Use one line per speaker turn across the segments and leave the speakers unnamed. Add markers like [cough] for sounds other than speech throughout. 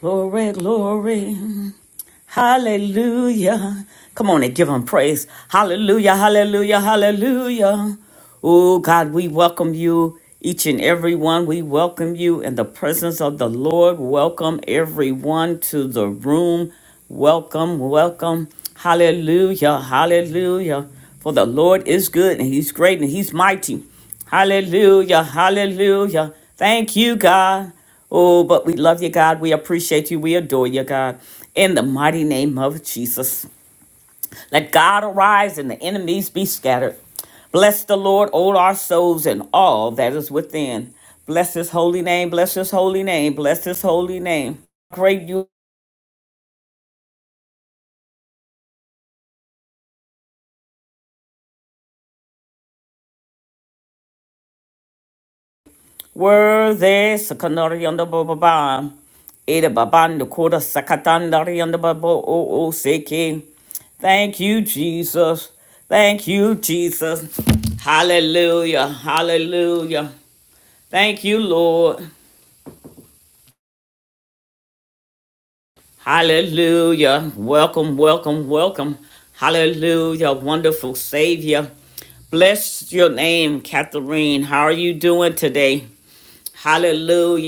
Glory, glory. Hallelujah. Come on and give him praise. Hallelujah, hallelujah, hallelujah. Oh, God, we welcome you, each and every one. We welcome you in the presence of the Lord. Welcome everyone to the room. Welcome, welcome. Hallelujah, hallelujah. For the Lord is good and he's great and he's mighty. Hallelujah. Hallelujah. Thank you, God. Oh, but we love you, God. We appreciate you. We adore you, God. In the mighty name of Jesus. Let God arise and the enemies be scattered. Bless the Lord, all our souls and all that is within. Bless his holy name. Bless his holy name. Bless his holy name. Great you Worthy secondary on the baba. Ada baban the quarter secondary on the baba o o seki. Thank you, Jesus. Thank you, Jesus. Hallelujah. Hallelujah. Thank you, Lord. Hallelujah. Welcome, welcome, welcome. Hallelujah. Wonderful Savior. Bless your name, Catherine. How are you doing today? Hallelujah.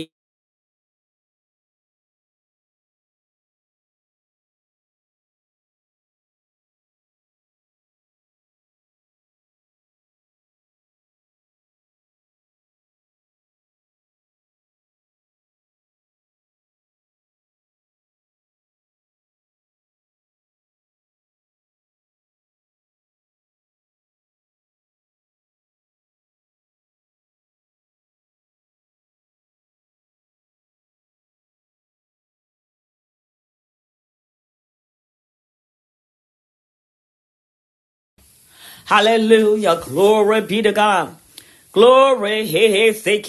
Hallelujah. Glory be to God. Glory. Hey, hey, say,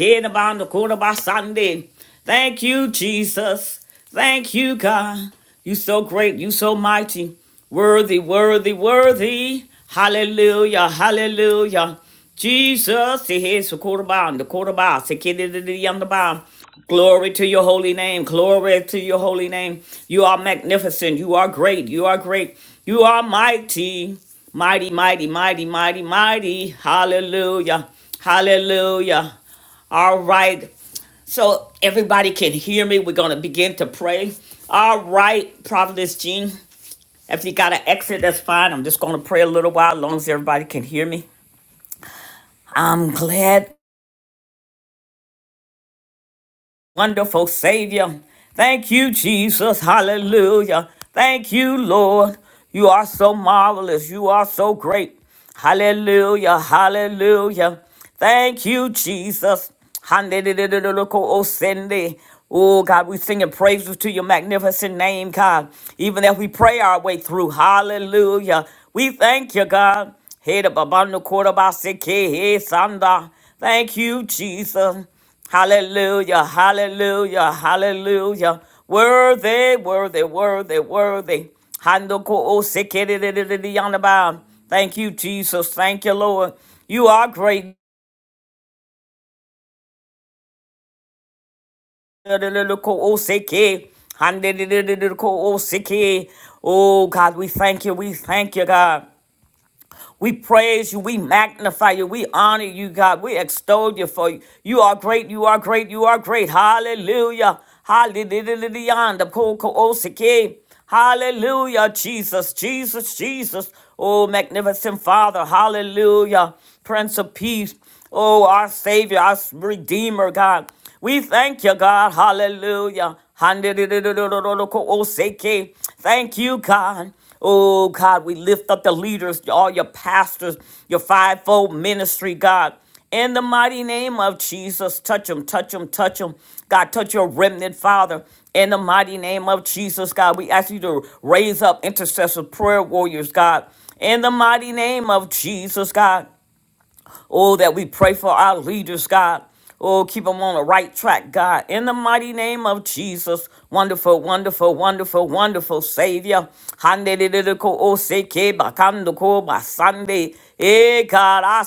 the quarter by Sunday. Thank you, Jesus. Thank you, God. You so great. You so mighty. Worthy, worthy, worthy. Hallelujah. Hallelujah. Jesus, here's the quarterbound, the quarterbound, the kid of the young Glory to your holy name. Glory to your holy name. You are magnificent. You are great. You are great. You are mighty. Mighty, mighty, mighty, mighty, mighty. Hallelujah. Hallelujah. All right. So everybody can hear me. We're going to begin to pray. All right, Prophetess Jean. If you got to exit, that's fine. I'm just going to pray a little while, as long as everybody can hear me. I'm glad, wonderful Savior. Thank you, Jesus. Hallelujah. Thank you, Lord. You are so marvelous. You are so great. Hallelujah. Hallelujah. Thank you, Jesus. Handidididididico-osende. Oh God, we sing and praises to your magnificent name, God. Even as we pray our way through. Hallelujah. We thank you, God. Hey, the babando quarter by hey, hey, Sanda. Thank you, Jesus. Hallelujah, hallelujah, hallelujah. Worthy, worthy, worthy, worthy. Handoko o sekererererereyandaba. Thank you, Jesus. Thank you, Lord. You are great. Derererereko o seke. Handerererereko o seke. Oh, God, we thank you. We thank you, God. We praise you. We magnify you. We honor you, God. We extol you for you. You are great. You are great. You are great. Hallelujah. Hallelujah. Hallelujah, Jesus, Jesus, Jesus. Oh, magnificent Father. Hallelujah. Prince of Peace. Oh, our Savior, our Redeemer, God, we thank you, God, Hallelujah, Oseke, thank you, God. Oh, God, we lift up the leaders, all your pastors, your fivefold ministry, God. In the mighty name of Jesus, touch them, touch them, touch them, God, touch your remnant, Father. In the mighty name of Jesus, God, we ask you to raise up intercessive prayer warriors, God. In the mighty name of Jesus, God. Oh, that we pray for our leaders, God. Oh, keep them on the right track, God. In the mighty name of Jesus. Wonderful, wonderful, wonderful, wonderful Savior. Handeleleleko oseke bakandoko basande. Eh, God, I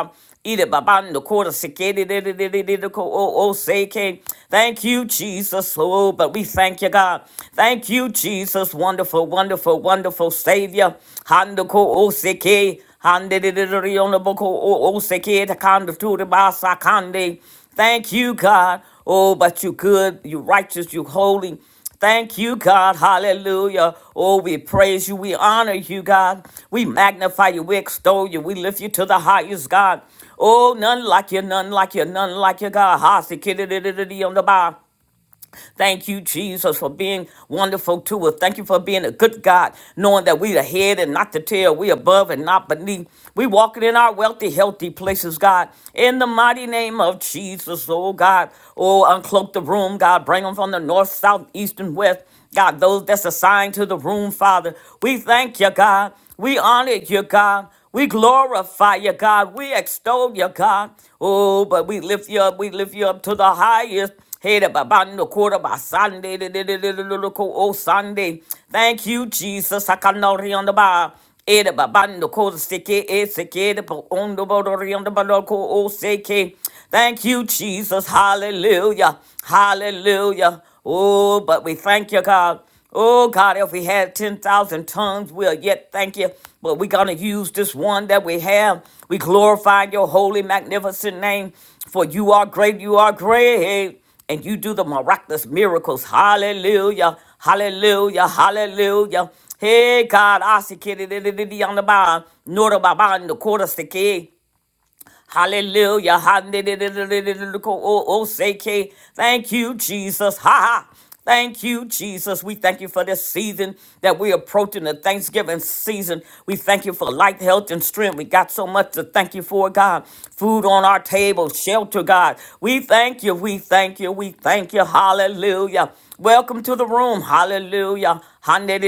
say, Ida babando quarter sekere de de de de de de ko o o seke. Thank you, Jesus. Oh, but we thank you, God. Thank you, Jesus. Wonderful, wonderful, wonderful Savior. Hando ko o seke. Hande de de de de ono boko o o seke takando tu de basa kande. Thank you, God. Oh, but you good, you righteous, you holy. Thank you, God. Hallelujah. Oh, we praise you. We honor you, God. We magnify you. We extol you. We lift you to the highest, God. Oh, none like you, none like you, none like you, God. Hasi kidididididi on the bar. Thank you, Jesus, for being wonderful to us. Thank you for being a good God, knowing that we the head and not the tail. We above and not beneath. We walking in our wealthy, healthy places, God. In the mighty name of Jesus, oh God. Oh, uncloak the room, God. Bring them from the north, south, east, and west. God, those that's assigned to the room, Father, we thank you, God. We honor you, God. We glorify you, God. We extol you, God. Oh, but we lift you up. We lift you up to the highest. Hey, the babando quarter by Sunday, the the- the- the- the- the- oh Sunday. Thank you, Jesus. I can not on the bar. Hey, the babando ko seke e seke de on the border rion the bodo ko o seke. Thank you, Jesus. Hallelujah. Hallelujah. Oh, but we thank you, God. Oh, God, if we had 10,000 tongues, we'll yet thank you. But we're going to use this one that we have. We glorify your holy, magnificent name. For you are great, you are great. And you do the miraculous miracles. Hallelujah. Hallelujah. Hallelujah. Hey, God, I see on the bar, nor the baba in the quarter sticky. Hallelujah. Hallelujah. Thank you, Jesus. Ha ha. Thank you, Jesus. We thank you for this season that we're approaching the Thanksgiving season. We thank you for life, health, and strength. We got so much to thank you for, God. Food on our table, shelter, God. We thank you. We thank you. We thank you. Hallelujah. Welcome to the room. Hallelujah. Sunday,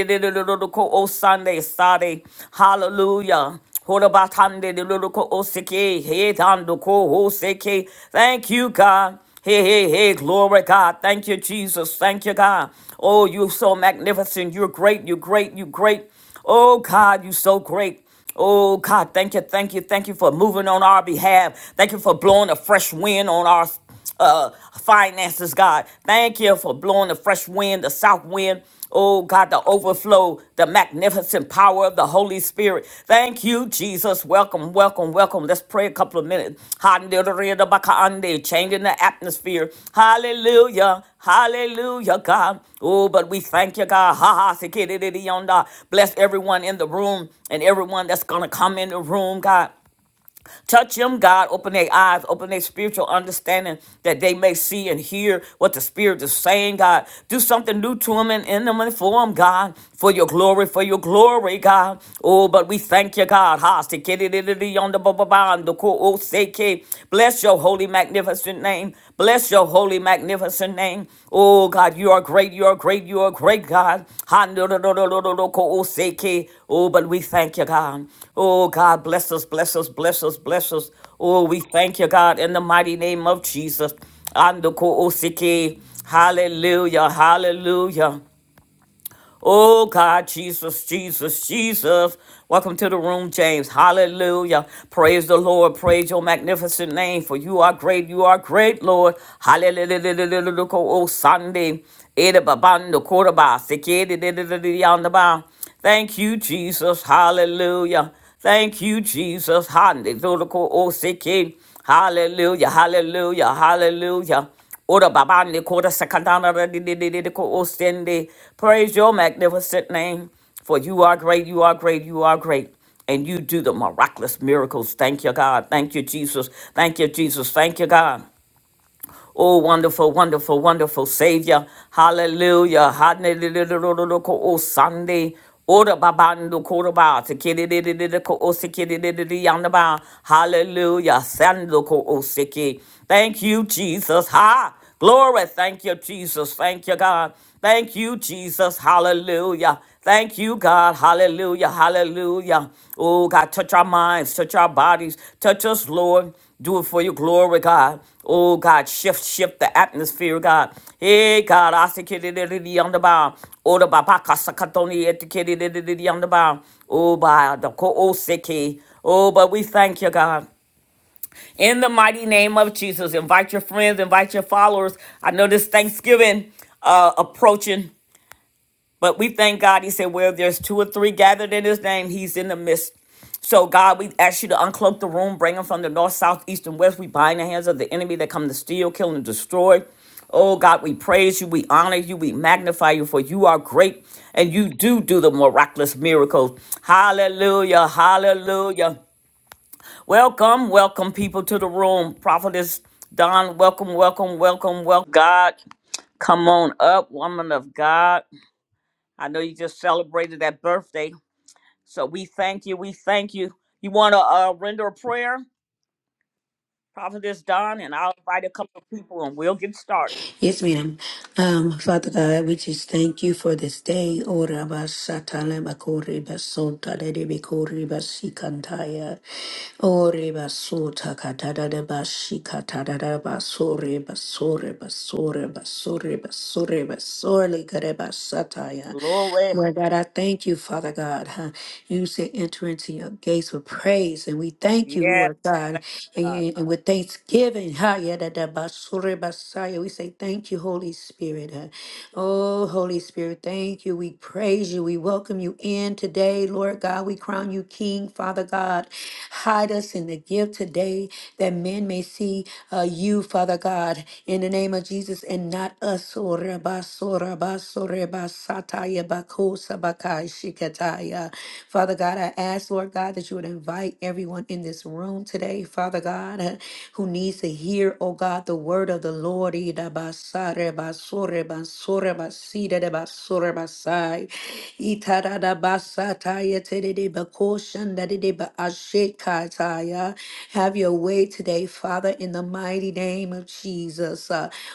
Sunday. Hallelujah. Holabatande de loko oseke, he dando ko oseke. Thank you, God. Hey, hey, hey, glory, God. Thank you, Jesus. Thank you, God. Oh, you're so magnificent. You're great. You're great. You're great. Oh, God, you're so great. Oh God, thank you, thank you, thank you for moving on our behalf. Thank you for blowing a fresh wind on our uh, finances, God. Thank you for blowing the fresh wind, the south wind. Oh God, the overflow, the magnificent power of the Holy Spirit. Thank you, Jesus. Welcome, welcome, welcome. Let's pray a couple of minutes. Handelelebakaande, Changing the atmosphere. Hallelujah. Hallelujah, God. Oh, but we thank you, God. Ha ha. sekidididionda. Bless everyone in the room and everyone that's going to come in the room, God. Touch them, God. Open their eyes, open their spiritual understanding that they may see and hear what the Spirit is saying, God. Do something new to them and in them and for them, God. For your glory, for your glory, God. Oh, but we thank you, God. Ha, se kere de de de yonder ba ba ba, and the ko o se ke. Bless your holy, magnificent name. Bless Bless your holy, magnificent name. Oh God, you are great, you are great, you are great, God. Oh, but we thank you, God. Oh God, bless us, bless us, bless us, bless us. Oh, we thank you, God, in the mighty name of Jesus. Andoko osike. Hallelujah, hallelujah. Oh God, Jesus, Jesus, Jesus. Welcome to the room, James. Hallelujah. Praise the Lord. Praise your magnificent name. For you are great. You are great, Lord. Hallelujah. Oh Sunday. Edababando, Koraba, Sekedi, Thank you, Jesus. Hallelujah. Thank you, Jesus. Hallelujah. Hallelujah. Hallelujah. Hallelujah. Ora babande kora sakandana da di di di di di ko ostende. Praise your magnificent name, for you are great, you are great, you are great, and you do the miraculous miracles. Thank you, God. Thank you, Jesus. Thank you, Jesus. Thank you, God. Oh, wonderful, wonderful, wonderful Savior. Hallelujah. Hallelujah. Oh, Sunday. Ora babando koroba te kididididida ko osikididididi yandaba. Hallelujah. Sando ko osiki. Thank you, Jesus. Ha. Glory. Thank you, Jesus. Thank you, God. Thank you, Jesus. Hallelujah. Thank you, God. Hallelujah. Hallelujah. Oh, God, touch our minds, touch our bodies, touch us, Lord. Do it for your glory, God. Oh, God, shift, shift the atmosphere, God. Hey, God, I see kitty diddy, diddy, on the bound. Oh, the baba kasakatoni at the kitty diddy, diddy, on the bound. Oh, by the ko oseki. Oh, but we thank you, God. In the mighty name of Jesus, invite your friends, invite your followers. I know this Thanksgiving uh, approaching, but we thank God. He said, Where there's two or three gathered in His name, He's in the midst. So, God, we ask you to uncloak the room, bring them from the north, south, east, and west. We bind the hands of the enemy that come to steal, kill, and destroy. Oh, God, we praise you, we honor you, we magnify you, for you are great and you do do the miraculous miracles. Hallelujah, hallelujah. Welcome, welcome people to the room. Prophetess Don, welcome, welcome, welcome, welcome. God, come on up, woman of God. I know you just celebrated that birthday. So we thank you. We thank you. You want to uh, render a prayer, Prophetess Don, and I'll invite a couple of people and we'll get started.
Yes, ma'am. Um, Father God, we just thank you for this day. Ora basatale bakori basota de de bakori basikantaya. Ore basota katada de bashi katada de basore basore basore basore basore basore kare basataya.
Glory.
Lord God, I thank you, Father God. Huh? You said enter into your gates with praise, and we thank you,
Yeah.
Lord God,
Thank God.
and, and with thanksgiving. Ha yada da basore basaya. We say thank you, Holy Spirit. huh? Oh, Holy Spirit, thank you. We praise you. We welcome you in today, Lord God. We crown you King, Father God. Hide us in the gift today that men may see uh, you, Father God, in the name of Jesus and not us. Oh, Rabba, so Rabba, so Rabba basataya bakosa bakai shikataya. Father God, I ask, Lord God, that you would invite everyone in this room today, Father God, who needs to hear, oh God, the word of the Lord. Ida basare basore basore basida de basore basai. Itara da basataya tedede bakoshan dadede ba ashekataya. Have your way today, Father, in the mighty name of Jesus.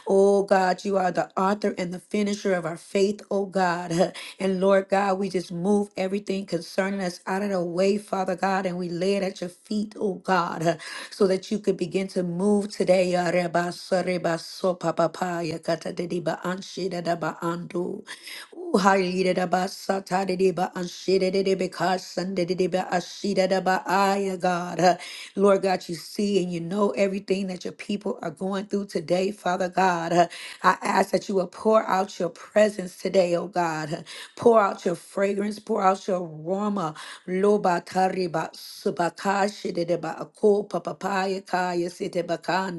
Oh God, you are the author and the finisher of our faith, oh God. [laughs] And Lord God, we just move everything concerning us out of the way, Father God, and we lay it at your feet, oh God, [laughs] so that you could begin to move today. Yarebasorebaso papapaya katadediba anshidadabaandu. Ooh, and shidda God. Uh, Lord God, you see and you know everything that your people are going through today, Father God. Uh, I ask that you will pour out your presence today, oh God. Uh, Pour out your fragrance, pour out your aroma. Loba tariba subaka shidda ba ako papapaya kaya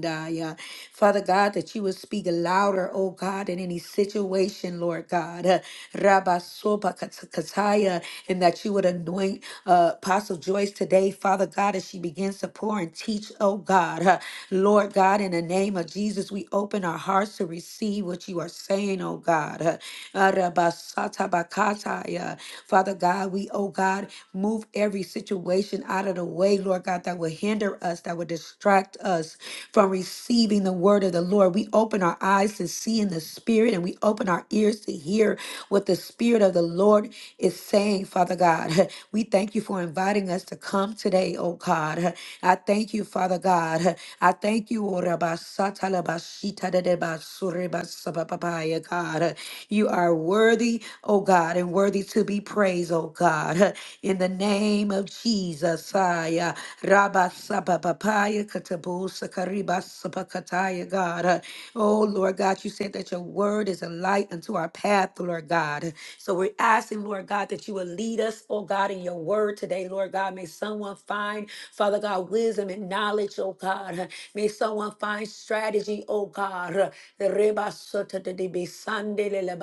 Andaya. Father God, that you would speak louder, oh God, in any situation, Lord God. Uh, Rabba Soba Kata- Kataya, and that you would anoint uh, Apostle Joyce today, Father God, as she begins to pour and teach, oh God. Uh, Lord God, in the name of Jesus, we open our hearts to receive what you are saying, oh God. Uh, Arabasata Bakataya. Father God, we, oh God, Move every situation out of the way, Lord God, that would hinder us, that would distract us from receiving the word of the Lord. We open our eyes to see in the spirit and we open our ears to hear what the spirit of the Lord is saying, Father God. [laughs] We thank you for inviting us to come today, oh God. [laughs] I thank you, Father God. [laughs] I thank you, oh Rabba Satala Bashita de Deba Sureba Messiah, God. You are worthy, oh God, and worthy to be praised, oh God. In the name of Jesus, Aya. Rabba Saba Papaya Katabusa Kariba Sapakataya, God. Oh Lord God, you said that your word is a light unto our path, Lord God. So we're asking, Lord God, that you will lead us, oh God, in your word today, Lord God. May someone find, Father God, wisdom and knowledge, oh God. May someone find strategy, oh God, Reba sota de be sande le le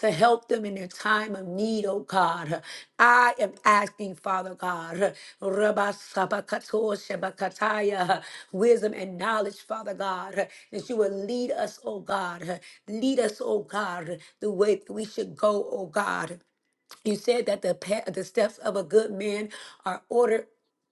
to help them in their time of need, oh God. I am asking, Father God, Reba sabakato wisdom and knowledge, Father God, that you will lead us, oh God. Lead us, oh God, the way that we should go, oh God. You said that the pa- the steps of a good man are ordered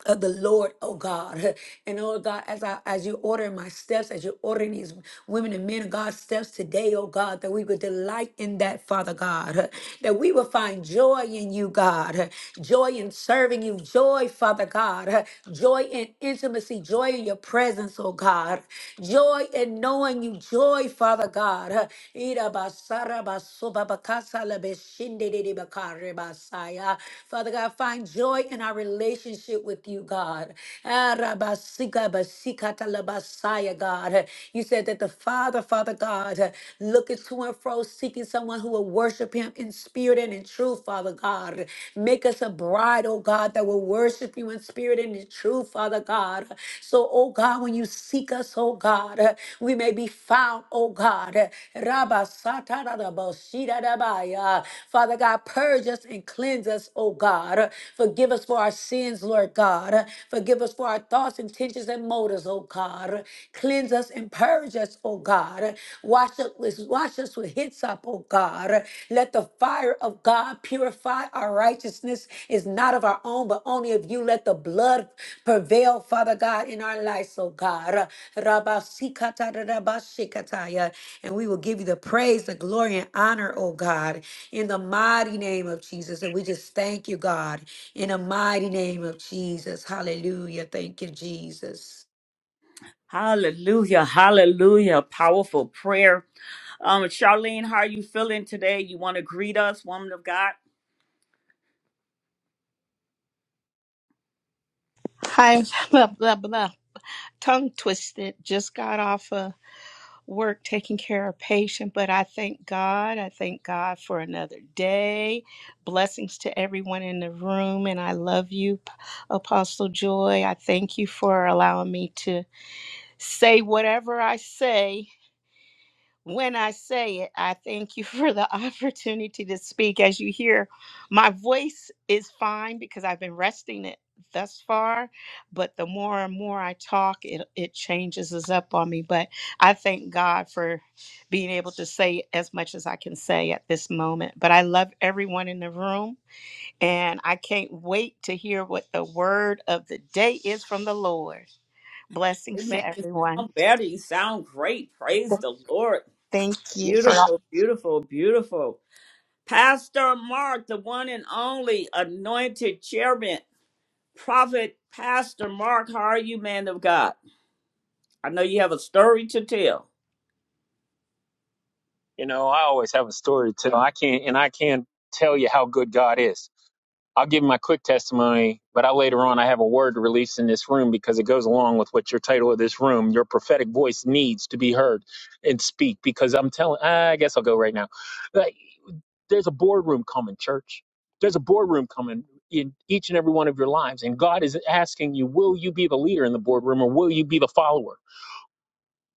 of the Lord, oh God. [laughs] And oh God, as I as you order my steps, as you're ordering these women and men of God's steps today, oh God, that we would delight in that, Father God. [laughs] That we would find joy in you, God. [laughs] Joy in serving you, joy, Father God. [laughs] Joy in intimacy, joy in your presence, oh God. Joy in knowing you, joy, Father God. [laughs] Sarabasubabacasalabeshindidibakarebasaya. Father God, find joy in our relationship with you, God. Arabasikabasikatalabasaya, God. You said that the Father, Father God, looketh to and fro, seeking someone who will worship him in spirit and in truth, Father God. Make us a bride, oh God, that will worship you in spirit and in truth, Father. Father God. So, oh God, when you seek us, oh God, uh, we may be found, oh God. Uh, Rabba sata da da ba shi da da ba ya. Father God, purge us and cleanse us, oh God. Uh, Forgive us for our sins, Lord God. Uh, Forgive us for our thoughts, intentions, and motives, oh God. Uh, Cleanse us and purge us, oh God. Uh, Wash us, wash us with hyssop, oh God. Let the fire of God purify our righteousness is not of our own, but only of you. Let the blood prevail, Father God, in our lives, oh God. Rabasikatadabashikataya. And we will give you the praise, the glory, and honor, oh God, in the mighty name of Jesus. And we just thank you, God, in the mighty name of Jesus. Hallelujah. Thank you, Jesus.
Hallelujah. Hallelujah. Powerful prayer. Um, Charlene, how are you feeling today? You want to greet us, woman of God?
Hi, [laughs] blah, blah, blah. Tongue twisted. Just got off of work taking care of patient, but I thank God. I thank God for another day. Blessings to everyone in the room. And I love you, P- Apostle Joy. I thank you for allowing me to say whatever I say when I say it, I thank you for the [laughs] opportunity to speak. As you hear, my voice is fine because I've been resting it thus far, but the more and more I talk, it, it changes us up on me. But I thank God for being able to say as much as I can say at this moment. But I love everyone in the room, and I can't wait to hear what the word of the day is from the Lord. Blessings to
Amen. You
everyone.
sound better. You sound great. Praise the Lord.
Thank you for
Beautiful, beautiful, beautiful. Pastor Mark, the one and only anointed chairman, prophet Pastor Mark, how are you, man of God? I know you have a story to tell.
You know, I always have a story to tell. I can't, and I can't tell you how good God is. I'll give my quick testimony, but I later on I have a word to release in this room because it goes along with what your title of this room. Your prophetic voice needs to be heard and speak because I'm telling. I guess I'll go right now. Like, There's a boardroom coming, church. There's a boardroom coming in each and every one of your lives, and God is asking you, will you be the leader in the boardroom or will you be the follower?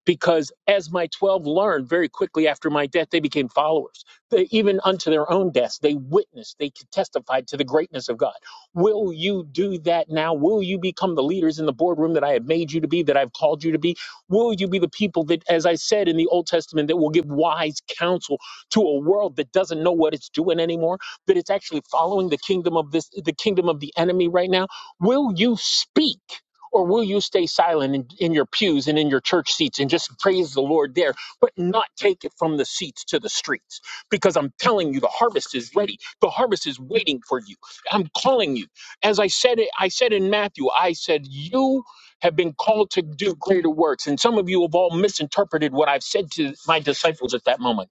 because as my 12 learned very quickly after my death they became followers they, even unto their own deaths they witnessed they testified to the greatness of god will you do that now will you become the leaders in the boardroom that i have made you to be that i've called you to be will you be the people that as i said in the old testament that will give wise counsel to a world that doesn't know what it's doing anymore that it's actually following the kingdom of this the kingdom of the enemy right now will you speak or will you stay silent in, in your pews and in your church seats and just praise the Lord there, but not take it from the seats to the streets? Because I'm telling you, the harvest is ready. The harvest is waiting for you. I'm calling you. As I said it, I said in Matthew, I said, You have been called to do greater works. And some of you have all misinterpreted what I've said to my disciples at that moment.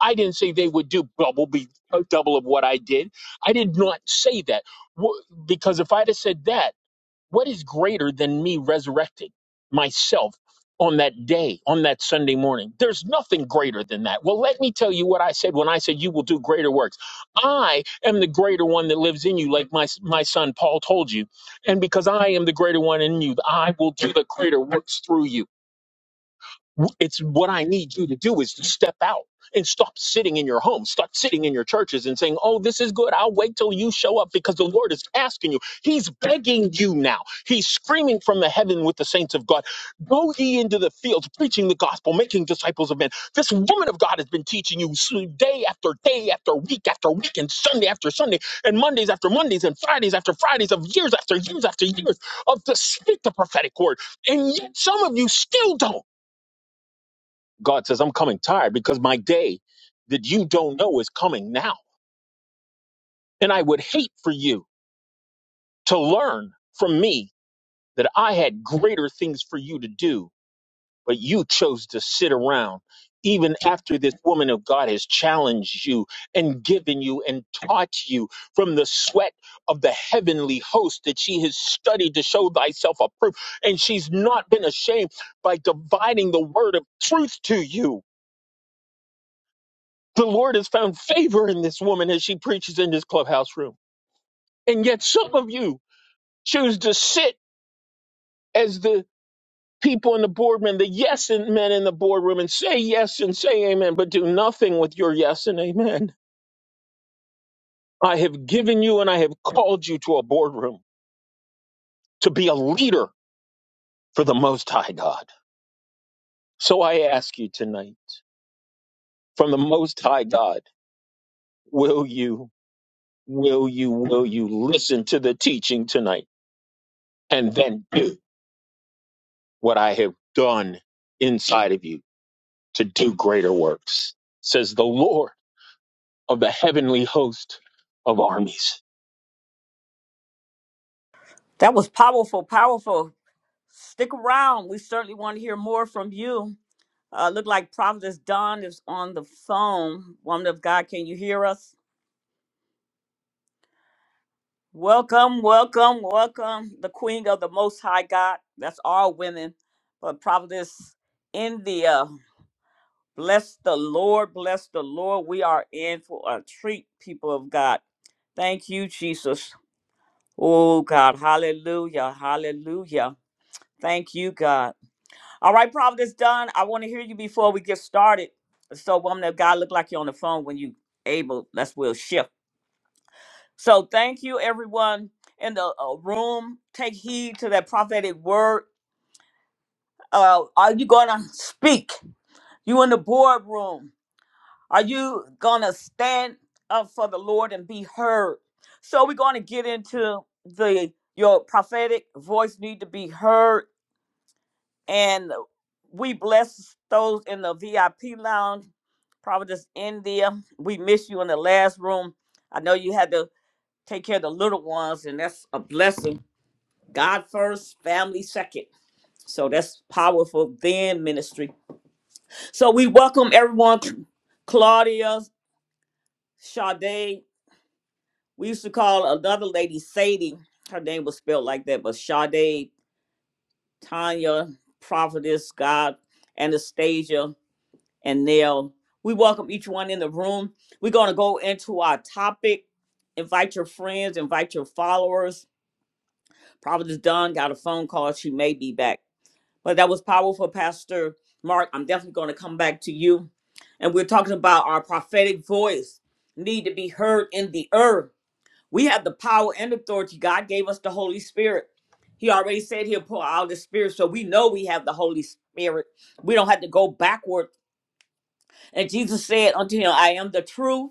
I didn't say they would do double, be double of what I did. I did not say that Wh- because if I'd have said that, what is greater than me resurrecting myself on that day, on that Sunday morning? There's nothing greater than that. Well, let me tell you what I said when I said you will do greater works. I am the greater one that lives in you, like my, my son Paul told you. And because I am the greater one in you, I will do the greater works through you it's what I need you to do is to step out and stop sitting in your home, stop sitting in your churches and saying, Oh, this is good. I'll wait till you show up because the Lord is asking you. He's begging you now. He's screaming from the heaven with the saints of God. Go ye into the fields, preaching the gospel, making disciples of men. This woman of God has been teaching you s- day after day after week after week and Sunday after Sunday and Mondays after Mondays and Fridays after Fridays of years after years after years of to speak the prophetic word. And yet some of you still don't. God says, I'm coming tired because my day that you don't know is coming now. And I would hate for you to learn from me that I had greater things for you to do, but you chose to sit around even after this woman of God has challenged you and given you and taught you from the sweat of the heavenly host that she has studied to show thyself approved. And she's not been ashamed by dividing the word of truth to you The Lord has found favor in this woman as she preaches in this clubhouse room. And yet some of you choose to sit as the people in the boardroom, the yes and men in the boardroom, and say yes and say amen, but do nothing with your yes and amen. I have given you and I have called you to a boardroom to be a leader for the Most High God. So I ask you tonight, from the Most High God, will you, will you, will you listen to the teaching tonight and then do? what I have done inside of you to do greater works, says the Lord of the heavenly host of armies.
That was powerful, powerful. Stick around. We certainly want to hear more from you. Uh, look like Prophetess Dawn is on the phone. Woman of God, can you hear us? Welcome, welcome, welcome, the Queen of the Most High God. That's all women. But Providence, India. Bless the Lord, bless the Lord. We are in for a treat, people of God. Thank you, Jesus. Oh, God. Hallelujah. Hallelujah. Thank you, God. All right, Providence done. I want to hear you before we get started. So, woman of God, look like you're on the phone when you able. That's will shift. So thank you, everyone in the uh, room. Take heed to that prophetic word. Uh, are you gonna speak? You in the boardroom? Are you gonna stand up for the Lord and be heard? So we're gonna get into the your prophetic voice need to be heard, and we bless those in the VIP lounge. Providence, India. We miss you in the last room. I know you had to take care of the little ones, and that's a blessing. God first, family second. So that's powerful then ministry. So we welcome everyone, Claudia, Sade. We used to call another lady Sadie. Her name was spelled like that, but Sade, Tanya, Prophetess, God, Anastasia, and Nell. We welcome each one in the room. We're going to go into our topic. Invite your friends, invite your followers. Prophetess Don got a phone call. She may be back. But that was powerful, Pastor Mark. I'm definitely going to come back to you. And we're talking about our prophetic voice need to be heard in the earth. We have the power and authority. God gave us the Holy Spirit. He already said he'll pour out the Spirit. So we know we have the Holy Spirit. We don't have to go backward. And Jesus said unto him, I am the truth.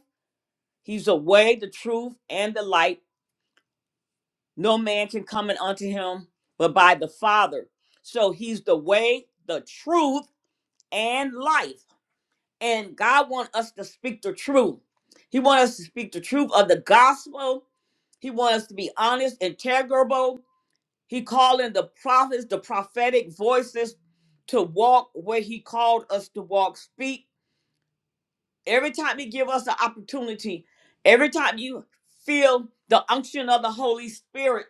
He's the way, the truth, and the light. No man can come in unto him but by the Father. So he's the way, the truth, and life and God wants us to speak the truth. He wants us to speak the truth of the gospel. He wants us to be honest, integrable. He calling the prophets, the prophetic voices to walk where he called us to walk, speak. Every time he give us an opportunity, every time you feel the unction of the Holy Spirit,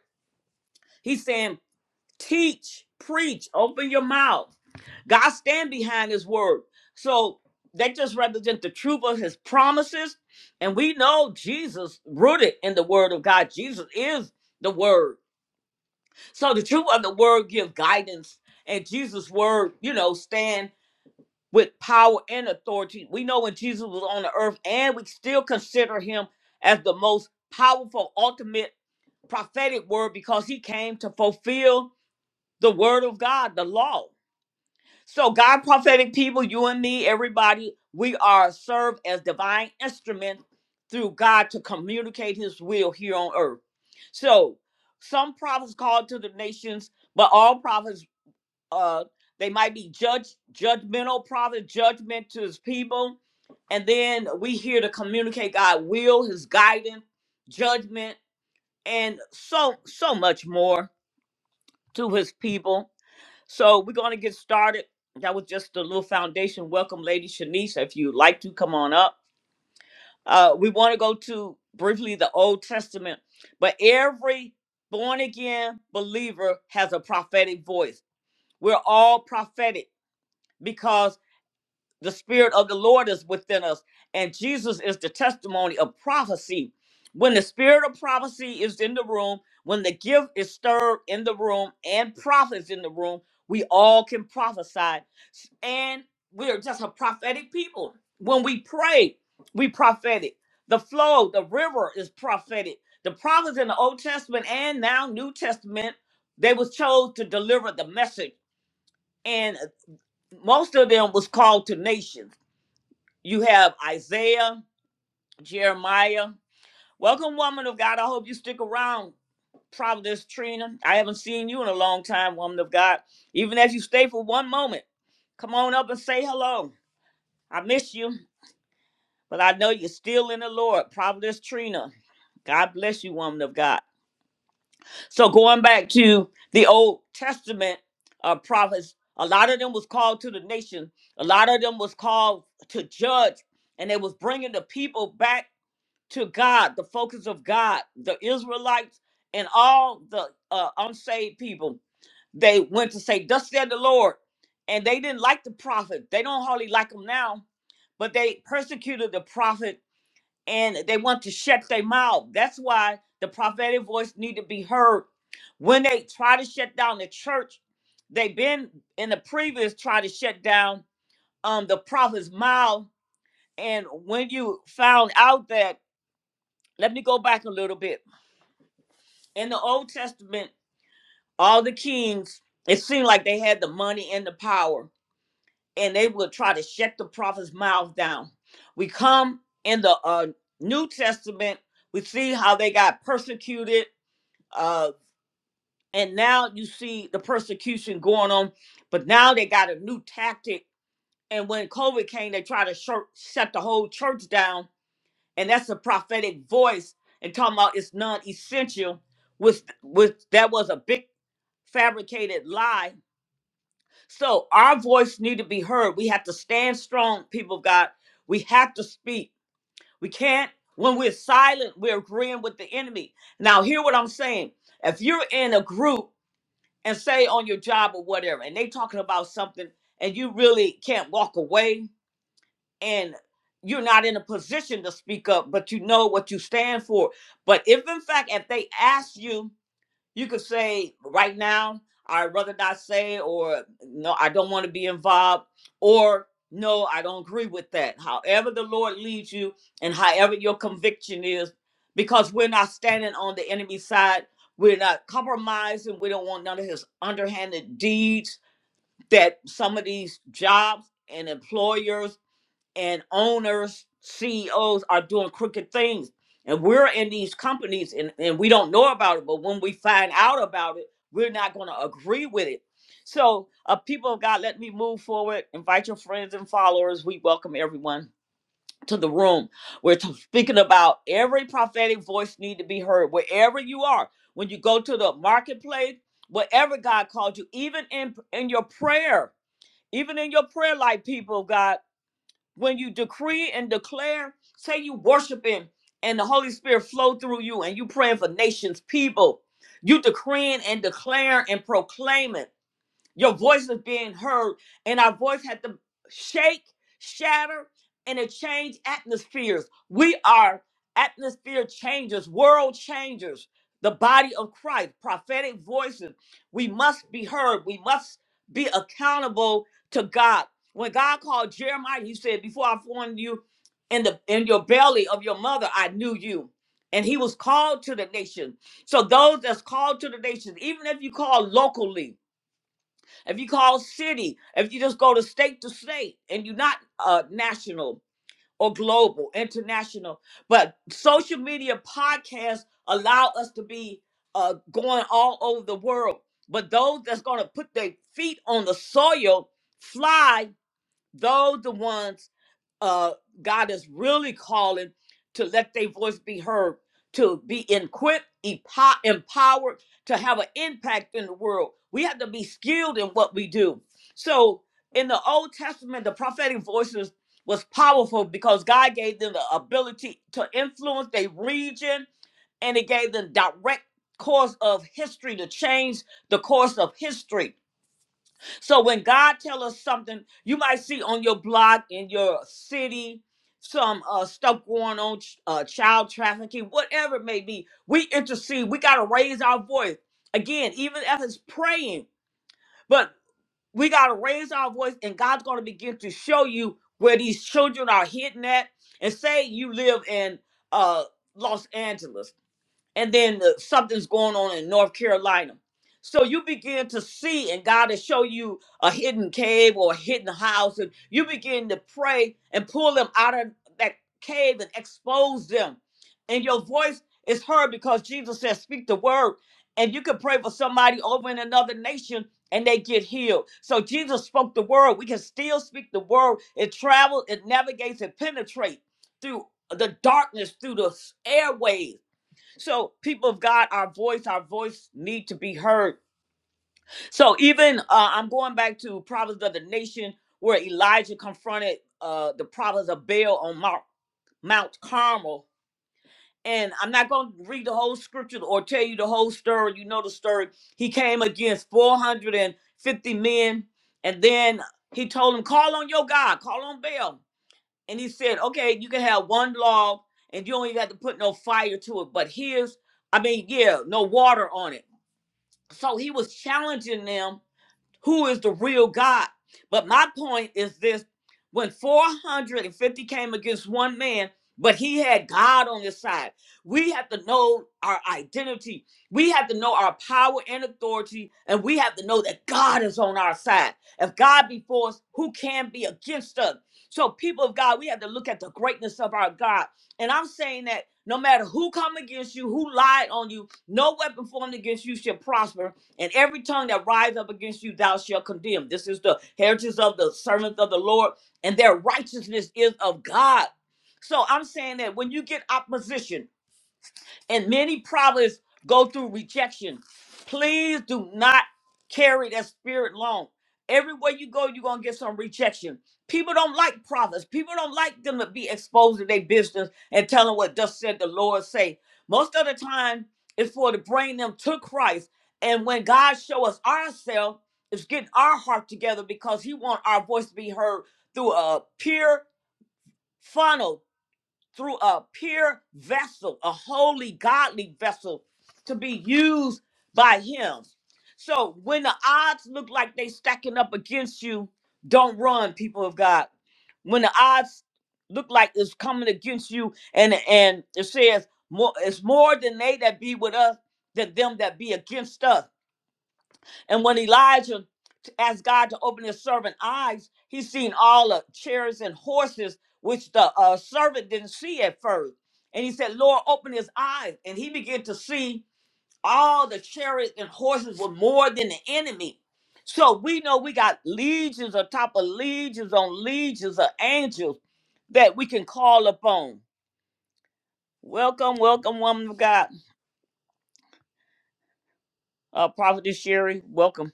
he's saying Teach, preach, open your mouth. God stand behind his word. So they just represent the truth of his promises. And we know Jesus rooted in the word of God. Jesus is the word. So the truth of the word give guidance. And Jesus' word, you know, stand with power and authority. We know when Jesus was on the earth, and we still consider him as the most powerful, ultimate prophetic word because he came to fulfill the word of God, the law. So, God, prophetic people, you and me, everybody, we are served as divine instruments through God to communicate His will here on earth. So, some prophets called to the nations, but all prophets, uh, they might be judge, judgmental prophets, judgment to His people, and then we here to communicate God' will, His guidance, judgment, and so so much more to His people. So we're going to get started. That was just a little foundation. Welcome, Lady Shanice. If you'd like to, come on up. Uh, we want to go to briefly the Old Testament, but every born again believer has a prophetic voice. We're all prophetic because the spirit of the lord is within us and jesus is the testimony of prophecy when the spirit of prophecy is in the room when the gift is stirred in the room and prophets in the room we all can prophesy and we are just a prophetic people when we pray we prophetic the flow the river is prophetic the prophets in the old testament and now new testament they was chose to deliver the message and most of them was called to nations you have Isaiah, Jeremiah. Welcome, woman of God. I hope you stick around. Providence Trina. I haven't seen you in a long time, woman of God. Even if you stay for one moment, come on up and say hello. I miss you, but I know you're still in the Lord. Providence Trina. God bless you, woman of God. So going back to the Old Testament uh, prophets, a lot of them was called to the nation. A lot of them was called to judge, and they was bringing the people back to God, the focus of God, the Israelites and all the uh, unsaved people. They went to say, "Thus said the Lord," and they didn't like the prophet. They don't hardly like him now, but they persecuted the prophet and they want to shut their mouth. That's why the prophetic voice need to be heard. When they try to shut down the church, they've been in the previous try to shut down um the prophet's mouth. And when you found out that let me go back a little bit. In the Old Testament, all the kings, it seemed like they had the money and the power, and they would try to shut the prophet's mouth down. We come in the uh, New Testament, we see how they got persecuted, uh, and now you see the persecution going on, but now they got a new tactic. And when COVID came, they tried to shut shut the whole church down and that's a prophetic voice and talking about it's non-essential was was that was a big fabricated lie so our voice need to be heard we have to stand strong people of god we have to speak we can't when we're silent we're agreeing with the enemy now hear what i'm saying if you're in a group and say on your job or whatever and they talking about something and you really can't walk away and you're not in a position to speak up, but you know what you stand for. But if in fact, if they ask you, you could say right now, I'd rather not say, or no, I don't want to be involved, or no, I don't agree with that. However, the Lord leads you and however your conviction is, because we're not standing on the enemy's side. We're not compromising. We don't want none of his underhanded deeds that some of these jobs and employers and owners, CEOs are doing crooked things. And we're in these companies and, and we don't know about it, but when we find out about it, we're not going to agree with it. So, uh, people of God, let me move forward. Invite your friends and followers. We welcome everyone to the room. We're t- speaking about every prophetic voice need to be heard wherever you are. When you go to the marketplace, whatever God called you, even in in your prayer, even in your prayer life, people of God when you decree and declare, say you worshiping and the Holy Spirit flow through you and you praying for nations, people, you decreeing and declaring and proclaiming. Your voice is being heard, and our voice had to shake, shatter, and it changed atmospheres. We are atmosphere changers, world changers, the body of Christ, prophetic voices. We must be heard. We must be accountable to God. When God called Jeremiah, he said, Before I formed you in the in your belly of your mother, I knew you. And he was called to the nation. So those that's called to the nations, even if you call locally, if you call city, if you just go to state to state and you're not uh, national or global, international, but social media podcasts allow us to be uh, going all over the world. But those that's going to put their feet on the soil, fly, those the ones uh, God is really calling to let their voice be heard, to be equipped, epo- empowered, to have an impact in the world. We have to be skilled in what we do. So in the Old Testament, the prophetic voices was powerful because God gave them the ability to influence their region and it gave them direct course of history to change the course of history. So when God tell us something, you might see on your block in your city some uh, stuff going on, ch- uh, child trafficking, whatever it may be. We intercede. We got to raise our voice again, even if it's praying. But we got to raise our voice, and God's going to begin to show you where these children are hitting at. And say you live in uh, Los Angeles and then uh, something's going on in North Carolina. So you begin to see, and God will show you a hidden cave or a hidden house, and you begin to pray and pull them out of that cave and expose them. And your voice is heard because Jesus says, "Speak the word," and you can pray for somebody over in another nation. And they get healed. So Jesus spoke the word. We can still speak the word. It travels, it navigates, it penetrates through the darkness, through the airways so, people of God, our voice, our voice need to be heard. So, even uh, I'm going back to Prophets of the Nation, where Elijah confronted uh, the prophets of Baal on Mount, Mount Carmel. And I'm not going to read the whole scripture or tell you the whole story. You know the story. He came against 450 men, and then he told them, Call on your God, call on Baal and he said, okay, you can have one log and you don't even have to put no fire to it. But here's, I mean, yeah, no water on it. So he was challenging them who is the real God. But my point is this when 450 came against one man, but he had God on his side, we have to know our identity. We have to know our power and authority, and we have to know that God is on our side. If God be for us, who can be against us? So, people of God, we have to look at the greatness of our God. And I'm saying that no matter who come against you, who lied on you, no weapon formed against you shall prosper. And every tongue that rise up against you, thou shalt condemn. This is the heritage of the servants of the Lord, and their righteousness is of God. So I'm saying that when you get opposition, and many prophets go through rejection. Please do not carry that spirit long. Everywhere you go, you're gonna get some rejection. People don't like prophets. People don't like them to be exposed to their business and telling what thus said the Lord say. Most of the time, it's for to bring them to Christ. And when God show us ourselves, it's getting our heart together because He want our voice to be heard through a pure funnel through a pure vessel, a holy, godly vessel to be used by Him. So when the odds look like they stacking up against you, don't run, people of God. When the odds look like it's coming against you, and and it says more, it's more than they that be with us than them that be against us. And when Elijah asked God to open his servant eyes, he seen all the chariots and horses, which the uh, servant didn't see at first. And he said, Lord, open his eyes. And he began to see all the chariots and horses were more than the enemy. So we know we got legions on top of legions on legions of angels that we can call upon. Welcome, welcome, woman of God. Uh, Prophetess Sherry, welcome.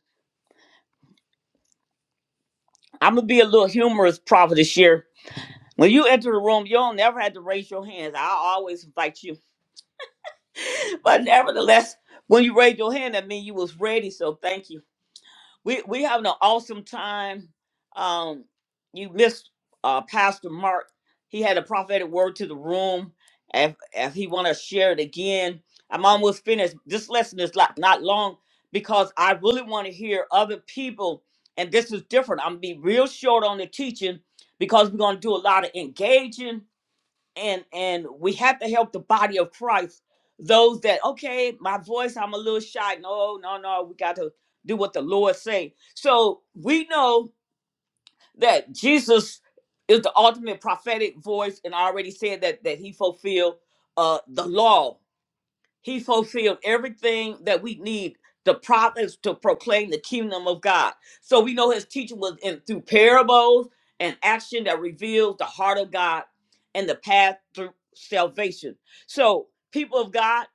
I'm going to be a little humorous, Prophetess Sherry When you enter the room, you don't never have to raise your hands. I always invite you. [laughs] But nevertheless, when you raise your hand, that means you was ready. So thank you. We we having an awesome time. Um, you missed uh Pastor Mark. He had a prophetic word to the room. If if he wanna share it again, I'm almost finished. This lesson is like not long because I really want to hear other people, and this is different. I'm gonna be real short on the teaching because we're gonna do a lot of engaging and and we have to help the body of Christ. Those that okay, my voice, I'm a little shy. No, no, no, we got to do what the Lord say. So we know that Jesus is the ultimate prophetic voice, and I already said that that He fulfilled uh, the law he fulfilled everything that we need the prophets to proclaim the kingdom of God. So we know his teaching was in through parables and action that reveals the heart of God and the path through salvation. So, people of God,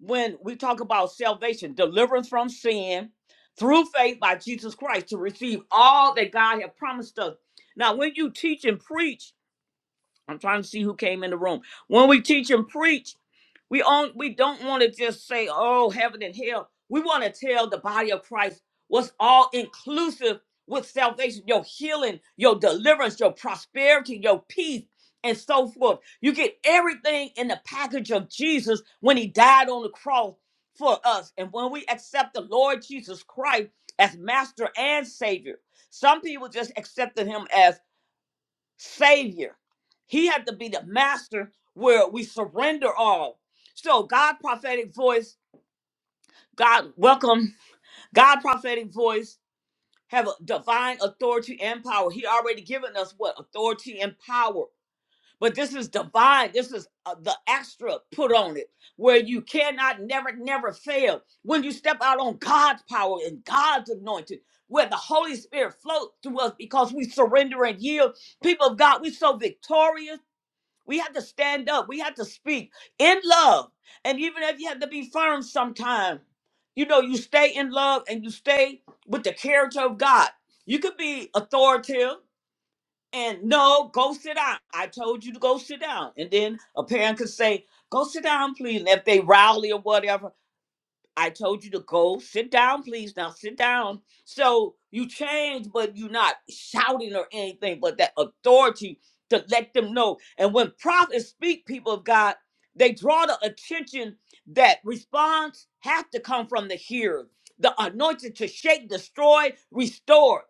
when we talk about salvation, deliverance from sin through faith by Jesus Christ to receive all that God has promised us. Now, when you teach and preach, I'm trying to see who came in the room. When we teach and preach, we on we don't want to just say, oh, heaven and hell. We want to tell the body of Christ what's all inclusive with salvation, your healing, your deliverance, your prosperity, your peace, and so forth. You get everything in the package of Jesus when he died on the cross for us. And when we accept the Lord Jesus Christ as master and savior, some people just accepted him as savior. He had to be the master where we surrender all. So God prophetic voice, God welcome, God prophetic voice have a divine authority and power. He already given us what authority and power. But this is divine. This is uh, the extra put on it where you cannot never never fail. When you step out on God's power and God's anointing, where the Holy Spirit flows through us because we surrender and yield. People of God, we so victorious we have to stand up. We have to speak in love. And even if you have to be firm sometime, you know, you stay in love and you stay with the character of God. You could be authoritative and no, go sit down. I told you to go sit down. And then a parent could say, go sit down, please. And if they rowdy or whatever, I told you to go sit down, please. Now sit down. So you change, but you're not shouting or anything, but that authority to let them know. And when prophets speak, people of God, they draw the attention that response has to come from the hearer, the anointed to shake, destroy, restore.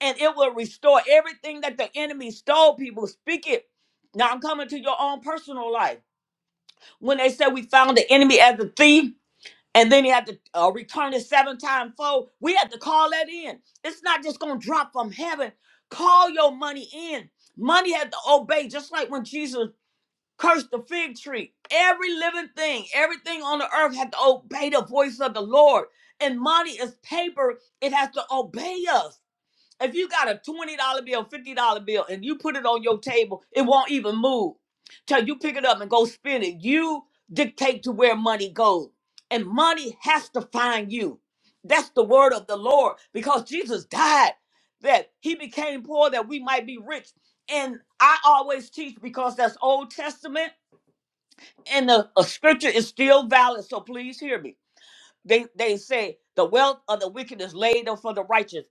And it will restore everything that the enemy stole. People speak it. Now I'm coming to your own personal life. When they said we found the enemy as a thief, and then he had to uh, return it seven times fold. We had to call that in. It's not just going to drop from heaven. Call your money in. Money had to obey, just like when Jesus cursed the fig tree. Every living thing, everything on the earth had to obey the voice of the Lord. And money is paper, it has to obey us. If you got a twenty dollar bill, fifty dollar bill, and you put it on your table, it won't even move till you pick it up and go spend it. You dictate to where money goes, and money has to find you. That's the word of the Lord, because Jesus died that He became poor that we might be rich. And I always teach because that's Old Testament, and the uh, Scripture is still valid. So please hear me. They they say the wealth of the wicked is laid up for the righteous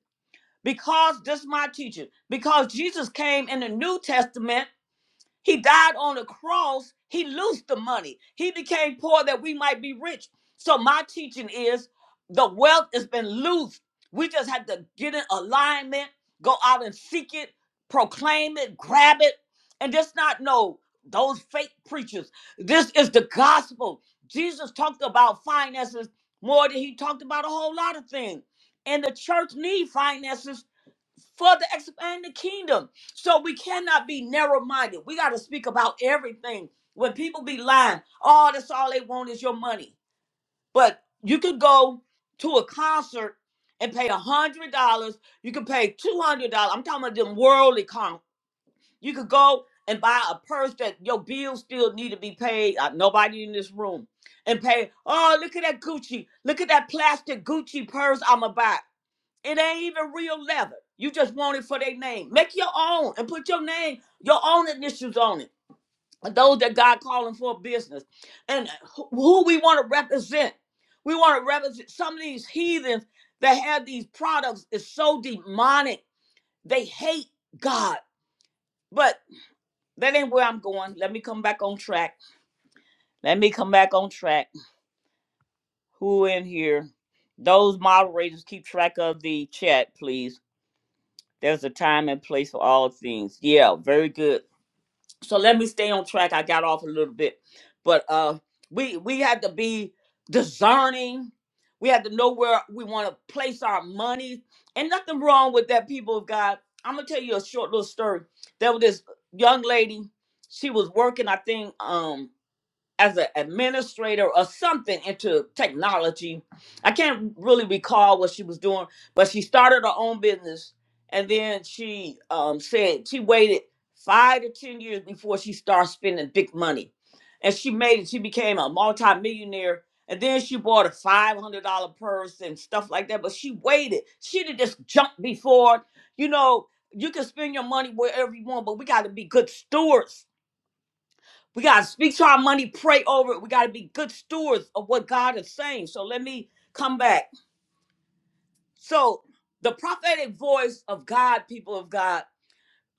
because this is my teaching because jesus came in the new testament he died on the cross he loosed the money he became poor that we might be rich so my teaching is the wealth has been loosed we just have to get in alignment go out and seek it proclaim it grab it and just not know those fake preachers this is the gospel jesus talked about finances more than he talked about a whole lot of things and the church need finances for the expand the kingdom. So we cannot be narrow-minded. We got to speak about everything. When people be lying, oh, that's all they want is your money. But you could go to a concert and pay a hundred dollars. You can pay two hundred dollars. I'm talking about them worldly con. You could go and buy a purse that your bills still need to be paid. Uh, nobody in this room and pay. Oh, look at that Gucci. Look at that plastic Gucci purse I'ma buy. It ain't even real leather. You just want it for their name. Make your own and put your name, your own initials on it. And Those that God calling for business. And who who we want to represent. We want to represent some of these heathens that have these products is so demonic. They hate God. But that ain't where I'm going. Let me come back on track. Let me come back on track. Who in here? Those moderators keep track of the chat, please There's a time and place for all things. Yeah, very good. So let me stay on track. I got off a little bit, but uh, we we had to be discerning. We had to know where we want to place our money, and nothing wrong with that. People of God, I'm gonna tell you a short little story. There was this young lady. She was working, I think, um, as an administrator or something into technology. I can't really recall what she was doing, but she started her own business and then she um, said she waited five to 10 years before she started spending big money. And she made it, she became a multimillionaire. And then she bought a $500 purse and stuff like that, but she waited. She'd have just jumped before. You know, you can spend your money wherever you want, but we got to be good stewards we got to speak to our money, pray over it. We got to be good stewards of what God is saying. So let me come back. So, the prophetic voice of God, people of God,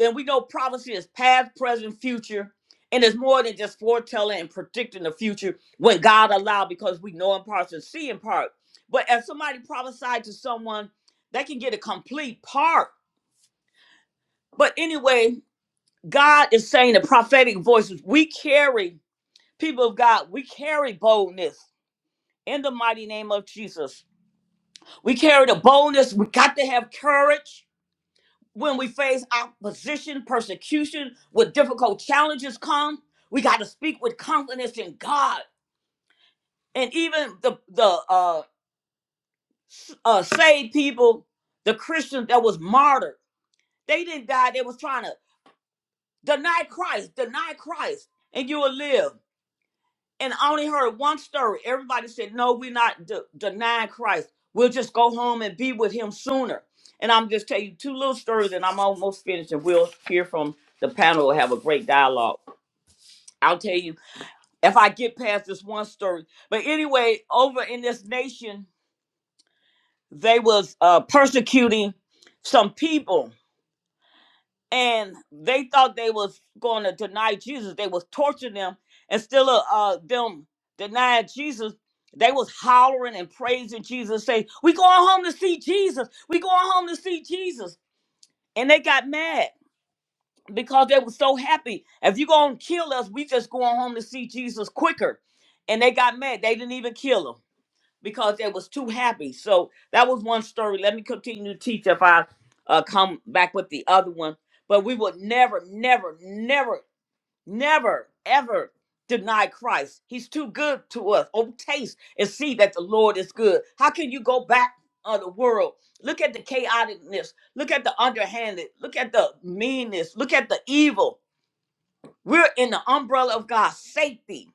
and we know prophecy is past, present, future, and it's more than just foretelling and predicting the future when God allowed because we know in parts and see in part. But if somebody prophesied to someone, they can get a complete part. But anyway, God is saying the prophetic voices we carry, people of God, we carry boldness in the mighty name of Jesus. We carry the boldness. We got to have courage when we face opposition, persecution, when difficult challenges come. We got to speak with confidence in God. And even the the uh, s- uh, saved people, the Christians that was martyred, they didn't die. They was trying to deny Christ, deny Christ, and you will live. and I only heard one story. Everybody said, "No, we're not de- denying Christ. We'll just go home and be with Him sooner." And I'm just telling you two little stories, and I'm almost finished. And we'll hear from the panel. We'll have a great dialogue. I'll tell you if I get past this one story. But anyway, over in this nation, they was uh, persecuting some people, and they thought they was going to deny Jesus. They was torturing them, and still uh, uh, them denying Jesus. They was hollering and praising Jesus, saying, "We going home to see Jesus. We going home to see Jesus." And they got mad because they were so happy. If you gonna kill us, we just going home to see Jesus quicker. And they got mad. They didn't even kill him because they was too happy. So that was one story. Let me continue to teach if I uh, come back with the other one. But we would never, never, never, never, ever deny Christ. He's too good to us. Oh, taste and see that the Lord is good. How can you go back on the world? Look at the chaoticness. Look at the underhanded. Look at the meanness. Look at the evil. We're in the umbrella of God's safety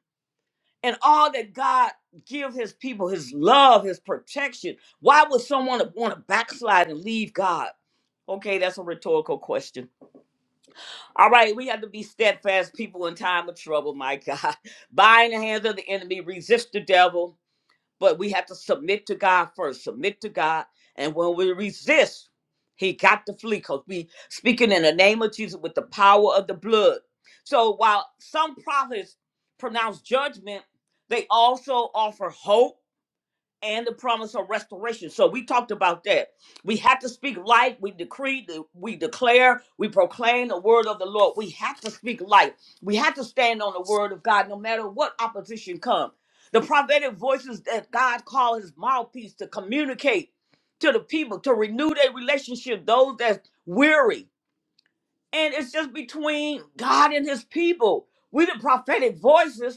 and all that God give his people, his love, his protection. Why would someone want to backslide and leave God? Okay, that's a rhetorical question. All right, we have to be steadfast people in time of trouble, my God. [laughs] Bind the hands of the enemy, resist the devil, but we have to submit to God first, submit to God. And when we resist, he got to flee because we speaking in the name of Jesus with the power of the blood. So while some prophets pronounce judgment, they also offer hope and the promise of restoration. So we talked about that. We have to speak light. We decree, we declare, we proclaim the word of the Lord. We have to speak light. We have to stand on the word of God no matter what opposition comes. The prophetic voices that God called his mouthpiece to communicate to the people, to renew their relationship, those that's weary. And it's just between God and his people. We the prophetic voices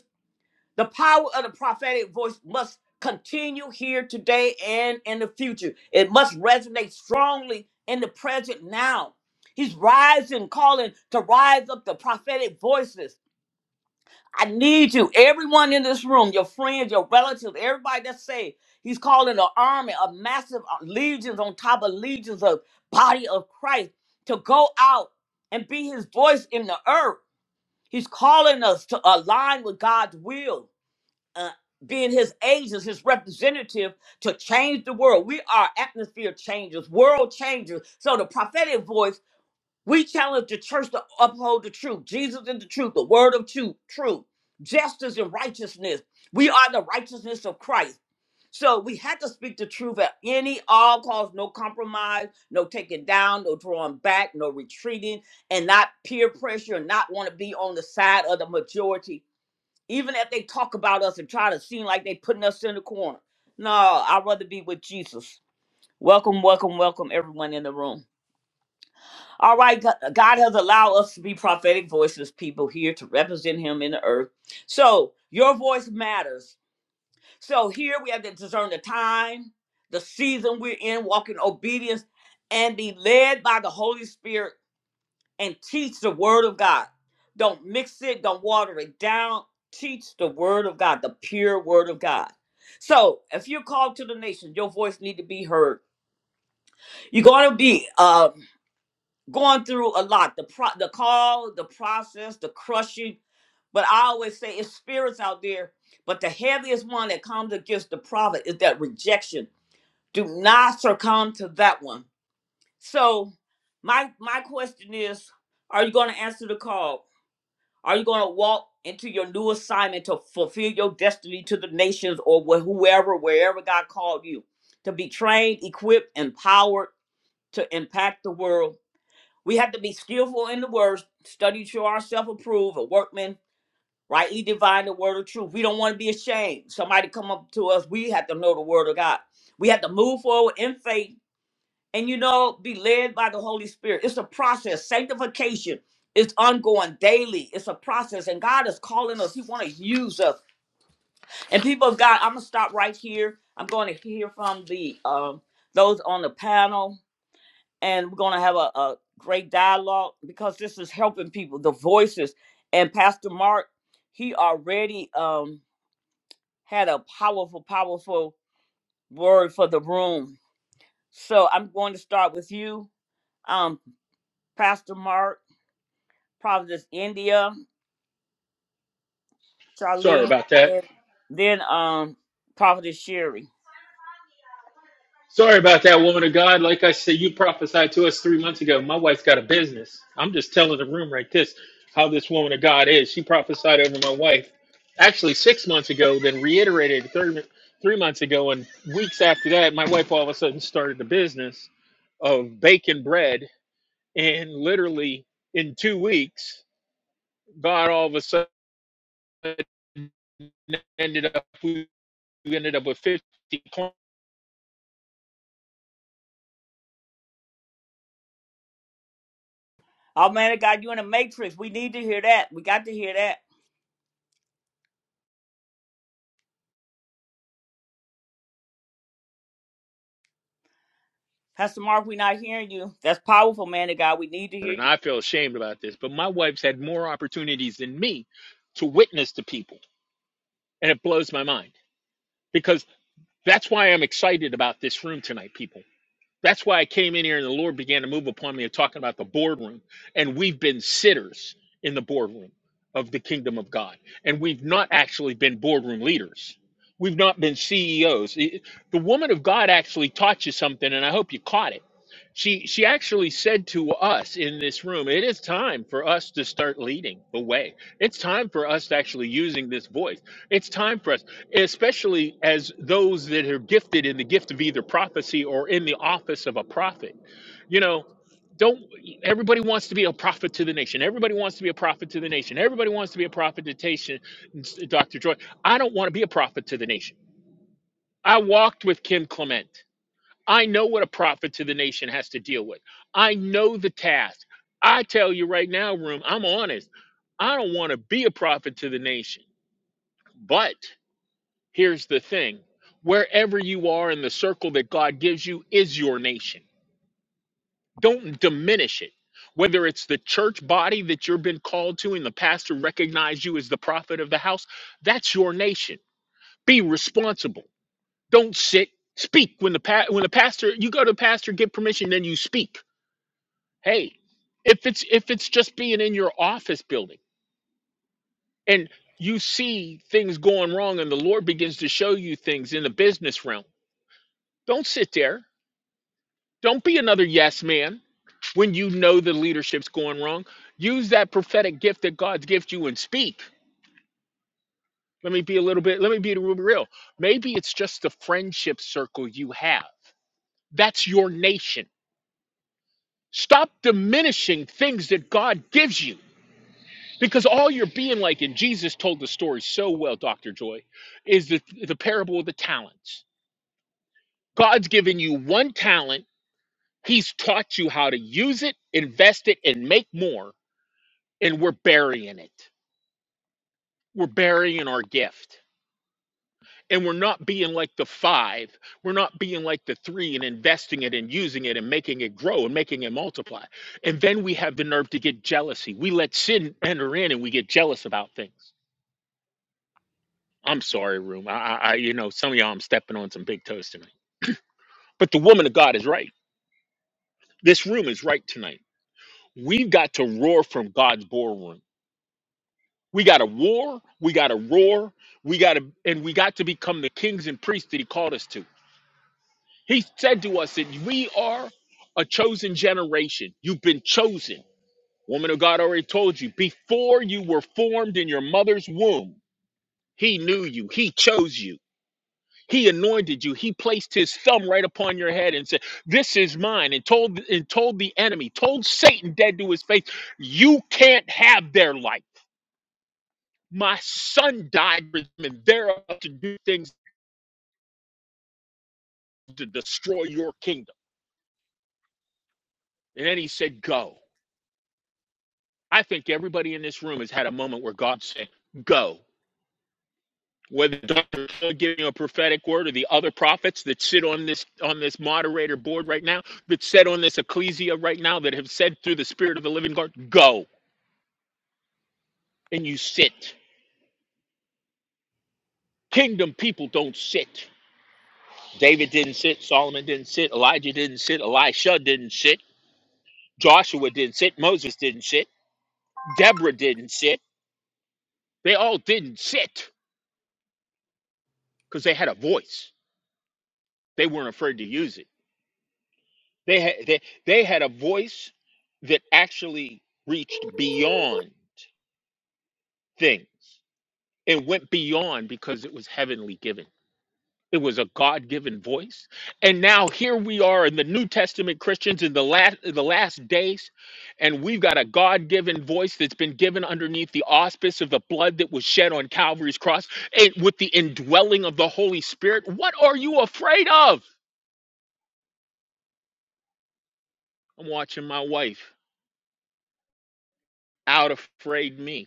the power of the prophetic voice must continue here today and in the future. It must resonate strongly in the present now. He's rising, calling to rise up the prophetic voices. I need you, everyone in this room, your friends, your relatives, everybody that's saved. He's calling an army of massive uh, legions on top of legions of body of Christ to go out and be his voice in the earth. He's calling us to align with God's will uh, being his agents, his representative to change the world. We are atmosphere changers, world changers. So the prophetic voice, we challenge the church to uphold the truth. Jesus is the truth, the word of truth, truth, justice and righteousness. We are the righteousness of Christ. So we had to speak the truth at any all costs, no compromise, no taking down, no drawing back, no retreating, and not peer pressure, and not want to be on the side of the majority even if they talk about us and try to seem like they putting us in the corner. No, I'd rather be with Jesus. Welcome, welcome, welcome, everyone in the room. All right, Go- God has allowed us to be prophetic voices, people here to represent Him in the earth. So your voice matters. So here we have to discern the time, the season we're in, walking obedience, and be led by the Holy Spirit and teach the word of God. Don't mix it, don't water it down. Teach the word of God, the pure word of God. So if you're called to the nation, your voice need to be heard. You're gonna be uh, going through a lot, the pro- the call, the process, the crushing. But I always say it's spirits out there, but the heaviest one that comes against the prophet is that rejection. Do not succumb to that one. So my my question is, are you gonna answer the call? Are you going to walk into your new assignment to fulfill your destiny to the nations or wh- whoever, wherever God called you? To be trained, equipped, empowered to impact the world. We have to be skillful in the words, study to ourselves approved, a workman, rightly divine the word of truth. We don't want to be ashamed. Somebody come up to us, we have to know the word of God. We have to move forward in faith and you know be led by the holy spirit it's a process sanctification is ongoing daily it's a process and god is calling us he want to use us and people of god i'm gonna stop right here i'm going to hear from the um those on the panel and we're going to have a, a great dialogue because this is helping people the voices and pastor mark he already um had a powerful powerful word for the room so i'm going to start with you um pastor mark Prophetess India,
Sorry
Charlene,
about that.
then then, um Prophetess Sherry.
Sorry about that, woman of God. Like I said, you prophesied to us three months ago. My wife's got a business. I'm just telling the room right this how this woman of God is. She prophesied over my wife actually six months ago, then reiterated three, three months ago. And weeks after that, my wife all of a sudden started the business of baking bread And literally in two weeks, God all of a sudden ended up we ended up with 50 corner
Oh man of God, you in the matrix. We need to hear that. We got to hear that. Pastor Mark, we not hearing you. That's powerful, man of God. We need to hear
and
you.
I feel ashamed about this, but my wife's had more opportunities than me to witness to people. And it blows my mind because that's why I'm excited about this room tonight, people That's why I came in here and the Lord began to move upon me of talking about the boardroom. And we've been sitters in the boardroom of the kingdom of God. And we've not actually been boardroom leaders. We've not been CEOs. It- The the woman of God actually taught you something, and I hope you caught it she she actually said to us in this room, it is time for us to start leading the way. It's time for us to actually using this voice. It's time for us, especially as those that are gifted in the gift of either prophecy or in the office of a prophet. You know, don't everybody wants to be a prophet to the nation. Everybody wants to be a prophet to the nation. Everybody wants to be a prophet to the nation. Dr. Joy, I don't want to be a prophet to the nation. I walked with Kim Clement. I know what a prophet to the nation has to deal with. I know the task. I tell you right now, room, I'm honest. I don't want to be a prophet to the nation. But here's the thing wherever you are in the circle that God gives you is your nation. Don't diminish it. Whether it's the church body that you've been called to and the pastor recognized you as the prophet of the house, that's your nation. Be responsible. Don't sit. Speak when the pa- when the pastor you go to the pastor get permission, then you speak Hey, if it's if it's just being in your office building and you see things going wrong and the Lord begins to show you things in the business realm, don't sit there. Don't be another yes man when you know the leadership's going wrong. Use that prophetic gift that God's gift you and speak. Let me be a little bit, let me be real. Maybe it's just the friendship circle you have. That's your nation. Stop diminishing things that God gives you Because all you're being like, and Jesus told the story so well, Dr. Joy, is the, the parable of the talents. God's given you one talent, He's taught you how to use it, invest it, and make more, and we're burying it. We're burying our gift. And we're not being like the five. We're not being like the three and investing it and using it and making it grow and making it multiply. And then we have the nerve to get jealousy. We let sin enter in and we get jealous about things. I'm sorry, room. I, I, I- you know, some of y'all, I'm stepping on some big toes tonight. But the woman of God is right. This room is right tonight. We've got to roar from God's boardroom. We got to war. We got to roar. We got to, and we got to become the kings and priests that He called us to. He said to us that we are a chosen generation. You've been chosen. Woman of God already told you before you were formed in your mother's womb, He knew you. He chose you. He anointed you. He placed his thumb right upon your head and said, "This is mine." And told and told the enemy, told Satan dead to his face, "You can't have their life. My son died for them, and they're about to do things to destroy your kingdom." And then he said, "Go." I think everybody in this room has had a moment where God said, "Go." Whether Dr. giving you a prophetic word or the other prophets that sit on this on this moderator board right now, that sit on this ecclesia right now, that have said through the Spirit of the Living God, "Go." and you sit. Kingdom people don't sit. David didn't sit. Solomon didn't sit. Elijah didn't sit. Elisha didn't sit. Joshua didn't sit. Moses didn't sit. Deborah didn't sit. They all didn't sit because they had a voice. They weren't afraid to use it. They had they, they had a voice that actually reached beyond things. It went beyond because it was heavenly given. It was a God-given voice. And now here we are in the New Testament Christians in the last the last days And we've got a God given voice that's been given underneath the auspice of the blood that was shed on Calvary's cross and with the indwelling of the Holy Spirit. What are you afraid of? I'm watching my wife out afraid me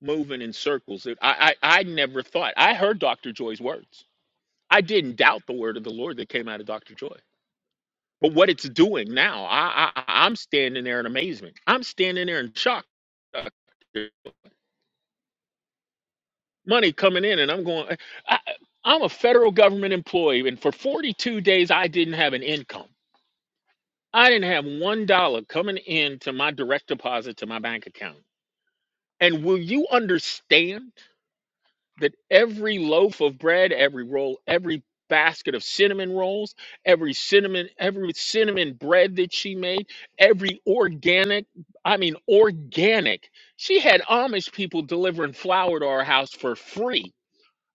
moving in circles. I, I, I never thought. I heard Dr. Joy's words. I didn't doubt the word of the Lord that came out of Dr. Joy. But what it's doing now, I, I, I'm standing there in amazement. I'm standing there in shock. Doctor money coming in and I'm going I, I'm a federal government employee and for 42 days I didn't have an income. I didn't have $1 coming in to my direct deposit to my bank account. And will you understand that every loaf of bread, every roll, every basket of cinnamon rolls, every cinnamon every cinnamon bread that she made, every organic, I mean organic. She had Amish people delivering flour to our house for free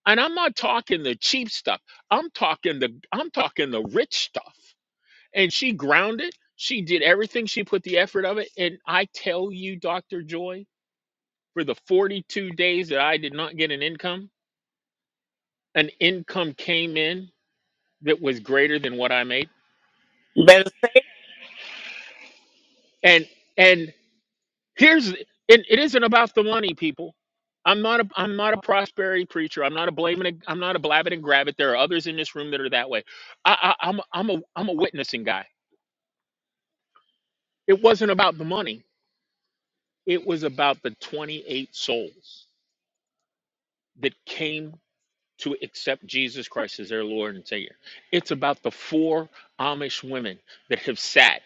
And I'm not talking the cheap stuff. I'm talking the I'm talking the rich stuff. And she grounded. She did everything. She put the effort of it. And I tell you, Dr. Joy, for the 42 days that I did not get an income, an income came in that was greater than what I made.
You better say it.
And and here's and it isn't about the money, people. I'm not a I'm not a prosperity preacher. I'm not a blaming. it- I'm not a blabbing and grab it. There are others in this room that are that way. I, I I'm I'm a I'm a witnessing guy. It wasn't about the money. It was about the 28 souls that came to accept Jesus Christ as their Lord and Savior. It's about the four Amish women that have sat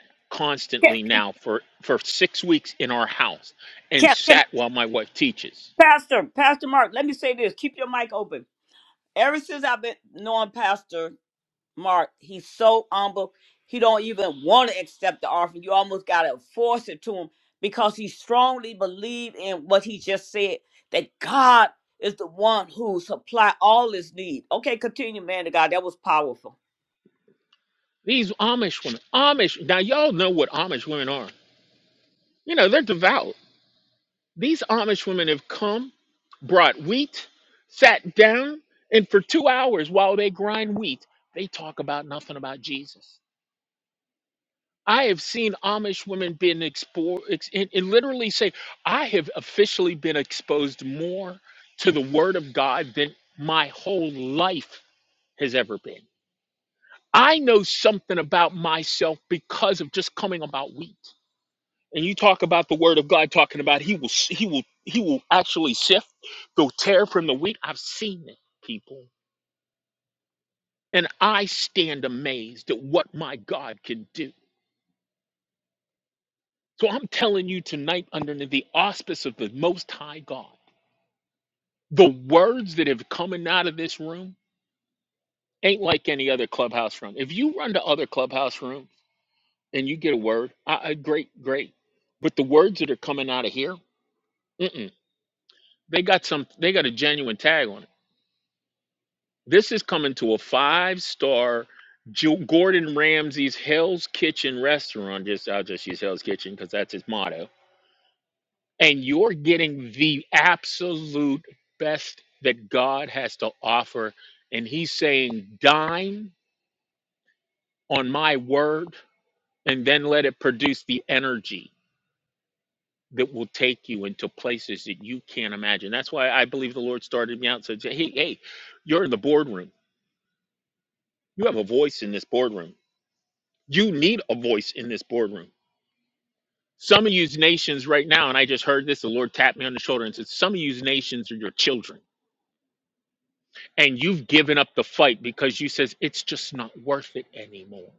can,
constantly now for, for six weeks in our house and
can, can I
sat while my wife teaches.
Pastor, Pastor Mark, let me say this. Keep your mic open. Ever since I've been knowing Pastor Mark. He's so humble. He don't even want to accept the offering. You almost gotta force it to him because he strongly believed in what he just said that God is the one who supply all his need. Okay, continue, man. of God, that was powerful.
These Amish women, Amish, now y'all know what Amish women are. You know, they're devout. These Amish women have come, brought wheat, sat down, and for two hours while they grind wheat, they talk about nothing about Jesus. I have seen Amish women being exposed, and, and literally say, I have officially been exposed more to the Word of God than my whole life has ever been. I know something about myself because of just coming about wheat. and you talk about the word of God talking about he will he will he will actually sift the tear from the wheat. I've seen it, people, and I stand amazed at what my God can do. So I'm telling you tonight, under the auspice of the Most High God, the words that have coming out of this room ain't like any other clubhouse room. If you run to other clubhouse rooms and you get a word, I, I, great, great. But the words that are coming out of here, mm-mm, they got some. They got a genuine tag on. 'em. This is coming to a five star Gordon Ramsay's Hell's Kitchen restaurant. Just I'll just use Hell's Kitchen because that's his motto. And you're getting the absolute best that God has to offer. And he's saying, dine on my word and then let it produce the energy that will take you into places that you can't imagine. That's why I believe the Lord started me out. and Said, hey, hey, you're in the boardroom. You have a voice in this boardroom You need a voice in this boardroom. Some of you nations right now, and I just heard this, the Lord tapped me on the shoulder and said, Some of you nations are your children, and you've given up the fight because you says it's just not worth it anymore.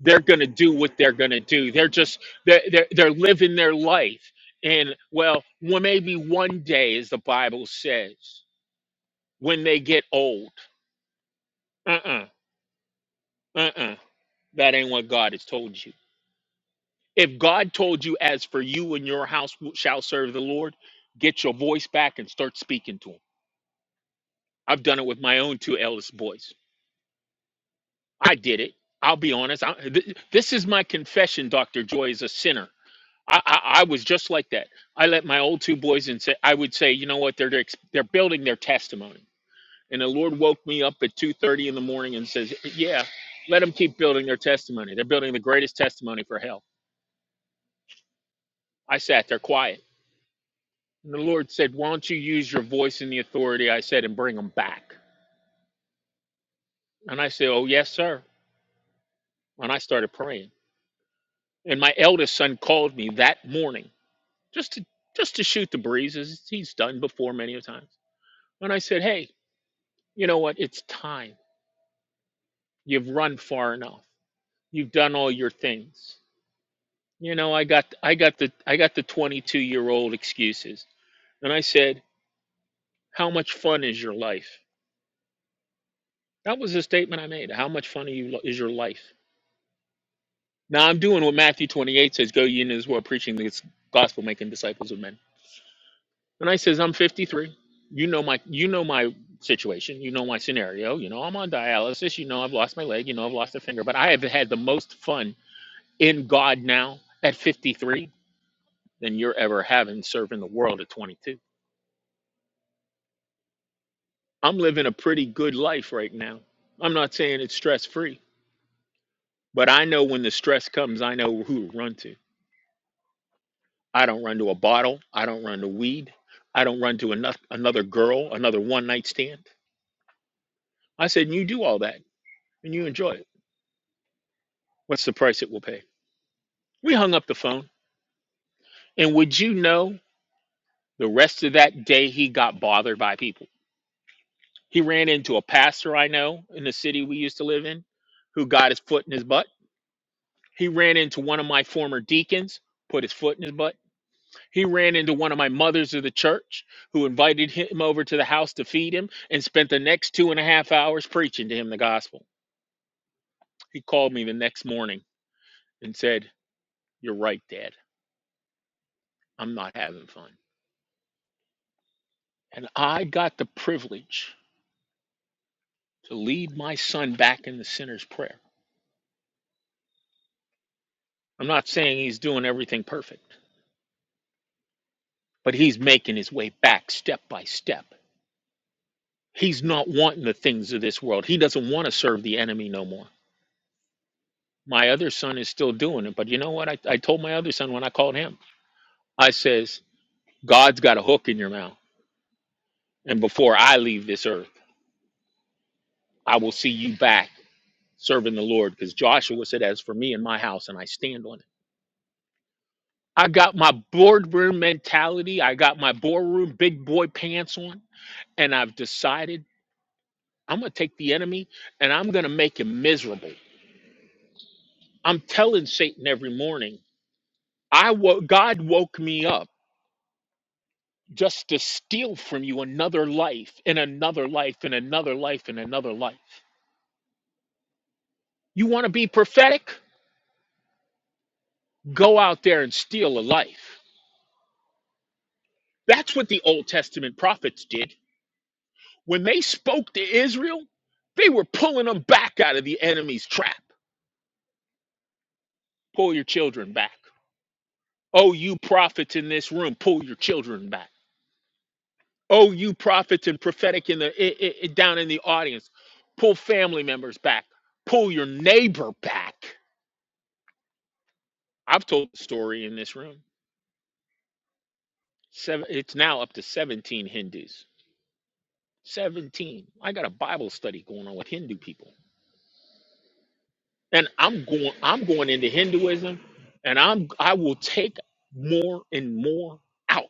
They're gonna do what they're gonna do. They're just they're they're, they're living their life. And well, well, maybe one day, as the Bible says, when they get old. Uh-uh, uh-uh. That ain't what God has told you. If God told you, as for you and your house shall serve the Lord, get your voice back and start speaking to him. I've done it with my own two eldest boys. I did it. I'll be honest. I, th- this is my confession, Dr. Joy, as a sinner. I, I, I was just like that. I let my old two boys and say, I would say, you know what? They're, ex- they're building their testimony. And the Lord woke me up at 2.30 in the morning and says, yeah, let them keep building their testimony. They're building the greatest testimony for hell. I sat there quiet. And the Lord said, Why don't you use your voice and the authority I said and bring them back? And I said, Oh, yes, sir. And I started praying. And my eldest son called me that morning just to just to shoot the breeze as he's done before many a times. And I said, Hey, you know what? It's time. You've run far enough. You've done all your things. You know, I got I got the I got the twenty two year old excuses. And I said, How much fun is your life? That was the statement I made. How much fun are you, is your life? Now I'm doing what Matthew 28 says, go ye into this world preaching this gospel, making disciples of men. And I says, I'm 53. You know my you know my situation. You know my scenario. You know I'm on dialysis. You know I've lost my leg. You know I've lost a finger. But I have had the most fun in God now at 53 than you're ever having serving the world at 22. I'm living a pretty good life right now. I'm not saying it's stress free, but I know when the stress comes, I know who to run to. I don't run to a bottle. I don't run to weed. I don't run to another, another girl, another one night stand. I said, You do all that and you enjoy it. What's the price it will pay? We hung up the phone. And would you know the rest of that day he got bothered by people? He ran into a pastor I know in the city we used to live in who got his foot in his butt. He ran into one of my former deacons, put his foot in his butt. He ran into one of my mothers of the church who invited him over to the house to feed him and spent the next two and a half hours preaching to him the gospel. He called me the next morning and said, You're right, Dad. I'm not having fun. And I got the privilege to lead my son back in the sinner's prayer. I'm not saying he's doing everything perfect, but he's making his way back step by step. He's not wanting the things of this world. He doesn't want to serve the enemy no more. My other son is still doing it. But you know what? I, I told my other son when I called him, I says, God's got a hook in your mouth. And before I leave this earth, I will see you back serving the Lord. Because Joshua said, As for me and my house, and I stand on it. I got my boardroom mentality. I got my boardroom big boy pants on. And I've decided I'm going to take the enemy and I'm going to make him miserable. I'm telling Satan every morning, I wo- God woke me up just to steal from you another life and another life and another life and another life. You want to be prophetic? Go out there and steal a life. That's what the Old Testament prophets did. When they spoke to Israel, they were pulling them back out of the enemy's trap. Pull your children back. Oh, you prophets in this room, pull your children back. Oh, you prophets and prophetic in the i i i- down in the audience, pull family members back. Pull your neighbor back I've told the story in this room. Seven, it's now up to 17 Hindus. 17. I got a Bible study going on with Hindu people. And I'm going I'm going into Hinduism and I'm I will take more and more out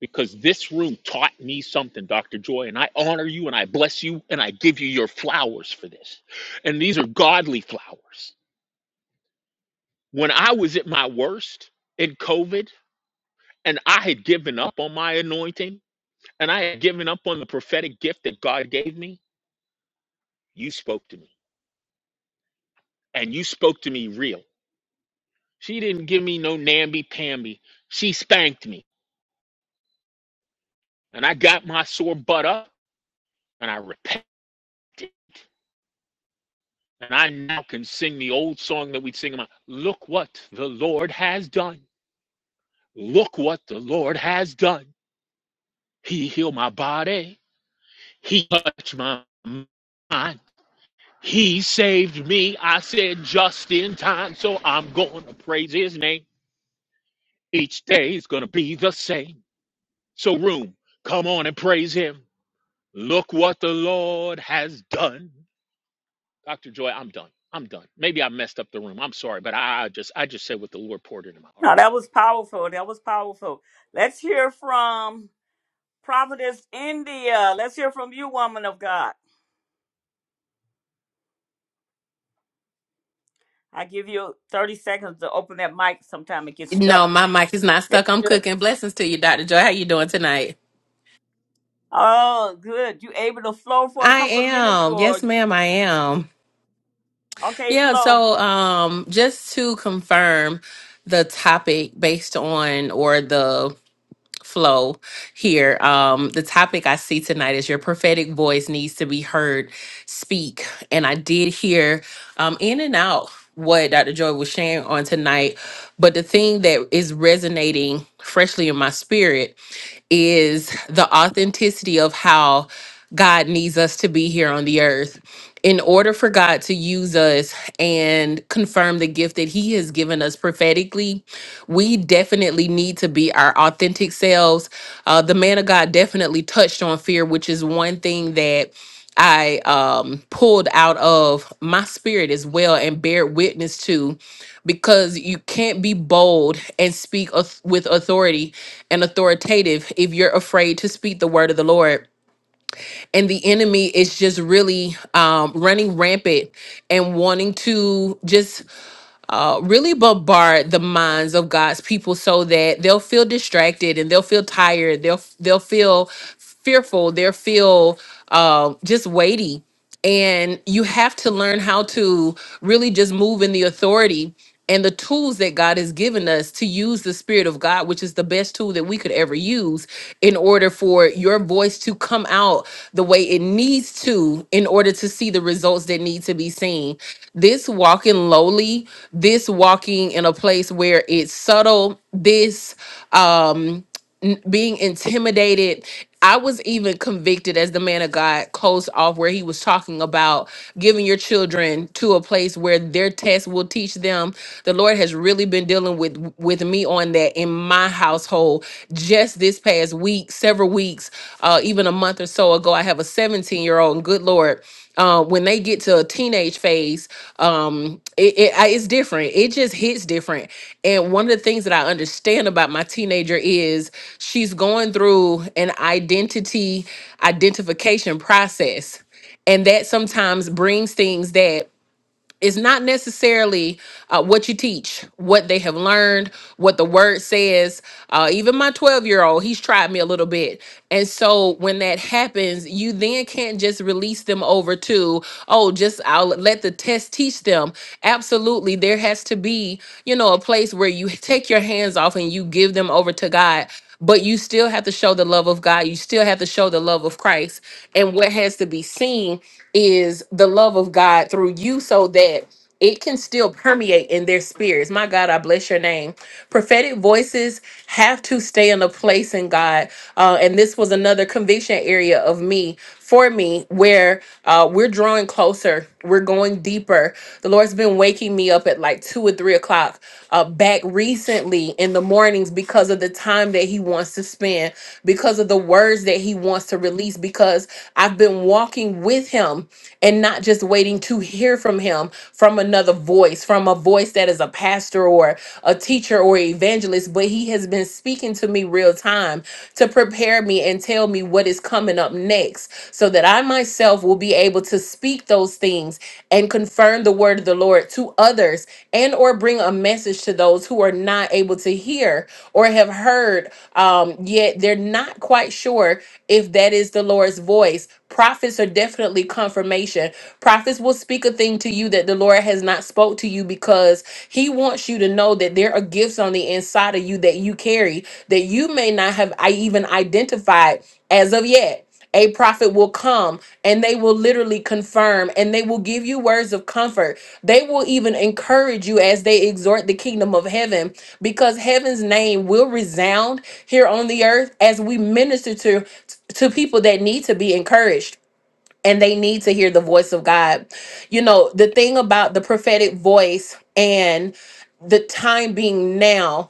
because this room taught me something, Dr. Joy, and I honor you and I bless you and I give you your flowers for this. And these are godly flowers. When I was at my worst in COVID and I had given up on my anointing, and I had given up on the prophetic gift that God gave me, you spoke to me. And you spoke to me real. She didn't give me no namby pamby. She spanked me. And I got my sore butt up and I repented. And I now can sing the old song that we'd sing about Look what the Lord has done. Look what the Lord has done. He healed my body. He touched my mind. He saved me. I said just in time. So I'm going to praise his name. Each day is going to be the same. So, room, come on and praise him. Look what the Lord has done. Dr. Joy, I'm done. I'm done. Maybe I messed up the room. I'm sorry, but I, I just I just said what the Lord poured into my heart.
No, that was powerful. That was powerful. Let's hear from Providence, India. Let's hear from you, woman of God. I give you 30 seconds to open that mic. Sometime it gets stuck.
No, my mic is not
Very
stuck. I'm
good.
cooking. Blessings to you, Dr. Joy. How you doing tonight?
Oh, good. You able to flow for a
I
couple of minutes
am.
or
Yes, ma'am, I am.
okay,
Yeah,
flow.
so um just to confirm the topic based on or the flow here. Um the topic I see tonight is your prophetic voice needs to be heard speak. And I did hear um in and out what Dr. Joy was sharing on tonight, but the thing that is resonating freshly in my spirit is the authenticity of how God needs us to be here on the earth. In order for God to use us and confirm the gift that He has given us prophetically, we definitely need to be our authentic selves. Uh, the man of God definitely touched on fear, which is one thing that I um, pulled out of my spirit as well and bear witness to because you can't be bold and speak auth- with authority and authoritative if you're afraid to speak the word of the Lord. And the enemy is just really um, running rampant and wanting to just uh, really bombard the minds of God's people so that they'll feel distracted and they'll feel tired. They'll they'll feel fearful. They'll feel um, just weighty and you have to learn how to really just move in the authority and the tools that God has given us to use the Spirit of God, which is the best tool that we could ever use, in order for your voice to come out the way it needs to, in order to see the results that need to be seen. This walking lowly, this walking in a place where it's subtle, this um, being intimidated. I was even convicted as the man of God closed off where he was talking about giving your children to a place where their tests will teach them. The Lord has really been dealing with with me on that in my household just this past week, several weeks, uh, even a month or so ago. I have a 17 year old, and good Lord uh, when they get to a teenage phase, um, it, it I- it's different. It just hits different. And one of the things that I understand about my teenager is she's going through an identity identification process, and that sometimes brings things that it's not necessarily uh, what you teach, what they have learned, what the word says. Uh, even my 12 year old, he's tried me a little bit. And so when that happens, you then can't just release them over to, oh, just I'll let the test teach them. Absolutely. There has to be, you know, a place where you take your hands off and you give them over to God but you still have to show the love of God. You still have to show the love of Christ. And what has to be seen is the love of God through you so that it can still permeate in their spirits. My God, I bless your name. Prophetic voices have to stay in a place in God. Uh, and this was another conviction area of me for me where uh, we're drawing closer, we're going deeper. The Lord's been waking me up at like two or three o'clock uh, back recently in the mornings because of the time that He wants to spend, because of the words that He wants to release, because I've been walking with Him and not just waiting to hear from Him from another voice, from a voice that is a pastor or a teacher or evangelist, but He has been speaking speaking to me real time to prepare me and tell me what is coming up next so that I myself will be able to speak those things and confirm the word of the Lord to others and or bring a message to those who are not able to hear or have heard um, yet they're not quite sure if that is the Lord's voice. Prophets are definitely confirmation. Prophets will speak a thing to you that the Lord has not spoken spoke to you because he wants you to know that there are gifts on the inside of you that you carry that you may not have I even identified as of yet. A prophet will come and they will literally confirm and they will give you words of comfort. They will even encourage you as they exhort the kingdom of heaven because heaven's name will resound here on the earth as we minister to to people that need to be encouraged and they need to hear the voice of God. You know, the thing about the prophetic voice and the time being now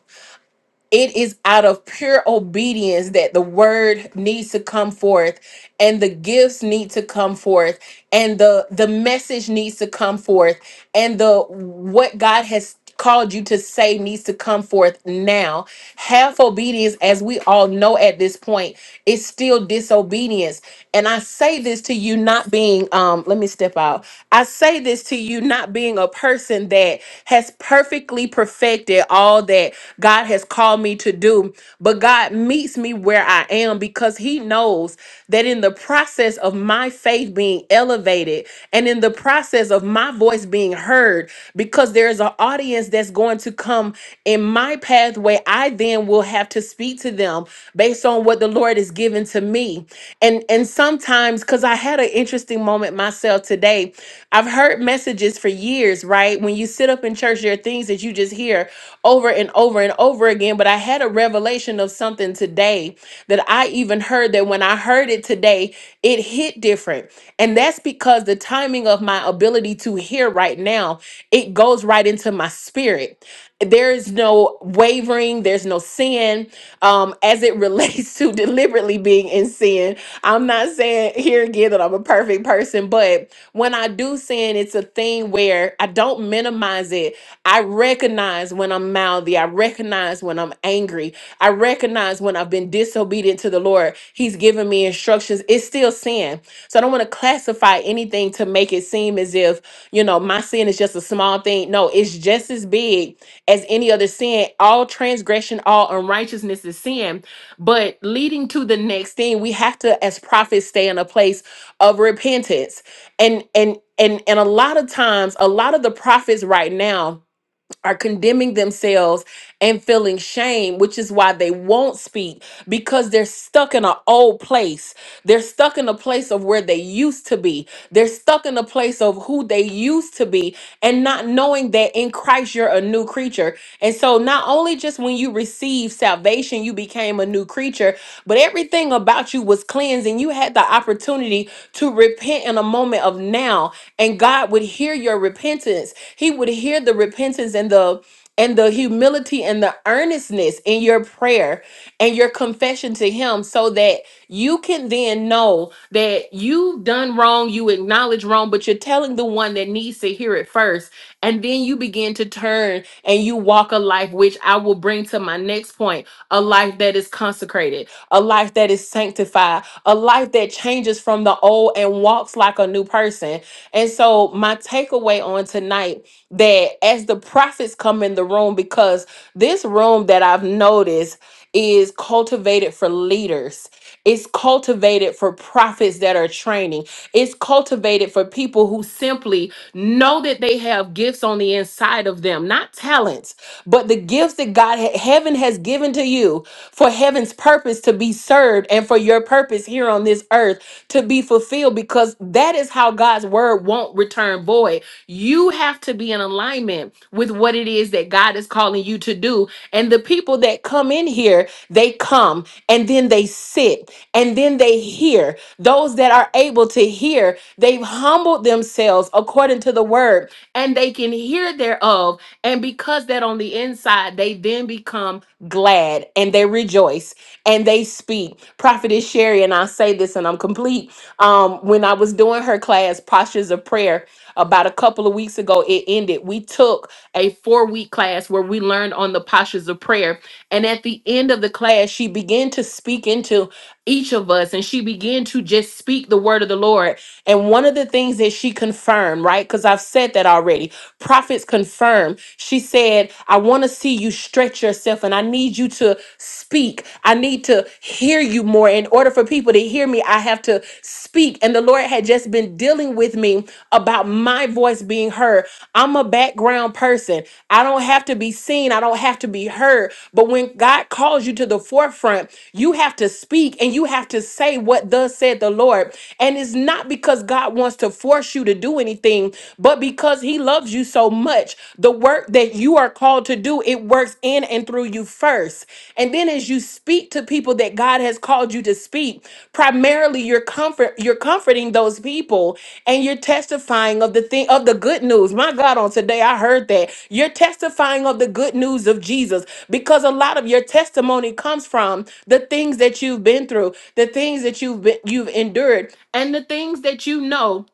it is out of pure obedience that the word needs to come forth and the gifts need to come forth and the the message needs to come forth and the what god has called you to say needs to come forth now half obedience as we all know at this point is still disobedience and i say this to you not being um let me step out i say this to you not being a person that has has perfectly perfected all that God has called me to do. But God meets me where I am because He knows that in the process of my faith being elevated and in the process of my voice being heard, because there is an audience that's going to come in my pathway, I then will have to speak to them based on what the Lord has given to me. And and sometimes, because I had an interesting moment myself today I've heard messages for years, right? When you sit up in church, there are things that you just hear over and over and over again. But I had a revelation of something today that I even heard that when I heard it today, it hit different. And that's because the timing of my ability to hear right now, it goes right into my spirit there is no wavering there's no sin um as it relates to [laughs] deliberately being in sin i'm not saying here again that i'm a perfect person but when i do sin it's a thing where i don't minimize it i recognize when i'm mouthy i recognize when when I'm angry. I recognize when I've been disobedient to the Lord. He's given me instructions. It's still sin. So I don't want to classify anything to make it seem as if, you know, my sin is just a small thing. No, it's just as big as any other sin. All transgression, all unrighteousness is sin. But leading to the next thing, we have to, as prophets, stay in a place of repentance. And and and and a lot of times, a lot of the prophets right now are condemning themselves and feeling shame, which is why they won't speak because they're stuck in an old place. They're stuck in a place of where they used to be. They're stuck in a place of who they used to be and not knowing that in Christ you're a new creature. And so not only just when you received salvation, you became a new creature, but everything about you was cleansed and you had the opportunity to repent in a moment of now. And God would hear your repentance. He would hear the repentance and the and the humility and the earnestness in your prayer and your confession to him so that you can then know that you've done wrong, you acknowledge wrong, but you're telling the one that needs to hear it first. And then you begin to turn and you walk a life, which I will bring to my next point a life that is consecrated, a life that is sanctified, a life that changes from the old and walks like a new person. And so, my takeaway on tonight that as the prophets come in the room, because this room that I've noticed is cultivated for leaders it's cultivated for prophets that are training. It's cultivated for people who simply know that they have gifts on the inside of them, not talents, but the gifts that God, heaven has given to you for heaven's purpose to be served and for your purpose here on this earth to be fulfilled because that is how God's word won't return void you have to be in alignment with what it is that God is calling you to do. And the people that come in here, they come and then they sit and then they hear. Those that are able to hear, they've humbled themselves according to the word and they can hear thereof. And because that on the inside, they then become glad and they rejoice and they speak. Prophetess Sherry, and I say this and I'm complete. Um, when I was doing her class, Postures of Prayer, about a couple of weeks ago, it ended. We took a four week class where we learned on the postures of prayer. And at the end of the class, she began to speak into each of us and she began to just speak the word of the Lord. And one of the things that she confirmed, right? Because I've said that already, Prophets confirm. She said, I want to see you stretch yourself and I need you to speak. I need to hear you more. In order for people to hear me, I have to speak. And the Lord had just been dealing with me about my voice being heard. I'm a background person. I don't have to be seen. I don't have to be heard. But when God calls you to the forefront, you have to speak and you have to say what thus said the Lord. And it's not because God wants to force you to do anything thing, but because he loves you so much, the work that you are called to do, it works in and through you first. And then as you speak to people that God has called you to speak, primarily you're comfort you're comforting those people and you're testifying of the thing of the good news. My God, on today I heard that. You're testifying of the good news of Jesus because a lot of your testimony comes from the things that you've been through, the things that you've been, you've endured, and the things that you know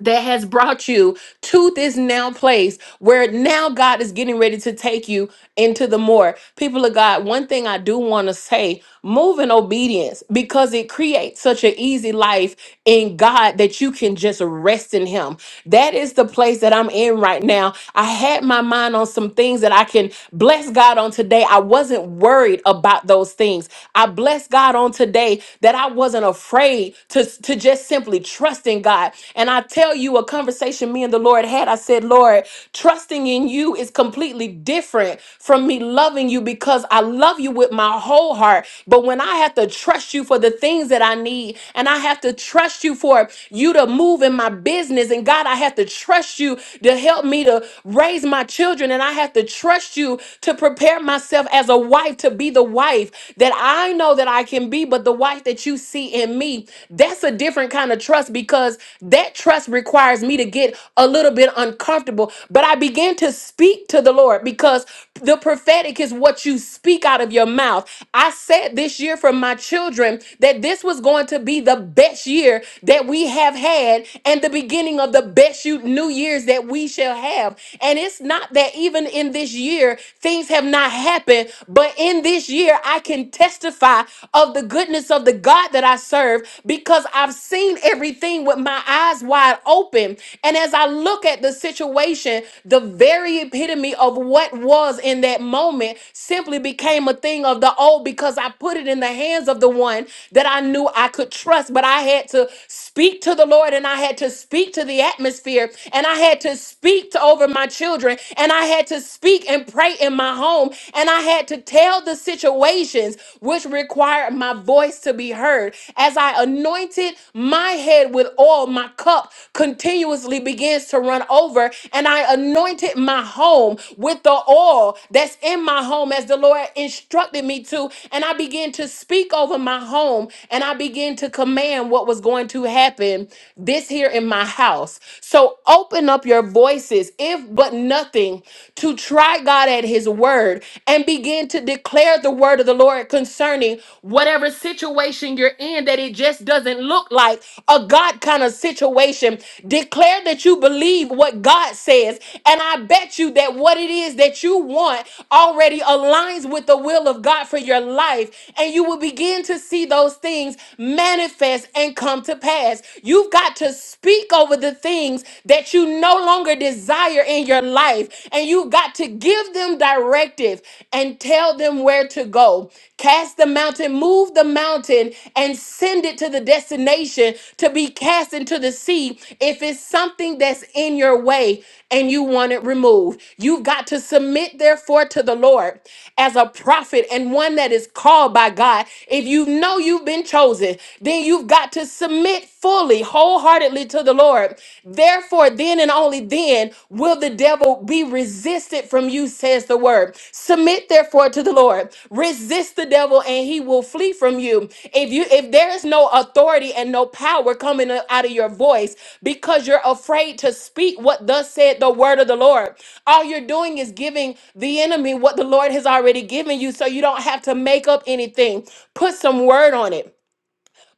that has brought you to this now place where now God is getting ready to take you into the more. People of God, one thing I do want to say move in obedience because it creates such an easy life in God that you can just rest in Him. That is the place that I'm in right now. I had my mind on some things that I can bless God on today. I wasn't worried about those things. I blessed God on today that I wasn't afraid to to just simply trusting God. And I tell you, a conversation me and the Lord had, I said, Lord, trusting in you is completely different from me loving you because I love you with my whole heart. But when I have to trust you for the things that I need, and I have to trust you for you to move in my business, and God, I have to trust you to help me to raise my children, and I have to trust you to prepare myself as a wife to be the wife that I know that I can be, but the but the wife that you see in me, that's a different kind of trust because that trust requires me to get a little bit uncomfortable. But I began to speak to the Lord because the prophetic is what you speak out of your mouth. I said this year for my children that this was going to be the best year that we have had and the beginning of the best you- new years that we shall have. And it's not that even in this year, things have not happened, but in this year, this year I can testify of the goodness of the God that I serve because I've seen everything with my eyes wide open. And as I look at the situation, the very epitome of what was in that moment simply became a thing of the old because I put it in the hands of the one that I knew I could trust. But I had to speak to the Lord and I had to speak to the atmosphere and I had to speak to over my children and I had to speak and pray in my home, and I had to tell the situations which required my voice to be heard. As I anointed my head with oil, my cup continuously begins to run over, and I anointed my home with the oil that's in my home as the Lord instructed me to, and I began to speak over my home and I began to command what was going to happen this here in my house. So open up your voices. If but nothing to try God at his word and begin to declare the word of the Lord concerning whatever situation you're in that it just doesn't look like a God kind of situation. Declare that you believe what God says. And I bet you that what it is that you want already aligns with the will of God for your life. And you will begin to see those things manifest and come to pass. You've got to speak over the things things that you no longer desire in your life. And you got to give them directive and tell them where to go. Cast the mountain, move the mountain, and send it to the destination to be cast into the sea if it's something that's in your way and you want it removed. You've got to submit, therefore, to the Lord as a prophet and one that is called by God. If you know you've been chosen, then you've got to submit fully, wholeheartedly to the Lord, therefore, then and only then will the devil be resisted from you, says the word. Submit therefore to the Lord. Resist the devil and he will flee from you. If you if there is no authority and no power coming out of your voice because you're afraid to speak what thus said the word of the Lord, all you're doing is giving the enemy what the Lord has already given you so you don't have to make up anything. Put some word on it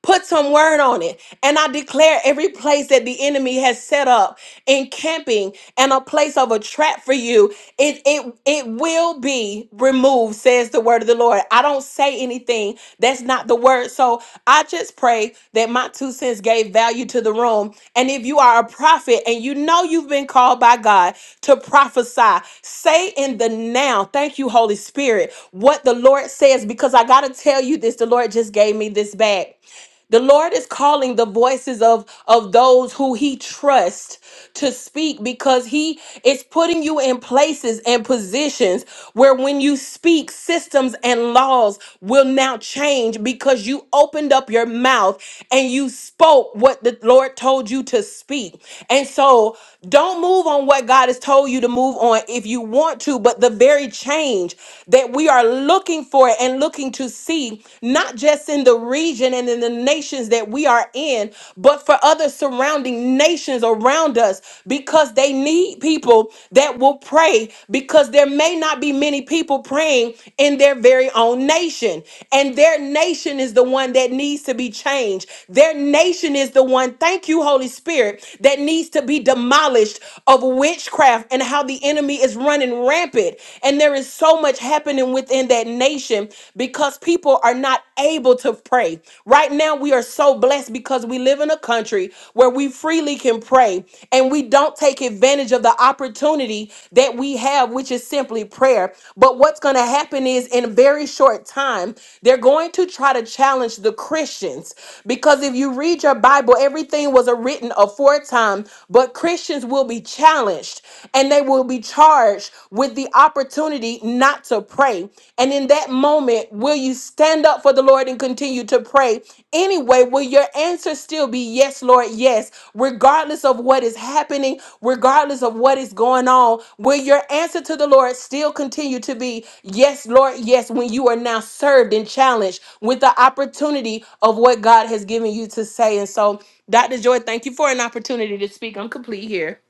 Put some word on it. And I declare every place that the enemy has set up, encamping and a place of a trap for you, it it it will be removed, says the word of the Lord. I don't say anything. That's not the word. So I just pray that my two cents gave value to the room. And if you are a prophet and you know you've been called by God to prophesy, say in the now, thank you, Holy Spirit, what the Lord says, because I gotta tell you this, the Lord just gave me this back. The Lord is calling the voices of, of those who He trusts to speak because He is putting you in places and positions where when you speak, systems and laws will now change because you opened up your mouth and you spoke what the Lord told you to speak. And so don't move on what God has told you to move on if you want to, but the very change that we are looking for and looking to see, not just in the region and in the nations that we are in, but for other surrounding nations around us because they need people that will pray because there may not be many people praying in their very own nation. And their nation is the one that needs to be changed. Their nation is the one, thank you, Holy Spirit, that needs to be demolished of witchcraft and how the enemy is running rampant. And there is so much happening within that nation because people are not able to pray. Right now, Right now, we are so blessed because we live in a country where we freely can pray and we don't take advantage of the opportunity that we have, which is simply prayer. But what's going to happen is in a very short time, they're going to try to challenge the Christians because if you read your Bible, everything was written aforetime, but Christians will be challenged and they will be charged with the opportunity not to pray. And in that moment, will you stand up for the Lord and continue to pray anyway, will your answer still be yes, Lord? Yes, regardless of what is happening, regardless of what is going on, will your answer to the Lord still continue to be yes, Lord? Yes, when you are now served and challenged with the opportunity of what God has given you to say. And so, Dr. Joy, thank you for an opportunity to speak. I'm complete here.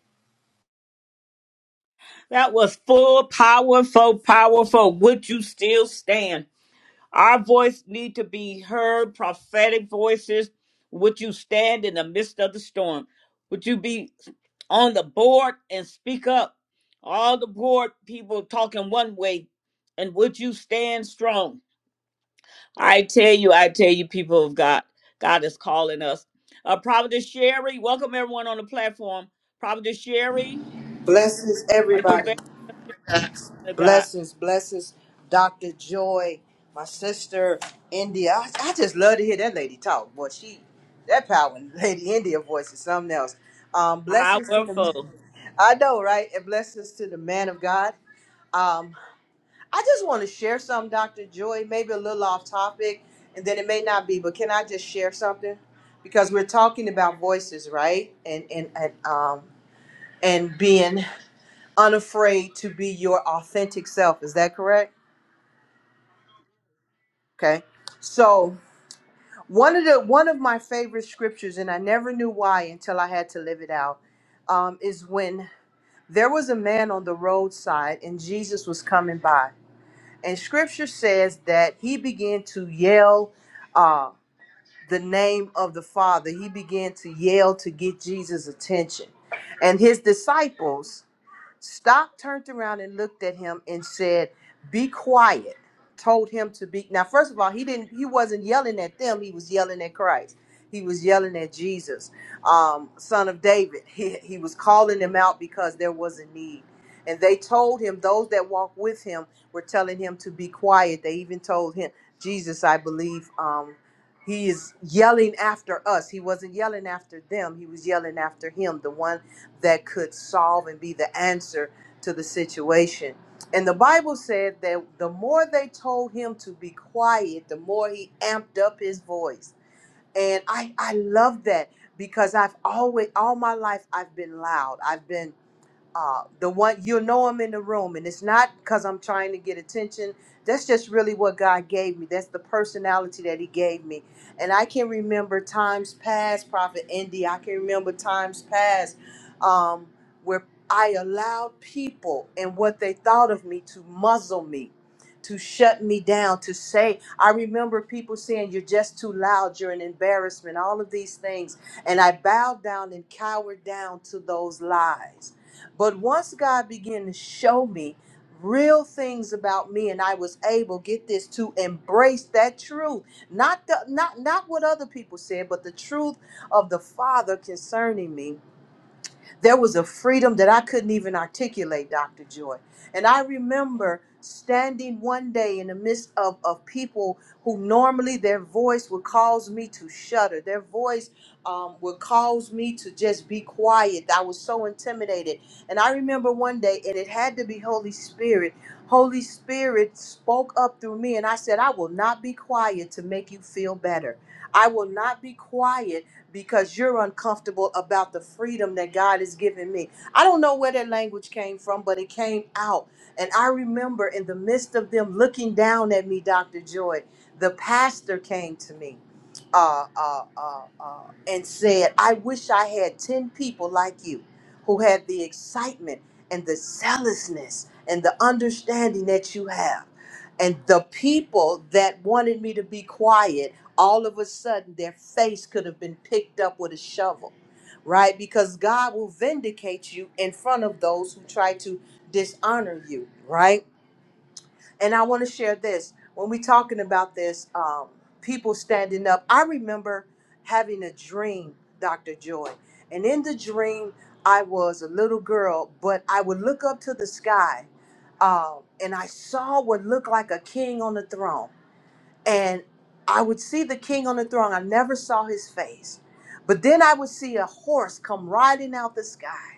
That was full, powerful, powerful. Would you still stand? Our voice need to be heard, prophetic voices. Would you stand in the midst of the storm? Would you be on the board and speak up? All the board people talking one way, and would you stand strong? I tell you, I tell you, people of God, God is calling us. Uh, Providence Sherry, welcome everyone on the platform. Providence Sherry,
Blessings,
are you
everybody.
available, God?
Blessings, blessings, Dr. Joy, my sister, India. I, I just love to hear that lady talk. Boy, she, that power [laughs] in Lady India voice is something else. Um, blessings to the,
Powerful,
[laughs] I know, right? And blessings to the man of God. Um, I just want to share something, Dr. Joy, maybe a little off topic, and then it may not be, but can I just share something? Because we're talking about voices, right? And, and, and, um, and being unafraid to be your authentic self. Is that correct? Okay. So one of the one of my favorite scriptures, and I never knew why until I had to live it out, um, is when there was a man on the roadside and Jesus was coming by, and Scripture says that he began to yell uh, the name of the Father. He began to yell to get Jesus' attention, and his disciples. Stock turned around and looked at him and said, "Be quiet." Told him to be. Now, first of all, he didn't. He wasn't yelling at them. He was yelling at Christ. He was yelling at Jesus, um, son of David. He, he was calling him out because there was a need. And they told him, those that walked with him were telling him to be quiet. They even told him, Jesus, I believe, um, he is yelling after us. He wasn't yelling after them. He was yelling after him, the one that could solve and be the answer to the situation. And the Bible said that the more they told him to be quiet, the more he amped up his voice. And I, I love that because I've always, all my life, I've been loud. I've been uh, the one you know him in the room, and it's not because I'm trying to get attention. That's just really what God gave me. That's the personality that He gave me, and I can remember times past, Prophet Indy. I can remember times past um, where I allowed people and what they thought of me to muzzle me, to shut me down, to say. I remember people saying, "You're just too loud. You're an embarrassment." All of these things, and I bowed down and cowered down to those lies but once God began to show me real things about me and I was able get this to embrace that truth not the not not what other people said but the truth of the father concerning me there was a freedom that I couldn't even articulate, Dr. Joy. And I remember standing one day in the midst of, of people who normally their voice would cause me to shudder. Their voice um, would cause me to just be quiet. I was so intimidated. And I remember one day, and it had to be Holy Spirit. Holy Spirit spoke up through me, and I said, I will not be quiet to make you feel better. I will not be quiet because you're uncomfortable about the freedom that God has given me. I don't know where that language came from, but it came out. And I remember in the midst of them looking down at me, Dr. Joy, the pastor came to me uh, uh, uh, uh, and said, I wish I had 10 people like you who had the excitement and the zealousness and the understanding that you have. And the people that wanted me to be quiet all of a sudden their face could have been picked up with a shovel, right? Because God will vindicate you in front of those who try to dishonor you, right? And I want to share this when we're talking about this, um, people standing up. I remember having a dream, Dr. Joy, and in the dream, I was a little girl, but I would look up to the sky. Um, and I saw what looked like a king on the throne and I would see the king on the throne. I never saw his face. But then I would see a horse come riding out the sky.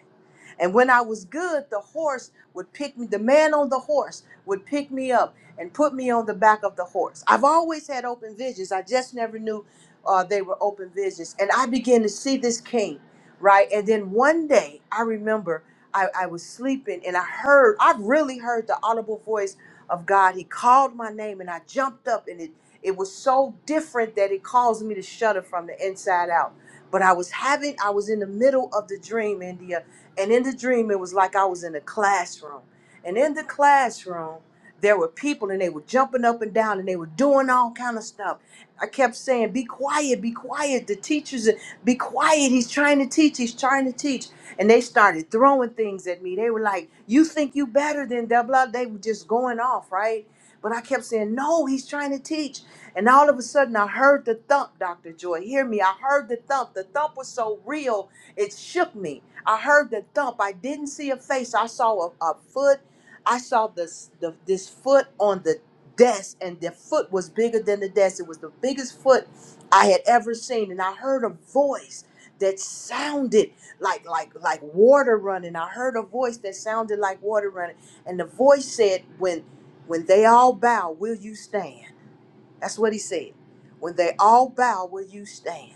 And when I was good, the horse would pick me, the man on the horse would pick me up and put me on the back of the horse. I've always had open visions. I just never knew uh, they were open visions. And I began to see this king, right? And then one day, I remember I, I was sleeping and I heard, I really heard the audible voice of God. He called my name and I jumped up and it, it was so different that it caused me to shudder from the inside out. But I was having, I was in the middle of the dream, India and in the dream, it was like I was in a classroom. And in the classroom, there were people and they were jumping up and down and they were doing all kind of stuff. I kept saying, be quiet, be quiet. The teacher's, be quiet. He's trying to teach. He's trying to teach. And they started throwing things at me. They were like, you think you better than blah, blah. They were just going off, right? But I kept saying, no, he's trying to teach. And all of a sudden, I heard the thump, Dr. Joy. Hear me. I heard the thump. The thump was so real, it shook me I heard the thump. I didn't see a face. I saw a, a foot. I saw this the, this foot on the desk, and the foot was bigger than the desk. It was the biggest foot I had ever seen, and I heard a voice that sounded like like like water running. I heard a voice that sounded like water running, and the voice said, "When when they all bow, will you stand?" That's what he said. When they all bow, will you stand?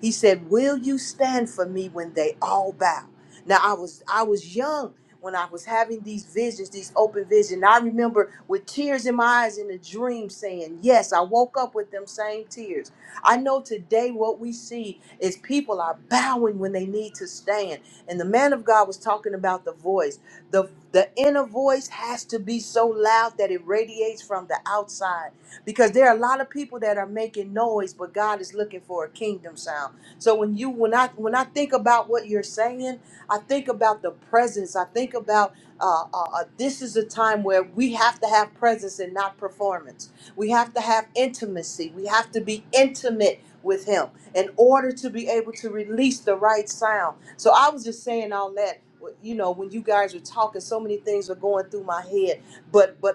He said, Will you stand for me when they all bow? Now I was I was young when I was having these visions, these open visions. I remember with tears in my eyes in a dream saying, Yes, I woke up with them same tears. I know today what we see is people are bowing when they need to stand. And the man of God was talking about the voice. The the inner voice has to be so loud that it radiates from the outside because there are a lot of people that are making noise but god is looking for a kingdom sound so when you when i when i think about what you're saying i think about the presence i think about uh, uh, uh, this is a time where we have to have presence and not performance we have to have intimacy we have to be intimate with him in order to be able to release the right sound so i was just saying all that you know when you guys were talking so many things were going through my head but but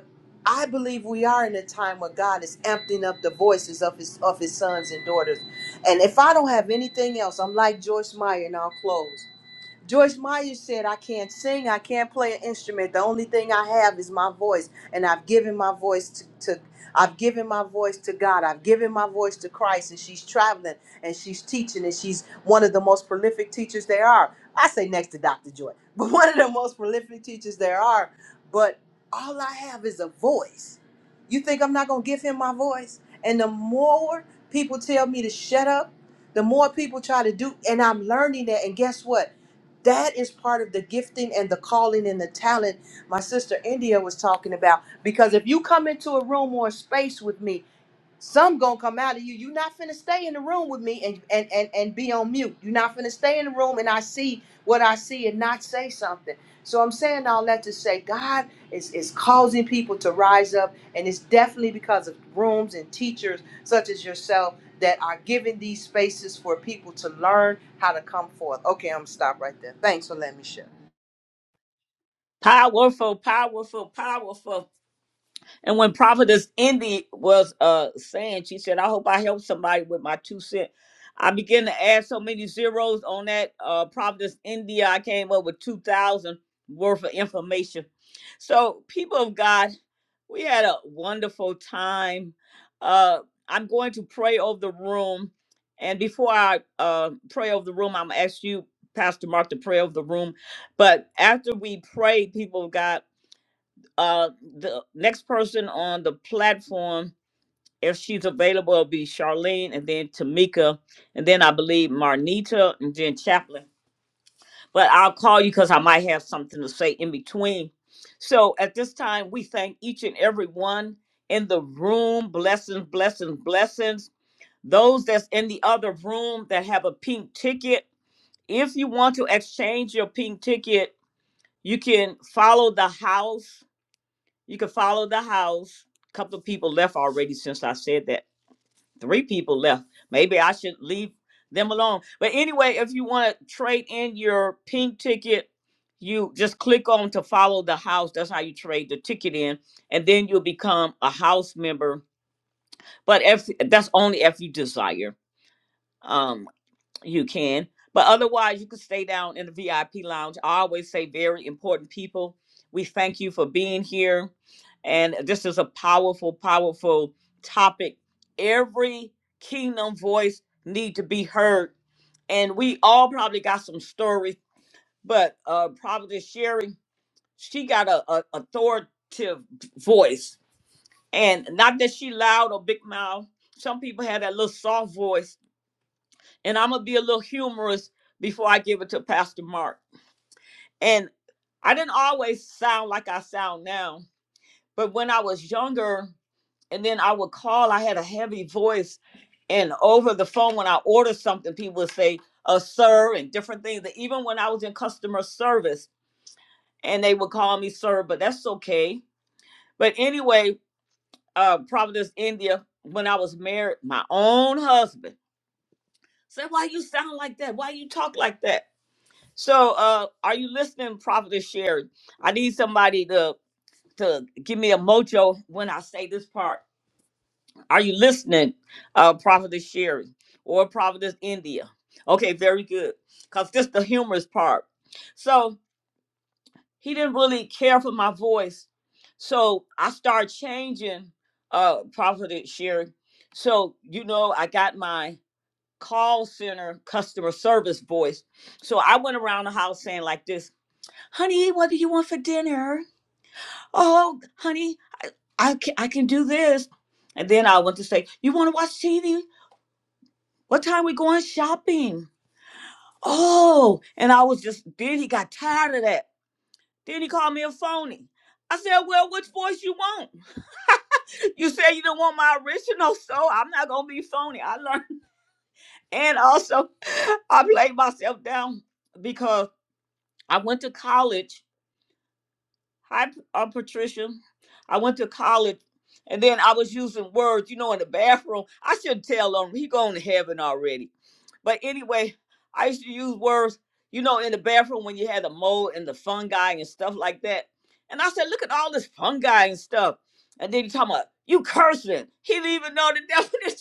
I believe we are in a time where God is emptying up the voices of his of his sons and daughters. And if I don't have anything else, I'm like Joyce Meyer and I'll close. Joyce Meyer said, I can't sing, I can't play an instrument. The only thing I have is my voice. And I've given my voice to, to I've given my voice to God. I've given my voice to Christ. And she's traveling and she's teaching and she's one of the most prolific teachers there are. I say next to Dr. Joy, but [laughs] one of the most prolific teachers there are. But all I have is a voice. You think I'm not gonna give him my voice? And the more people tell me to shut up, the more people try to do, and I'm learning that. And guess what? That is part of the gifting and the calling and the talent my sister India was talking about. Because if you come into a room or a space with me some gonna come out of you. You're not finna stay in the room with me and and and, and be on mute. You're not finna stay in the room and I see what I see and not say something. So I'm saying all that to say God is, is causing people to rise up, and it's definitely because of rooms and teachers such as yourself that are giving these spaces for people to learn how to come forth. Okay, I'm gonna stop right there. Thanks for letting me share.
powerful, powerful, powerful. And when Prophetess Indy was uh saying, she said, I hope I help somebody with my two cent. I began to add so many zeros on that. Uh Prophetess India, I came up with two thousand worth of information. So people of God, we had a wonderful time. Uh I'm going to pray over the room. And before I uh pray over the room, I'm gonna ask you, Pastor Mark, to pray over the room. But after we pray, people of God. Uh, the next person on the platform, if she's available, will be Charlene and then Tamika, and then I believe Marnita and then Chaplin. But I'll call you because I might have something to say in between. So at this time, we thank each and every one in the room. Blessings, blessings, blessings. Those that's in the other room that have a pink ticket, if you want to exchange your pink ticket, you can follow the house you can follow the house. A couple of people left already since I said that. Three people left. Maybe I should leave them alone. But anyway, if you want to trade in your pink ticket, you just click on to follow the house. That's how you trade the ticket in. And then you'll become a house member. But if that's only if you desire. Um you can. But otherwise, you can stay down in the VIP lounge. I always say, very important people, we thank you for being here. And this is a powerful, powerful topic. Every kingdom voice need to be heard. And we all probably got some stories, but uh probably Sherry, she got a, a authoritative voice. And not that she loud or big mouth. Some people have that little soft voice and I'm gonna be a little humorous before I give it to Pastor Mark. And I didn't always sound like I sound now, but when I was younger, and then I would call, I had a heavy voice, and over the phone when I ordered something, people would say, "Uh, sir," and different things. And Even when I was in customer service, and they would call me sir, but that's okay. But anyway, uh, Providence, India, when I was married, my own husband said, "Why you sound like that? Why you talk like that?" So, uh, are you listening, Prophet Sherry? I need somebody to to give me a mojo when I say this part. Are you listening, uh, Prophet Sherry or Prophetess India? Okay, very good. Cause this the humorous part. So he didn't really care for my voice, so I started changing, uh, Prophet Sherry. So you know, I got my call center customer service voice. So I went around the house saying like this honey, what do you want for dinner? Oh, honey, I can, I can do this. And then I went to say, you want to watch TV? What time we going shopping? Oh, and I was just, then he got tired of that. Then he called me a phony. I said, well, which voice you want? [laughs] You said you don't want my original, so I'm not going to be phony. I learned. And also, [laughs] I played myself down because I went to college Hi, P- uh, Patricia. I went to college, and then I was using words, you know, in the bathroom. I shouldn't tell him. He going to heaven already. But anyway, I used to use words, you know, in the bathroom when you had the mold and the fungi and stuff like that. And I said, look at all this fungi and stuff. And then he talking about you cursing. He didn't even know the [laughs] definition.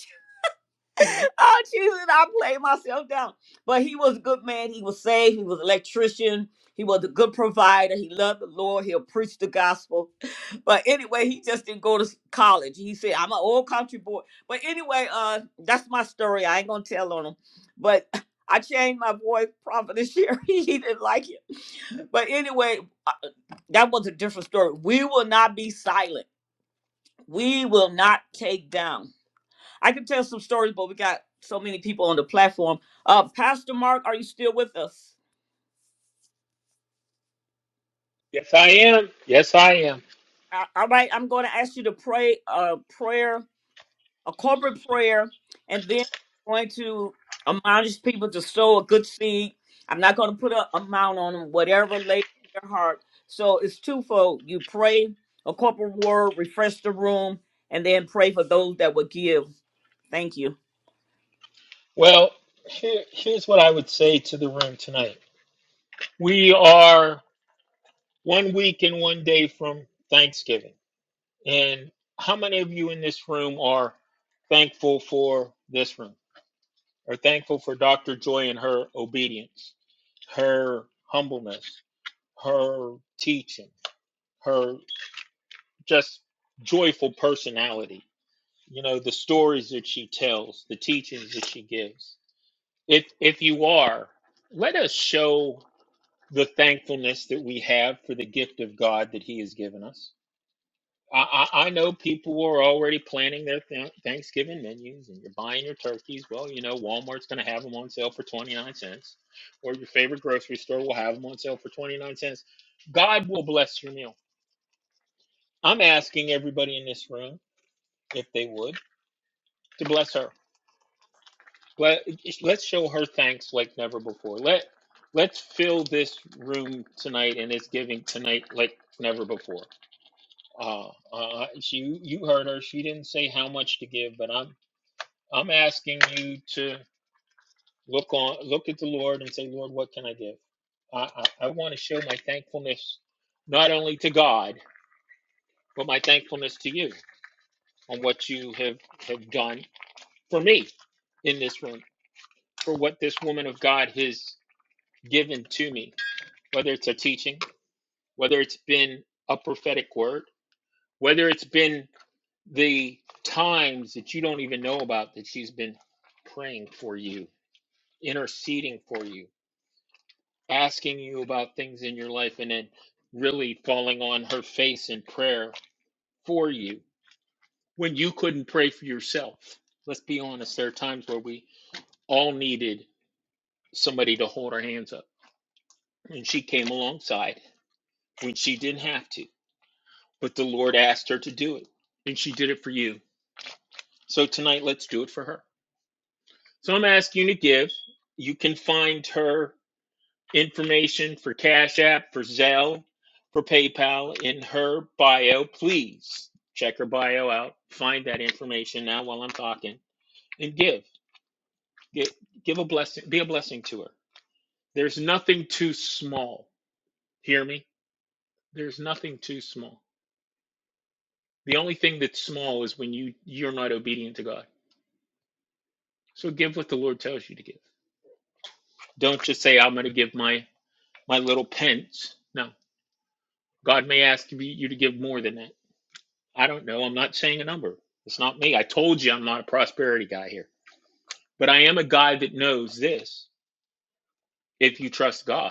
[laughs] oh Jesus, I played myself down. But he was a good man. He was saved. He was an electrician. He was a good provider. He loved the Lord. He'll preach the gospel. [clears throat] But anyway, he just didn't go to s- college. He said, "I'm an old country boy." But anyway, uh, that's my story. I ain't gonna tell on him. But [laughs] I changed my voice, prophet this year. [laughs] he didn't like it. But anyway, uh, that was a different story. We will not be silent. We will not take down. I could tell some stories, but we got so many people on the platform. Uh, Pastor Mark, are you still with us?
Yes, I am. Yes, I am.
Uh, all right, I'm going to ask you to pray a prayer, a corporate prayer, and then I'm going to admonish people to sow a good seed. I'm not going to put an amount on them, whatever lay on their heart. So it's twofold. You pray a corporate word, refresh the room, and then pray for those that would give. Thank you.
I'm going to give my little pence. God may ask me- you to give more than I don't know. I'm not saying a number. It's not me. I told you I'm not a prosperity guy here, but I am a guy that knows this. If you trust God.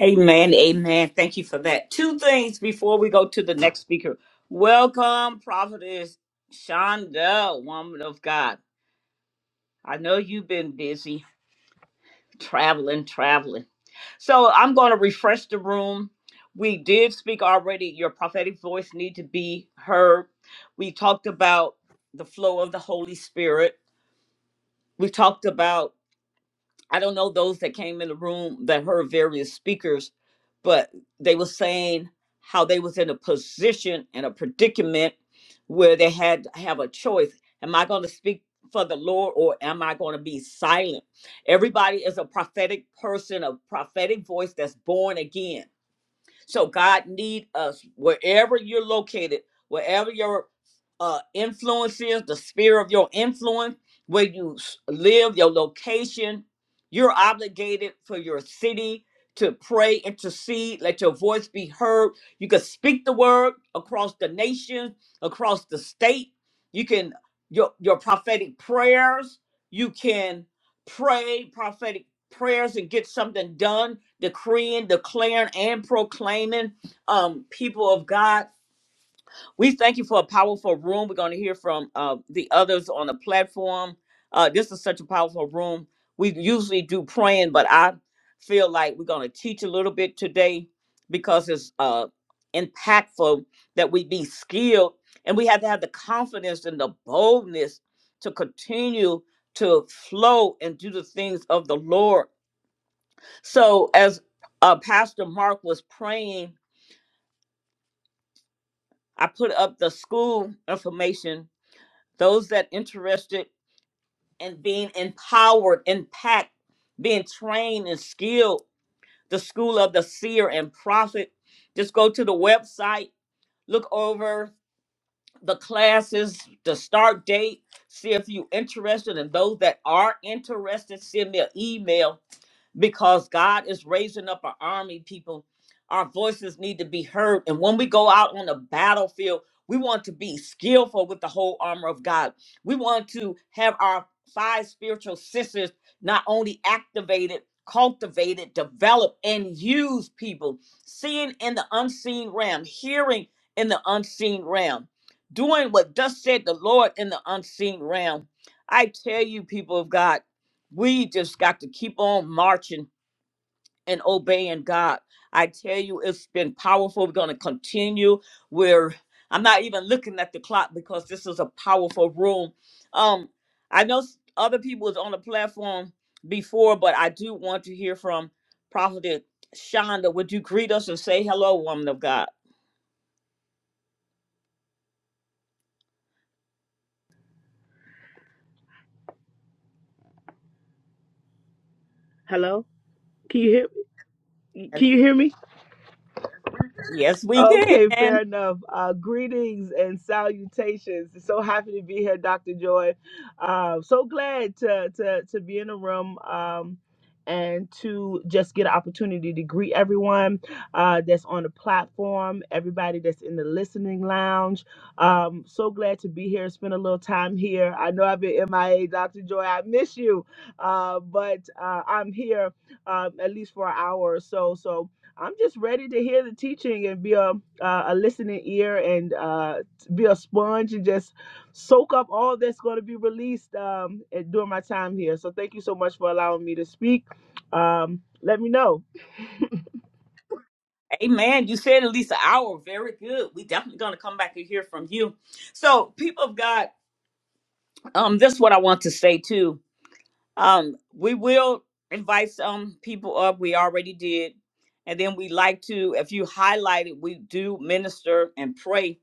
Amen. Amen. Thank you for that. Two things before we go to the next speaker. Welcome, prophetess Shonda, woman of God. I know you've been busy traveling, traveling. So I'm going to refresh the room. We did speak already. Your prophetic voice need to be heard. We talked about the flow of the Holy Spirit. We talked about I don't know those that came in the room that heard various speakers, but they were saying how they was in a position and a predicament where they had to have a choice. Am I going to speak for the Lord or am I going to be silent? Everybody is a prophetic person, a prophetic voice that's born again so God need us wherever you're located, wherever your uh, influence is, the sphere of your influence, where you s- live, your location. You're obligated for your city to pray, intercede, let your voice be heard. You can speak the word across the nation, across the state. You can your your prophetic prayers. You can pray prophetic prayers and get something done decreeing, declaring, and proclaiming um, people of God. We thank you for a powerful room. We're going to hear from uh, the others on the platform. Uh, this is such a powerful room. We usually do praying, but I feel like we're going to teach a little bit today because it's uh, impactful that we be skilled and we have to have the confidence and the boldness to continue to flow and do the things of the Lord so as uh, Pastor Mark was praying, I put up the school information. Those that interested in being empowered, impact, being trained and skilled, the school of the seer and prophet. Just go to the website, look over the classes, the start date, see if you're interested. And those that are interested, send me an email because God is raising up an army, people. Our voices need to be heard. And when we go out on the battlefield, we want to be skillful with the whole armor of God. We want to have our five spiritual senses not only activated, cultivated, developed, and used, people. Seeing in the unseen realm, hearing in the unseen realm, doing what thus said the Lord in the unseen realm. I tell you, people of God, we just got to keep on marching and obeying God. I tell you, it's been powerful. We're going to continue. We're I'm not even looking at the clock because this is a powerful room. Um, I know s- other people was on the platform before, but I do want to hear from Prophet Shonda. Would you greet us and say hello, woman of God?
Hello? Can you hear can you hear me?
Yes, we
Okay,
can.
fair enough. Uh, greetings and salutations. So happy to be here, Dr. Joy. Uh, so glad to, to to be in the room um, and to just get an opportunity to greet everyone uh, that's on the platform, everybody that's in the listening lounge. Um, so glad to be here, spend a little time here. I know I've been MIA, Dr. Joy. I miss you, uh, but uh, I'm here um, at least for an hour or so. So I'm just ready to hear the teaching and be a uh, a listening ear and uh, be a sponge and just soak up all that's going to be released um, during my time here. So thank you so much for allowing me to speak. Um, let me know.
Amen. You said at least an hour. Very good. We definitely gonna come back and hear from you. So, people of God, um, this is what I want to say too Um, we will invite some people up. We already did. And then we like to, if you highlight it, we do minister and pray.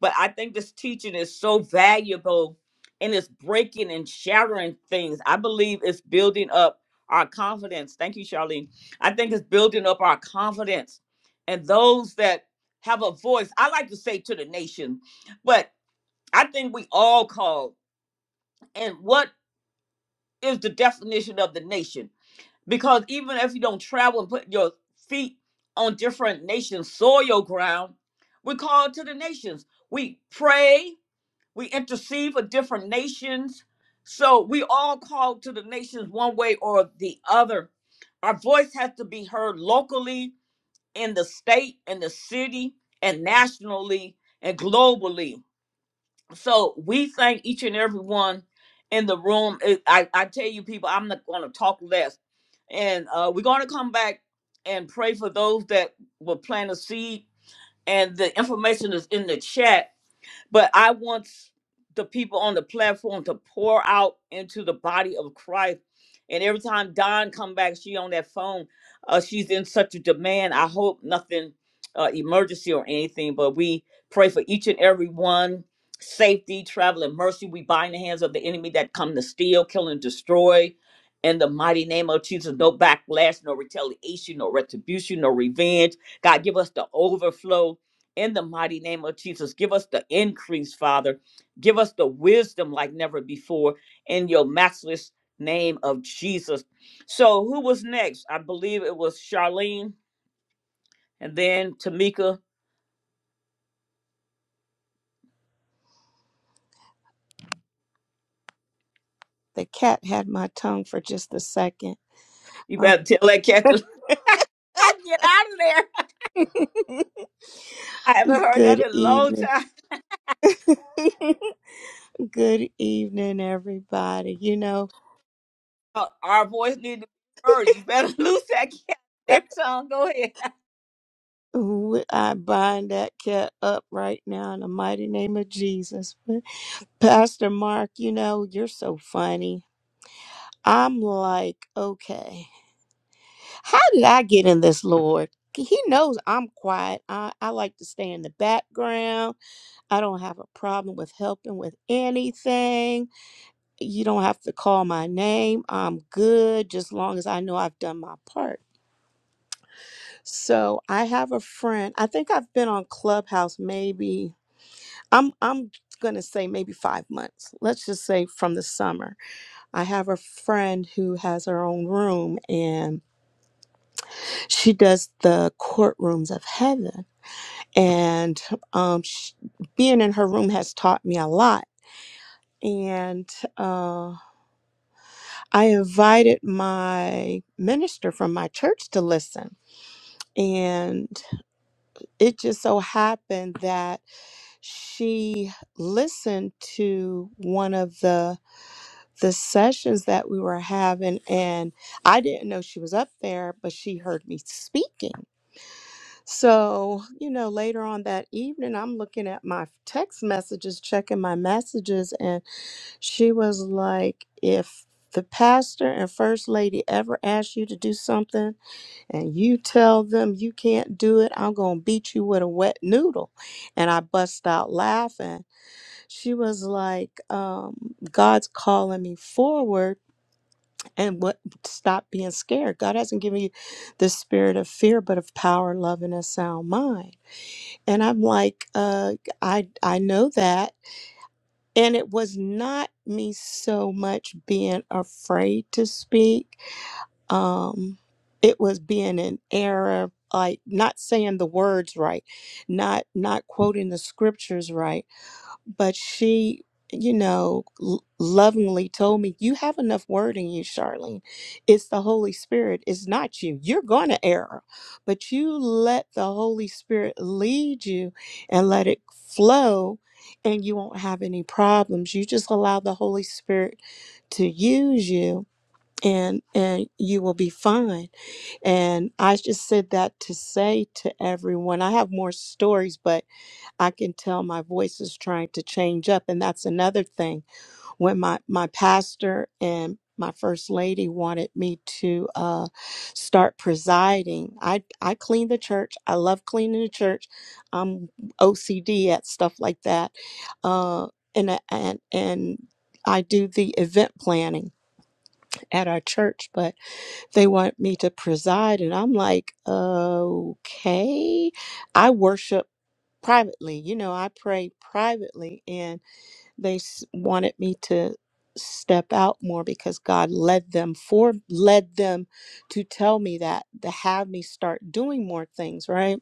But I think this teaching is so valuable and it's breaking and shattering things. I believe it's building up our confidence. Thank you, Charlene. I think it's building up our confidence. And those that have a voice, I like to say to the nation, but I think we all call. And what is the definition of the nation? Because even if you don't travel and put your feet on different nations' soil ground, we call to the nations. We pray, we intercede for different nations. So we all call to the nations one way or the other. Our voice has to be heard locally, in the state, in the city, and nationally and globally so we thank each and every one in the room. It- I, I tell you, people, I'm not going to talk less. And uh, we're going to come back and pray for those that will plant a seed. And the information is in the chat. But I want the people on the platform to pour out into the body of Christ. And every time Don come back, she on that phone. Uh, she's in such a demand. I hope nothing uh, emergency or anything, but we pray for each and every one. Safety, travel, and mercy. We bind the hands of the enemy that come to steal, kill, and destroy. In the mighty name of Jesus, no backlash, no retaliation, no retribution, no revenge. God, give us the overflow in the mighty name of Jesus. Give us the increase, Father. Give us the wisdom like never before in your matchless name of Jesus. So, who was next? I believe it was Charlene and then Tamika.
The cat had my tongue for just a second.
You
Uh,
better tell that cat to [laughs] I get out of there.
[laughs]
I haven't heard that
good
in a long
evening.
time.
[laughs] good evening, everybody. You know,
Uh, Our voice needs to be heard. You better [laughs] lose that cat. That tongue, go ahead.
we- I bind that cat up right now in the mighty name of Jesus. But Pastor Mark, you know, you're so funny. I'm like, okay, how did I get in this, Lord? He knows I'm quiet. I, I like to stay in the background. I don't have a problem with helping with anything. you don't have to call my name. I'm good just long as I know I've done my part. So I have a friend. I think I've been on Clubhouse maybe I'm I'm going to say maybe 5 months. Let's just say from the summer. I have a friend who has her own room and she does the courtrooms of heaven and um sh being in her room has taught me a lot and uh, I invited my minister from my church to listen. And it just so happened that she listened to one of the the sessions that we were having and I didn't know she was up there, but she heard me speaking. So, you know, later on that evening I'm looking at my text messages, checking my messages She was like, if the pastor and first lady ever ask you to do something and you tell them you can't do it, I'm going to beat you with a wet noodle. And I bust out laughing. She was like, um, God's calling me forward and what stop being scared. God hasn't given you the spirit of fear, but of power, love, and a sound mind. And I'm like, uh, I, I know that and it was not me so much being afraid to speak. Um, it was being in error, like not saying the words right, not not quoting the scriptures right but she you know l- lovingly told me you have enough word in you charlene it's the holy spirit it's not you you're gonna err but you let the holy spirit lead you and let it flow and you won't have any problems you just allow the holy spirit to use you and and you will be fine and i just said that to say to everyone i have more stories but I can tell my voice is trying to change up. And that's another thing. When my, my pastor and my first lady wanted me to uh, start presiding, I, I clean the church. I love cleaning the church. I'm OCD at stuff like that. Uh, and, uh, and, and I do the event planning at our church, but they want me to preside. And I'm like, okay. I worship privately. You know, I prayed privately and they s- wanted me to step out more because God led them for led them to tell me that to have me start doing more things, right?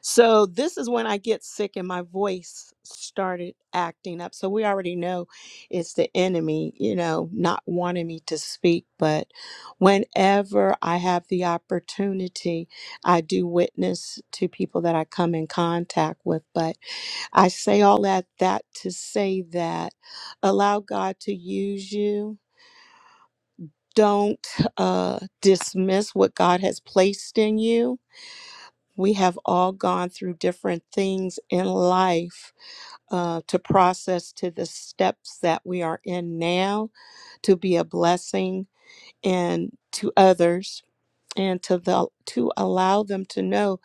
So this is when I get sick and my voice started acting up. So we already know it's the enemy, you know, not wanting me to speak, but whenever I have the opportunity, I do witness to people that I come in contact with, but I say all that that to say that allow God to use you. Don't uh, dismiss what God has placed in you. We have all gone through different things in life uh, to process to the steps that we are in now to be a blessing and to others and to the to allow them to know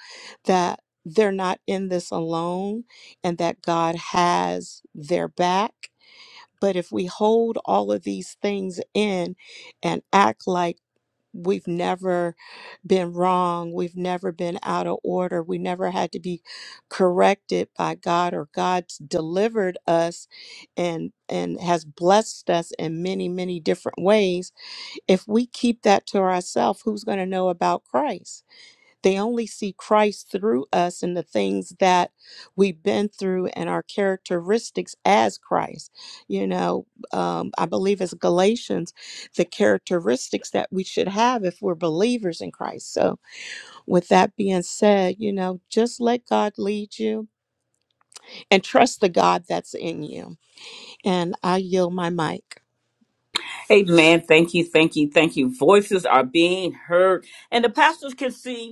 that they're not in this alone and that God has their back But if we hold all of these things in and act like we've never been wrong, we've never been out of order, we never had to be corrected by God or God's delivered us and and has blessed us in many many different ways, if we keep that to ourselves, who's going to know about Christ? They only see Christ through us and the things that we've been through and our characteristics as Christ. You know, um, I believe it's Galatians, the characteristics that we should have if we're believers in Christ. So, with that being said, you know, just let God lead you and trust the God that's in you. And I yield my mic.
Amen. thank you, thank you, thank you. Voices are being heard, and the pastors can see.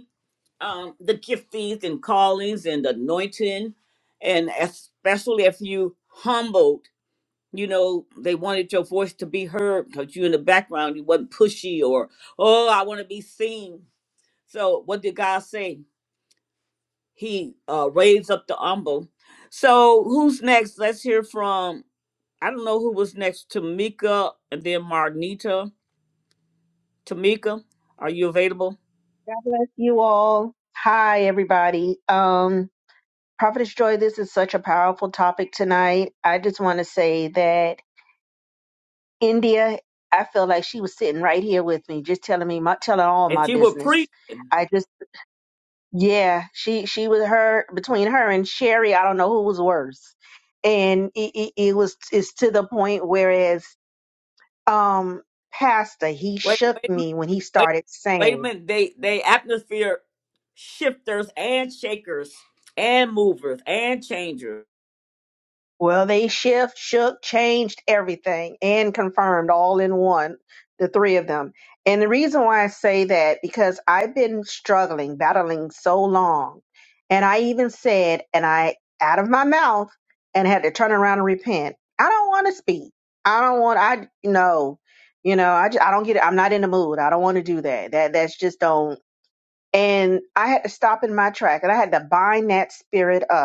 um, the giftings and callings and anointing, and especially if you humbled, you know, they wanted your voice to be heard because you in the background, you wasn't pushy or, oh, I want to be seen. So what did God say? He uh, raised up the humble. So who's next? Let's hear from, I don't know who was next, Tamika and then Marnita. Tamika, are you available?
God bless you all. Hi, everybody. Um, Prophetess Joy, this is such a powerful topic tonight. I just want to say that India, I feel like she was sitting right here with me, just telling me my telling all
And
my
she will
business.
preach.
I just yeah, she she was her between her and Sherry, I don't know who was worse. And it, it, it was it's to the point whereas um Pastor, he
Wait,
shook
wait a minute.
me when he
Wait,
started
wait a
saying.
minute. They they atmosphere shifters and shakers and movers and changers.
Well, they shift, shook, changed everything and confirmed all in one, the three of them. And the reason why I say that, because I've been struggling, battling so long. And I even said, and I out of my mouth and had to turn around and repent. I don't want to speak. I don't want, I, no, you know, I, ju- I don't get it. I'm not in the mood. I don't want to do that. That, that's just don't. And I had to stop in my track and I had to bind that spirit up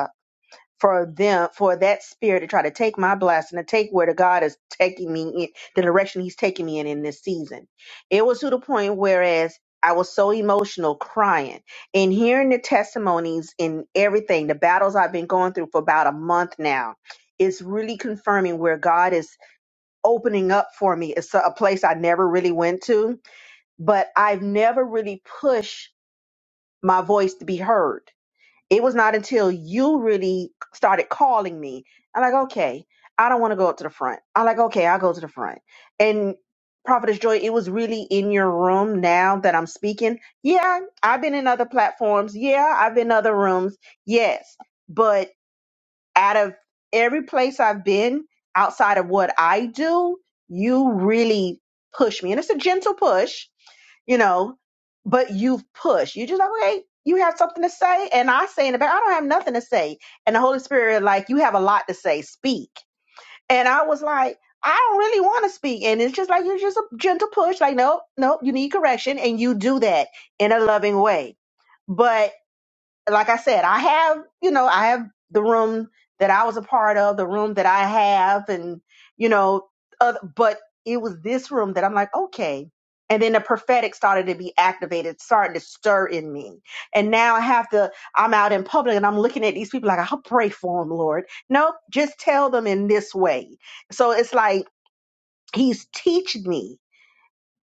for them for that spirit to try to take my blessing to take where the god is taking me in the direction he's taking me in in this season it was to the point whereas i was so emotional crying and hearing the testimonies and everything the battles i've been going through for about a month now it's really confirming where god is opening up for me it's a a place i never really went to but i've never really pushed my voice to be heard it was not until you really started calling me. I'm like, okay, I don't want to go up to the front. I'm like, okay, I'll go to the front. And Prophetess Joy, it was really in your room now that I'm speaking. Yeah, I've been in other platforms. Yeah, I've been in other rooms. Yes. But out of every place I've been outside of what I do, you really push me. And it's a gentle push you know, but you've pushed. You just like, okay, you have something to say. And I say in the back, I don't have nothing to say. And the Holy Spirit, like, you have a lot to say, speak. And I was like, I don't really want to speak. And it's just like, it's just a gentle push, like, nope, nope, you need correction. And you do that in a loving way. But like I said, I have, you know, I have the room that I was a part of, the room that I have, and, you know, other, but it was this room that I'm like, okay. And then the prophetic started to be activated, started to stir in me. And now I have to, I'm out in public and I'm looking at these people like, I'll pray for them, Lord. Nope, just tell them in this way. So it's like he's teaching me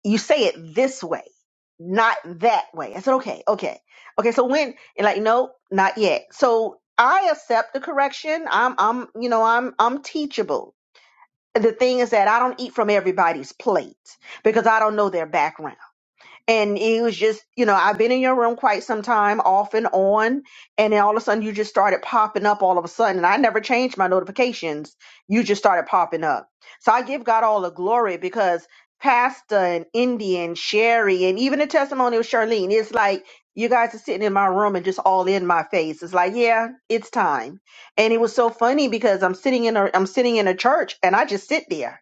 you say it this way, not that way. I said, okay, okay, okay. So when and like, no, not yet. So I accept the correction. I'm, I'm, you know, I'm, I'm teachable. The thing is that I don't eat from everybody's plate because I don't know their background and it was just you know i've been in your room quite some time off and on and then all of a sudden you just started popping up all of a sudden and i never changed my notifications you just started popping up so i give god all the glory because pastor and indian sherry and even the testimony of charlene it's like you guys are sitting in my room and just all in my face it's like yeah it's time and it was so funny because i'm sitting in a i'm sitting in a church and i just sit there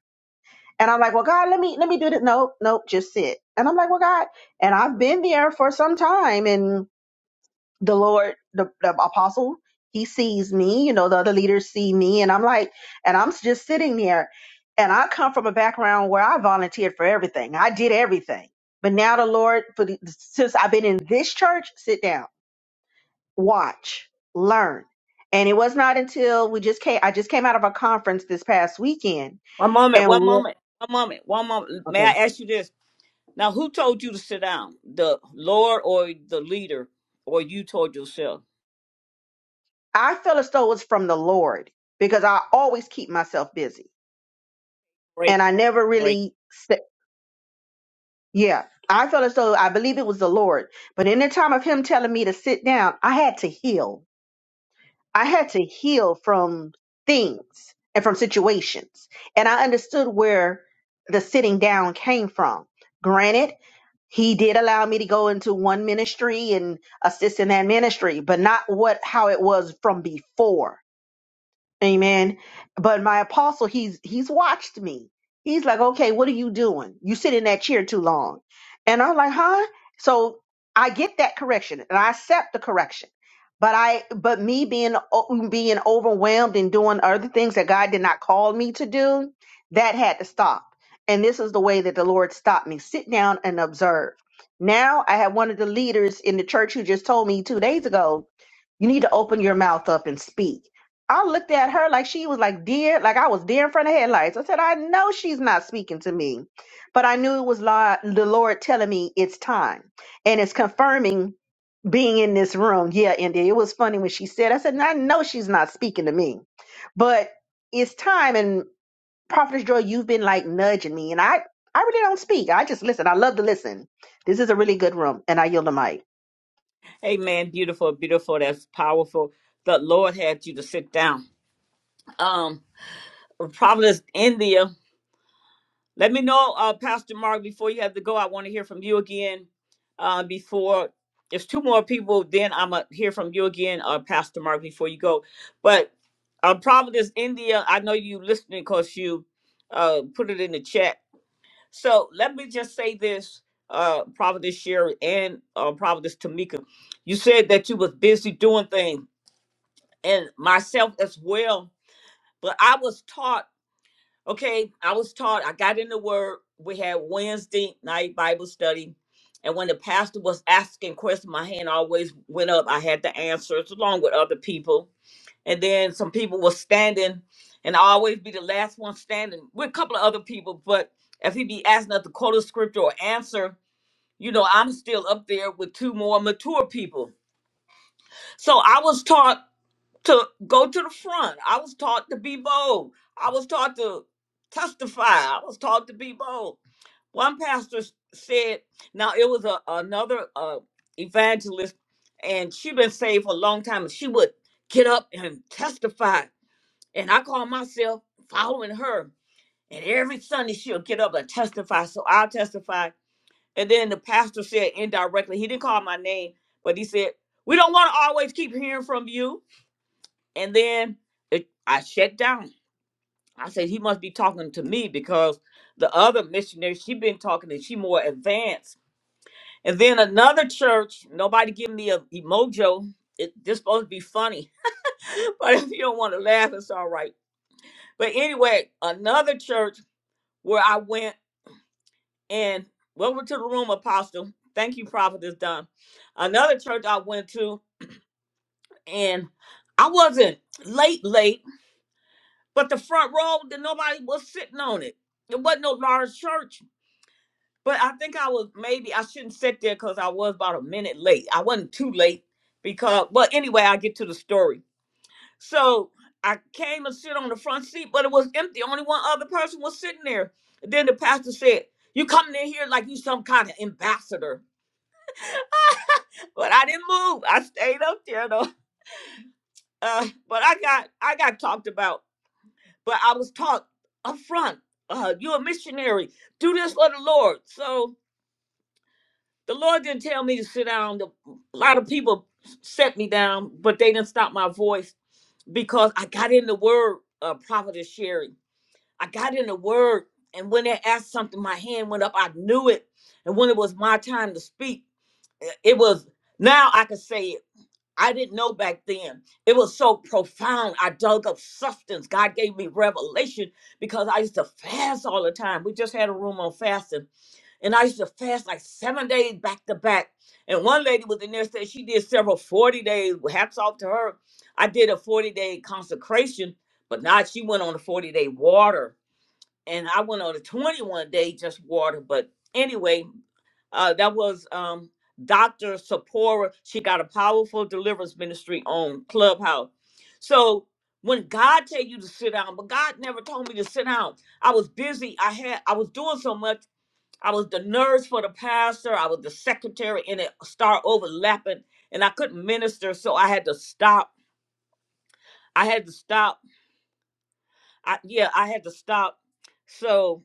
and I'm like, well, God, let me let me do this. Nope, nope, just sit. And I'm like, well, God, and I've been there for some time, and the Lord, the, the apostle, he sees me. You know, the other leaders see me, and I'm like, and I'm just sitting there. And I come from a background where I volunteered for everything. I did everything. But now the Lord, for the, since I've been in this church, sit down, watch, learn. And it was not until we just came. I just came out of a conference this past weekend,
One moment.
and
One moment. One moment. One moment. May
okay
I ask you this? Now, who told you to sit down? The Lord or the leader, or you told yourself?
I feel as though it's from the Lord because I always keep myself busy
Great,
and I never
great.
really, sit- yeah, I feel as though I believe it was the Lord. But in the time of Him telling me to sit down, I had to heal. I had to heal from things and from situations. And I understood where the sitting down came from. Granted, he did allow me to go into one ministry and assist in that ministry, but not what how it was from before Amen. But my apostle, he's he's watched me. He's like, okay, what are you doing? You sit in that chair too long. And I'm like, huh? So I get that correction and I accept the correction. But I but me being o- being overwhelmed and doing other things that God did not call me to do, that had to stop. And this is the way that the Lord stopped me. Sit down and observe. Now I had one of the leaders in the church who just told me two days ago, you need to open your mouth up and speak. I looked at her like she was like deer, like I was deer in front of headlights. I said, I know she's not speaking to me, but I knew it was Lo- the Lord telling me it's time, and it's confirming being in this room. Yeah, India, it was funny when she said, I said, I know she's not speaking to me, but it's time. And Prophetess Joy, you've been like nudging me, and I, I really don't speak. I just listen. I love to listen. This is a really good room, and I yield the mic.
Hey, man, beautiful, beautiful. That's powerful. The Lord had you to sit down. Um, Providence, India. Let me know, uh, Pastor Mark, before you have to go. I want to hear from you again. Uh, before there's two more people, then I'm gonna hear from you again, uh, Pastor Mark, before you go. But uh, Providence, India. I know you listening because you uh put it in the chat. So let me just say this, uh, Providence Sherry and uh, Providence Tamika. You said that you was busy doing things, and myself as well. But I was taught. Okay, I was taught, I got in the word. We had Wednesday night Bible study. And when the pastor was asking questions, my hand always went up. I had the answers along with other people. And then some people were standing, and I always be the last one standing with a couple of other people. But if he be asking us to quote a scripture or answer, you know, I'm still up there with two more mature people. So I was taught to go to the front. I was taught to be bold. I was taught to testify. I was taught to be bold. One pastor s- said, now it was a, another uh, evangelist, and she been saved for a long time, and she would get up and testify. And I call myself following her. And every Sunday she'll get up and testify. So I'll testify. And then the pastor said indirectly, he didn't call my name, but he said, We don't want to always keep hearing from you. And then it, I shut down. I said he must be talking to me because the other missionary she been talking and she more advanced. And then another church, nobody give me a emojo. It, this supposed to be funny, [laughs] but if you don't want to laugh, it's all right. But anyway, another church where I went and welcome to the room, Apostle. Thank you, Prophet is done. Another church I went to, and I wasn't late, late. But the front row, then nobody was sitting on it. There wasn't no large church. But I think I was maybe I shouldn't sit there because I was about a minute late. I wasn't too late because well anyway, I get to the story. So I came and sit on the front seat, but it was empty. Only one other person was sitting there. then the pastor said, You coming in here like you some kind of ambassador. But I didn't move. I stayed up there though. Uh, but I got I got talked about but I was taught up front, uh, you're a missionary. Do this for the Lord. So the Lord didn't tell me to sit down. The- A lot of people set me down, but they didn't stop my voice because I got in the word, uh, Prophetess Sherry. I got in the word, and when they asked something, my hand went up. I knew it. And when it was my time to speak, it was now I could say it I didn't know back then. It was so profound. I dug up substance. God gave me revelation because I used to fast all the time. We just had a room on fasting, and I used to fast like seven days back to back. And one lady was in there said she did several 40 days. Hats off to her. I did a 40 day consecration, but not she went on a 40 day water. And I went on a 21 day just water. But anyway, uh, that was um, Dr. Sapora. She got a powerful deliverance ministry on Clubhouse. So when God tell you to sit down, but God never told me to sit down. I was busy. I had I was doing so much. I was the nurse for the pastor. I was the secretary, and it started overlapping, and I couldn't minister, so I had to stop. I had to stop. I, yeah, I had to stop. So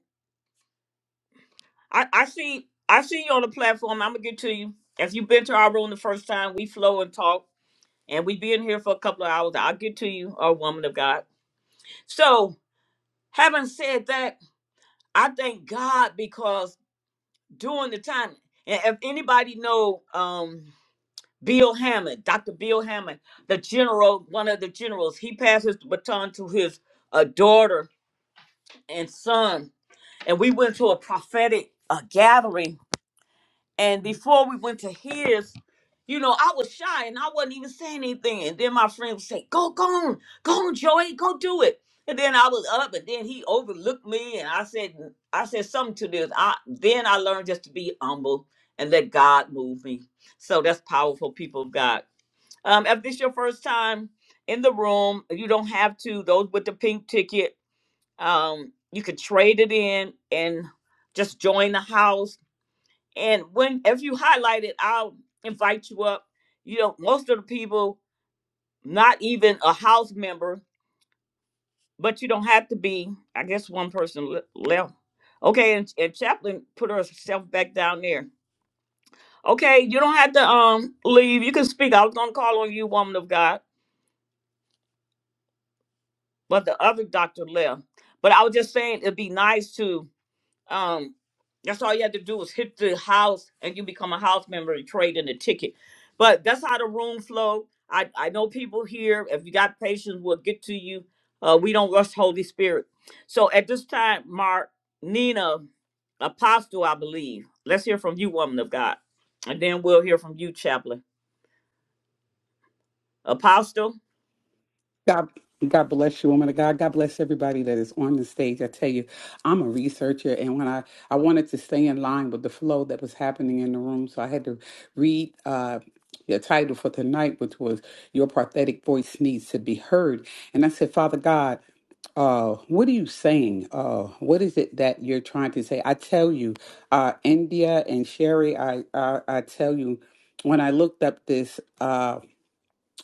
I, I see I see you on the platform. I'm gonna get to you. If you've been to our room the first time, we flow and talk and we've been here for a couple of hours. I'll get to you, a woman of God. So, having said that, I thank God because during the time, and if anybody know um, Bill Hammond, Dr. Bill Hammond, the general, one of the generals, he passes the baton to his uh, daughter and son, and we went to a prophetic uh, gathering And before we went to his, you know, I was shy and I wasn't even saying anything. And then my friend would say, Go, go on, go on, Joey, go do it. And then I was up and then he overlooked me and I said I said something to this. I then I learned just to be humble and let God move me. So that's powerful, people of God. Um, if this your first time in the room, you don't have to, those with the pink ticket, um, you could trade it in and just join the house and when if you highlight it, I'll invite you up. You know, most of the people, not even a house member, but you don't have to be. I guess one person le- left. Okay, and, and chaplain put herself back down there. Okay, you don't have to um leave. You can speak. I was gonna call on you, woman of God, but the other doctor left. But I was just saying it'd be nice to. um that's all you had to do was hit the house and you become a house member and trade in a ticket but that's how the room flow i i know people here if you got patience we'll get to you uh we don't rush holy spirit so at this time mark nina apostle i believe let's hear from you woman of god and then we'll hear from you chaplain Apostle?
God, God bless you, woman of God. God bless everybody that is on the stage. I tell you, I'm a researcher, and when I I wanted to stay in line with the flow that was happening in the room, so I had to read uh, the title for tonight, which was "Your Prophetic Voice Needs to Be Heard." And I said, Father God, uh, what are you saying? Uh, what is it that you're trying to say? I tell you, uh, India and Sherry, I I, I tell you, when I looked up this. Uh,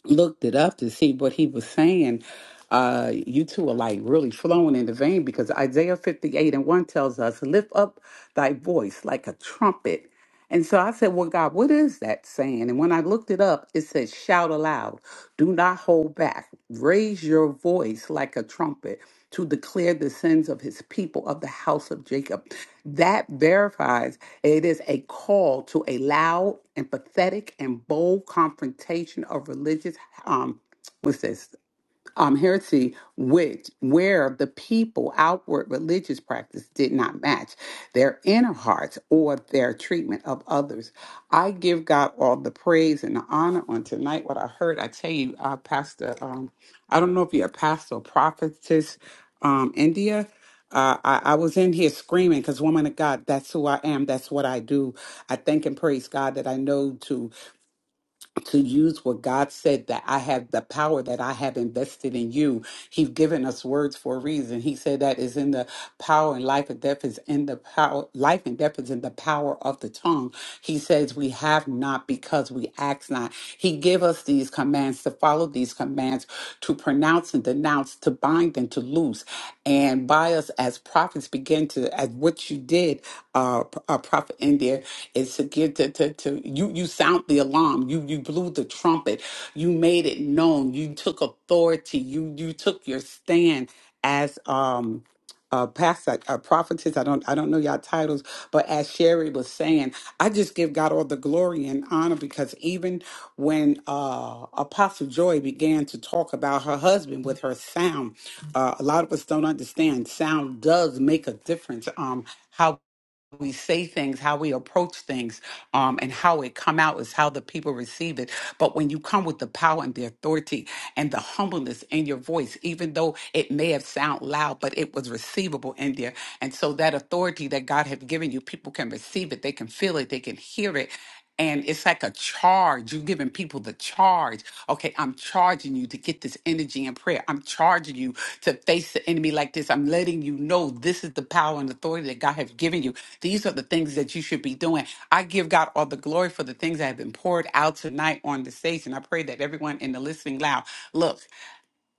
looked it up to see what he was saying, uh, you two are like really flowing in the vein because Isaiah 58 and 1 tells us, Lift up thy voice like a trumpet. And so I said, Well, God, what is that saying? And when I looked it up, it says, Shout aloud, do not hold back, raise your voice like a trumpet to declare the sins of his people of the house of Jacob. That verifies it is a call to a loud and pathetic and bold confrontation of religious um what's this? um, heresy, which where the people outward religious practice did not match their inner hearts or their treatment of others. I give God all the praise and the honor on tonight. What I heard, I tell you, uh, Pastor, um, I don't know if you're a pastor or prophetess, um, India. Uh, I, I was in here screaming because, woman of God, that's who I am. That's what I do. I thank and praise God that I know to to use what God said that I have the power that I have invested in you. He's given us words for a reason. He said that is in the power and life and death is in the power, life and death is in the power of the tongue. He says we have not because we ask not. He give us these commands to follow these commands, to pronounce and denounce, to bind and to loose and by us as prophets begin to as what you did uh, P- uh prophet India is to get to, to to you you sound the alarm you you blew the trumpet you made it known you took authority you you took your stand as um uh, past uh, prophetess, I don't, I don't know y'all titles, but as Sherry was saying, I just give God all the glory and honor because even when uh, Apostle Joy began to talk about her husband with her sound, uh, a lot of us don't understand sound does make a difference um how we say things how we approach things um and how it come out is how the people receive it but when you come with the power and the authority and the humbleness in your voice even though it may have sound loud but it was receivable in there and so that authority that god have given you people can receive it they can feel it they can hear it and it's like a charge. You're giving people the charge. Okay, I'm charging you to get this energy in prayer. I'm charging you to face the enemy like this. I'm letting you know this is the power and authority that God has given you. These are the things that you should be doing. I give God all the glory for the things that have been poured out tonight on the stage, and I pray that everyone in the listening loud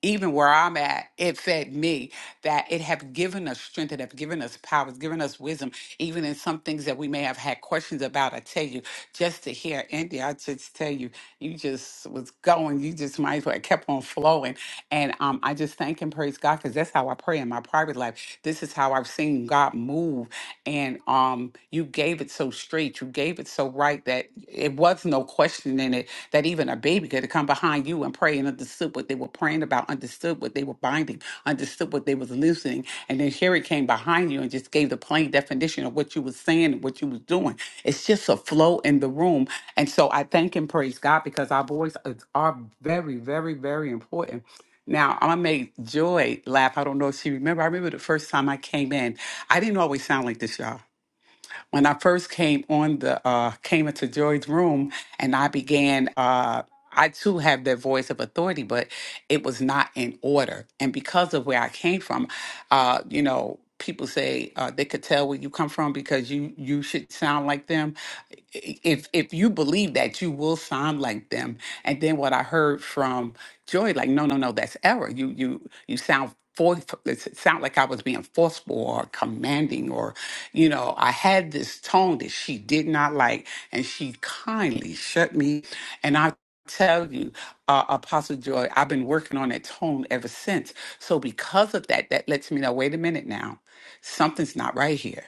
even where I'm at, it fed me that it have given us strength, it have given us power, it's given us wisdom, even in some things that we may have had questions about. I tell you, just to hear Andy, I just tell you, you just was going, you just might as well kept on flowing. And um, I just thank and praise God because that's how I pray in my private life. This is how I've seen God move. And um, you gave it so straight, you gave it so right that it was no question in it that even a baby could come behind you and pray and understood what they were praying about, understood what they were binding, understood what they was loosening. And then Sherry came behind you and just gave the plain definition of what you was saying and what you was doing. It's just a flow in the room. And so I thank and praise God because our voice is, are very, very, very important now, I am going to make Joy laugh. I don't know if she remember. I remember the first time I came in. I didn't always sound like this, y'all. When I first came on the uh came into Joy's room and I began uh I too have that voice of authority, but it was not in order. And because of where I came from, uh, you know, people say uh, they could tell where you come from because you you should sound like them. I- If if you believe that, you will sound like them. And then what I heard from Joy, like, no, no, no, that's error. You you you sound. For, it sound like I was being forceful or commanding, or you know, I had this tone that she did not like, and she kindly shut me. And I tell you, uh, Apostle Joy, I've been working on that tone ever since so because of that, that lets me know, wait a minute now, something's not right here.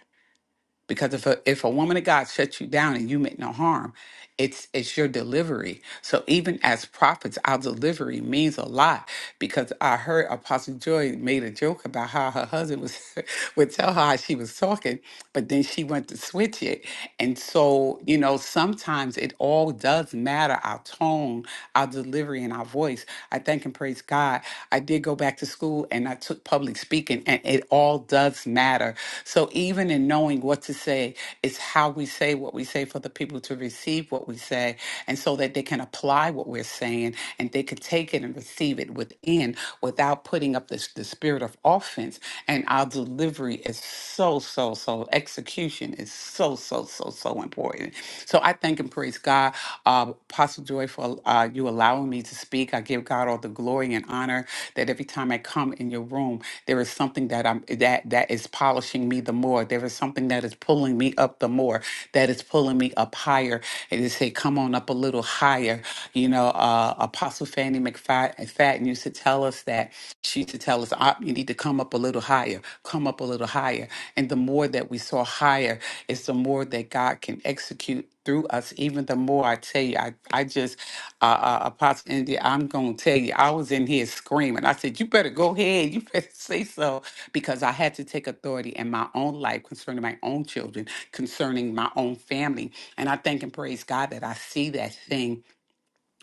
Because if a, if a woman of God shuts you down and you meant no harm, it's it's your delivery. So even as prophets, our delivery means a lot. Because I heard Apostle Joy made a joke about how her husband was [laughs] would tell her how she was talking, but then she went to switch it. And so you know, sometimes it all does matter. Our tone, our delivery and our voice. I thank and praise God. I did go back to school and I took public speaking, and it all does matter. So even in knowing what to say, it's how we say what we say for the people to receive what we say, and so that they can apply what we're saying and they can take it and receive it within without putting up this the spirit of offense. And our delivery is so so so execution education is so, so, so, so important. So I thank and praise God, uh, Apostle Joy, for uh, you allowing me to speak. I give God all the glory and honor that every time I come in your room, there is something that I'm that that is polishing me the more. There is something that is pulling me up the more. That is pulling me up higher. And they say, "Come on up a little higher." You know, uh, Apostle Fanny McFadden used to tell us that. She used to tell us, "Ah, you need to come up a little higher, come up a little higher. And the more that we saw higher, it's the more that God can execute through us. Even the more I tell you, I, I just, uh, uh, Apostle India, I'm going to tell you, I was in here screaming. I said, you better go ahead. You better [laughs] say so because I had to take authority in my own life concerning my own children, concerning my own family. And I thank and praise God that I see that thing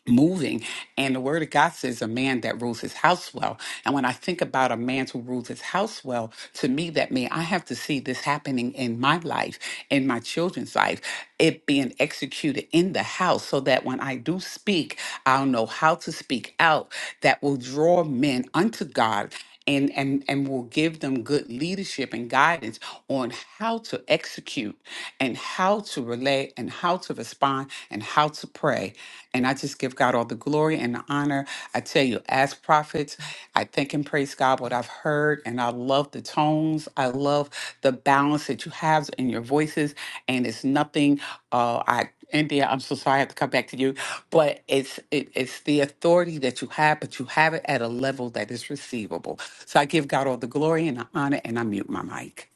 moving. And the word of God says a man that rules his house well. And when I think about a man who rules his house well, to me, that means I have to see this happening in my life, in my children's life, it being executed in the house so that when I do speak, I'll know how to speak out that will draw men unto God and and and will give them good leadership and guidance on how to execute and how to relate and how to respond and how to pray and i just give god all the glory and the honor i tell you as prophets i thank and praise god what i've heard and i love the tones i love the balance that you have in your voices and it's nothing uh, I. India, I'm so sorry I have to come back to you, but it's it, it's the authority that you have, but you have it at a level that is receivable. So I give God all the glory and the honor, and I mute my mic.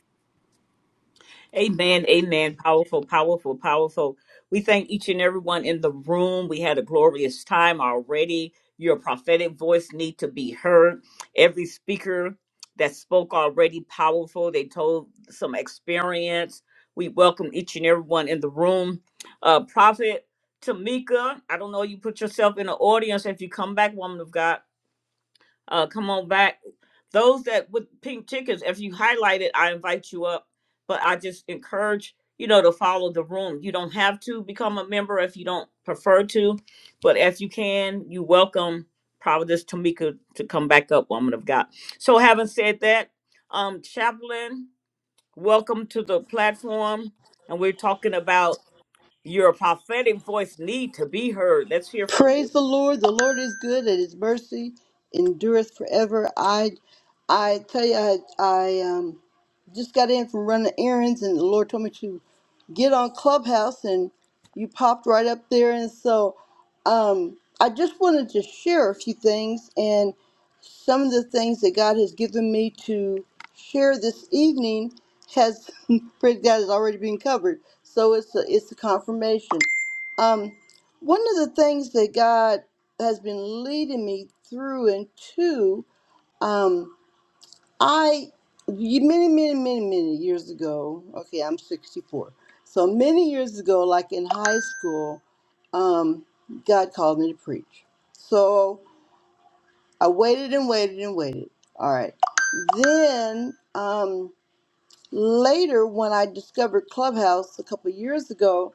Amen. Amen. Powerful, powerful, powerful. We thank each and everyone in the room. We had a glorious time already. Your prophetic voice need to be heard. Every speaker that spoke already powerful. They told some experience. We welcome each and everyone in the room. Uh, Prophet Tamika, I don't know. You put yourself in the audience. If you come back, woman of God, uh, come on back those that with pink tickets, if you highlight it, I invite you up. But I just encourage you know to follow the room. You don't have to become a member if you don't prefer to, but if you can, you welcome Providence Tamika to come back up, woman of God. So having said that, um, Chaplain, welcome to the platform, and we're talking about your prophetic voice need to be heard. Let's hear from you.
Praise the Lord. The Lord is good and his mercy endureth forever. I I tell you I I um just got in from running errands, and the Lord told me to get on Clubhouse, and you popped right up there. And so um, I just wanted to share a few things and some of the things that God has given me to share this evening has [laughs] praise God has already been covered. So it's a, it's a confirmation. Um, one of the things that God has been leading me through and to. um, I ye- many, many, many, many years ago. Okay, I'm 64. So many years ago, like in high school, um, God called me to preach. So I waited and waited and waited. All right. Then um, later, when I discovered Clubhouse a couple years ago,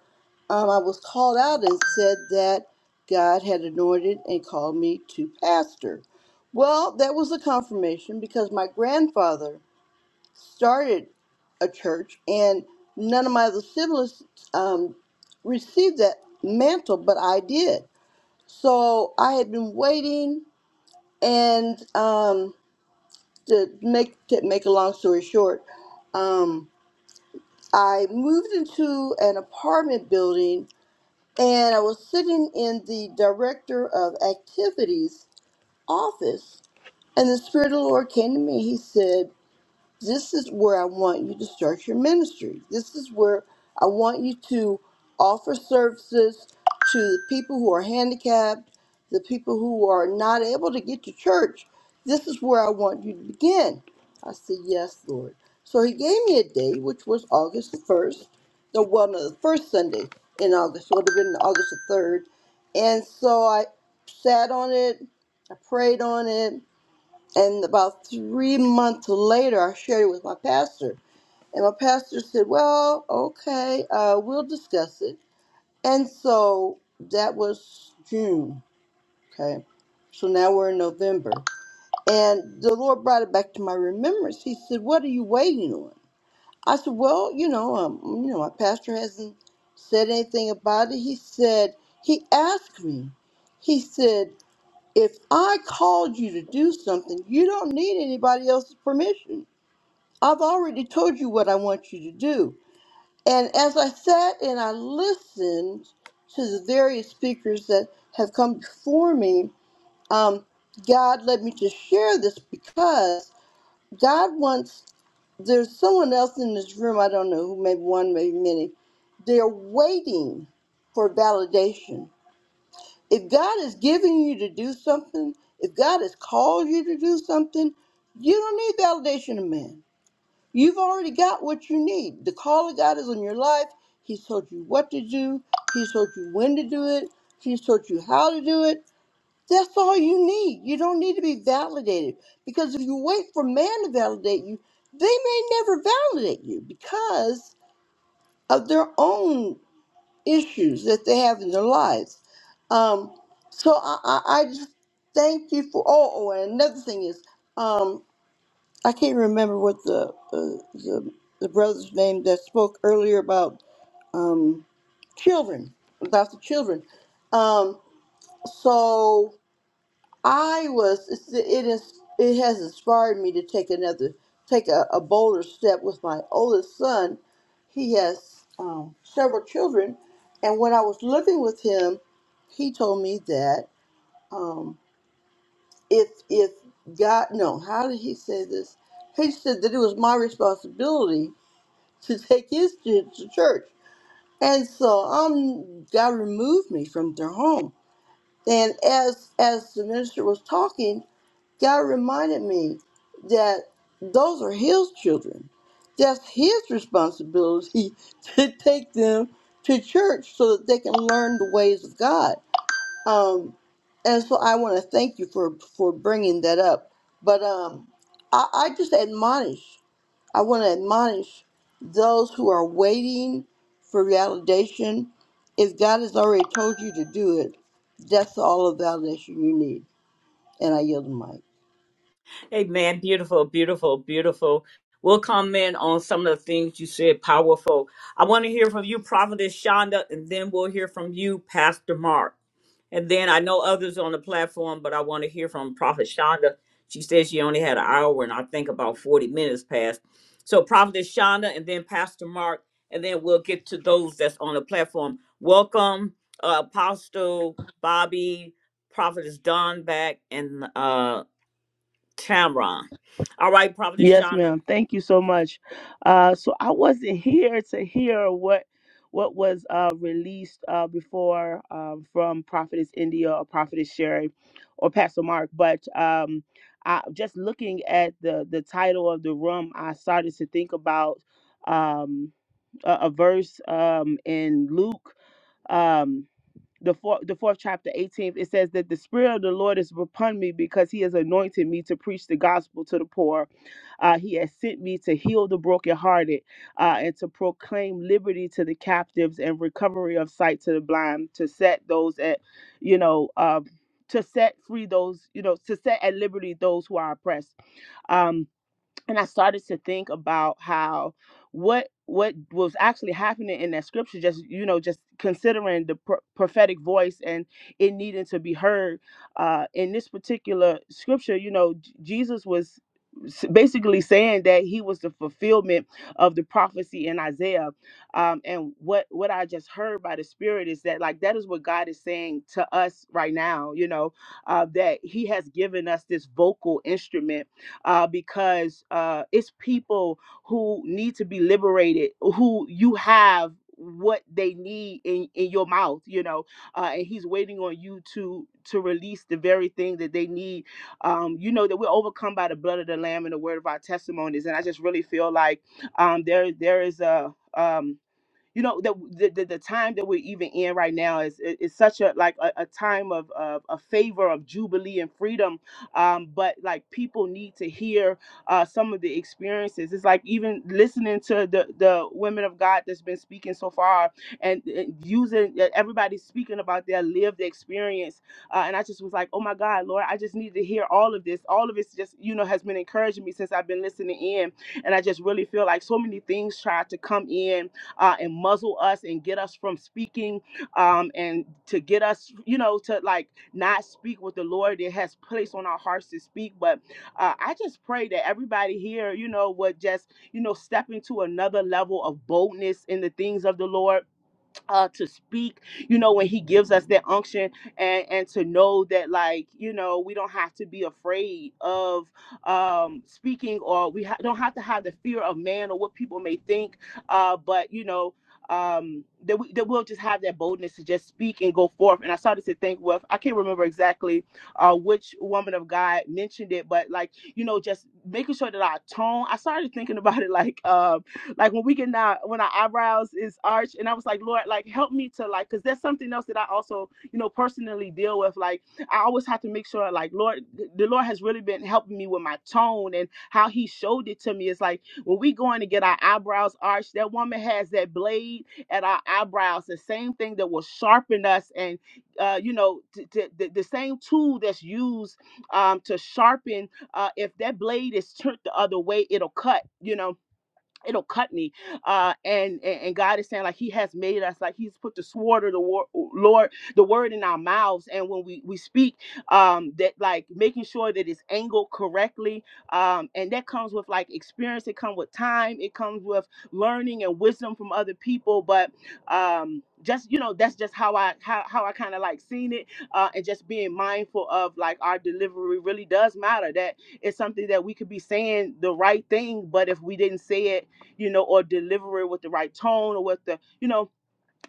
um, I was called out and said that God had anointed and called me to pastor. Well, that was a confirmation because my grandfather started a church, and none of my other siblings um, received that mantle, but I did. So I had been waiting, and um, to make to make a long story short, um, I moved into an apartment building, and I was sitting in the director of activities office, and the spirit of the Lord came to me. He said. this is where I want you to start your ministry. This is where I want you to offer services to the people who are handicapped, the people who are not able to get to church. This is where I want you to begin. I said, Yes, Lord. So he gave me a day, which was August the 1st, the one of the first Sunday in August, It would have been August the 3rd. And so I sat on it, I prayed on it, and about three months later, I shared it with my pastor. And my pastor said, Well, okay, uh, we'll discuss it. And so that was June. Okay. So now we're in November. And the Lord brought it back to my remembrance. He said, What are you waiting on? I said, Well, you know, um, you know, my pastor hasn't said anything about it. He said, He asked me. He said, if I called you to do something, you don't need anybody else's permission. I've already told you what I want you to do. And as I sat and I listened to the various speakers that have come before me, um, God led me to share this because God wants, there's someone else in this room, I don't know who, maybe one, maybe many, they're waiting for validation if God is giving you to do something, if God has called you to do something, you don't need validation of man. You've already got what you need. The call of God is on your life. He's told you what to do, He's told you when to do it, He's told you how to do it. That's all you need. You don't need to be validated because if you wait for man to validate you, they may never validate you because of their own issues that they have in their lives. Um, so I, I, I just thank you for. Oh, oh, and another thing is, um, I can't remember what the, uh, the the brother's name that spoke earlier about um, children, about the children. Um, so. I was it is it has inspired me to take another take a, a bolder step with my oldest son. He has um, several children, and when I was living with him, he told me that um, if if God no how did he say this? He said that it was my responsibility to take his kids to church, and so um God removed me from their home. And as as the minister was talking, God reminded me that those are His children. That's His responsibility [laughs] to take them to church so that they can learn the ways of God. Um, and so I want to thank you for for bringing that up. But um, I, I just admonish. I want to admonish those who are waiting for validation. If God has already told you to do it, that's all the validation you need. And I yield the mic.
Amen. Beautiful, beautiful, beautiful. We'll comment on some of the things you said. Powerful. I want to hear from you, Prophetess Shonda, and then we'll hear from you, Pastor Mark. And then I know others on the platform, but I want to hear from Prophet Shonda. She says she only had an hour, and I think about 40 minutes passed. So, Prophetess Shonda, and then Pastor Mark, and then we'll get to those that's on the platform. Welcome, uh, Apostle Bobby, Prophetess Don back, and uh, Tamron. All right, Prophetess
Yes,
Shonda.
ma'am. Thank you so much. Uh, so I wasn't here to hear what what was uh, released uh, before um, from Prophetess India or Prophetess Sherry or Pastor Mark, but um, I, just looking at the the title of the room, I started to think about um, a, a verse um, in Luke. Um, the fourth, the fourth chapter, 18th, it says that the Spirit of the Lord is upon me because He has anointed me to preach the gospel to the poor uh, he has sent me to heal the brokenhearted uh, and to proclaim liberty to the captives and recovery of sight to the blind, to set those at, you know, uh, to set free those, you know, to set at liberty those who are oppressed. Um, and I started to think about how what what was actually happening in that scripture just you know just considering the pro- prophetic voice and it needing to be heard uh in this particular scripture you know J- Jesus was s- basically saying that he was the fulfillment of the prophecy in Isaiah um and what what I just heard by the spirit is that like that is what God is saying to us right now you know uh that he has given us this vocal instrument uh, because uh, it's people who need to be liberated, who you have what they need in, in your mouth, you know, uh, and he's waiting on you to to release the very thing that they need. Um, you know that we're overcome by the blood of the lamb and the word of our testimonies, and I just really feel like um, there there is a um, you know that the, the, the time that we're even in right now is is is such a like a, a time of, of a favor of jubilee and freedom um but like people need to hear uh some of the experiences it's like even listening to the the women of god that's been speaking so far and, and using everybody's speaking about their lived experience uh, and i just was like oh my god lord i just need to hear all of this all of it's just you know has been encouraging me since i've been listening in and i just really feel like so many things try to come in uh, and muzzle us and get us from speaking um, and to get us, you know, to like not speak what the Lord it has placed on our hearts to speak. But uh, I just pray that everybody here, you know, would just, you know, step into another level of boldness in the things of the Lord uh to speak you know when he gives us that unction and and to know that like you know we don't have to be afraid of um speaking or we ha- don't have to have the fear of man or what people may think uh but you know um that, we, that we'll just have that boldness to just speak and go forth and i started to think well i can't remember exactly uh which woman of god mentioned it but like you know just making sure that our tone i started thinking about it like Um, like when we get now when our eyebrows is arched and i was like lord like help me to like because that's something else that i also you know personally deal with like i always have to make sure like lord the lord has really been helping me with my tone and how he showed it to me it's like when we going to get our eyebrows arched that woman has that blade at our eyebrows the same thing that will sharpen us and uh, you know t- t- the the same tool that's used um, to sharpen uh, if that blade is turned the other way it'll cut you know it'll cut me. Uh, and, and and God is saying like He has made us like He's put the sword of the war, Lord, the word in our mouths, and when we we speak, um, that like making sure that it's angled correctly, um, and that comes with like experience. It comes with time. It comes with learning and wisdom from other people. But um, just you know, that's just how I how how I kind of like seen it, uh, and just being mindful of like our delivery really does matter. That it's something that we could be saying the right thing, but if we didn't say it you know, or deliver it with the right tone or with the, you know,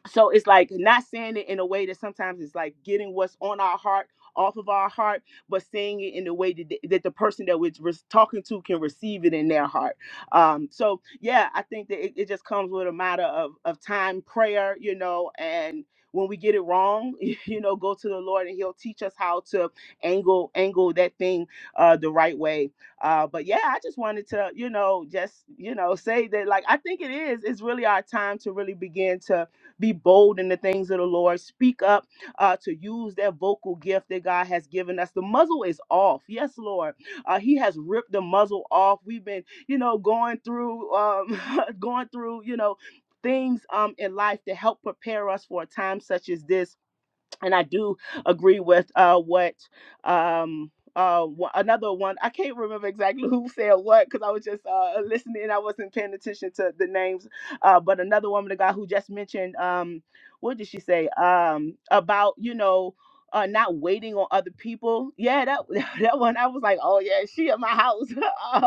so it's like not saying it in a way that sometimes it's like getting what's on our heart off of our heart but saying it in a way that the, that the person that we're res- talking to can receive it in their heart um so yeah i think that it, it just comes with a matter of of time prayer you know and when we get it wrong [laughs] you know go to the lord and he'll teach us how to angle angle that thing uh the right way uh but yeah i just wanted to you know just you know say that like i think it is it's really our time to really begin to be bold in the things of the Lord. Speak up uh, to use that vocal gift that God has given us. The muzzle is off. Yes, Lord. Uh, he has ripped the muzzle off. We've been, you know, going through, um, [laughs] going through, you know, things um, in life to help prepare us for a time such as this and I do agree with uh, what um, uh, wha- another one. I can't remember exactly [laughs] who said what because I was just uh, listening. I wasn't paying attention to the names. Uh, but another woman, the guy who just mentioned, um, what did she say um, about you know? Uh, not waiting on other people. Yeah, that [laughs] that one. I was like, oh yeah, she at my house [laughs] um,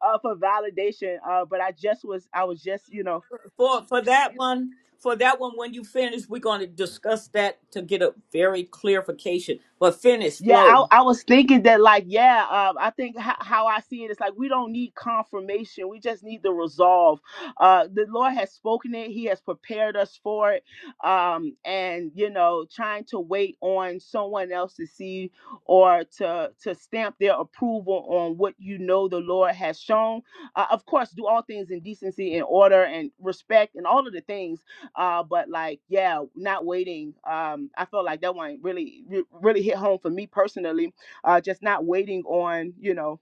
uh, for validation. Uh, but I just was, I was just, you know,
For for that one, for that one, when you finish, we're going to discuss that to get a very clarification. But finish,
Yeah,
flow.
I, I was thinking that, like, yeah, um, I think ho- how I see it is like we don't need confirmation. We just need the resolve. Uh, the Lord has spoken it, He has prepared us for it. Um, and, you know, trying to wait on someone else to see or to, to stamp their approval on what you know the Lord has shown. Uh, of course, do all things in decency and order and respect and all of the things uh, but like, yeah, not waiting. Um, I felt like that one really, re- really hit home for me personally. Uh, just not waiting on, you know,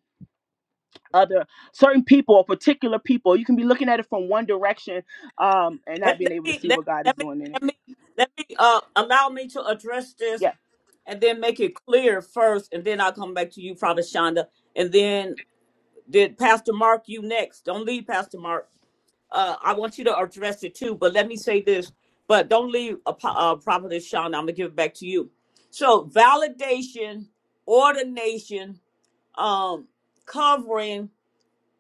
other certain people or particular people. You can be looking at it from one direction, um, and not
Let,
being
let
able to
me
see
let,
what God is
let me
doing in it.
let me let me uh allow me to address
Yeah.
this and then make it clear first, and then I'll come back to you, Prophet Shonda. And then did Pastor Mark you next? Don't leave, Pastor Mark. uh, I want you to address it too, but let me say this, but don't leave a uh, prophetess Shauna. I'm gonna give it back to you. So validation, ordination, um, covering,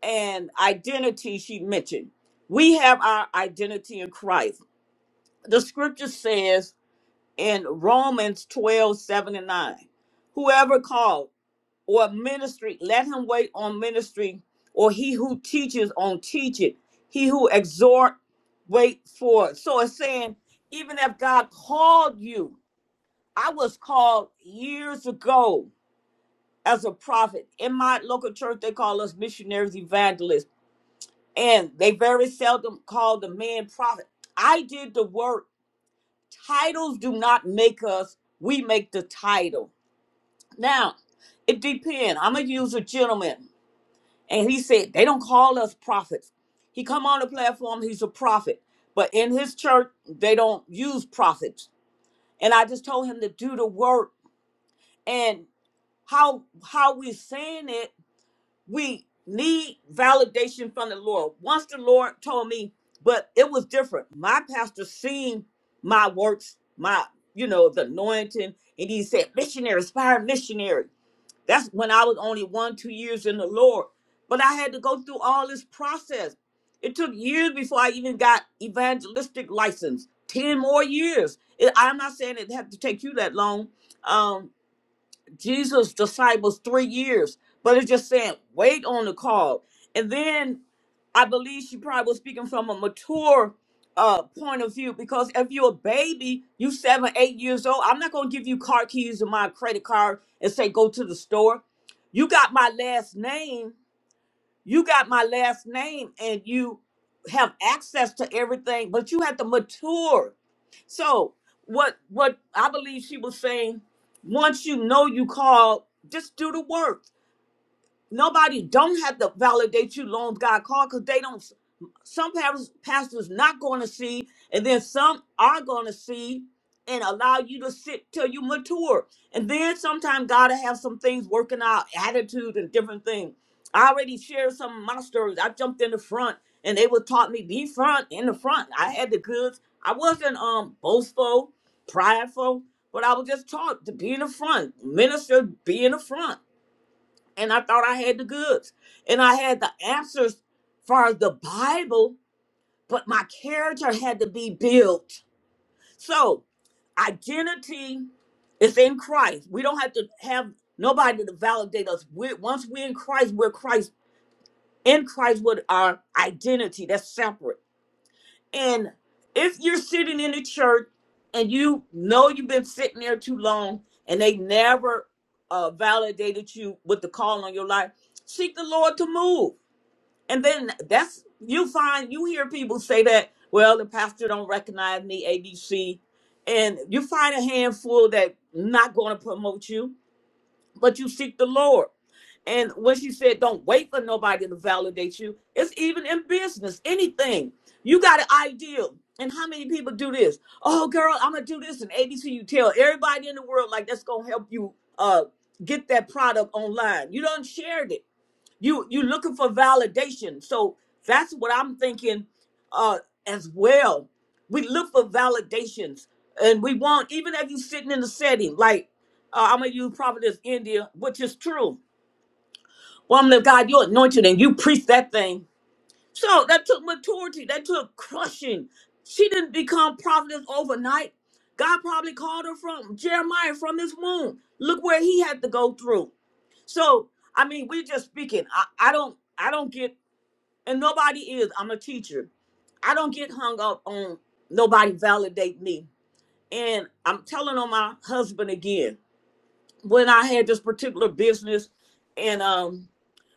and identity she mentioned. We have our identity in Christ. The scripture says in Romans 12, seven and 9, whoever called or ministry, let him wait on ministry, or he who teaches on teach it. He who exhort, wait for it. So it's saying, even if God called you, I was called years ago as a prophet. In my local church, they call us missionaries, evangelists, and they very seldom call the man prophet. I did the work. Titles do not make us, we make the title. Now, it depends. I'm going to use a gentleman. And he said, they don't call us prophets. He come on the platform, he's a prophet. But in his church, they don't use prophets. And I just told him to do the work. And how how we saying it, we need validation from the Lord. Once the Lord told me, but it was different. My pastor seen my works, my, you know, the anointing, and he said, missionary, inspired missionary. That's when I was only one, two years in the Lord. But I had to go through all this process. It took years before I even got evangelistic license. Ten more years. It- I'm not saying it had to take you that long, Um, Jesus' disciples three years, but it's just saying, wait on the call. And then I believe she probably was speaking from a mature uh, point of view because if you're a baby, you seven, eight years old, I'm not going to give you car keys or my credit card and say, go to the store. You got my last name. You got my last name and you have access to everything, but you have to mature so what what I believe she was saying, once you know you called, just do the work. Nobody don't have to validate you long as God called because they don't. Some parents, pastors not going to see, and then some are going to see and allow you to sit till you mature. And then sometimes God will have some things working out, attitude and different things. I already shared some of my stories. I jumped in the front, and they would taught me be front in the front. I had the goods. I wasn't um boastful, prideful, but I was just taught to be in the front. Minister, be in the front and I thought I had the goods and I had the answers for the Bible, but my character had to be built. So, identity is in Christ. We don't have to have nobody to validate us. we once we're in Christ, we're Christ in Christ with our identity. That's separate. And if you're sitting in a church and you know you've been sitting there too long and they never uh, validated you with the call on your life, seek the Lord to move. And then that's you find you hear people say that, well, the pastor don't recognize me, ABC. And you find a handful that not going to promote you, but you seek the Lord. And when she said, don't wait for nobody to validate you, it's even in business, anything. You got an idea, And how many people do this? Oh, girl, I'm going to do this. And ABC, you tell everybody in the world, like, that's going to help you uh, get that product online. You done shared it. You, you looking for validation. So that's what I'm thinking uh, as well. We look for validations. And we want, even if you're sitting in the setting, like, uh, I'm going to use probably this India, which is true woman of God, you're anointed and you preach that thing. So that took maturity, that took crushing. She didn't become prophetess overnight. God probably called her from Jeremiah, from his womb. Look where he had to go through. So, I mean, we're just speaking. I, I don't I don't get and nobody is. I'm a teacher. I don't get hung up on nobody validate me. And I'm telling on my husband again. When I had this particular business, and um.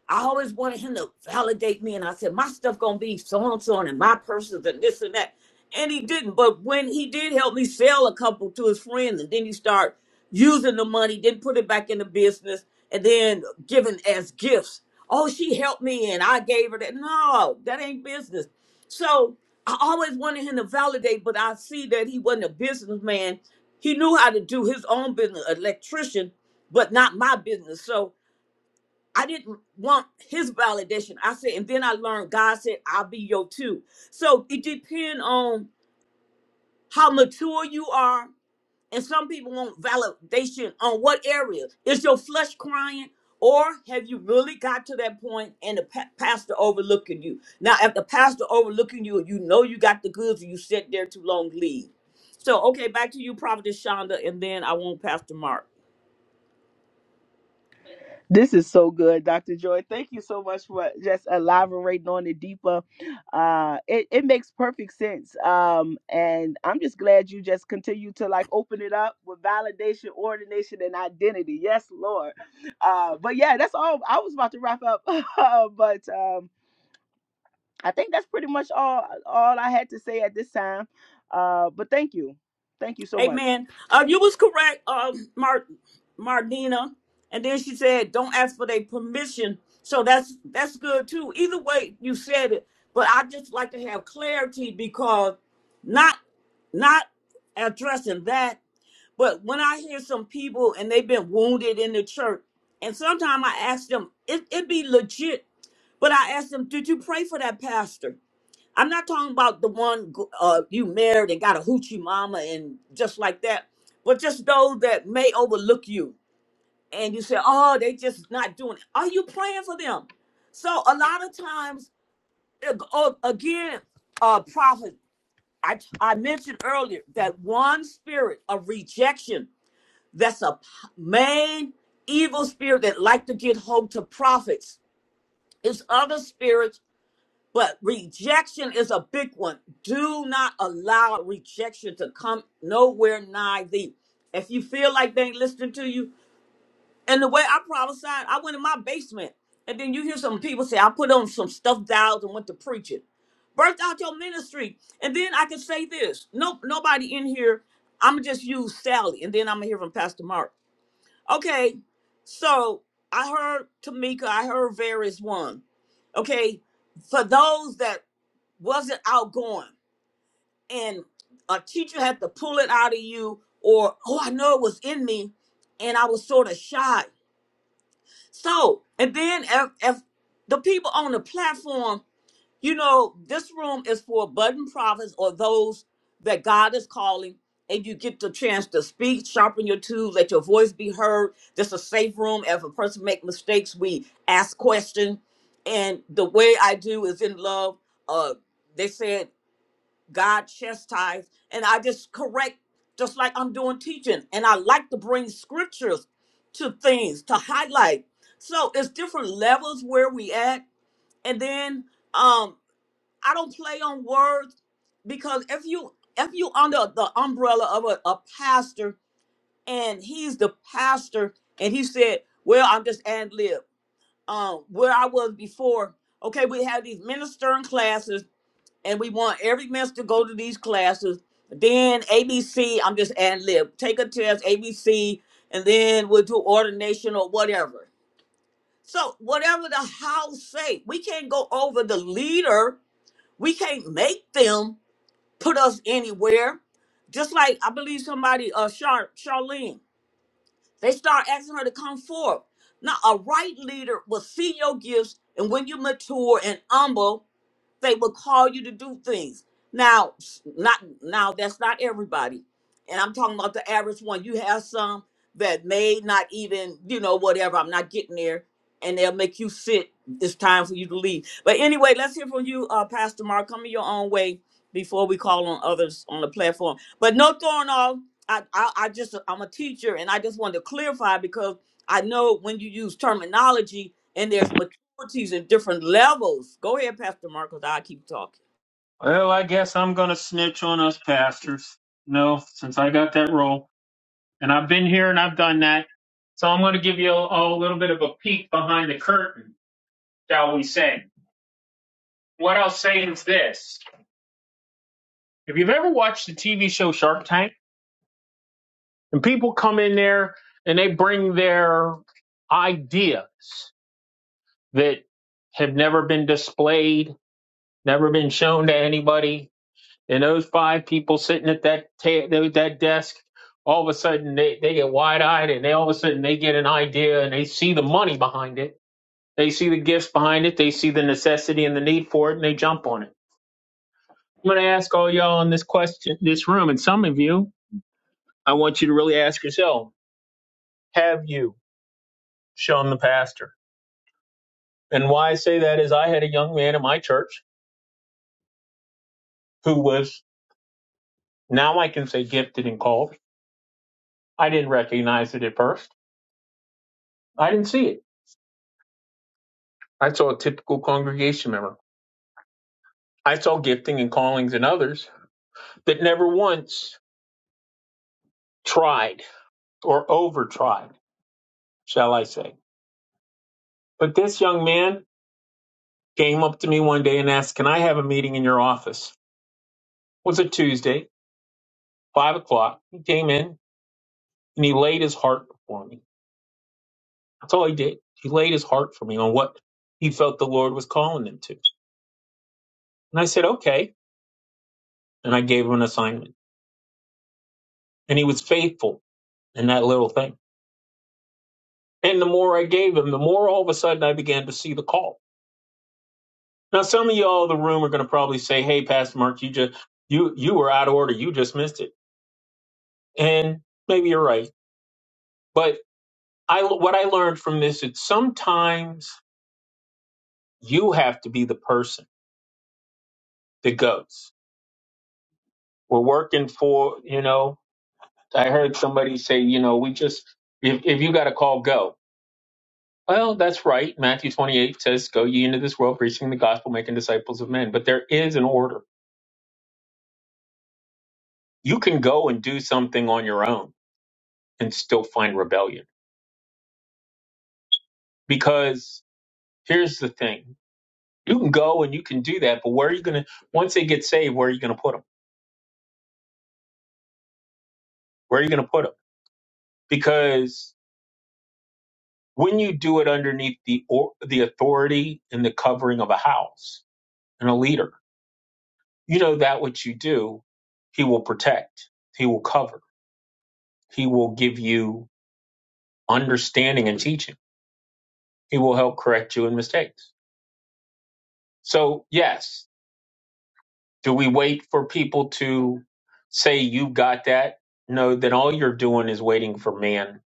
I always wanted him to validate me. And I said, my stuff gonna be so and so and my purses and this and that. And he didn't. But when he did help me sell a couple to his friends, and then he start using the money, then put it back in the business, and then giving as gifts. Oh, she helped me and I gave her that. No, that ain't business. So I always wanted him to validate, but I see that he wasn't a businessman. He knew how to do his own business, electrician, but not my business. So I didn't want his validation. I said, and then I learned God said, I'll be your too. So it depends on how mature you are. And some people want validation on what area. Is your flesh crying? Or have you really got to that point and the pa- pastor overlooking you? Now, if the pastor overlooking you, you know you got the goods and you sit there too long, leave. So, okay, back to you, Prophetess Shonda, and then I want Pastor Mark.
This is so good, Dr. Joy. Thank you so much for just elaborating on it deeper. Uh, it, it makes perfect sense. Um, and I'm just glad you just continue to like open it up with validation, ordination, and identity. Yes, Lord. Uh, but yeah, that's all I was about to wrap up. [laughs] but um, I think that's pretty much all all I had to say at this time. Uh, but thank you. Thank you so much.
Amen. Uh, you was correct, uh, Mar- Martina. And then she said, "Don't ask for their permission." So that's that's good too. Either way, you said it. But I just like to have clarity because not not addressing that. But when I hear some people and they've been wounded in the church, and sometimes I ask them, it it be legit. But I ask them, "Did you pray for that pastor?" I'm not talking about the one uh, you married and got a hoochie mama and just like that, but just those that may overlook you and you say, oh, they just not doing it. Are you praying for them? So a lot of times, ag- oh, again, uh, prophet, I, I mentioned earlier that one spirit of rejection, that's a p- main evil spirit that like to get hold to prophets. It's other spirits but rejection is a big one. Do not allow rejection to come nowhere nigh thee. If you feel like they ain't listening to you, and the way I prophesied, I went in my basement. And then you hear some people say, I put on some stuffed dials and went to preaching. Birth out your ministry. And then I can say this. Nope, nobody in here. I'ma just use Sally. And then I'm gonna hear from Pastor Mark. Okay, so I heard Tamika, I heard various one. Okay, for those that wasn't outgoing and a teacher had to pull it out of you or oh i know it was in me and i was sort of shy so and then if, if the people on the platform you know this room is for budding prophets or those that god is calling and you get the chance to speak sharpen your tools let your voice be heard this is a safe room if a person make mistakes we ask questions and the way i do is in love uh they said God chastised, and I just correct, just like I'm doing teaching. And I like to bring scriptures to things to highlight. So it's different levels where we at, and then um, I don't play on words because if you if you under the umbrella of a, a pastor and he's the pastor and he said, "Well, I'm just ad lib." Um, where I was before, okay, we had these ministering classes and we want every mess to go to these classes. Then ABC, I'm just ad lib. Take a test, ABC, and then we'll do ordination or whatever. So whatever the house say, we can't go over the leader. We can't make them put us anywhere. Just like I believe somebody, uh, Char- Charlene, they start asking her to come forward. Now a right leader will see your gifts, and when you mature and humble, they will call you to do things. Now, not now that's not everybody. And I'm talking about the average one. You have some that may not even, you know, whatever, I'm not getting there. And they'll make you sit. It's time for you to leave. But anyway, let's hear from you, uh, Pastor Mark. Come in your own way before we call on others on the platform. But no throwing off. I, I, I just I'm a teacher and I just wanted to clarify because I know when you use terminology, and there's difficulties and different levels. Go ahead, Pastor Marcos. I keep talking.
Well, I guess I'm going to snitch on us pastors. No, since I got that role. And I've been here and I've done that. So I'm going to give you a, a little bit of a peek behind the curtain, shall we say. What I'll say is this. If you've ever watched the TV show Shark Tank, and people come in there and they bring their ideas that have never been displayed, never been shown to anybody, And those five people sitting at that ta- that desk, all of a sudden they, they get wide eyed and they all of a sudden they get an idea and they see the money behind it. They see the gifts behind it. They see the necessity and the need for it and they jump on it. I'm going to ask all y'all in this question, this room, and some of you, I want you to really ask yourself, have I had was I didn't rec- I saw aggregators that never one tried or over tried, shall I say. But this young man came up to me one day and asked, Can I have a meeting in your office? was a Tuesday, five o'clock. He came in and he laid his heart before me. That's all he did. He laid his heart for me on what he felt the Lord was calling him to. And I said, okay. And I gave him an assignment. And he was faithful in that little thing. And the more I gave him, the more all of a sudden I began to see the call. Now, some of y'all in the room are going to probably say, hey, Pastor Mark, you just, you, you were out of order. You just missed it. And maybe you're right. But I, what I learned from this is sometimes you have to be the person the goats. We're working for, you know, I heard somebody say, you know, we just, if, if you got to call, go. Well, that's right. Matthew 28 says, go ye into this world, preaching the gospel, making disciples of men. But there is an order. You can go and do something on your own and still find rebellion. Because here's the thing. You can go and you can do that, but where are you going to, once they get saved, where are you going to put them? Where are you going to put them? Because when you do it underneath the, or, the authority and the covering of a house, and a leader. You know that what you do, he will protect, he will cover, he will give you understanding and teaching. He will help correct you in mistakes. So, yes, do we wait for people to say you got that? No, then all you're doing is waiting for man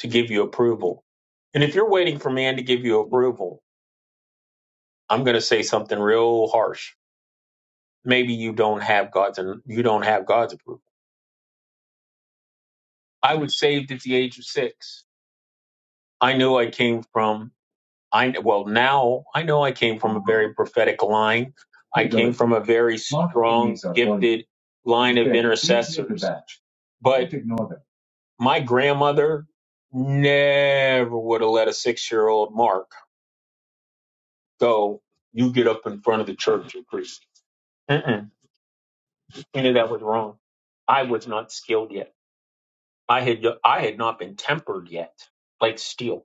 to give you approval. And if you're waiting for man to give you approval, I'm going to say something real harsh. Maybe you don't have God's and you don't have God's approval. I was saved at the age of 6 I knew I came from I well now I know I came from a very prophetic line. I came from a very strong, gifted line of intercessors. But my grandmother never would have let a six-year-old Mark go. You get up in front of the church and preach. Mm-mm. She knew that was wrong. I was not skilled yet. I had I had not been tempered yet, like steel.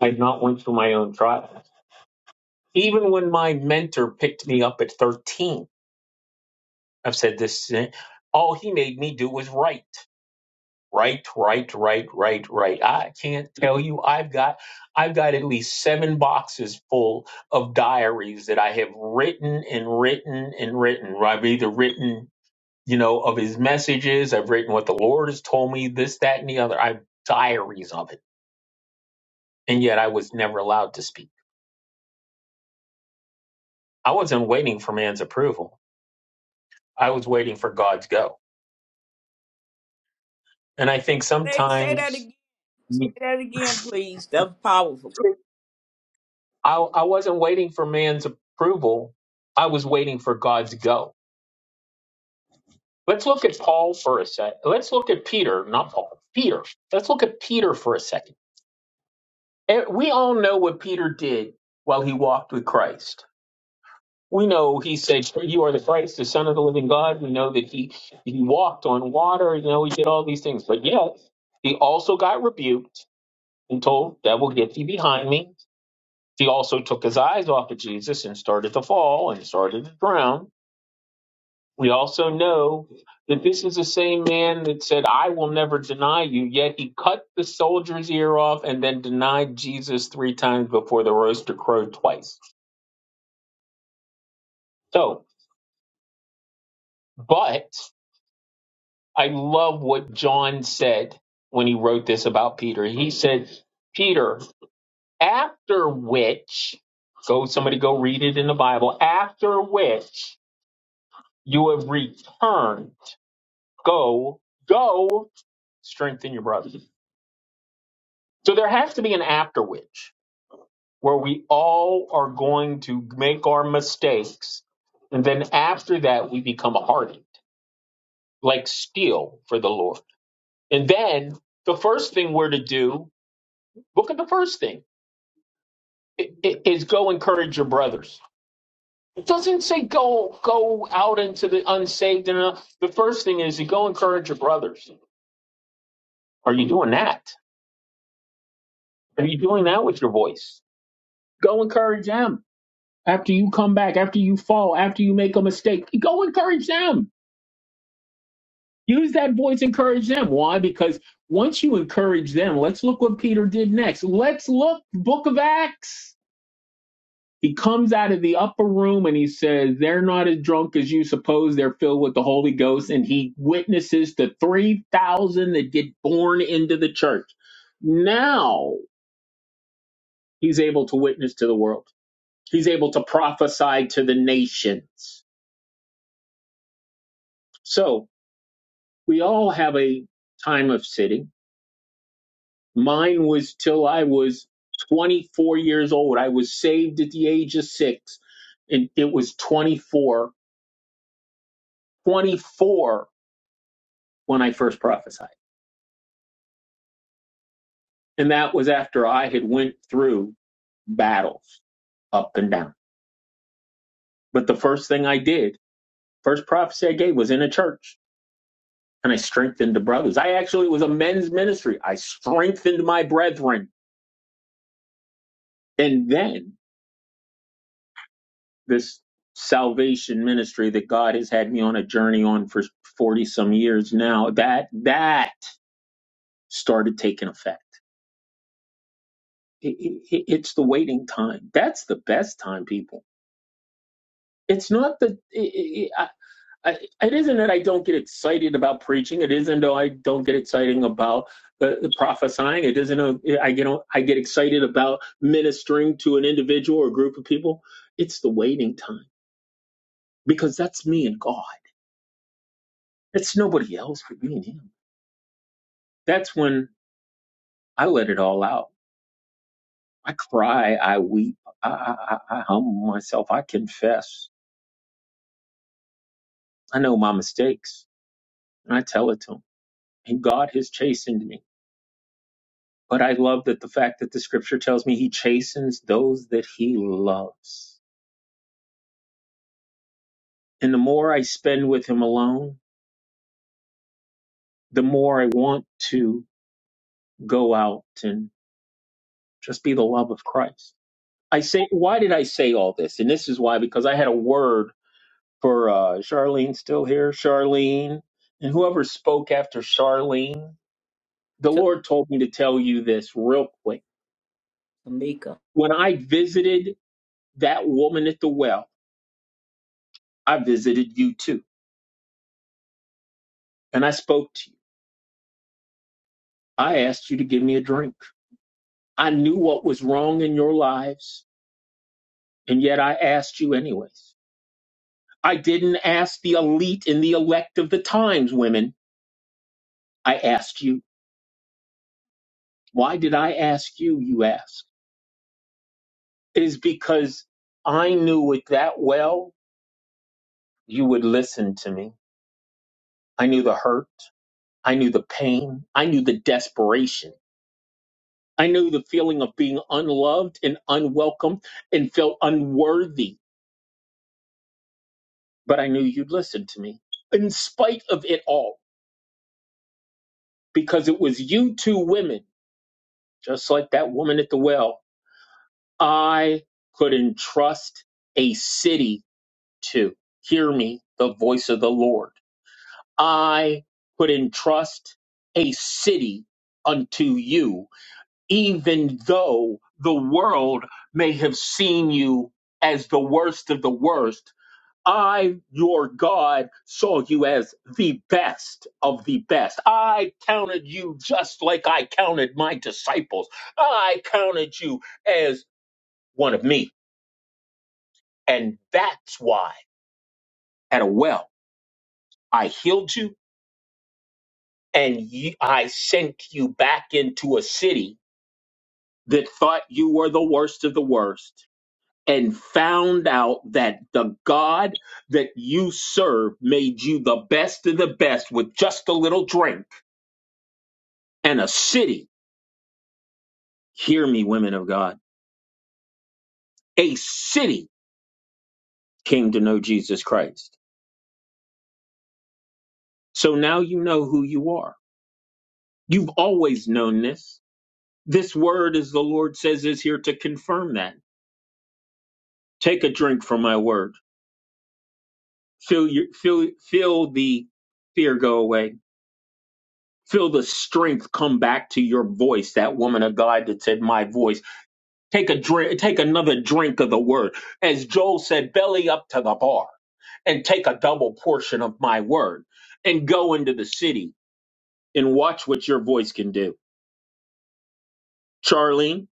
I had not went through my own trial. Even when my mentor picked me up at 13, I've said this, eh, all he made me do was write. write, write, write, write, write. I can't tell you. I've got, I've got at least seven boxes full of diaries that I have written and written and written. I've either written, you know, of his messages. I've written what the Lord has told me, this, that, and the other. I've diaries of it. And yet I was never allowed to speak. I wasn't waiting for man's approval. I was waiting for God's go. And I think
Say, say that
sometimes
again.
I,
Say that again, please. That was powerful,
I wasn't waiting for man's approval. I was waiting for God's go. Let's look at Paul for a sec. Let's look at Peter, not Paul, Peter. Let's look at Peter for a second. And We all know what Peter did while he walked with Christ. We know he said, You are the Christ, the Son of the living God. We know that he, he walked on water. You know, he did all these things. But yet, he also got rebuked and told, That will get thee behind me He also took his eyes off of Jesus and started to fall and started to drown. We also know that this is the same man that said, I will never deny you, yet he cut the soldier's ear off and then denied Jesus three times before the rooster crowed twice. So, but I love what John said when he wrote this about Peter. He said, Peter, after which, go somebody go read it in the Bible, after which you have returned go, go strengthen your brothers. So there has to be an after which where we all are going to make our mistakes. And then after that, we become hardened, like steel for the Lord. And then the first thing we're to do, look at the first thing, i- i- is go encourage your brothers. It doesn't go out into the unsaved and uh, just encourage your brothers. Are you doing that? Are you go encourage them? After you come back, after you fall, after you make a mistake, go encourage them. Use that voice, encourage them. Why? Because once you encourage them, let's look what Peter did next. Let's look, Book of Acts. He comes out of the upper room and he says, They're not as drunk as you suppose. They're filled with the Holy Ghost. And he witnesses the 3,000 that get born into the church. Now he's able to witness to the world, he's able to prophesy to the nations. So, we all have a time of sitting. Mine was till I was 24 years old. I was saved at the age of six, and it was 24, 24 when I first prophesied, and that was after I had went through battles up and down. But the first thing I did, first prophecy I gave was in a church, and I strengthened the brothers. I actually it was a men's ministry. I strengthened my brethren, and then this salvation ministry that God has had me on a journey on for 40 some years now, that that started taking effect. It, it, it- it's the waiting time. That's the best time, people. It's not the. It, it, I, I, it isn't that I don't get excited about preaching. It isn't that I don't get excited about the, the prophesying. It isn't a, I get on- I get excited about ministering to an individual or group of people. It's the waiting time because that's me and God. It's nobody else but me and Him That's when I let it all out. I cry, I weep, I, I, I I humble myself, I confess. I know my mistakes, and I tell it to him. And God has chastened me. But I love that the fact that the scripture tells me he chastens those that he loves. And the more I spend with him alone, the more I want to go out and just be the love of Christ. I say, why did I say all this? And this is why, because I had a word for uh, Charlene still here, Charlene, and whoever spoke after Charlene, the
T-
Lord told me to tell you this real quick.
Tamika.
When I visited that woman at the well, I visited you too, and I spoke to you. I asked you to give me a drink. I knew what was wrong in your lives, and yet I asked you anyways. I didn't ask the elite and the elect of the times, women. I asked you. Why did I ask you? You ask. is because I knew it that well, you would listen to me. I knew the hurt. I knew the pain. I knew the desperation. I knew the feeling of being unloved and unwelcome and felt unworthy, but I knew you'd listen to me in spite of it all, because it was you two women, just like that woman at the well, I could entrust a city to. Hear me, the voice of the Lord. I put in trust a city unto you, even though the world may have seen you as the worst of the worst. I, your God, saw you as the best of the best. I counted you just like I counted my disciples. I counted you as one of me. And that's why at a well, I healed you and ye- I sent you back into a city that thought you were the worst of the worst and found out that the God that you serve made you the best of the best with just a little drink and a city. Hear me, women of God. A city came to know Jesus Christ. So now you know who you are. You've always known this. This word, as the Lord says, is here to confirm that. Take a drink from my word. Feel your, feel, feel the fear go away Feel the strength come back to your voice. That woman of God that said, "My voice." Take a drink. Take another drink of the word. As Joel said, "Belly up to the bar, and take a double portion of my word, and go into the city and watch what your voice can do." Charlene,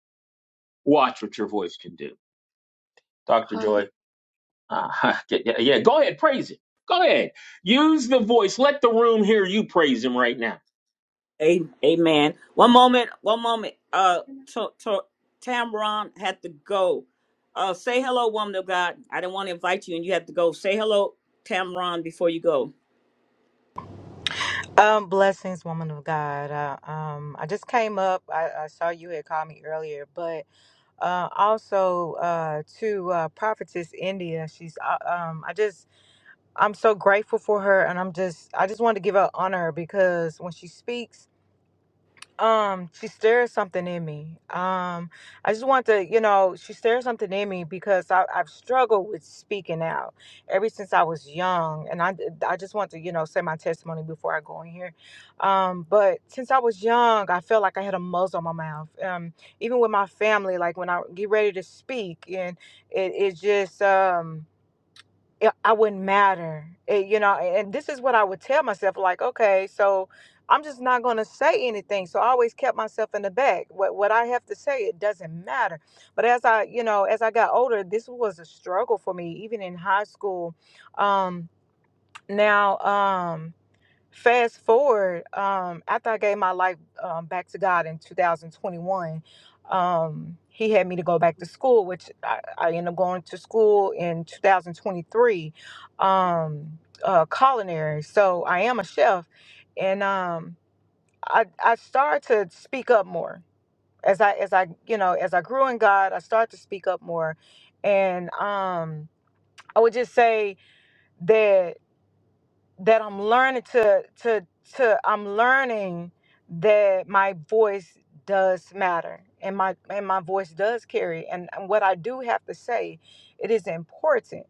watch what your voice can do. Doctor
Father,
Joy, uh, [laughs] yeah, yeah, go ahead, praise it. Go ahead, use the voice. Let the room hear you praise him right now.
A- Amen. One moment. One moment. Uh, t- t- Tamron had to go. Uh, say hello, woman of God. I didn't want to invite you, and you had to go. Say hello, Tamron, before you go.
Um, blessings, woman of God. I, um, I just came up. I, I saw you had called me earlier, but uh, also uh, to uh, prophetess India. She's. Uh, um, I just. I'm so grateful for her, and I'm just. I just wanted to give her honor because when she speaks. Um, she stared something in me. Um, I just want to, you know, she stared something in me because I, I've struggled with speaking out ever since I was young, and I, I just want to, you know, say my testimony before I go in here. Um, but since I was young, I felt like I had a muzzle on my mouth. Um, even with my family, like when I get ready to speak, and it, it just, um, it- I wouldn't matter. It- you know, and this is what I would tell myself like, okay, so I'm just not going to say anything. So I always kept myself in the back. What what I have to say, it doesn't matter. But as I, you know, as I got older, this was a struggle for me even in high school. Um now um fast forward um after i gave my life um, back to god in 2021 um he had me to go back to school which i, I ended up going to school in 2023 um uh culinary so i am a chef and um i i started to speak up more as i as i you know as i grew in god i started to speak up more and um i would just say that that I'm learning to to to I'm learning that my voice does matter and my and my voice does carry and, and what I do have to say it is important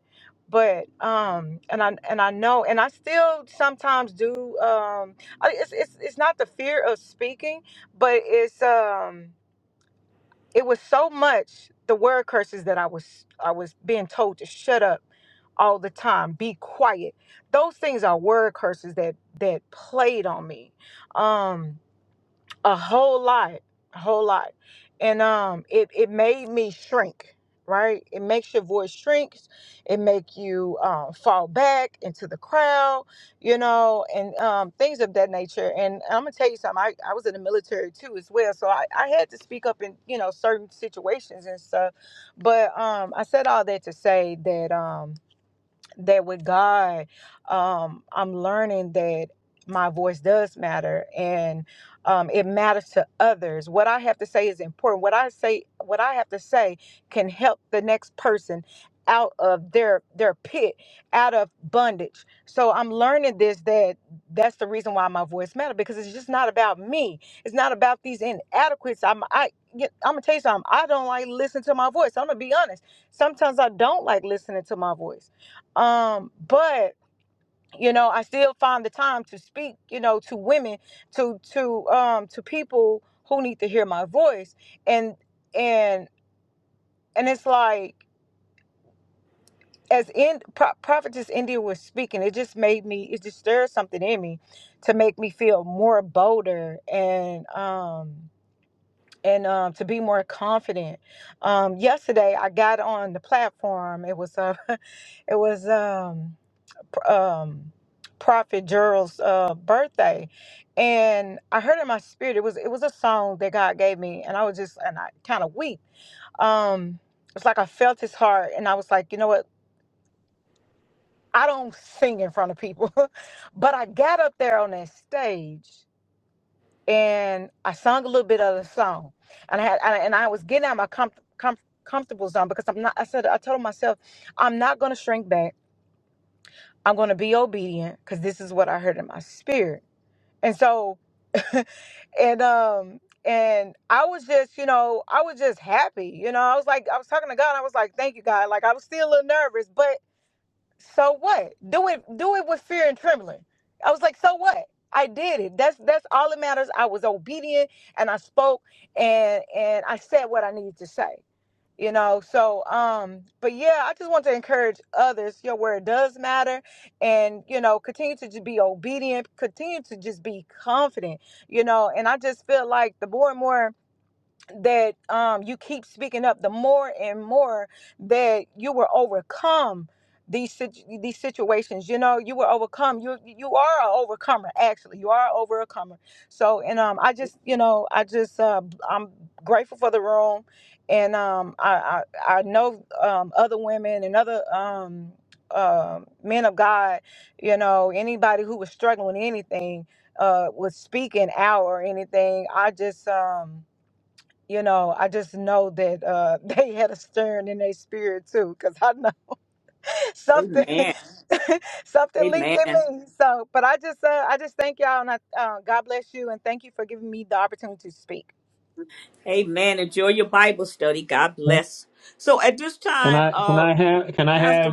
but um and I and I know and I still sometimes do um I, it's, it's it's not the fear of speaking but it's um it was so much the word curses that I was I was being told to shut up all the time, be quiet. Those things are word curses that that played on me. Um a whole lot, a whole lot, and um, it it made me shrink. Right, it makes your voice shrinks. It make you um, fall back into the crowd, you know, and um, things of that nature. And I'm gonna tell you something. I, I was in the military too, as well, so I, I had to speak up in you know certain situations and stuff. But um, I said all that to say that um, that with God, um, I'm learning that my voice does matter and um, it matters to others. What I have to say is important. What I say, what I have to say, can help the next person out of their their pit, out of bondage. So I'm learning this that that's the reason why my voice matters because it's just not about me. It's not about these inadequacies. I'm I. I'm gonna tell you something. I don't like listening to my voice. I'm gonna be honest. Sometimes I don't like listening to my voice um but you know i still find the time to speak you know to women to to um to people who need to hear my voice and and and it's like as in Pro- prophetess india was speaking it just made me it just stirred something in me to make me feel more bolder and um and um, to be more confident um, yesterday i got on the platform it was uh, [laughs] it was um. um, Prophet Gerald's uh, birthday, and I heard in my spirit it was it was a song that God gave me, and I was just and I kind of weak. Um, it's like I felt his heart, and I was like, you know what? I don't sing in front of people, [laughs] but I got up there on that stage and I sung a little bit of the song, and I had and I, and I was getting out of my com- com- comfortable zone because I'm not. I said I told myself I'm not going to shrink back. I'm going to be obedient because this is what I heard in my spirit and so [laughs] and um and I was just, you know, I was just happy. You know, I was like, I was talking to God. and I was like, thank you, God. Like I was still a little nervous, but so what? Do it, do it with fear and trembling. I was like, so what? I did it. That's that's all that matters. I was obedient and I spoke and and I said what I needed to say you know so um but yeah i just want to encourage others your word does matter and you know continue to just be obedient continue to just be confident you know and i just feel like the more and more that um, you keep speaking up, the more and more that you will overcome these sit- these situations. You know, you will overcome. You you are an overcomer. Actually, you are a overcomer. So, and um, I just you know, I just uh, I'm grateful for the room, and um, I I, I know um, other women and other um. Um, men of God, you know, anybody who was struggling with anything, uh, was speaking out or anything. I just, um, you know, I just know that uh, [laughs] they had a stern in their spirit too, because I know [laughs] something,
Amen.
[laughs] something leaped
Amen.
in me. So, but I just, uh, I just thank y'all, and I, uh, God bless you, and thank you for giving me the opportunity to speak.
Amen. Enjoy your Bible study. God bless. So at this time, uh, Pastor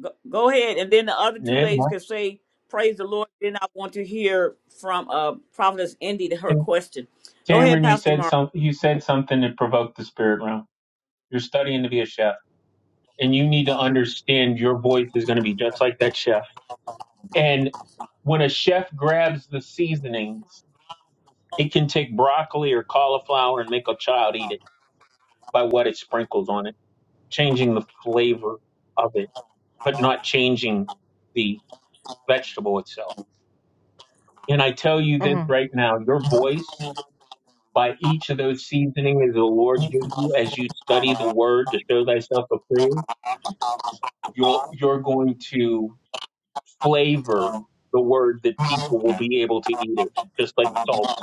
Go, go ahead, and then the other two ladies can say, "Praise the Lord." Then I want to hear from uh, Prophetess Indy to her question. Go ahead,
Cameron, you
Pastor
said
Mark.
something. you said something that provoked the spirit realm. You're studying to be a chef and you need to understand your voice is going to be just like that chef. And when a chef grabs the seasonings, it can take broccoli or cauliflower and make a child eat it by what it sprinkles on it, changing the flavor of it, but not changing the vegetable itself. And I tell you this
hmm
right now, your voice by each of those seasonings the Lord gives you as you study the word to show thyself approved, you're you're going to flavor the word that people will be able to eat it, just like salt.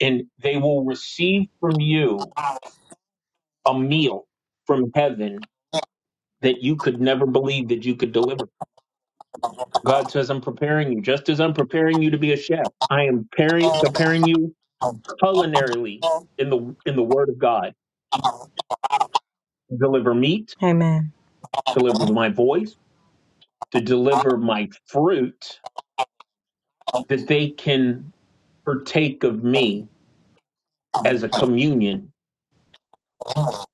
And they will receive from you a meal from heaven that you could never believe that you could deliver. God says, I'm preparing you, just as I'm preparing you to be a chef. I am pari- preparing you culinarily in the in the Word of God to deliver meat,
Amen.
to deliver my voice, to deliver my fruit, that they can partake of me as a communion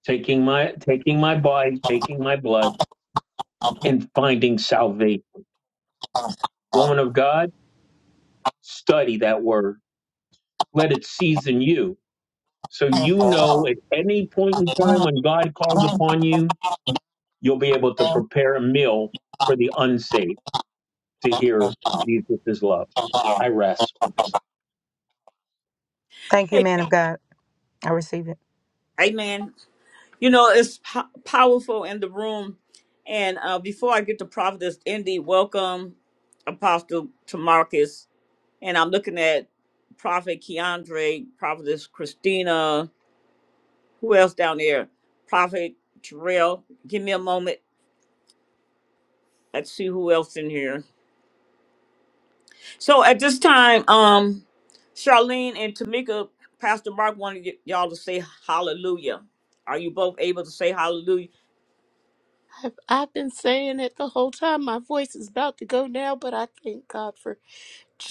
taking my taking my body, taking my blood, and finding salvation. Woman of God, study that word. Let it season you. So you know at any point in time when God calls upon you, you'll be able to prepare a meal for the unsaved to hear Jesus' love. I rest.
Thank you,
Hey,
man of God. I receive it.
Amen. You know it's po- powerful in the room. And uh, before I get to Prophetess Indy, welcome Apostle to And I'm looking at Prophet Keandre, Prophetess Christina. Who else down there? Prophet Terrell. Give me a moment. Let's see who else in here. So at this time, um, Charlene and Tamika, Pastor Mark wanted y- y'all to say hallelujah. Are you both able to say hallelujah?
I've, I've been saying it the whole time. My voice is about to go now, but I thank God for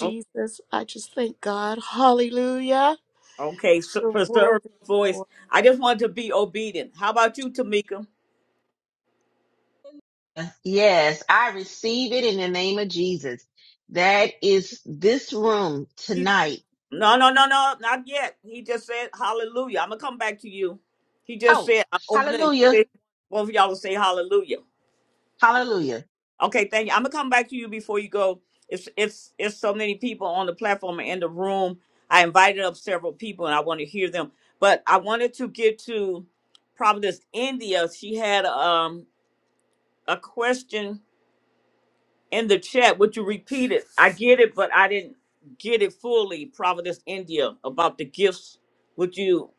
O-
I just thank God. Hallelujah.
Okay, so
You're
preserve
worthy,
your
Lord.
voice. I just wanted to be obedient. How about you, Tamika?
Yes, I receive it in the name of Jesus. That is this room
He-
tonight.
No, no, no, no, not yet. He just said hallelujah. I'm gonna come back to you. He just
Oh,
said I'm opening. He
hallelujah.
said both of y'all to say hallelujah.
Hallelujah.
Okay, thank you. I'm gonna come back to you before you go. It's it's it's so many people on the platform and in the room. I invited up several people and I want to hear them. But I wanted to get to Providence, India. She had um a question in the chat. Would you repeat it? I get it, but I didn't get it fully. Providence, India, about the gifts. Would you?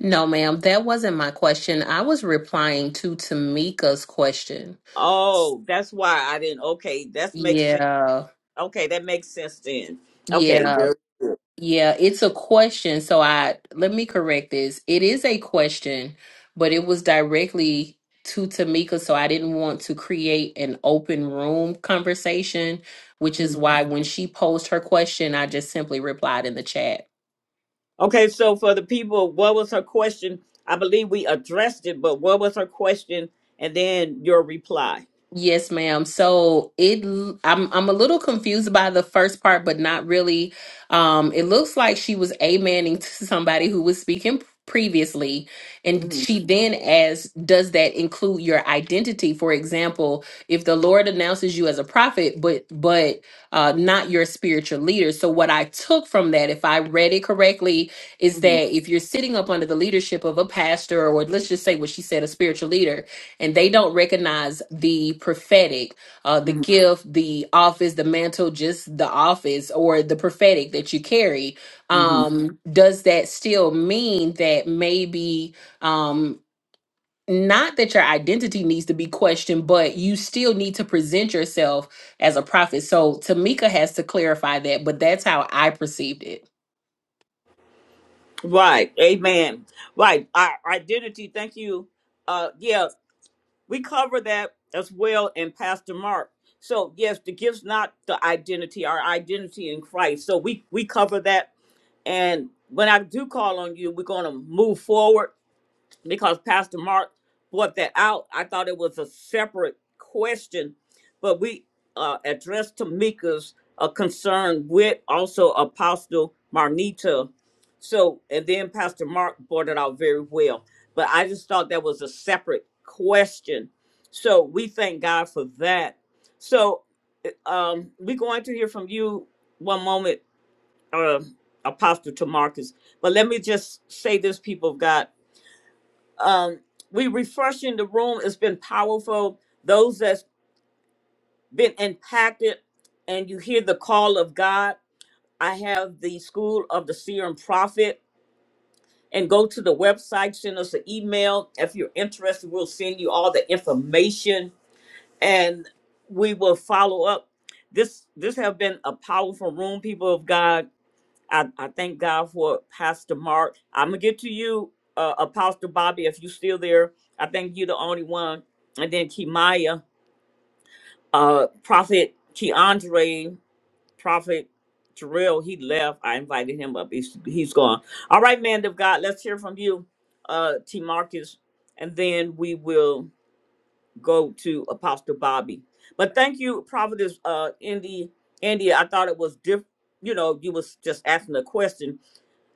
No, ma'am, that wasn't my question. I was replying to Tamika's question.
Oh, that's why I didn't. Okay, that makes sense.
Yeah,
Okay, that makes sense then. Okay,
yeah.
very
Yeah, it's a question. So I let me correct this. It is a question, but it was directly to Tamika. So I didn't want to create an open room conversation, which
good.
is why when she posed her question, I just simply replied in the chat.
Okay, so for the people, what was her question? I believe we addressed it, but what was her question? And then your reply.
Yes, ma'am. So it I'm I'm a little confused by the first part, but not really. Um, it looks like she was amening to [laughs] somebody who was speaking previously, and
hmm
she then asked, "Does that include your identity? For example, if the Lord announces you as a prophet, but but uh, not your spiritual leader." So what I took from that, if I read it correctly, is
hmm
that if you're sitting up under the leadership of a pastor, or let's just say what she said, a spiritual leader and they don't recognize the prophetic, uh, the
hmm
gift, the office, the mantle, just the office or the prophetic that you carry,
hmm
um, does that still mean that maybe um, not that your identity needs to be questioned, but you still need to present yourself as a prophet? So Tamika has to clarify that, but that's how I perceived it.
Right. Amen. Right. Our identity. Thank you. Uh, yeah, we cover that as well in Pastor Mark. So yes, the gift's not the identity, our identity in Christ. So we we cover that. And when I do call on you, we're gonna move forward because Pastor Mark brought that out. I thought it was a separate question, but we uh, addressed Tamika's uh, concern with also Apostle Marnita. So, and then Pastor Mark brought it out very well. But I just thought that was a separate question. So we thank God for that. So uh, um, we're going to hear from you one moment, uh, Apostle Tamarcus. But let me just say this, people of God um, we refreshing the room. It's been powerful. Those that's been impacted, and you hear the call of God. I have the School of the Seer and Prophet, and go to the website. Send us an email if you're interested. We'll send you all the information, and we will follow up. This this have been a powerful room, people of God I, I thank God for Pastor Mark. I'm gonna get to you, uh, Apostle Bobby, if you're still there. I think you're the only one. And then Kimaya, uh, Prophet Keandre, Prophet Terrell, he left. I invited him up. He's he's gone. All right, man of God, let's hear from you, uh, T. Marcus, and then we will go to Apostle Bobby. But thank you, Prophetess uh, Indy. India, I thought it was diff. You know, you was just asking a question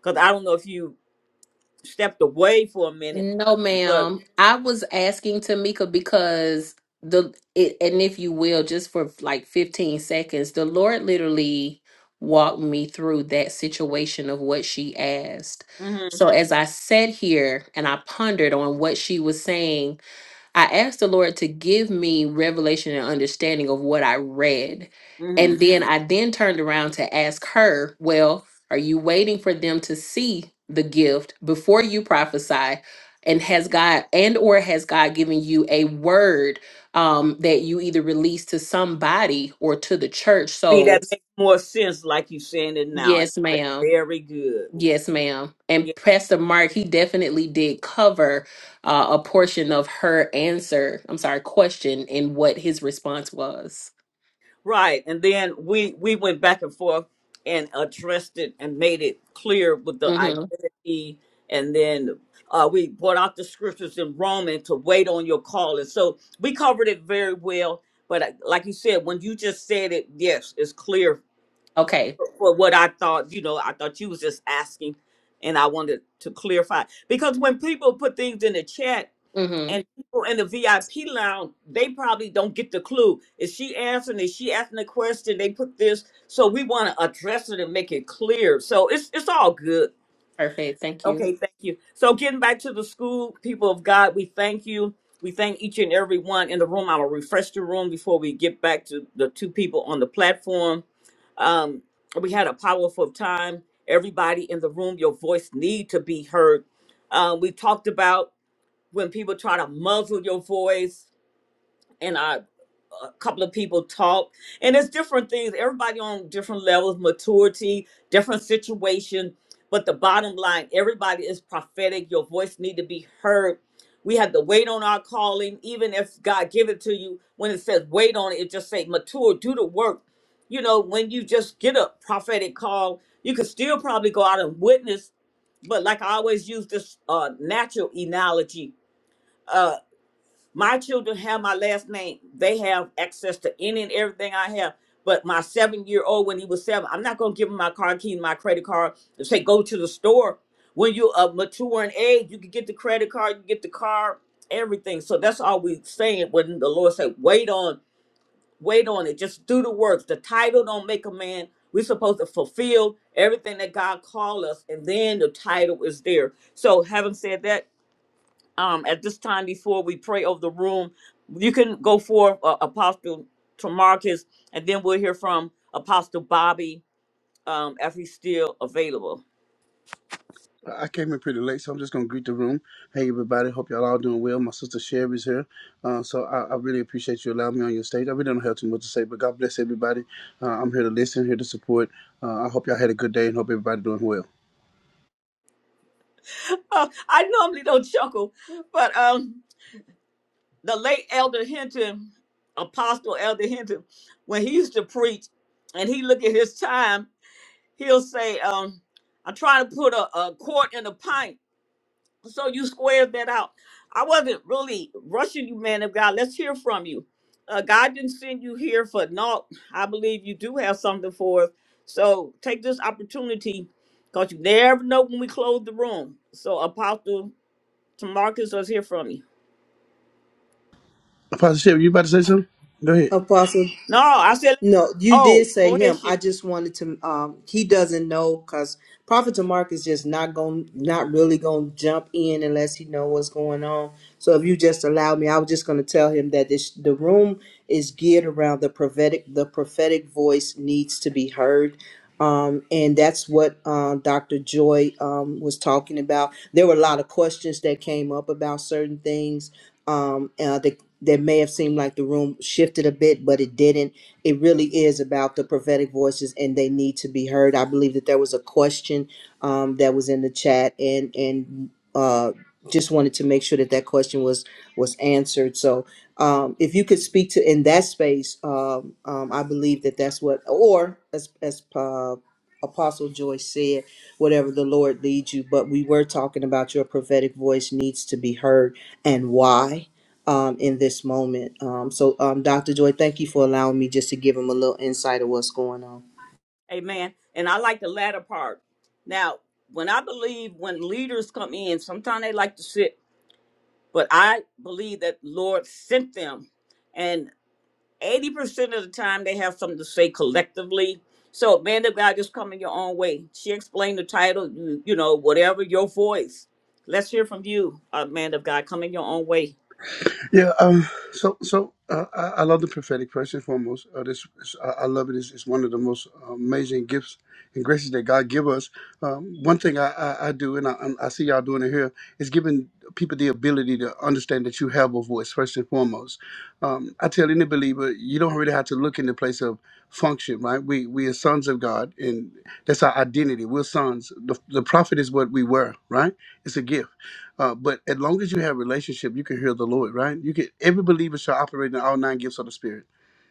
because I don't know if you stepped away for a minute,
No,
but
ma'am. I was asking Tamika because the it, and if you will, just for like 15 seconds, the Lord literally walked me through that situation of what she asked.
mhm,
So as I sat here and I pondered on what she was saying, I asked the Lord to give me revelation and understanding of what I read. And
mhm.
then I then turned around to ask her, Well, are you waiting for them to see the gift before you prophesy? And has God and or has God given you a word um that you either release to somebody or to the church?
see
So
that makes more sense like you saying it now.
yes,
That's
ma'am.
Very good.
Yes, ma'am. And
Yeah,
Pastor Mark, he definitely did cover uh, a portion of her answer. I'm sorry, question and what his response was.
right. And then we we went back and forth and addressed it and made it clear with the
Mm-hmm.
identity, and then uh, we brought out the scriptures in Roman to wait on your calling. so we covered it very well. But uh, like you said, when you just said it, yes, it's clear
Okay.
for what I thought, you know, I thought you was just asking and I wanted to clarify. Because when people put things in the chat
Mm-hmm.
and people in the VIP lounge, they probably don't get the clue. Is she answering? Is she asking a question? They put this. So we want to address it and make it clear. So it's it's all good.
Perfect. Thank you.
Okay, thank you. So getting back to the school, people of God, we thank you. We thank each and every one in the room. I will refresh the room before we get back to the two people on the platform um we had a powerful time everybody in the room your voice need to be heard uh, we talked about when people try to muzzle your voice and i a couple of people talk and it's different things everybody on different levels maturity different situation but the bottom line everybody is prophetic your voice need to be heard we have to wait on our calling even if god give it to you when it says wait on it it just say mature do the work you know when you just get a prophetic call you could still probably go out and witness but like i always use this uh natural analogy uh, my children have my last name. They have access to any and everything I have. But my seven year old, when he was seven, I'm not going to give him my car key my credit card and say, go to the store. When you're of mature in age, you can get the credit card, you can get the car, everything. So that's all we saying when the Lord said, wait on, wait on it. Just do the works. The title don't make a man. We're supposed to fulfill everything that God called us, and then the title is there. So, having said that, um, at this time before we pray over the room, you can go for uh, Apostle Tamarcus, and then we'll hear from Apostle Bobby um, if he's still available. [laughs]
I came in pretty late, so I'm just gonna greet the room. Hey, everybody. Hope y'all all doing well. My sister Sherry's here, uh, so I, I really appreciate you allowing me on your stage. I really don't have too much to say, but God bless everybody. Uh, I'm here to listen, here to support. Uh, I hope y'all had a good day, and hope everybody doing well.
Uh, I normally don't chuckle, but um, the late Elder Hinton, Apostle Elder Hinton, when he used to preach and he look at his time, he'll say, um, I'm trying to put a, a quart in a pint So you squared that out. I wasn't really rushing you, man of God. Let's hear from you. Uh, God didn't send you here for naught. I believe you do have something for us. So take this opportunity because you never know when we close the room. So Apostle Tamarcus, let's hear from you.
Pastor Sherry, you about to say something? Go ahead.
No, I said,
No, you did
oh, go
say
ahead,
him.
share.
I just wanted to. Um, he doesn't know because Prophet Mark is just not going, not really going to jump in unless he know what's going on. So if you just allow me, I was just going to tell him that this the room is geared around the prophetic. The prophetic voice needs to be heard. Um, and that's what uh, Dr. Joy um, was talking about. There were a lot of questions that came up about certain things um, uh, that that may have seemed like the room shifted a bit, but it didn't it really is about the prophetic voices and they need to be heard. I believe that there was a question um, that was in the chat and and uh, just wanted to make sure that that question was was answered. So um, if you could speak to in that space, um, um, I believe that that's what or as as uh, Apostle Joyce said, whatever the Lord leads you. But we were talking about your prophetic voice needs to be heard and why um, in this moment. Um, so, um, Dr. Joy, thank you for allowing me just to give him a little insight of what's going on.
Amen. And I like the latter part. Now, when I believe when leaders come in, sometimes they like to sit, but I believe that Lord sent them and eighty percent of the time they have something to say collectively. So man of God, just come in your own way. She explained the title, you, you know, whatever your voice. Let's hear from you, uh, man of God. Come in your own way.
Yeah. Um, so, so uh, I, I love the prophetic first and foremost. Uh, this, is- I, I love it. It's, it's one of the most amazing gifts and graces that God give us. Um, one thing I, I, I do, and I, I see y'all doing it here, is giving people the ability to understand that you have a voice first and foremost. Um, I tell any believer, you don't really have to look in the place of function, right? We we are sons of God, and that's our identity. We're sons. The, the prophet is what we were, right? It's a gift uh, but as long as you have a relationship, you can hear the Lord, right? You can every believer shall operate in all nine gifts of the Spirit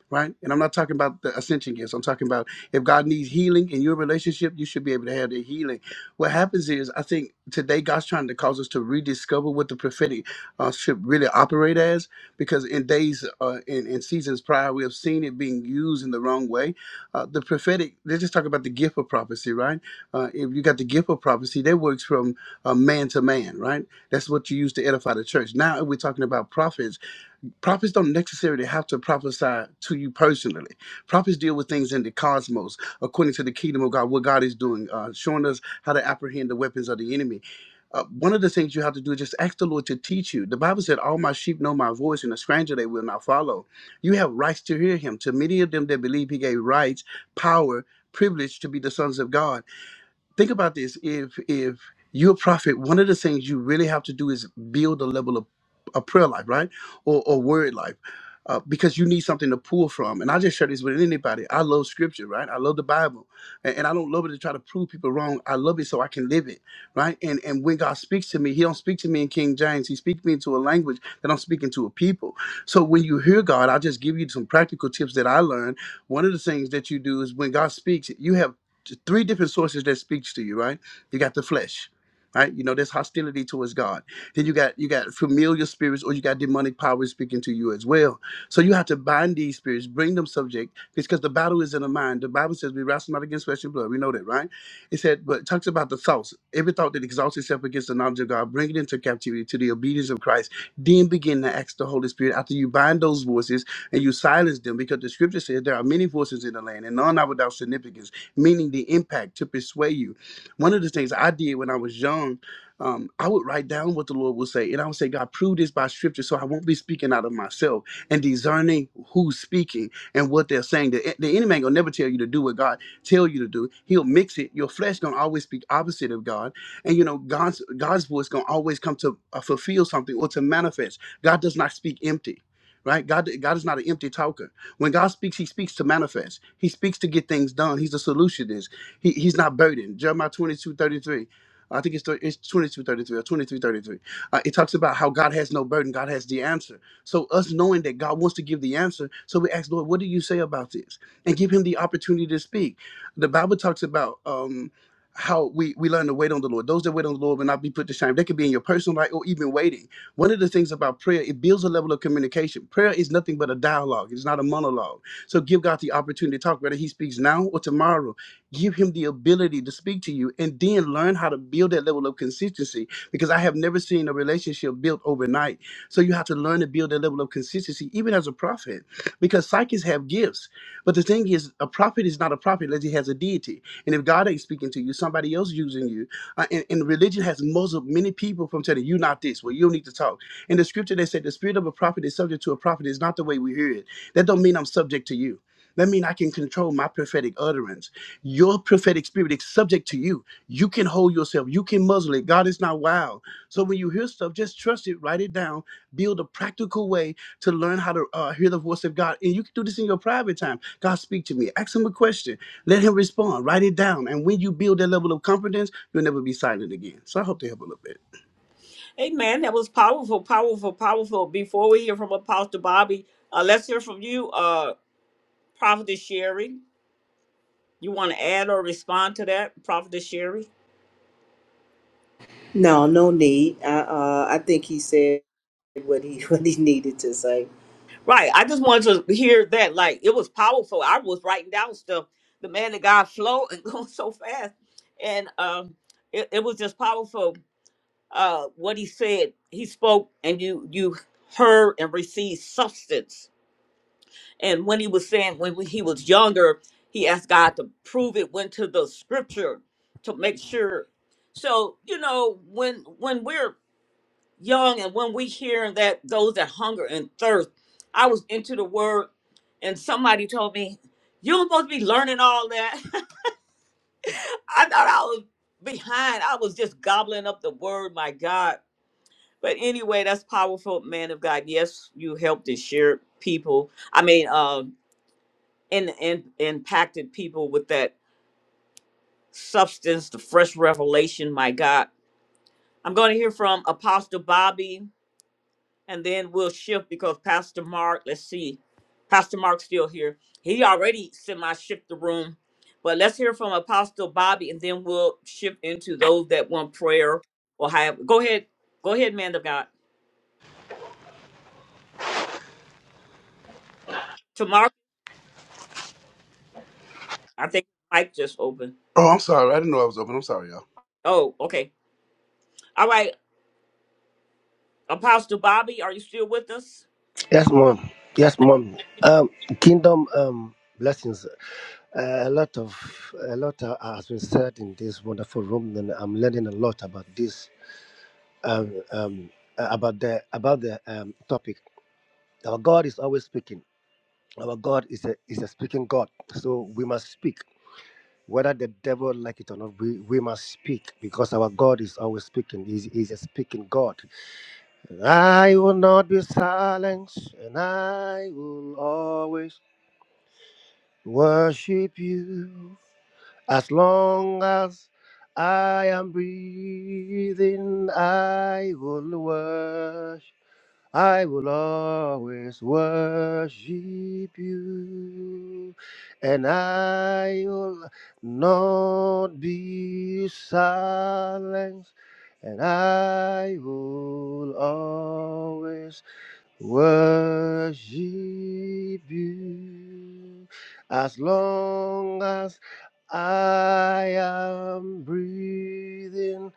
right? And I'm not talking about the ascension gifts. I'm talking about if God needs healing in your relationship, you should be able to have the healing. What happens is, I think today God's trying to cause us to rediscover what the prophetic uh, should really operate as, because in days uh, in, in seasons prior, we have seen it being used in the wrong way. Uh, the prophetic, let's just talk about the gift of prophecy, right? Uh, if you got the gift of prophecy, that works from uh, man to man, right? That's what you use to edify the church. Now we're talking about prophets prophets don't necessarily have to prophesy to you personally. Prophets deal with things in the cosmos, according to the kingdom of God, what God is doing, uh, showing us how to apprehend the weapons of the enemy. Uh, one of the things you have to do is just ask the Lord to teach you. The Bible said, All my sheep know my voice, and a stranger they will not follow. You have rights to hear him. To many of them that believe, he gave rights, power, privilege to be the sons of God think about this if if you're a prophet one of the things you really have to do is build a level of a prayer life right or, or word life uh, because you need something to pull from and i just share this with anybody i love scripture right i love the bible and, and i don't love it to try to prove people wrong i love it so i can live it right and and when god speaks to me he don't speak to me in king james he speaks me into a language that i'm speaking to a people so when you hear god i'll just give you some practical tips that i learned one of the things that you do is when god speaks you have three different sources that speaks to you, right? You got the flesh, right? You know, there's hostility towards God. Then you got you got familiar spirits or you got demonic powers speaking to you as well. So you have to bind these spirits, bring them subject, because the battle is in the mind. The Bible says we wrestle not against flesh and blood. We know that, right? It said, but it talks about the thoughts. Every thought that exalts itself against the knowledge of God, bring it into captivity to the obedience of Christ. Then begin to ask the Holy Spirit after you bind those voices and you silence them, because the scripture says there are many voices in the land, and none are without significance meaning the impact to persuade you. One of the things I did when I was young, um, I would write down what the Lord would say, and I would say, God, prove this by scripture so I won't be speaking out of myself and discerning who's speaking and what they're saying. The, eh, the enemy ain't gonna never tell you to do what God tell you to do. He'll mix it. Your flesh gonna always speak opposite of God. And you know, God's God's voice gonna always come to uh, fulfill something or to manifest. God does not speak empty, right? God God is not an empty talker. When God speaks, He speaks to manifest. He speaks to get things done. He's the solutionist. He, he's not burdened. Jeremiah 22 33. I think it's, thir- it's 22, thirty-three or 23 33. Uh, it talks about how God has no burden. God has the answer. So us knowing that God wants to give the answer, so we ask, Lord, what do you say about this? And give him the opportunity to speak. The Bible talks about um, how we, we learn to wait on the Lord. Those that wait on the Lord will not be put to shame. They could be in your personal life or even waiting. One of the things about prayer, it builds a level of communication. Prayer is nothing but a dialogue, it's not a monologue. So give God the opportunity to talk, whether He speaks now or tomorrow. Give Him the ability to speak to you and then learn how to build that level of consistency because I have never seen a relationship built overnight. So you have to learn to build that level of consistency, even as a prophet, because psychics have gifts. But the thing is, a prophet is not a prophet unless he has a deity. And if God ain't speaking to you, somebody else using you uh, and, and religion has muzzled many people from telling you not this, well, you don't need to talk. In the scripture, they said the spirit of a prophet is subject to a prophet is not the way we hear it. That don't mean I'm subject to you. That mean I can control my prophetic utterance. Your prophetic spirit is subject to you. You can hold yourself. You can muzzle it. God is not wild. So when you hear stuff, just trust it. Write it down. Build a practical way to learn how to uh, hear the voice of God. And you can do this in your private time. God, speak to me. Ask him a question. Let him respond. Write it down. And when you build that level of confidence, You'll never be silent again. So I hope they help a little bit.
Amen. That was powerful, powerful, powerful. Before we hear from Apostle Bobby, uh, let's hear from you, uh, Prophetess Sherry. You want to add or respond to that, Prophetess Sherry?
No, no need. I, uh, I think he said what he [laughs] what he needed to say.
Right. I just wanted to hear that. Like it was powerful. I was writing down stuff. The man that God flow and [laughs] going so fast. And um it, it was just powerful uh what he said. He spoke and you you heard and received substance. And when he was saying when he was younger, he asked God to prove it, went to the scripture to make sure. So, you know, when when we're young and when we hearing that those that hunger and thirst i was into the word and somebody told me you are supposed to be learning all that [laughs] i thought i was behind i was just gobbling up the word my god but anyway that's powerful man of god yes you helped and shared people i mean um and, and impacted people with that substance the fresh revelation my god i'm going to hear from apostle bobby and then we'll shift because Pastor Mark, let's see, Pastor Mark's still here. He already semi shift the room, but let's hear from Apostle Bobby, and then we'll shift into those that want prayer or have. Go ahead, go ahead, man of God. To Mark, I think Mike just opened.
Oh, I'm sorry. I didn't know I was open. I'm sorry, y'all.
Oh, okay, all right, Apostle Bobby, are you still with us?
Yes, mom. Yes, mom. Um, kingdom um blessings. Uh, a lot of a lot uh, has been said in this wonderful room, and I'm learning a lot about this. Um, um uh, about the about the um topic. Our God is always speaking. Our God is a is a speaking God. So we must speak, whether the devil like it or not. We we must speak because our God is always speaking. He's, he's a speaking God. I will not be silenced, and I will always. worship you as long as I am breathing. I will worship, I will always worship you, and I will not be silent, and I will always worship you as long as I am breathing.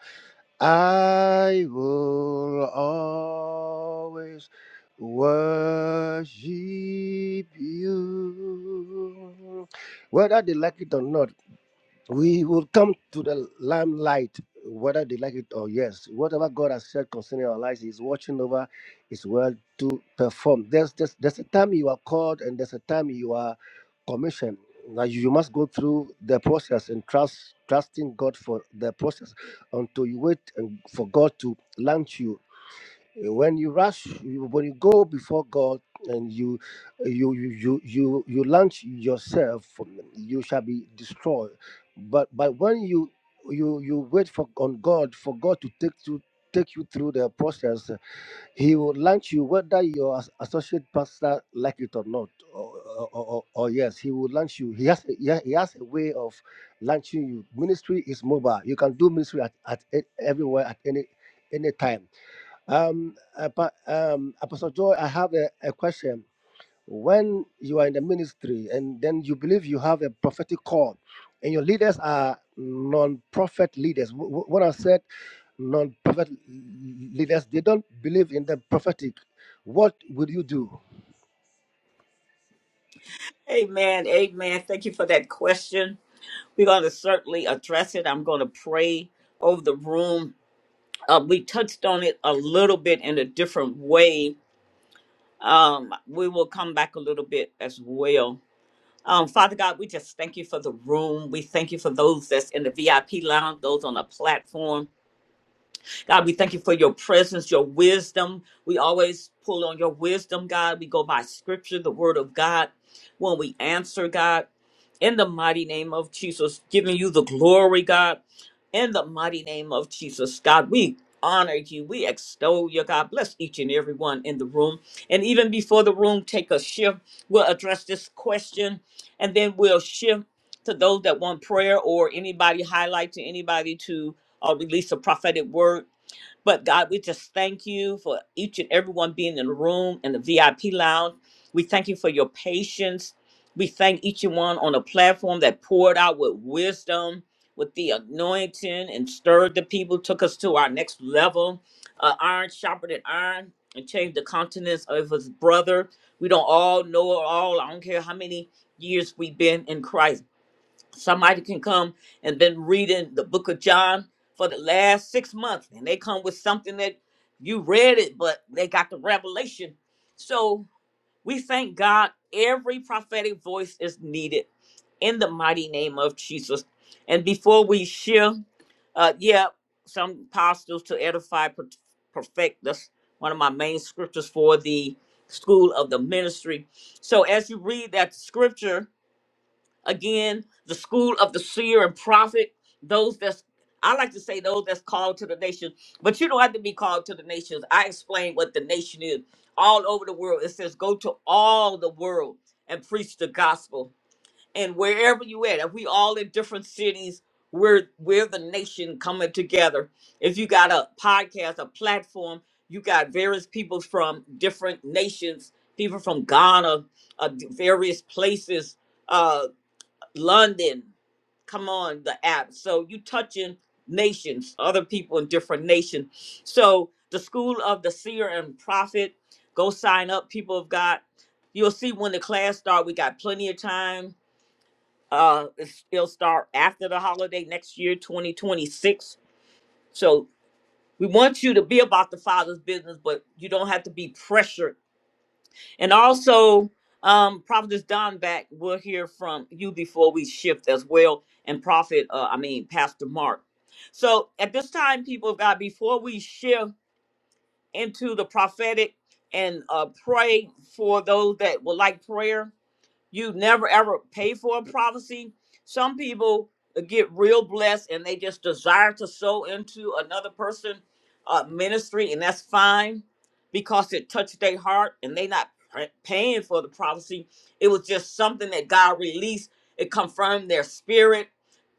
I will always worship you. Whether they like it or not we will come to the limelight, whether they like it or yes. Whatever God has said concerning our lives, He's watching over His word to perform. There's there's, there's a time you are called and there's a time you are commissioned. Now you you must go through the process and trust trusting God for the process until you wait and for God to launch you Eh, when you rush you- when you go before god and you you you you you, you launch yourself you shall be destroyed but but when you you you wait for on god for god to take to take you through the process he will launch you whether your as- associate pastor like it or not or, or, or, or yes he will launch you he has a, he ha- he has a way of launching you ministry is mobile you can do ministry at, at e- everywhere at any any time um, apa- um, Apostle Joy, I have a, a question. When you are in the ministry and then you believe you have a prophetic call, and your leaders are non-prophet leaders, wh- wh- what I said, non-prophet leaders, they don't believe in the prophetic. What would you do?
Amen, amen. Thank you for that question. We're going to certainly address it. I'm going to pray over the room uh, we touched on it a little bit in a different way. Um, we will come back a little bit as well. Um, Father God, we just thank you for the room. We thank you for those that's in the VIP lounge, those on the platform. God, we thank you for your presence, your wisdom. We always pull on your wisdom, God. We go by scripture, the word of God. When we answer, God, in the mighty name of Jesus, giving you the glory, God, in the mighty name of Jesus, God, we honor you. We extol you, God. Bless each and every one in the room. And even before the room take a shift, we'll address this question and then we'll shift to those that want prayer or anybody highlight to anybody to uh, release a prophetic word but God, we just thank you for each and everyone being in the room and the VIP lounge. We thank you for your patience. We thank each and one on the platform that poured out with wisdom, with the anointing, and stirred the people, took us to our next level. Uh, iron sharpened than iron, and changed the countenance of his brother. We don't all know it all. I don't care how many years we've been in Christ Somebody can come and been reading the book of John for the last six months, and they come with something that you read it, but they got the revelation. So we thank God every prophetic voice is needed in the mighty name of Jesus. And before we share, uh, yeah, some apostles to edify, per- perfect. That's one of my main scriptures for the school of the ministry. So as you read that scripture, Again, the school of the seer and prophet, those that's I like to say those that's called to the nation, but you don't have to be called to the nations. I explain what the nation is. All over the world, it says, go to all the world and preach the gospel. And wherever you at, if we all in different cities, we're we're the nation coming together. If you got a podcast, a platform, you got various people from different nations, people from Ghana, uh, various places. uh, London, come on, the app. So you touching nations, other people in different nations. So the school of the seer and prophet, go sign up, people of God. You'll see when the class start. We got plenty of time. Uh, it's- it'll start after the holiday next year, 2026. So we want you to be about the Father's business, but you don't have to be pressured and also, um, Prophetess Don back, we'll hear from you before we shift as well. And Prophet, uh, I mean, Pastor Mark. So at this time, people of God, before we shift into the prophetic and uh, pray for those that would like prayer, you never ever pay for a prophecy. Some people uh, get real blessed and they just desire to sow into another person' uh, ministry, and that's fine because it touched their heart and they not pr- paying for the prophecy. It was just something that God released. It confirmed their spirit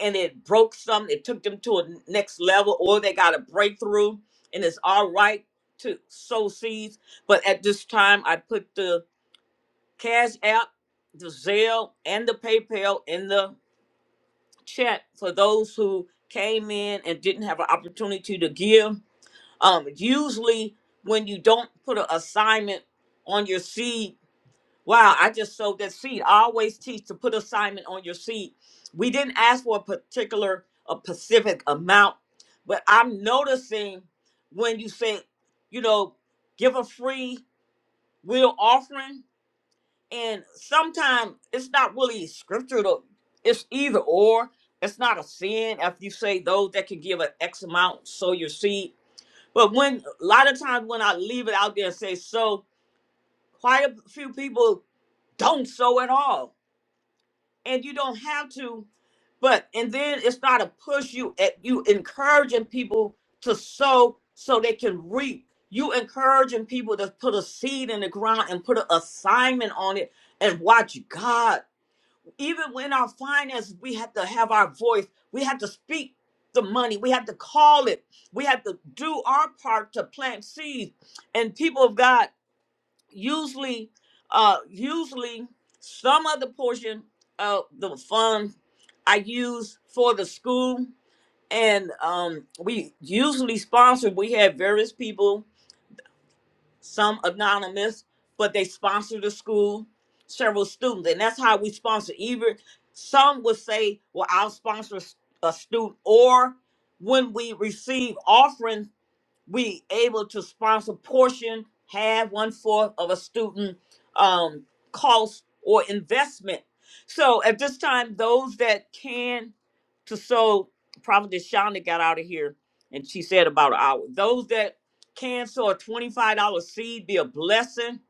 and it broke some. It took them to a n- next level or they got a breakthrough and it's all right to sow seeds. But at this time, I put the Cash App, the Zelle, and the PayPal in the chat for those who came in and didn't have an opportunity to give. Um, usually, when you don't put an assignment on your seed, wow, I just sowed that seed. I always teach to put assignment on your seed. We didn't ask for a particular, a specific amount, but I'm noticing when you say, you know, give a free will offering and sometimes it's not really scriptural. It's either or. It's not a sin if you say those that can give an X amount, sow your seed. But when a lot of times when I leave it out there and say so, quite a few people don't sow at all. And you don't have to. But and then it's not a push you at you encouraging people to sow so they can reap. You encouraging people to put a seed in the ground and put an assignment on it and watch God even when our finances, we have to have our voice. We have to speak the money. We have to call it. We have to do our part to plant seeds. And people of God, usually, uh, usually some of the portion of the fund I use for the school, and um, we usually sponsor. We have various people some anonymous, but they sponsor the school, several students, and that's how we sponsor. Even some would say, "Well, I'll sponsor a student," or when we receive offerings we able to sponsor portion, half, one fourth of a student um, cost or investment. So at this time, those that can to sow, probably Shonda got out of here and she said about an hour. Those that can sow a $25 seed be a blessing.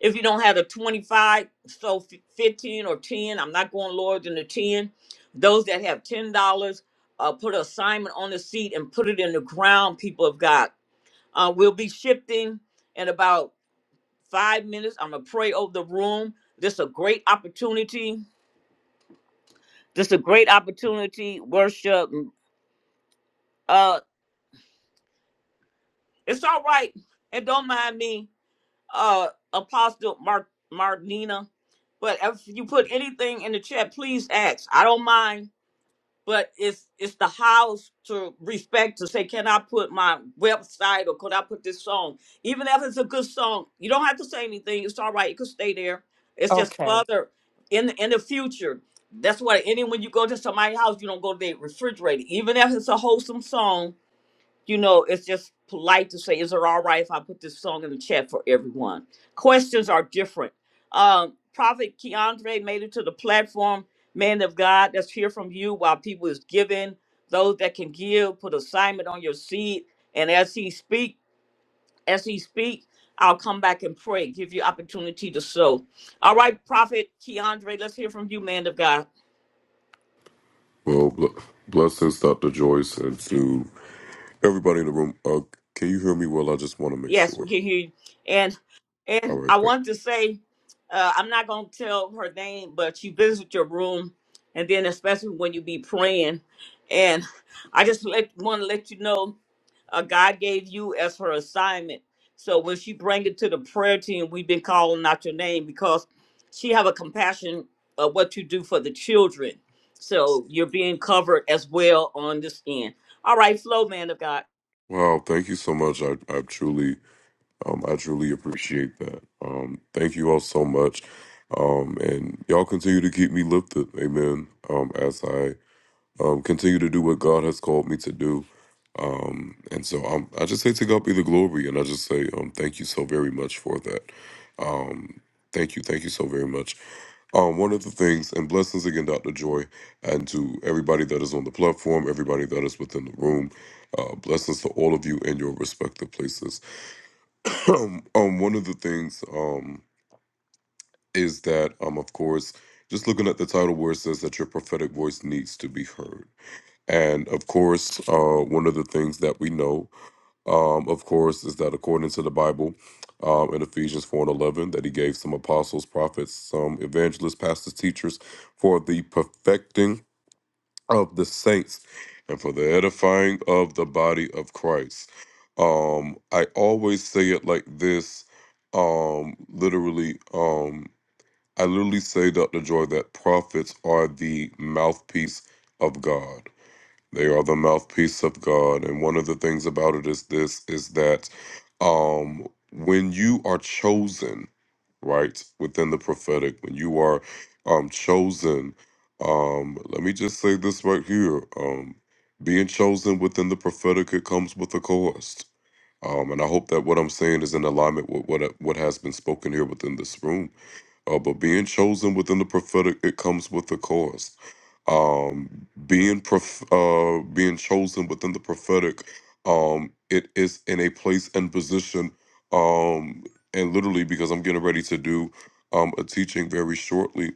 If you don't have the 25, sow fi- 15 or 10. I'm not going lower than the 10. Those that have $10, uh, put an assignment on the seed and put it in the ground, people of God uh, we'll be shifting in about five minutes. I'm gonna pray over the room. This is a great opportunity. This is a great opportunity. Worship. Mm, Uh, it's all right, and don't mind me, uh, Apostle Mar- Martina. But if you put anything in the chat, please ask. I don't mind but it's it's the house to respect to say, can I put my website or could I put this song? Even if it's a good song, you don't have to say anything. It's all right. It could stay there. It's just
Okay.
further in the, in the future. That's why any when you go to somebody's house, you don't go to their refrigerator. Even if it's a wholesome song, you know, it's just polite to say, is it all right if I put this song in the chat for everyone? Questions are different. Um, Prophet Keandre made it to the platform. Man of God, let's hear from you while people is giving. Those that can give, put assignment on your seed. And as he speak, as he speak, I'll come back and pray, give you opportunity to sow. All right, Prophet Keandre, let's hear from you, man of God.
Well, bl- blessings, Dr. Joyce, and to everybody in the room. Uh, can you hear me well? I just want to make
Yes, we
sure.
can hear you. And
All
and
right.
I
Thank-
want to say, uh, I'm not gonna tell her name, but she visit your room, and then especially when you be praying, and I just let want to let you know, uh, God gave you as her assignment. So when she bring it to the prayer team, we've been calling out your name because she have a compassion of what you do for the children. So you're being covered as well on this end. All right, flow, man of God.
wow. Thank you so much. I, I truly, um, I truly appreciate that. Um, thank you all so much. Um, and y'all continue to keep me lifted. Amen. Um, as I um, continue to do what God has called me to do. Um, and so I'm, I just say to God be the glory, and I just say um, thank you so very much for that. Um, thank you, thank you so very much. Um, one of the things, and blessings again, Dr. Joy, and to everybody that is on the platform, everybody that is within the room, uh, blessings to all of you in your respective places. [clears throat] um, one of the things um, is that, um, of course, just looking at the title where it says that your prophetic voice needs to be heard and of course, uh, one of the things that we know, um, of course, is that according to the Bible, um, in Ephesians 4 and 11, that he gave some apostles, prophets, some evangelists, pastors, teachers for the perfecting of the saints and for the edifying of the body of Christ. Um, I always say it like this um, literally, um, I literally say, Dr. Joy, that prophets are the mouthpiece of God they are the mouthpiece of God. And one of the things about it is this is that um when you are chosen, right, within the prophetic, when you are um chosen, um, let me just say this right here. Um being chosen within the prophetic, it comes with a cost. Um, and I hope that what I'm saying is in alignment with what what has been spoken here within this room uh, but being chosen within the prophetic, it comes with a cost. Um, being prof- uh, being chosen within the prophetic, um, it is in a place and position, um, and literally because I'm getting ready to do um, a teaching very shortly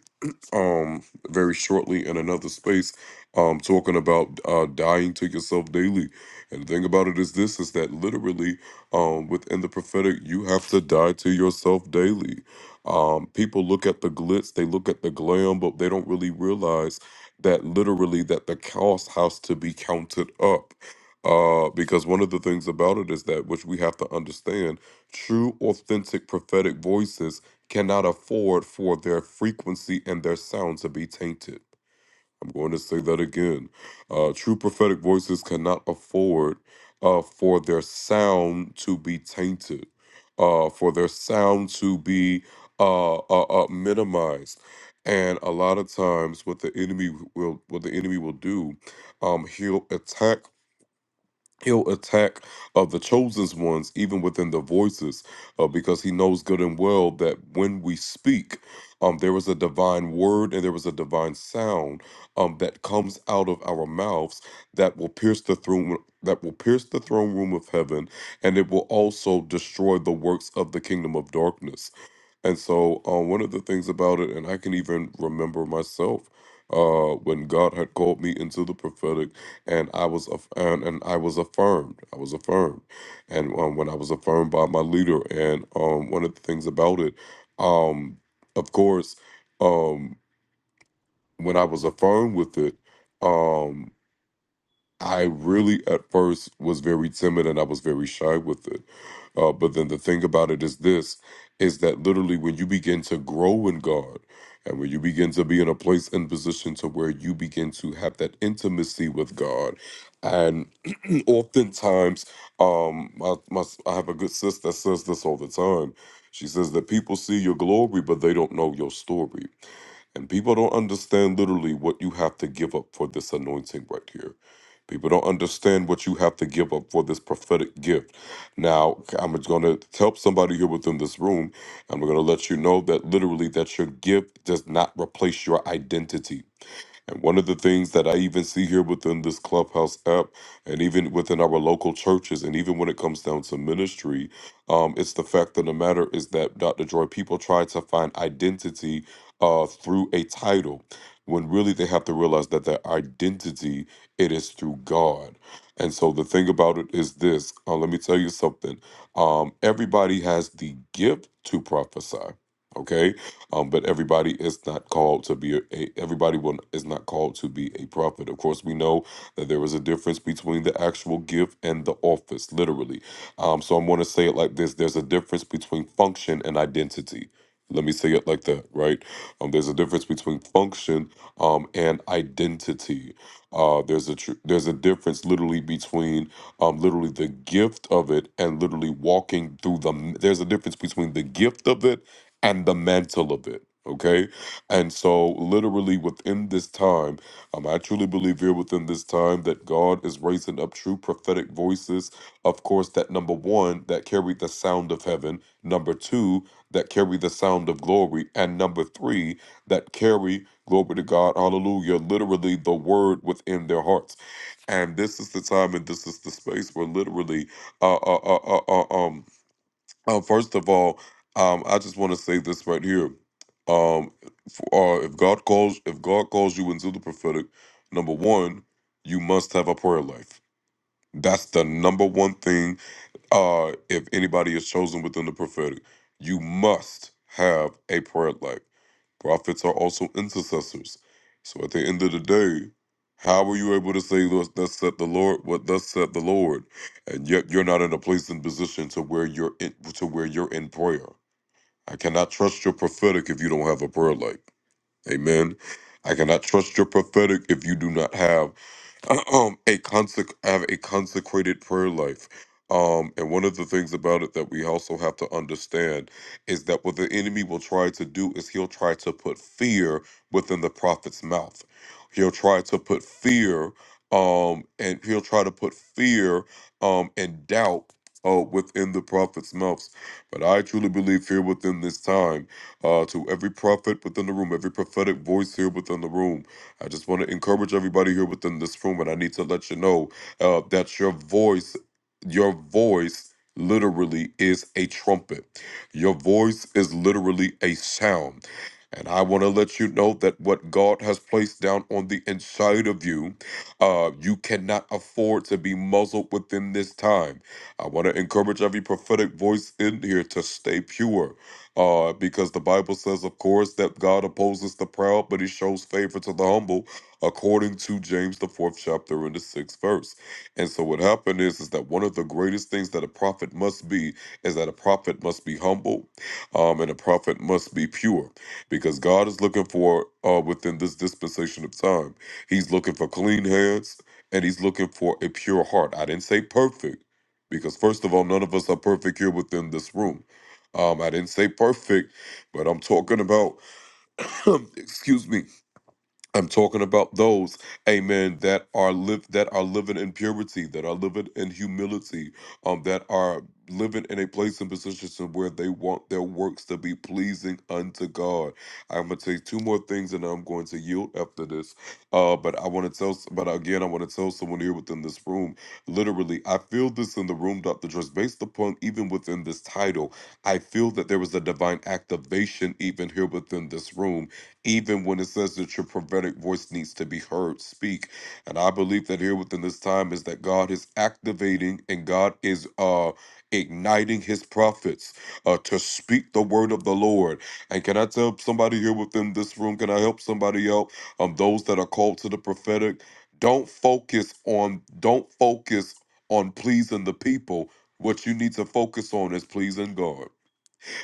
um very shortly in another space um talking about uh dying to yourself daily and the thing about it is this is that literally um within the prophetic you have to die to yourself daily um people look at the glitz they look at the glam but they don't really realize that literally that the cost has to be counted up uh because one of the things about it is that which we have to understand true authentic prophetic voices cannot afford for their frequency and their sound to be tainted. I'm going to say that again. Uh, true prophetic voices cannot afford uh, for their sound to be tainted, uh, for their sound to be uh, uh, uh, minimized. And a lot of times, what the enemy will what the enemy will do, um, he'll attack He'll attack uh, the chosen ones, even within the voices, uh, because he knows good and well that when we speak, um, there is a divine word and there is a divine sound um, that comes out of our mouths that will pierce the throne that will pierce the throne room of heaven, and it will also destroy the works of the kingdom of darkness. And so, um, one of the things about it, and I can even remember myself, uh, when God had called me into the prophetic, and I was aff- and, and I was affirmed. I was affirmed, and um, when I was affirmed by my leader, and um, one of the things about it, um, of course, um, when I was affirmed with it. Um, I really at first was very timid and I was very shy with it. Uh, but then the thing about it is this is that literally when you begin to grow in God and when you begin to be in a place and position to where you begin to have that intimacy with God and [clears throat] oftentimes um my, my I have a good sister that says this all the time. She says that people see your glory but they don't know your story. And people don't understand literally what you have to give up for this anointing right here. People don't understand what you have to give up for this prophetic gift. Now, I'm going to help somebody here within this room, I'm going to let you know that literally that your gift does not replace your identity. And one of the things that I even see here within this Clubhouse app and even within our local churches, and even when it comes down to ministry, um, it's the fact of the matter is that, Dr. Joy, people try to find identity uh, through a title when really they have to realize that their identity it is through god and so the thing about it is this uh, let me tell you something um, everybody has the gift to prophesy okay um, but everybody is not called to be a, a- everybody will, is not called to be a prophet. Of course, we know that there is a difference between the actual gift and the office, literally. Um, so I'm going to say it like this: There's a difference between function and identity. Let me say it like that, right? Um, there's a difference between function um, and identity. Uh, there's a tr- there's a difference literally between um, literally the gift of it and literally walking through the. m- There's a difference between the gift of it and the mantle of it. Okay. And so, literally within this time, um, I truly believe here within this time that God is raising up true prophetic voices. Of course, that number one, that carry the sound of heaven. Number two, that carry the sound of glory. And number three, that carry, glory to God, hallelujah, literally the word within their hearts. And this is the time and this is the space where literally, uh, uh, uh, uh, uh um, uh, first of all, um, I just want to say this right here. Um, for, uh, if God calls, if God calls you into the prophetic, number one, you must have a prayer life. That's the number one thing uh, if anybody is chosen within the prophetic, you must have a prayer life. Prophets are also intercessors. So at the end of the day, how are you able to say thus thus said the Lord, what thus said the Lord, and yet you're not in a place and position to where you're in, to where you're in prayer? I cannot trust your prophetic if you don't have a prayer life. Amen. I cannot trust your prophetic if you do not have [clears throat] um a consec- have a consecrated prayer life um and one of the things about it that we also have to understand is that what the enemy will try to do is he'll try to put fear within the prophet's mouth he'll try to put fear um and he'll try to put fear um and doubt uh, within the prophet's mouths. But I truly believe here within this time, uh, to every prophet within the room, every prophetic voice here within the room, I just want to encourage everybody here within this room, and I need to let you know uh, that your voice, your voice literally is a trumpet. Your voice is literally a sound. And I want to let you know that what God has placed down on the inside of you, uh, you cannot afford to be muzzled within this time. I want to encourage every prophetic voice in here to stay pure uh, because the Bible says, of course, that God opposes the proud, but he shows favor to the humble, according to James, the fourth chapter and the sixth verse. And so what happened is, is that one of the greatest things that a prophet must be is that a prophet must be humble um, and a prophet must be pure because God is looking for, uh, within this dispensation of time, he's looking for clean hands and he's looking for a pure heart. I didn't say perfect because, first of all, none of us are perfect here within this room. Um, I didn't say perfect, but I'm talking about, [clears throat] excuse me, I'm talking about those, amen, that are live that are living in purity, that are living in humility, um, that are living in a place and position where they want their works to be pleasing unto God. I'm gonna take two more things and I'm going to yield after this. Uh, but I want to tell s- but again, I want to tell someone here within this room. Literally, I feel this in the room, Dr. Dress, based upon even within this title, I feel that there was a divine activation even here within this room even when it says that your prophetic voice needs to be heard, speak. And I believe that here within this time is that God is activating and God is uh igniting his prophets uh to speak the word of the Lord. And can I tell somebody here within this room, can I help somebody out? Um those that are called to the prophetic, don't focus on don't focus on pleasing the people. What you need to focus on is pleasing God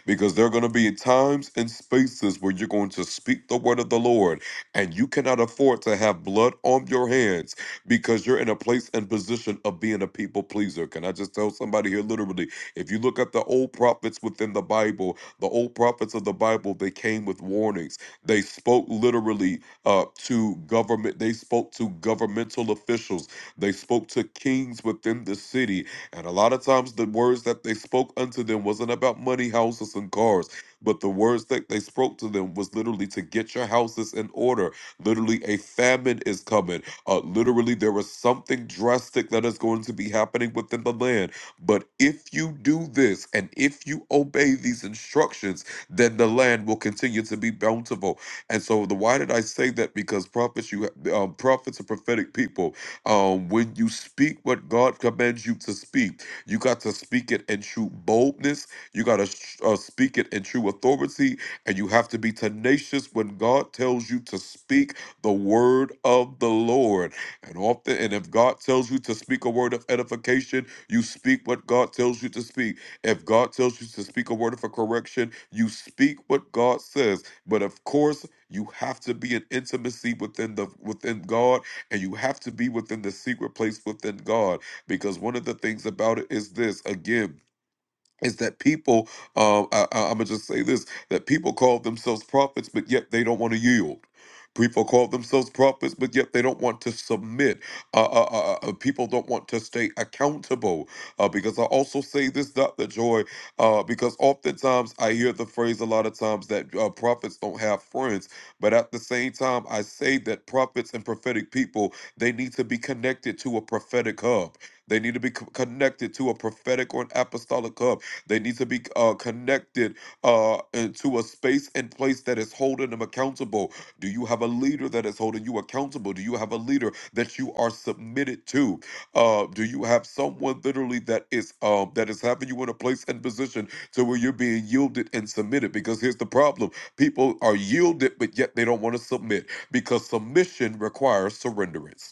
because there are going to be times and spaces where you're going to speak the word of the Lord and you cannot afford to have blood on your hands because you're in a place and position of being a people pleaser. Can I just tell somebody here literally? If you look at the old prophets within the Bible, the old prophets of the Bible, they came with warnings. They spoke literally uh, to government, they spoke to governmental officials, they spoke to kings within the city, and a lot of times the words that they spoke unto them wasn't about money, houses, and cars, but the words that they spoke to them was literally to get your houses in order. Literally, a famine is coming. Uh, literally, there is something drastic that is going to be happening within the land. But if you do this and if you obey these instructions, then the land will continue to be bountiful. And so, the why did I say that? Because prophets, you um, prophets are prophetic people um, when you speak what God commands you to speak, you got to speak it in true boldness. You got to uh, speak it in true authority, and you have to be tenacious when God tells you to speak the word of the Lord. And often, and if God tells you to speak a word of edification, you speak what God tells you to speak. If God tells you to speak a word of a correction, you speak what God says. But of course, you have to be in intimacy within the within God and you have to be within the secret place within God because one of the things about it is this again is that people um I, I, i'm gonna just say this that people call themselves prophets but yet they don't want to yield people call themselves prophets but yet they don't want to submit uh, uh, uh, uh, uh, people don't want to stay accountable uh, because i also say this dr joy uh, because oftentimes i hear the phrase a lot of times that uh, prophets don't have friends but at the same time i say that prophets and prophetic people they need to be connected to a prophetic hub they need to be co- connected to a prophetic or an apostolic hub they need to be uh, connected uh, into a space and place that is holding them accountable. Do you have a leader that is holding you accountable? Do you have a leader that you are submitted to? Uh, do you have someone literally that is um, that is having you in a place and position to where you're being yielded and submitted? Because here's the problem: people are yielded, but yet they don't want to submit because submission requires surrenderance.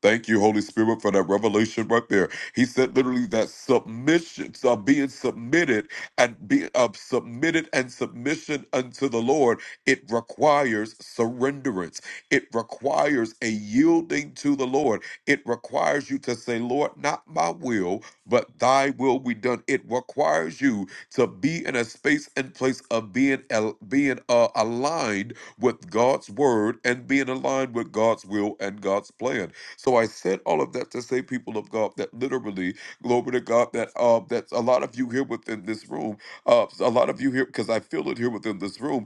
Thank you, Holy Spirit, for that revelation right there. He said literally that submissions are being submitted and be uh, submitted and submission unto the Lord. It requires surrenderance. It requires a yielding to the Lord. It requires you to say, Lord, not my will, but thy will be done. It requires you to be in a space and place of being al- being uh, aligned with God's word and being aligned with God's will and God's plan. So I said all of that to say, people of God, that literally, glory to God, that uh, that a lot of you here within this room, uh, a lot of you here, because I feel it here within this room,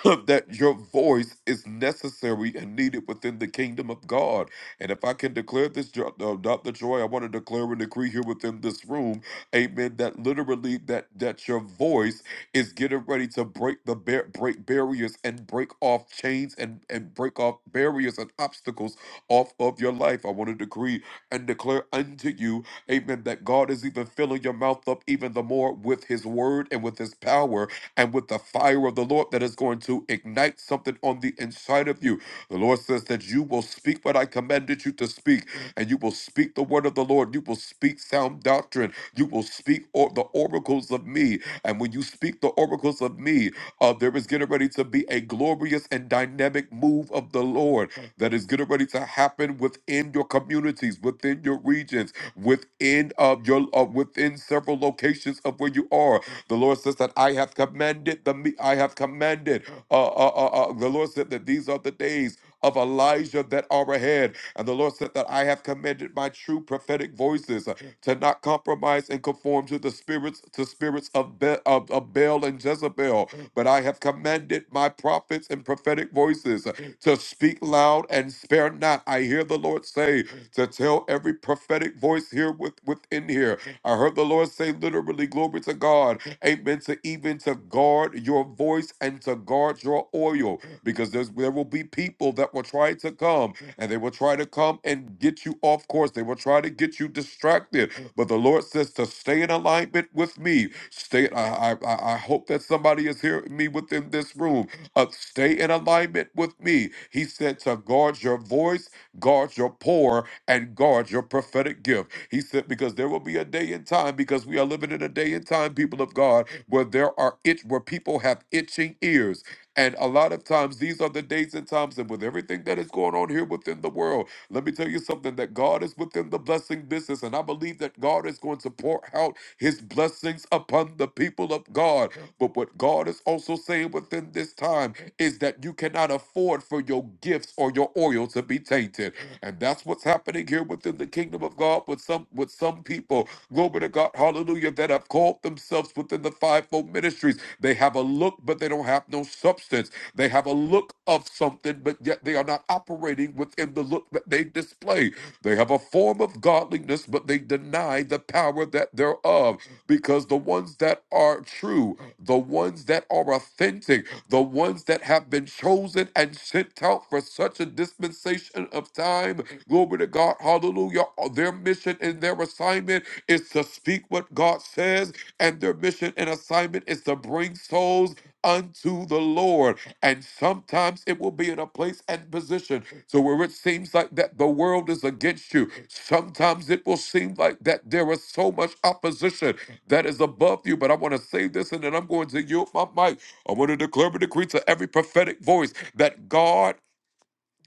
[laughs] [coughs] that your voice is necessary and needed within the kingdom of God. And if I can declare this, Jo- uh, Dr. Joy, I want to declare and decree here within this room, amen, that literally that that your voice is getting ready to break the bar- break barriers and break off chains and, and break off barriers and obstacles off of your life. I want to decree and declare unto you, amen, that God is even filling your mouth up even the more with his word and with his power and with the fire of the Lord that is going to ignite something on the inside of you. The Lord says that you will speak what I commanded you to speak, and you will speak the word of the Lord. You will speak sound doctrine. You will speak or the oracles of me. And when you speak the oracles of me, uh, there is getting ready to be a glorious and dynamic move of the Lord that is getting ready to happen within your communities, within your regions, within of your uh, within several locations of where you are the Lord says that I have commanded the me- I have commanded. Uh, uh, uh, uh, the Lord said that these are the days of Elijah that are ahead, and the Lord said that I have commanded my true prophetic voices uh, to not compromise and conform to the spirits to spirits of, Be- of of Baal and Jezebel, but I have commanded my prophets and prophetic voices uh, to speak loud and spare not. I hear the Lord say to tell every prophetic voice here with, within here I heard the Lord say literally, glory to God. Amen. To even to guard your voice and to guard your oil. Because there's there will be people that will try to come and they will try to come and get you off course. They will try to get you distracted. But the Lord says to stay in alignment with me. Stay. I I, I hope that somebody is hearing me within this room. Uh, stay in alignment with me. He said to guard your voice, guard your pour, and guard your prophetic gift. He said, because there will be a day and time, because we are living in a day and time, people of God, where there are itch, where people have itching ears. And a lot of times, these are the days and times, and with everything that is going on here within the world, let me tell you something that God is within the blessing business, and I believe that God is going to pour out his blessings upon the people of God. But what God is also saying within this time is that you cannot afford for your gifts or your oil to be tainted. And that's what's happening here within the kingdom of God with some with some people, glory to God, hallelujah, that have called themselves within the fivefold ministries. They have a look, but they don't have no substance. They have a look of something, but yet they are not operating within the in the look that they display. They have a form of godliness, but they deny the power that thereof. Because the ones that are true, the ones that are authentic, the ones that have been chosen and sent out for such a dispensation of time, glory to God, hallelujah. uh, Their mission and their assignment is to speak what God says, and their mission and assignment is to bring souls unto the Lord. And sometimes it will be in a place and position. So where it seems like that the world is against you, sometimes it will seem like that there is so much opposition that is above you. But I want to say this and then I'm going to yield my mic. I want to declare and decree to every prophetic voice that God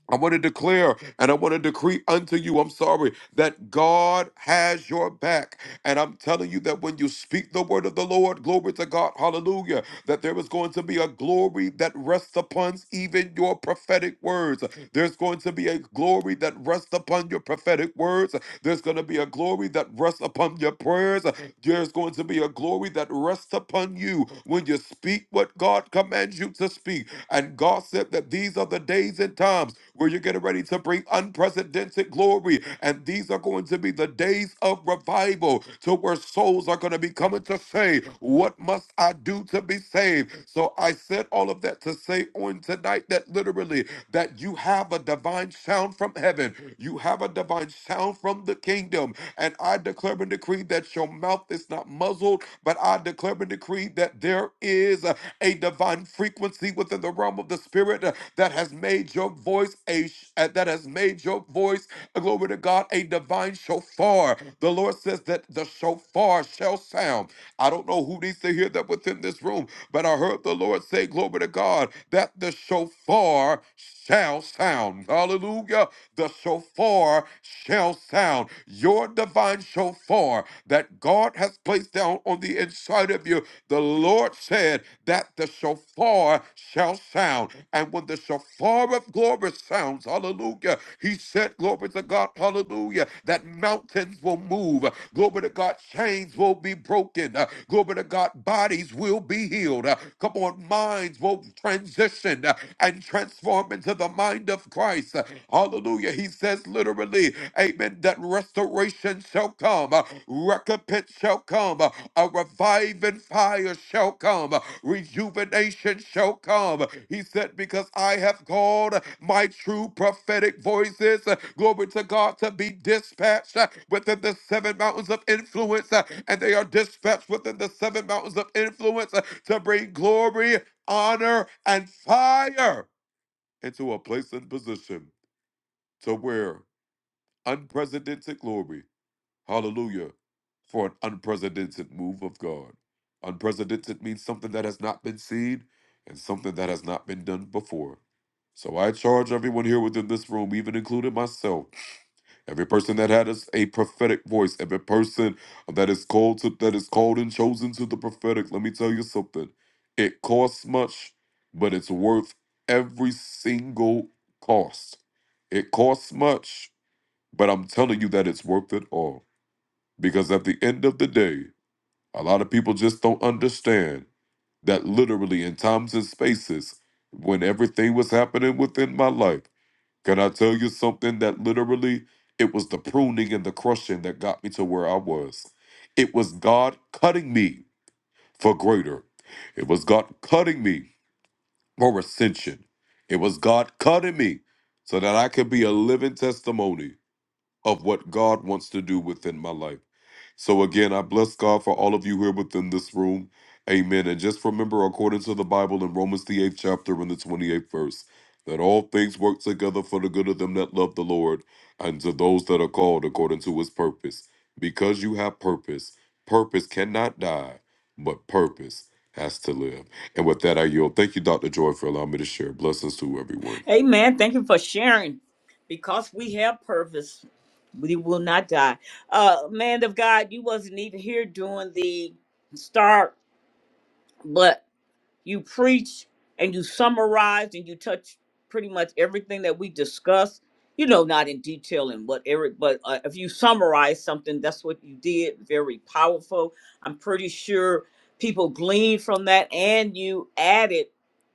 I want to declare and I want to decree unto you, I'm sorry, that God has your back. And I'm telling you that when you speak the word of the Lord, glory to God, hallelujah, that there is going to be a glory that rests upon even your prophetic words. There's going to be a glory that rests upon your prophetic words. There's going to be a glory that rests upon your prayers. There's going to be a glory that rests upon you when you speak what God commands you to speak. And God said that these are the days and times where you're getting ready to bring unprecedented glory. And these are going to be the days of revival to where souls are going to be coming to say, What must I do to be saved? name. So I said all of that to say on tonight that literally that you have a divine sound from heaven. You have a divine sound from the kingdom. And I declare and decree that your mouth is not muzzled, but I declare and decree that there is a, a divine frequency within the realm of the spirit uh, that has made your voice a sh- uh, that has made your voice uh, glory to God a divine shofar. The Lord says that the shofar shall sound. I don't know who needs to hear that within this room, but I heard the Lord say, Glory to God, that the shofar shall sound. Hallelujah the shofar shall sound. Your divine shofar that God has placed down on the inside of you, the Lord said that the shofar shall sound. And when the shofar of glory sounds, hallelujah, he said, glory to God, hallelujah, that mountains will move. Glory to God, chains will be broken. Uh, Glory to God, bodies will be healed. Uh, Come on, minds will transition uh, and transform transformed into the mind of Christ. Hallelujah. He says literally, Amen, that restoration shall come, uh, recompense shall come, uh, a reviving fire shall come, uh, rejuvenation shall come. He said, Because I have called my true prophetic voices, uh, glory to God, to be dispatched uh, within the seven mountains of influence, uh, and they are dispatched within the seven mountains of influence uh, to bring glory, honor, and fire into a place and position to where unprecedented glory. Hallelujah. For an unprecedented move of God. Unprecedented means something that has not been seen and something that has not been done before. So I charge everyone here within this room, even including myself. Every person that had us a prophetic voice, every person that is called to that is called and chosen to the prophetic, let me tell you something. It costs much, but it's worth every single cost. It costs much, but I'm telling you that it's worth it all. Because at the end of the day, a lot of people just don't understand that literally in times and spaces, when everything was happening within my life. Can I tell you something that literally it was the pruning and the crushing that got me to where I was? It was God cutting me for greater. It was God cutting me for ascension. It was God cutting me so that I could be a living testimony of what God wants to do within my life. So again, I bless God for all of you here within this room. Amen. And just remember, according to the Bible in Romans the eighth chapter and the twenty-eighth verse, that all things work together for the good of them that love the Lord and to those that are called according to his purpose. Because you have purpose, purpose cannot die, but purpose has to live. And with that, I yield. Thank you, Dr. Joy, for allowing me to share. Blessings to everyone.
Amen. Thank you for sharing. Because we have purpose, we will not die. Uh man of God, you wasn't even here during the start, but. You preach and you summarize and you touch pretty much everything that we discussed. You know, not in detail and what Eric, but uh, if you summarize something, that's what you did. Very powerful. I'm pretty sure people gleaned from that, and you added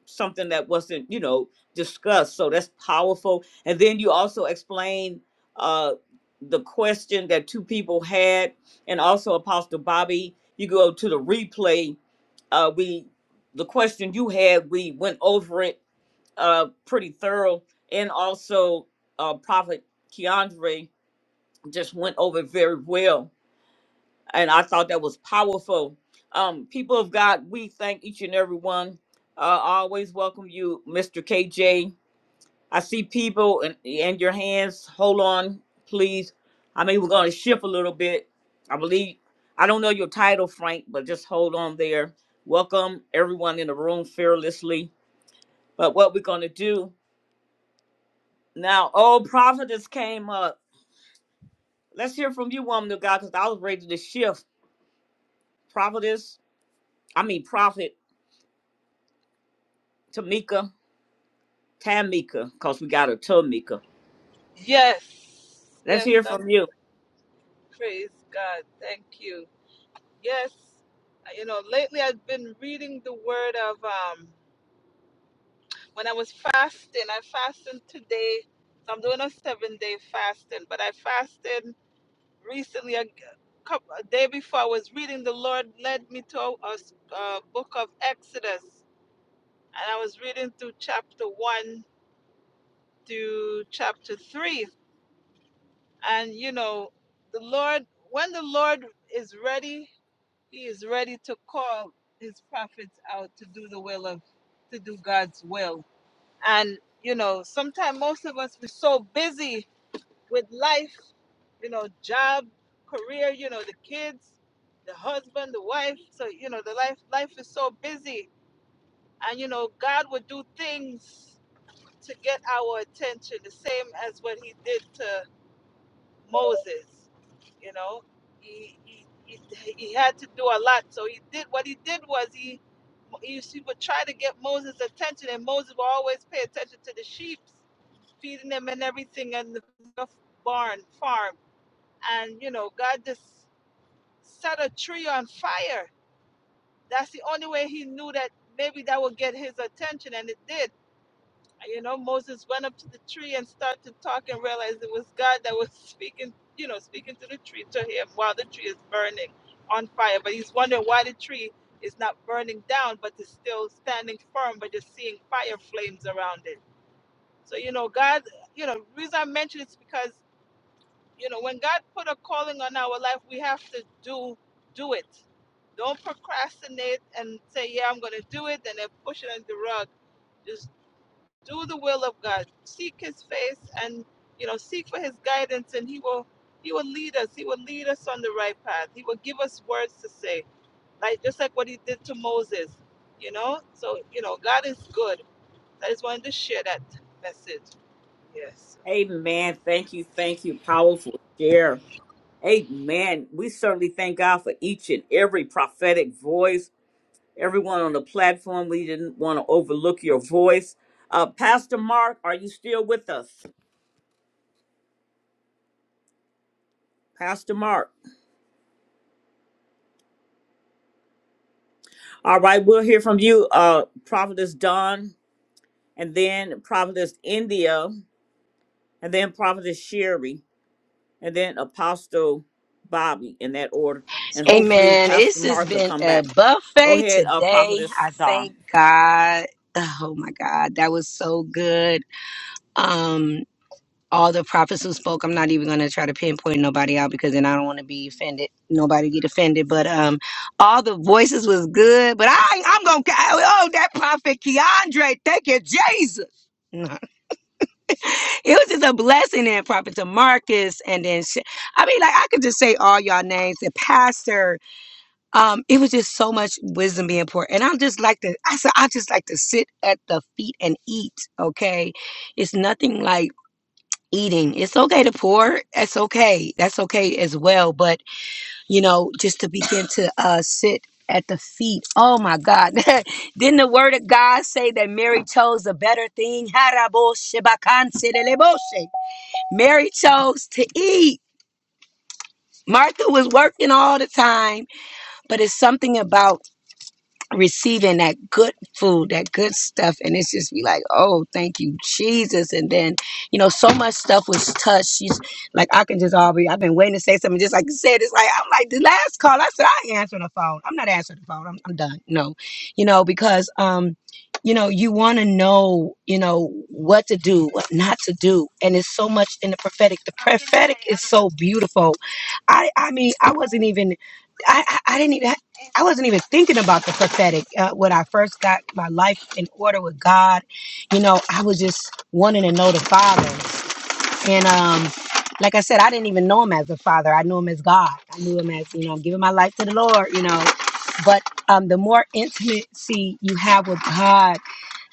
something that wasn't, you know, discussed. So that's powerful. And then you also explained uh, the question that two people had, and also Apostle Bobby. You go to the replay. Uh, we the question you had, we went over it uh, pretty thorough, and also uh, Prophet Keandre just went over it very well, and I thought that was powerful. Um, people of God, we thank each and every one. Uh, I always welcome you, Mr. KJ. I see people and and your hands. Hold on, please. I mean, we're going to shift a little bit. I believe I don't know your title, Frank, but just hold on there. Welcome everyone in the room fearlessly. But what we're gonna do now? Oh, prophetess came up. Let's hear from you, woman of God, because I was ready to shift. Prophetess, I mean prophet Tamika, Tamika, because we got a Tamika.
Yes,
Let's
yes,
hear
I'm
from you.
praise God. Thank you. Yes, Uh, you know, lately I've been reading the word of um when I was fasting. I fasted today. So I'm doing a seven day fasting, but I fasted recently a, couple, a day before. I was reading. The Lord led me to a, a s- a book of Exodus, and I was reading through chapter one to chapter three. And you know, the Lord, when the Lord is ready He is ready to call his prophets out to do the will of, to do God's will. And, you know, sometimes most of us, we're so busy with life, you know, job, career, you know, the kids, the husband, the wife. So, you know, the life, life is so busy. And, you know, God would do things to get our attention, the same as what he did to Moses. You know, he he, he he had to do a lot. So he did what he did was he he, he would try to get Moses' attention, and Moses would always pay attention to the sheep, feeding them and everything, and the barn farm. And you know, God just set a tree on fire. That's the only way he knew that maybe that would get his attention, and it did you know, Moses went up to the tree and started to talk and realized it was God that was [laughs] speaking, you know, speaking to the tree to him while the tree is burning on fire. But he's wondering why the tree is not burning down, but is still standing firm, but just seeing fire flames around it. So, you know, God, you know, the reason I mention it's because, you know, when God put a calling on our life, we have to do do it. Don't procrastinate and say, yeah, I'm going to do it, and then push it under the rug Just do the will of God. Seek his face and you know, seek for his guidance and he will he will lead us. He will lead us on the right path. He will give us words to say. Like just like what he did to Moses. You know? So, you know, God is good. I just wanted to share that message. Yes.
Amen. Thank you. Thank you. Powerful share. Amen. We certainly thank God for each and every prophetic voice. Everyone on the platform, we didn't want to overlook your voice. Uh, Pastor Mark, are you still with us? Pastor Mark. All right, we'll hear from you, uh, Prophetess Dawn, and then Prophetess India, and then Prophetess Sherry, and then Apostle Bobby in that order. And hopefully
Amen. It's
Pastor
just
Mark will
been
come
a
back. Go
buffet
ahead, uh,
today. I
Prophetess Dawn.
thank God. Oh my God, that was so good. Um, all the prophets who spoke, I'm not even gonna try to pinpoint nobody out because then I don't want to be offended. Nobody get offended, but um, all the voices was good. But I, I'm gonna oh that prophet Keandre, thank you Jesus. [laughs] it was just a blessing and prophet to Marcus and then Sha- I mean like I could just say all y'all names the pastor um, it was just so much wisdom being poured. And I just like to, I said, I just like to sit at the feet and eat. Okay. It's nothing like eating. It's okay to pour. That's okay. That's okay as well. But, you know, just to begin to uh, sit at the feet. Oh my God. [laughs] Didn't the word of God say that Mary chose a better thing? [laughs] Mary chose to eat. Martha was working all the time, but it's something about receiving that good food, that good stuff. And it's just be like, oh, thank you, Jesus. And then, you know, so much stuff was touched. She's like, I can just all be I've been waiting to say something. Just like you said, it's like, I'm like, the last call, I said, I ain't answering the phone. I'm not answering the phone. I'm, I'm done. No, you know, because, um, you know, you want to know, you know, what to do, what not to do. And it's so much in the prophetic. The prophetic is so beautiful. I, I mean, I wasn't even, I, I, I didn't even. I wasn't even thinking about the prophetic uh, when I first got my life in order with God. You know, I was just wanting to know the Father. And um, like I said, I didn't even know him as a father. I knew him as God. I knew him as, you know, I'm giving my life to the Lord, you know. But um, the more intimacy you have with God,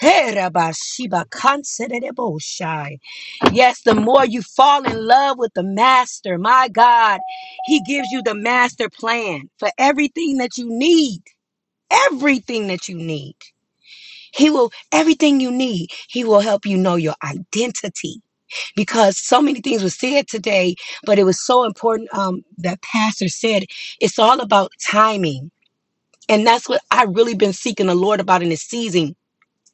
hey, Rabba Sheba, consider the Boshai. Yes, the more you fall in love with the master, my God, he gives you the master plan for everything that you need. Everything that you need. He will, everything you need, he will help you know your identity because so many things were said today, but it was so important um, that Pastor said it's all about timing. And that's what I really been seeking the Lord about in this season,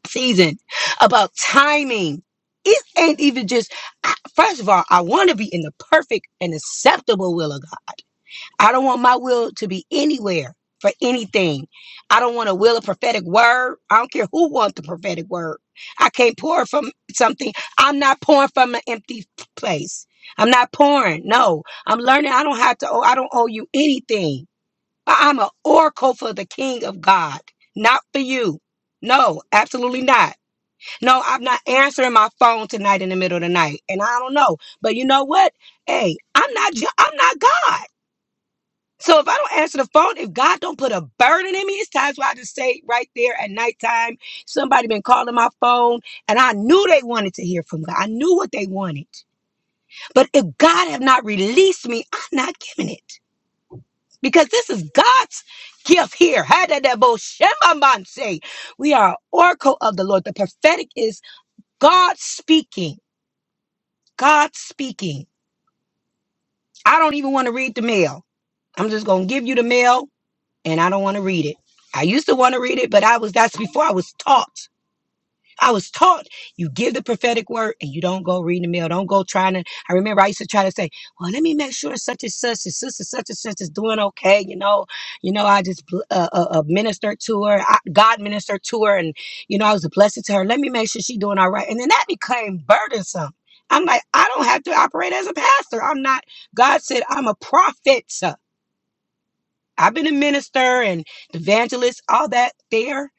season about timing. It ain't even just, I- first of all, I want to be in the perfect and acceptable will of God. I don't want my will to be anywhere for anything. I don't want to will a prophetic word. I don't care who wants the prophetic word. I can't pour from something. I'm not pouring from an empty place. I'm not pouring. No, I'm learning. I don't have to. owe I don't owe you anything. I- I'm an oracle for the King of God, not for you. No, absolutely not. No, I'm not answering my phone tonight in the middle of the night, and I don't know. But you know what? Hey, I'm not. ju- I'm not God. So if I don't answer the phone, if God don't put a burden in me, it's times where I just say right there at nighttime, somebody been calling my phone, and I knew they wanted to hear from God. I knew what they wanted. But if God have not released me, I'm not giving it. Because this is God's gift here. Hadadaboshemamanse. We are an oracle of the Lord. The prophetic is God speaking. God speaking. I don't even want to read the mail. I'm just gonna give you the mail and I don't want to read it. I used to want to read it, but I was that's before I was taught. I was taught you give the prophetic word and you don't go reading the mail. Don't go trying to. I remember I used to try to say, "Well, let me make sure such and such and sister such and such is doing okay." You know, you know, I just bl- uh, uh, uh, ministered to her. I, God ministered to her, and you know, I was a blessing to her. Let me make sure she's doing all right. And then that became burdensome. I'm like, I don't have to operate as a pastor. I'm not. God said I'm a prophet. I've been a minister and evangelist, all that there,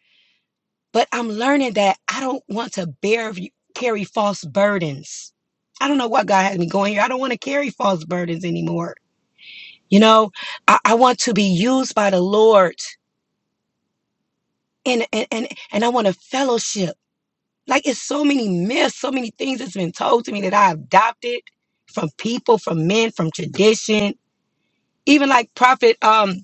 but I'm learning that I don't want to bear carry false burdens. I don't know what God has me going here. I don't want to carry false burdens anymore. You know, I, I want to be used by the Lord and and and, and I want to fellowship. Like it's so many myths, so many things that's been told to me that I adopted from people, from men, from tradition. Even like Prophet um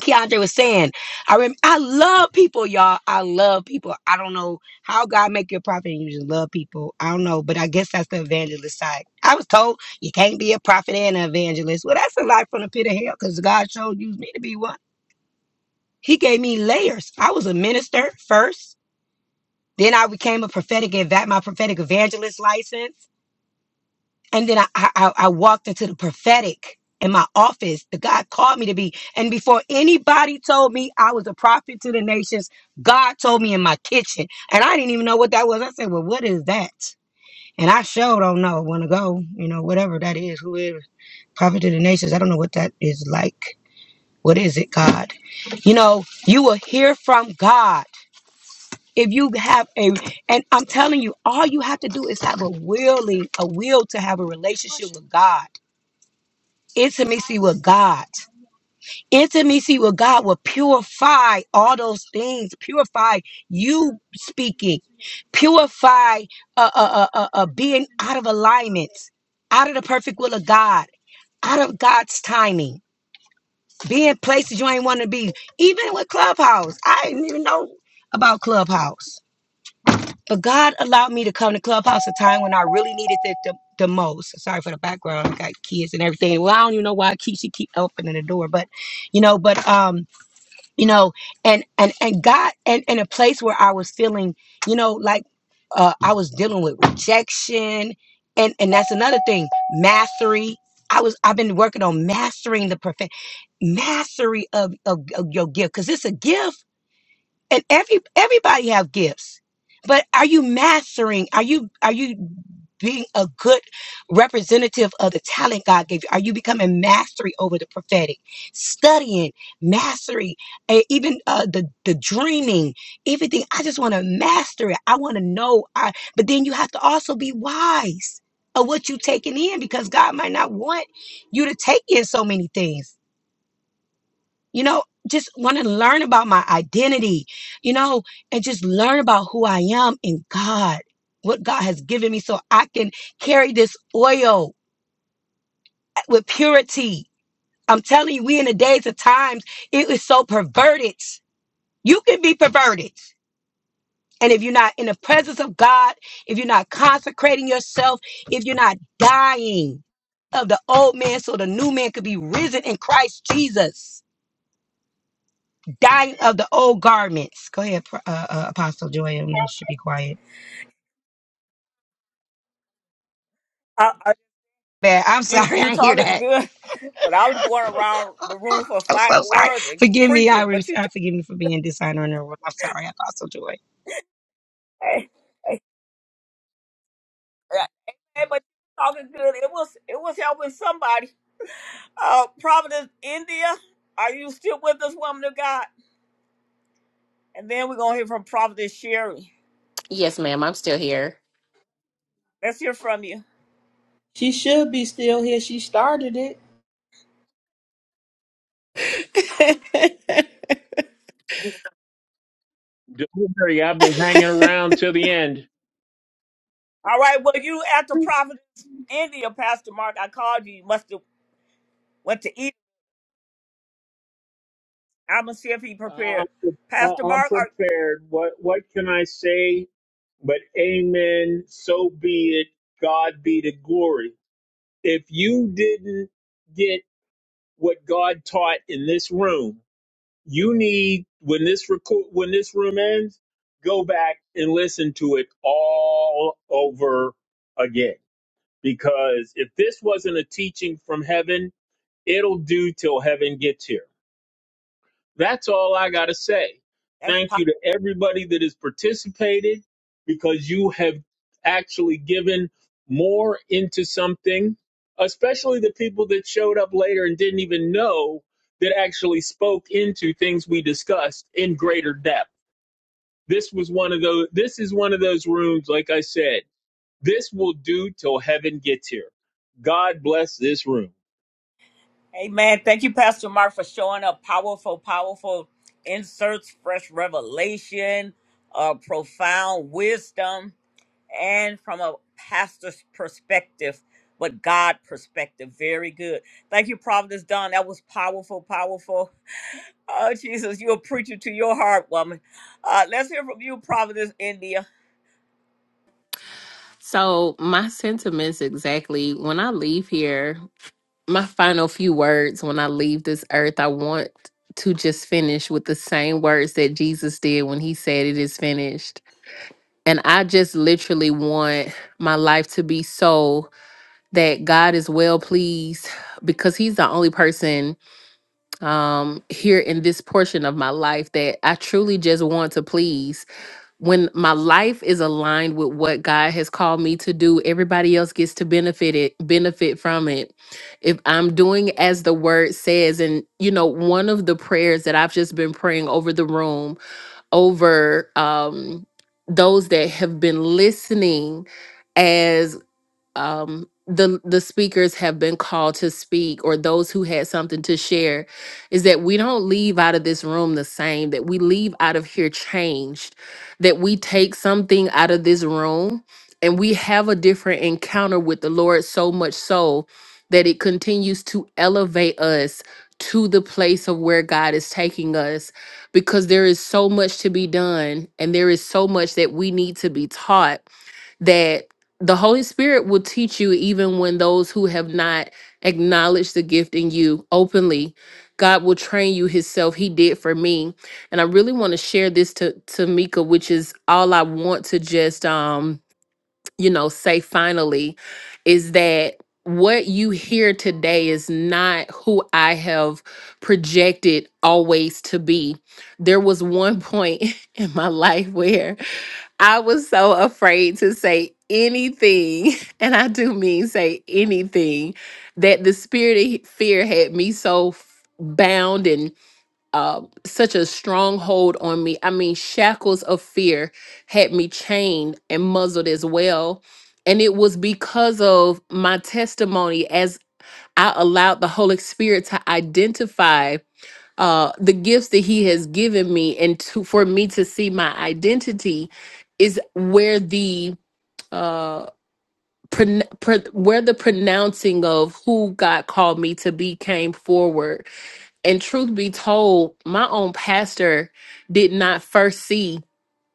Keandre was saying, I rem- I love people, y'all. I love people. I don't know how God make you a prophet and you just love people. I don't know, but I guess that's the evangelist side. I was told you can't be a prophet and an evangelist. Well, that's a lie from the pit of hell because God showed used me to be one. He gave me layers. I was a minister first. Then I became a prophetic and my prophetic evangelist license and then I, I I I walked into the prophetic in my office The God called me to be. And before anybody told me I was a prophet to the nations, God told me in my kitchen, and I didn't even know what that was. I said, "Well, what is that?" And I sure don't know. Want to go? You know, whatever that is, whoever prophet to the nations. I don't know what that is like. What is it, God? You know, you will hear from God if you have a. And I'm telling you, all you have to do is have a willing, a will to have a relationship with God intimacy with God. Intimacy with God will purify all those things, purify you speaking, purify uh, uh, uh, uh, uh, being out of alignment, out of the perfect will of God, out of God's timing, being places you ain't want to be. Even with Clubhouse, I didn't even know about Clubhouse. But God allowed me to come to Clubhouse a time when I really needed it the, the most. Sorry for the background. I got kids and everything. Well, I don't even know why I keep she keep opening the door, but you know, but um, you know, and and and God and in a place where I was feeling, you know, like uh I was dealing with rejection and and that's another thing, mastery. I was I've been working on mastering the perfect mastery of, of, of your gift because it's a gift and every everybody have gifts but are you mastering are you are you being a good representative of the talent god gave you are you becoming mastery over the prophetic studying mastery eh, even uh, the the dreaming everything i just want to master it i want to know i but then you have to also be wise of what you taking in because god might not want you to take in so many things you know just want to learn about my identity you know and just learn about who i am in god what god has given me so i can carry this oil with purity i'm telling you we in the days of times it is so perverted you can be perverted and if you're not in the presence of god if you're not consecrating yourself if you're not dying of the old man so the new man could be risen in christ jesus dying of the old garments. Go ahead, Pro- uh, uh, Apostle Joy, you should be quiet.
I, I,
Man, I'm
you
sorry, [laughs] I
you
didn't hear
talking
that.
good, [laughs] but I was going around the room for
I'm so
final
sorry.
words, and you
Forgive me. I,
preaching,
re-
but you
I forgive me for being dishonorable. I'm sorry, Apostle Joy.
talking, [laughs] but you talking good. It was it was helping somebody. Uh, Providence, India, are you still with us, woman of God? And then we're gonna hear from Prophetess Sherry.
Yes, ma'am. I'm still here.
Let's hear from you.
She should be still here. She started it.
[laughs]
do I've been hanging around till the end.
All right, well you at the Prophetess India, Pastor Mark, I called you. You must have went to eat. I'ma see if he
I'm,
prepared. Pastor
I'm
Mark, are,
prepared. What what can I say? But amen. So be it. God be the glory. If you didn't get what God taught in this room, you need when this record when this room ends, go back and listen to it all over again. Because if this wasn't a teaching from heaven, it'll do till heaven gets here. That's all I got to say.
that's
Thank
po-
you to everybody that has participated because you have actually given more into something, especially the people that showed up later and didn't even know that actually spoke into things we discussed in greater depth. This was one of those this is one of those rooms like I said. This will do till heaven gets here. God bless this room.
Amen. Thank you, Pastor Mark, for showing up. Powerful, powerful inserts, fresh revelation, uh, profound wisdom. and from a pastor's perspective, but God perspective. Very good. Thank you, Providence Don. That was powerful, powerful. [laughs] Oh, Jesus, you're a preacher to your heart, woman. Uh, let's hear from you, Providence, India.
So, my sentiments exactly when I leave here, my final few words when I leave this earth, I want to just finish with the same words that Jesus did when he said, It is finished And I just literally want my life to be so that God is well pleased because He's the only person um, here in this portion of my life that I truly just want to please. When my life is aligned with what God has called me to do, everybody else gets to benefit it, benefit from it. If I'm doing as the word says, and you know, one of the prayers that I've just been praying over the room over um, those that have been listening as um, the the speakers have been called to speak or those who had something to share is that we don't leave out of this room the same that we leave out of here changed that we take something out of this room and we have a different encounter with the lord so much so that it continues to elevate us to the place of where God is taking us because there is so much to be done and there is so much that we need to be taught that the Holy Spirit will teach you even when those who have not acknowledged the gift in you openly. God will train you himself. He did for me. And I really want to share this to, to Mika, which is all I want to just um, you know, say finally, is that what you hear today is not who I have projected always to be. There was one point [laughs] in my life where I was so afraid to say anything, [laughs] and I do mean say anything, that the spirit of he- fear had me so f- bound and uh, such a stronghold on me. I mean, shackles of fear had me chained and muzzled as well. And it was because of my testimony as I allowed the Holy Spirit to identify uh the gifts that he has given me and to for me to see my identity is where the uh pron- pro- where the pronouncing of who God called me to be came forward. And truth be told, my own pastor did not first see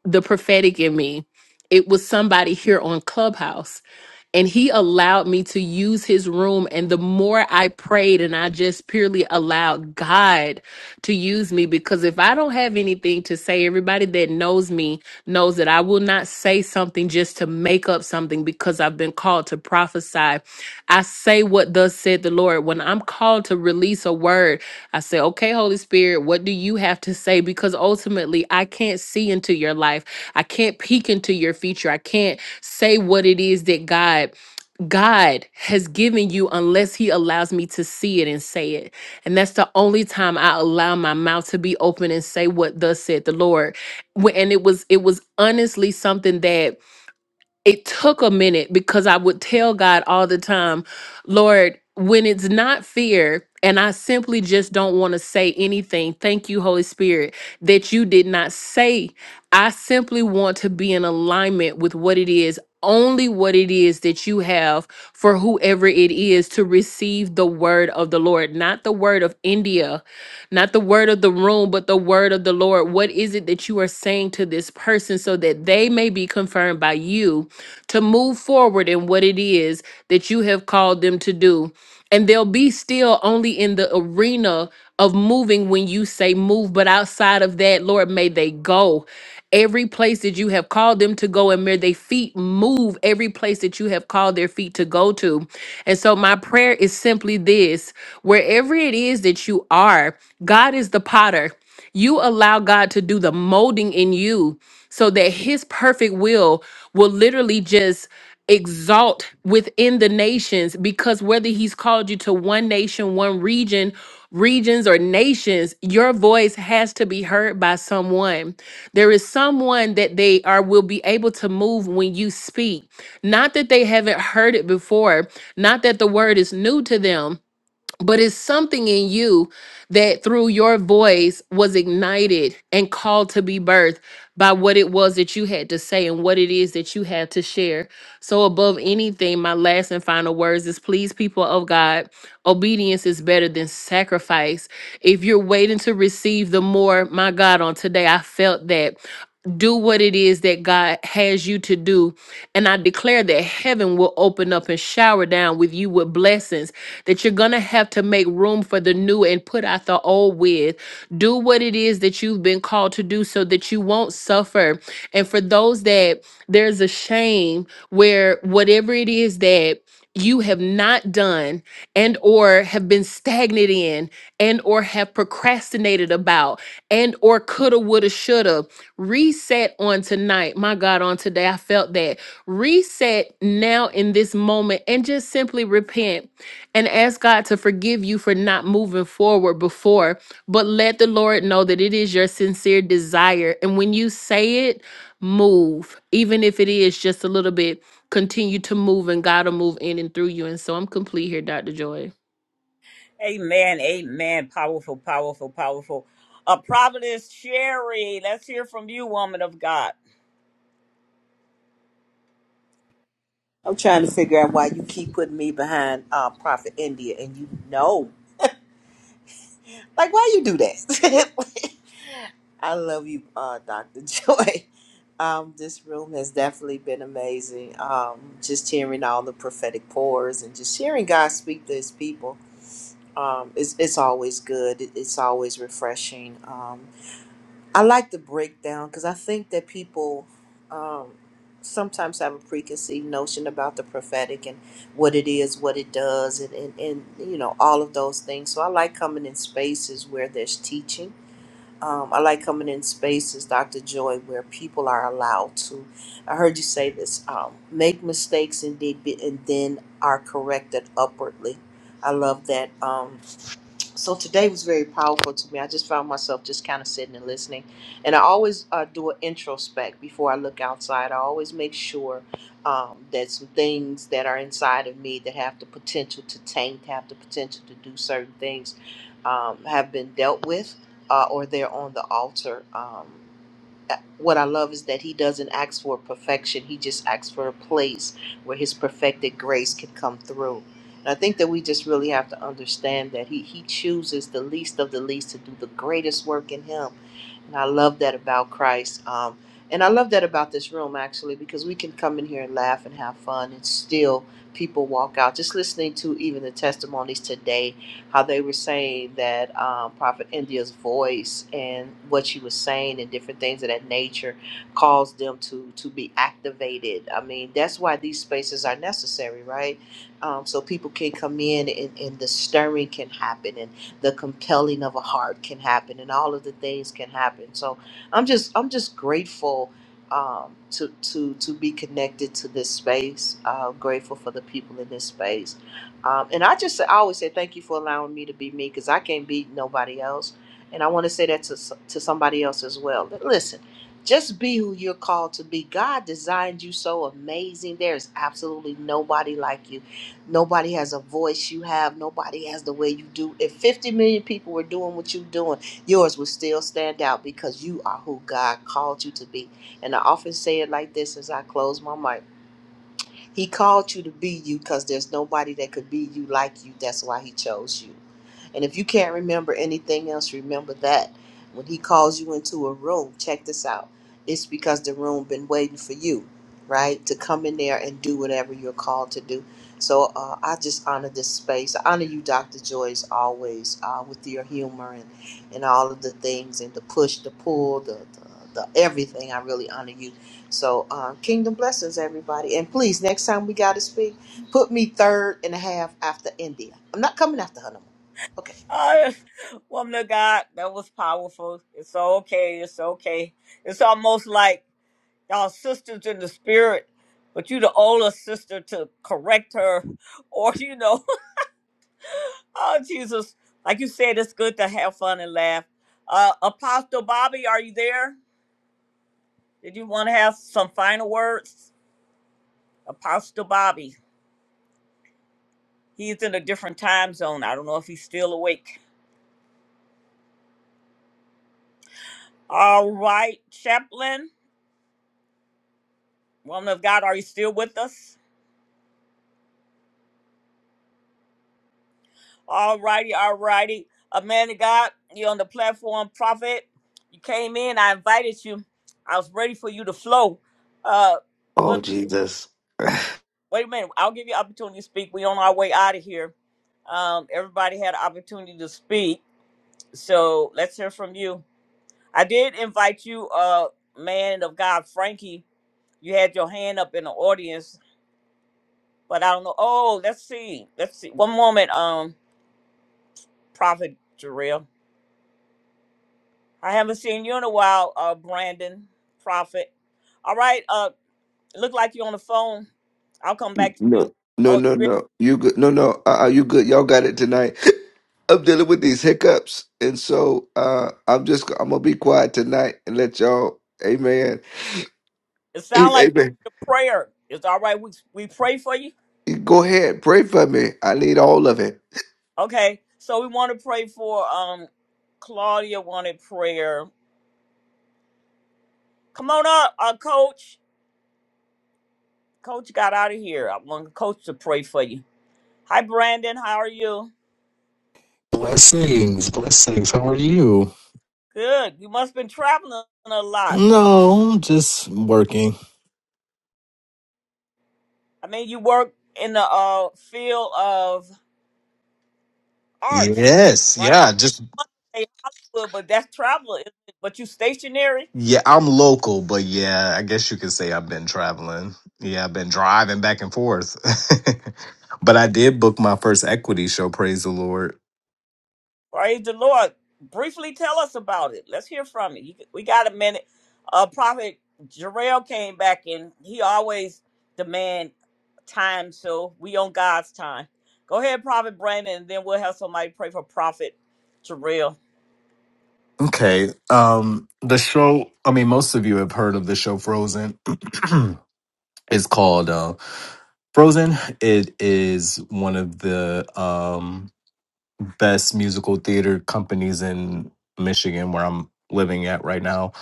the prophetic in me. It was somebody here on Clubhouse, and he allowed me to use his room. And the more I prayed, and I just purely allowed God to use me because if I don't have anything to say, everybody that knows me knows that I will not say something just to make up something because I've been called to prophesy. I say what thus said the Lord. When I'm called to release a word, I say, okay, Holy Spirit, what do you have to say? Because ultimately, I can't see into your life. I can't peek into your future. I can't say what it is that God God has given you unless He allows me to see it and say it. And that's the only time I allow my mouth to be open and say what thus said the Lord. Wh- And it was it was honestly something that it took a minute because I would tell God all the time, Lord, when it's not fear, and I simply just don't want to say anything, thank you, Holy Spirit, that you did not say. I simply want to be in alignment with what it is, only what it is that you have for whoever it is to receive the word of the Lord, not the word of India, not the word of the room, but the word of the Lord. What is it that you are saying to this person so that they may be confirmed by you? to move forward in what it is that you have called them to do. And they'll be still only in the arena of moving when you say move, but outside of that, Lord, may they go. Every place that you have called them to go, and may their feet move every place that you have called their feet to go to. And so, my prayer is simply this wherever it is that you are, God is the potter. You allow God to do the molding in you so that his perfect will will literally just exalt within the nations because whether he's called you to one nation, one region, regions or nations, your voice has to be heard by someone. There is someone that they are will be able to move when you speak. Not that they haven't heard it before, not that the word is new to them, but it's something in you that through your voice was ignited and called to be birthed by what it was that you had to say and what it is that you had to share. So, above anything, my last and final words is please, people of God, obedience is better than sacrifice. If you're waiting to receive the more, my God, on today, I felt that. Do what it is that God has you to do. And I declare that heaven will open up and shower down with you with blessings that you're going to have to make room for the new and put out the old with. Do what it is that you've been called to do so that you won't suffer. And for those that there's a shame where whatever it is that you have not done and or have been stagnant in and or have procrastinated about and or coulda woulda shoulda reset on tonight my god on today i felt that reset now in this moment and just simply repent and ask God to forgive you for not moving forward before. But let the Lord know that it is your sincere desire. And when you say it, move. Even if it is just a little bit, continue to move and God will move in and through you. And so I'm complete here, Dr. Joy.
Amen, amen. Powerful, powerful, powerful. Uh, Providence Sherry, let's hear from you, woman of God.
I'm trying to figure out why you keep putting me behind um, Prophet India, and you know, like why you do that? [laughs] I love you, uh, Dr. Joy. [laughs] Um, this room has definitely been amazing. Um, just hearing all the prophetic pours and just hearing God speak to his people. Um, it's, it's always good. It- It's always refreshing. Um, I like the breakdown because I think that people um, sometimes have a preconceived notion about the prophetic and what it is, what it does, and, and, and, you know, all of those things. So I like coming in spaces where there's teaching um, I like coming in spaces, Dr. Joy, where people are allowed to. I heard you say this: um, make mistakes and, did, be, and then are corrected upwardly. I love that. Um, so today was very powerful to me. I just found myself just kind of sitting and listening. And I always uh, do an introspect before I look outside. I always make sure um, that some things that are inside of me that have the potential to taint, have the potential to do certain things, um, have been dealt with uh, or they're on the altar. Um, what I love is that he doesn't ask for perfection. He just asks for a place where his perfected grace can come through. And I think that we just really have to understand that he, he chooses the least of the least to do the greatest work in him. And I love that about Christ. Um, and I love that about this room, actually, because we can come in here and laugh and have fun and still people walk out. Just listening to even the testimonies today how they were saying that um, Prophet India's voice and what she was saying and different things of that nature caused them to to be activated. I mean, that's why these spaces are necessary, right? Um, so people can come in and, and the stirring can happen and the compelling of a heart can happen and all of the things can happen. So I'm just I'm just grateful um, to to to be connected to this space. Uh, grateful for the people in this space um, and I just I always say thank you for allowing me to be me because I can't be nobody else. And I want to say that to, s- to somebody else as well. But listen, just be who you're called to be. God designed you so amazing. There's absolutely nobody like you. Nobody has a voice you have. Nobody has the way you do. If 50 million people were doing what you're doing, yours would still stand out because you are who God called you to be. And I often say it like this as I close my mic. He called you to be you because there's nobody that could be you like you. That's why he chose you. And if you can't remember anything else, remember that. When he calls you into a room, check this out. It's because the room been waiting for you, right? To come in there and do whatever you're called to do. So uh, I just honor this space. I honor you, Dr. Joyce, always uh, with your humor and, and all of the things and the push, the pull, the, the, the everything. I really honor you. So, um, kingdom blessings, everybody. And please, next time we got to speak, put me third and a half after India. I'm not coming after her no more. Okay.
Uh, woman of God, that was powerful. It's okay, it's okay. It's almost like y'all sisters in the spirit, but you the oldest sister to correct her, [laughs] or you know, [laughs] oh Jesus, like you said, it's good to have fun and laugh. Uh, Apostle Bobby, are you there? Did you want to have some final words, Apostle Bobby? He's in a different time zone. I don't know if he's still awake. All right, Chaplain, woman of God, are you still with us? All righty, all righty. A man of God, you're on the platform, prophet. You came in, I invited you. I was ready for you to flow. Uh, well,
Oh Jesus. [laughs]
wait a minute. I'll give you opportunity to speak. We're on our way out of here. Um, everybody had opportunity to speak, so let's hear from you. I did invite you, uh, man of God, Frankie. You had your hand up in the audience, but I don't know. Oh, let's see. Let's see. One moment, um, Prophet Jarrell. I haven't seen you in a while, uh, Brandon Prophet. All right, uh, look like you're on the phone. I'll come back to
No,
you.
no,
Oh, you
no,
ready?
no. You good? No, no. Uh, uh, you good? Y'all got it tonight. [laughs] I'm dealing with these hiccups, and so uh, I'm just I'm gonna be quiet tonight and let y'all. Amen. [clears throat]
It
[laughs]
sounds like you
Amen.
need a prayer. It's all right. We we pray for you.
Go ahead, pray for me. I need all of it.
Okay, so we want to pray for um Claudia wanted prayer. Come on up, uh, Coach. Coach got out of here. I want Coach to pray for you. Hi, Brandon. How are you?
Blessings, blessings. How are you?
Good. You must have been traveling a lot.
No, just working.
I mean, you work in the uh, field of arts,
Yes,
right?
yeah, just
They Hollywood, but that's travel. isn't it? But you stationary,
yeah, I'm local, but yeah, I guess you could say I've been traveling. Yeah, I've been driving back and forth. [laughs] but I did book my first equity show, praise the Lord.
praise the Lord. Briefly tell us about it. Let's hear from you. you c- we got a minute. Uh, Prophet Jarrell came back in. He always demand time, so we on God's time. Go ahead, Prophet Brandon, and then we'll have somebody pray for Prophet Jarrell.
Okay. Um the show, I mean most of you have heard of the show Frozen. [clears throat] it's called uh Frozen. It is one of the um best musical theater companies in Michigan, where I'm living at right now.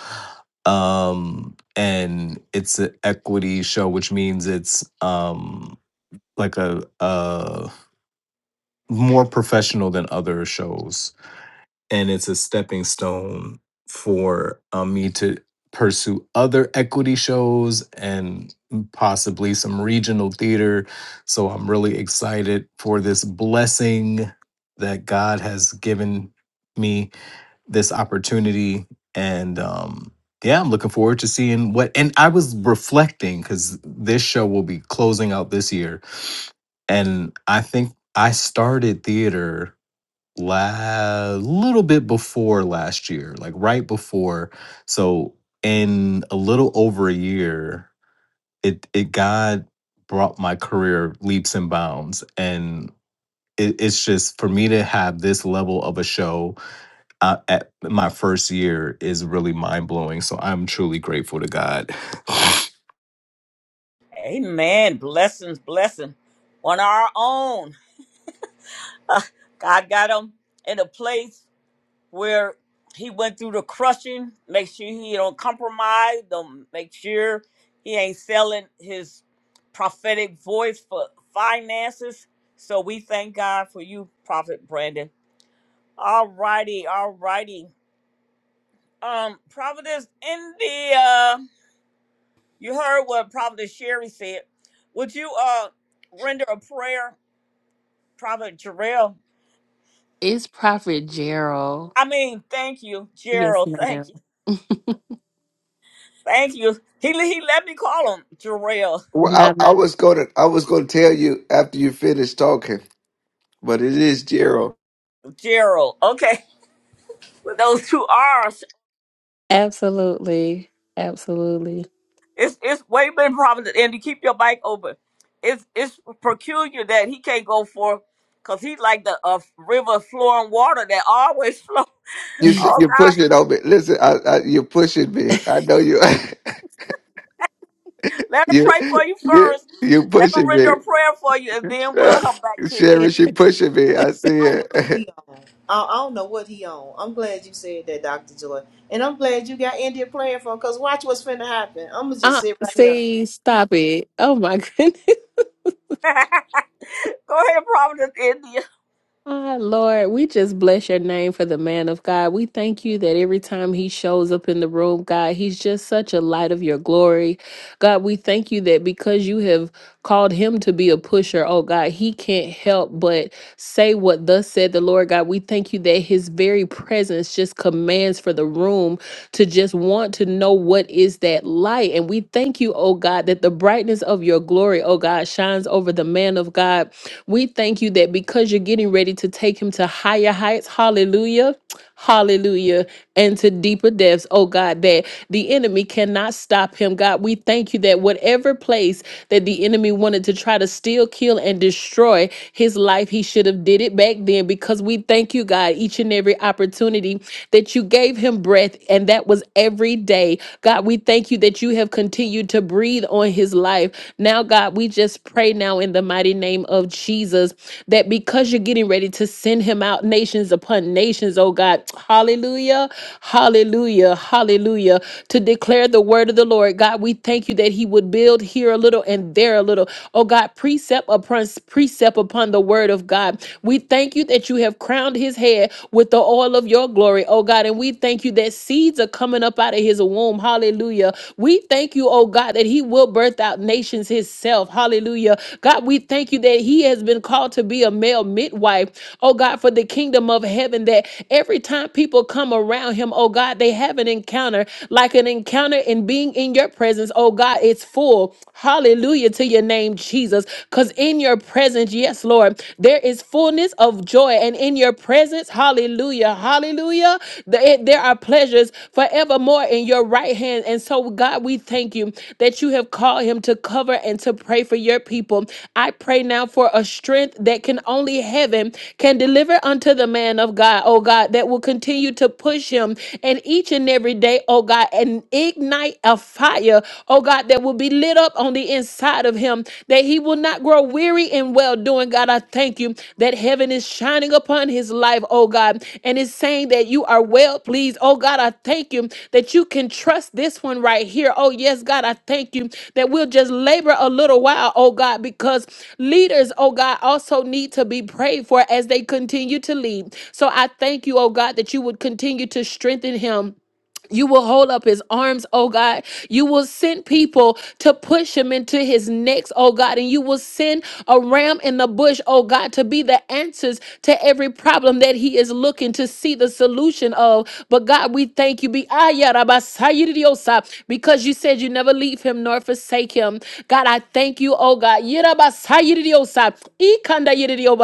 Um, and it's an equity show, which means it's um, like a, a more professional than other shows and it's a stepping stone for um, me to pursue other equity shows and possibly some regional theater. So I'm really excited for this blessing that God has given me this opportunity and um yeah, I'm looking forward to seeing what and I was reflecting cuz this show will be closing out this year and I think I started theater la little bit before last year, like right before. So in a little over a year, it it God brought my career leaps and bounds, and it, it's just for me to have this level of a show uh, at my first year is really mind blowing. So I'm truly grateful to God. [laughs] [sighs]
Amen. Blessings, blessing, on our own. God got him in a place where he went through the crushing. Make sure he don't compromise. Don't make sure he ain't selling his prophetic voice for finances. So we thank God for you, Prophet Brandon. All righty, all righty. Um, Providence, India. You heard what Providence Sherry said. Would you uh render a prayer, Prophet Jarrell?
It's Prophet Gerald.
I mean, thank you,
Yes,
Gerald.
ma'am.
Thank you. Thank you. He, he let me call him Gerald.
Well,
Not
I, I was gonna I was gonna tell you after you finish talking, but it is Gerald.
Gerald. Okay. With those two R's,
absolutely. Absolutely.
it's it's way been problem. And you keep your mic open. It's it's peculiar that he can't go for, cause he's like the uh, river flowing water that always [laughs] flows.
You s-
Oh
you're
God,
pushing on me. Listen, I, I, you're pushing me. I know you. [laughs]
let her
you
pray for you
you
first.
you're
Let her
pushing me.
render a prayer for you, and then we'll
Uh,
I'm
come back to you.
saying
Sherry, she pushing me.
Joy.
I see
I don't
it.
know what
[laughs]
he on. I, I don't know what he on. I'm glad you said that, Doctor Joy, and I'm glad you got India playing for him. Cause watch what's finna happen. I'm gonna just
Uh
sit right here.
see, stop it. Oh my goodness. [laughs]
[laughs] go ahead, Providence, India.
Ah, Lord, we just bless your name for the man of God. We thank you that every time he shows up in the room, God, he's just such a light of your glory. God, we thank you that because you have called him to be a pusher, oh God, he can't help but say what thus said the Lord God. We thank you that his very presence just commands for the room to just want to know what is that light. And we thank you, oh God, that the brightness of your glory, oh God, shines over the man of God. We thank you that because you're getting ready to take him to higher heights, hallelujah, hallelujah, and to deeper depths, oh God, that the enemy cannot stop him. God, we thank you that whatever place that the enemy wanted to try to steal, kill, and destroy his life, he should have did it back then because we thank you, God, each and every every opportunity that you gave him breath, and that was every day. God, we thank you that you have continued to breathe on his life. Now, God, we just pray now in the mighty name of Jesus that because you're getting ready to send him out nations upon nations, oh God, hallelujah, hallelujah, hallelujah, to declare the word of the Lord. God, we thank you that he would build here a little and there a little. Oh God, precept upon precept upon the word of of God. We thank you that you have crowned his head with the oil of your glory, oh God. And we thank you that seeds are coming up out of his womb. Hallelujah. We thank you, oh God, that he will birth out nations himself. Hallelujah. God, we thank you that he has been called to be a male midwife, oh God, for the kingdom of heaven. That every time people come around him, oh God, they have an encounter, like an encounter in being in your presence, oh God. It's full. Hallelujah to your name name, Jesus, because in your presence, yes, Lord, there is fullness of joy. And in your presence, hallelujah, hallelujah, th- there are pleasures forevermore in your right hand. And so, God, we thank you that you have called him to cover and to pray for your people. I pray now for a strength that can only heaven can deliver unto the man of God, oh God, that will continue to push him and each and every day, oh God, and ignite a fire fire, oh God, that will be lit up on the inside of him, that he will not grow weary in well doing. God, I thank you that heaven is shining upon his life, oh God, and is saying that you are well pleased. Oh God, I thank you that you can trust this one right here. Oh yes, God, I thank you that we'll just labor a little while, oh God, because leaders, oh God, also need to be prayed for as they continue to lead. So I thank you, oh God, that you would continue to strengthen him. You will hold up his arms, oh God. You will send people to push him into his next, oh God. And you will send a ram in the bush, oh God, to be the answers to every problem that he is looking to see the solution of. But God, we thank you be- ah, yeah, rabba, sa, oh, because you said you never leave him nor forsake him. God, I thank you, oh God. Yi, rabba, sa, yi, di, oh, e, oh,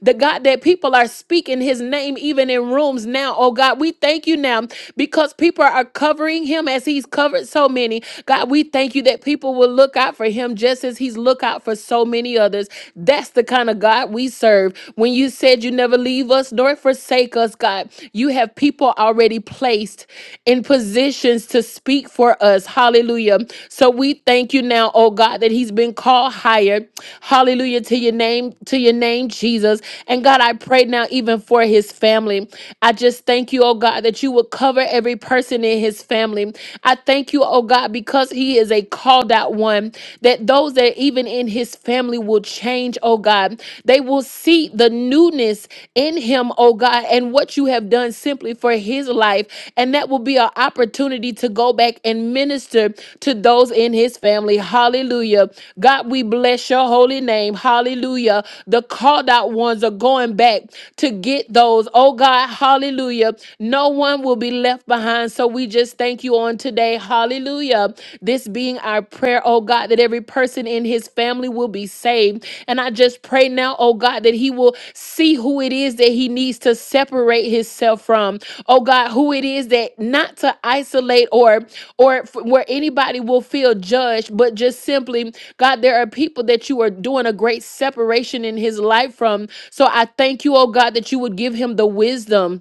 The God that people are speaking his name even in rooms now, oh God. We thank you now because people are covering him as he's covered so many. God, we thank you that people will look out for him just as he's look out for so many others. That's the kind of God we serve. When you said you never leave us nor forsake us, God, you have people already placed in positions to speak for us. Hallelujah. So we thank you now, oh God, that he's been called higher. Hallelujah to your name, to your name, Jesus. And God, I pray now even for his family. I just thank you, oh God, that that you would cover every person in his family. I thank you, oh God, because he is a called out one, that those that even in his family will change, oh God. They will see the newness in him, oh God, and what you have done simply for his life. And that will be an opportunity to go back and minister to those in his family. Hallelujah. God, we bless your holy name. Hallelujah. The called out ones are going back to get those, oh God, hallelujah, no one will be left behind. So we just thank you on today. Hallelujah. This being our prayer, oh God, that every person in his family will be saved. And I just pray now, oh God, that he will see who it is that he needs to separate himself from. Oh God, who it is that not to isolate or or f- where anybody will feel judged, but just simply, God, there are people that you are doing a great separation in his life from. So I thank you, oh God, that you would give him the wisdom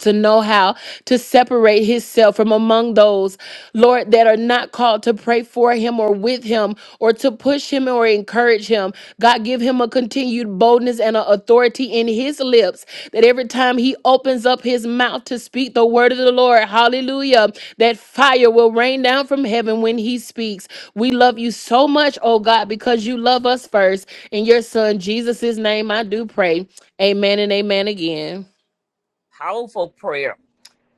to know how to separate himself from among those, Lord, that are not called to pray for him or with him or to push him or encourage him. God, give him a continued boldness and an authority in his lips that every time he opens up his mouth to speak the word of the Lord, hallelujah, that fire will rain down from heaven when he speaks. We love you so much, oh God, because you love us first. In your son, Jesus' name, I do pray. Amen and amen again.
Powerful prayer.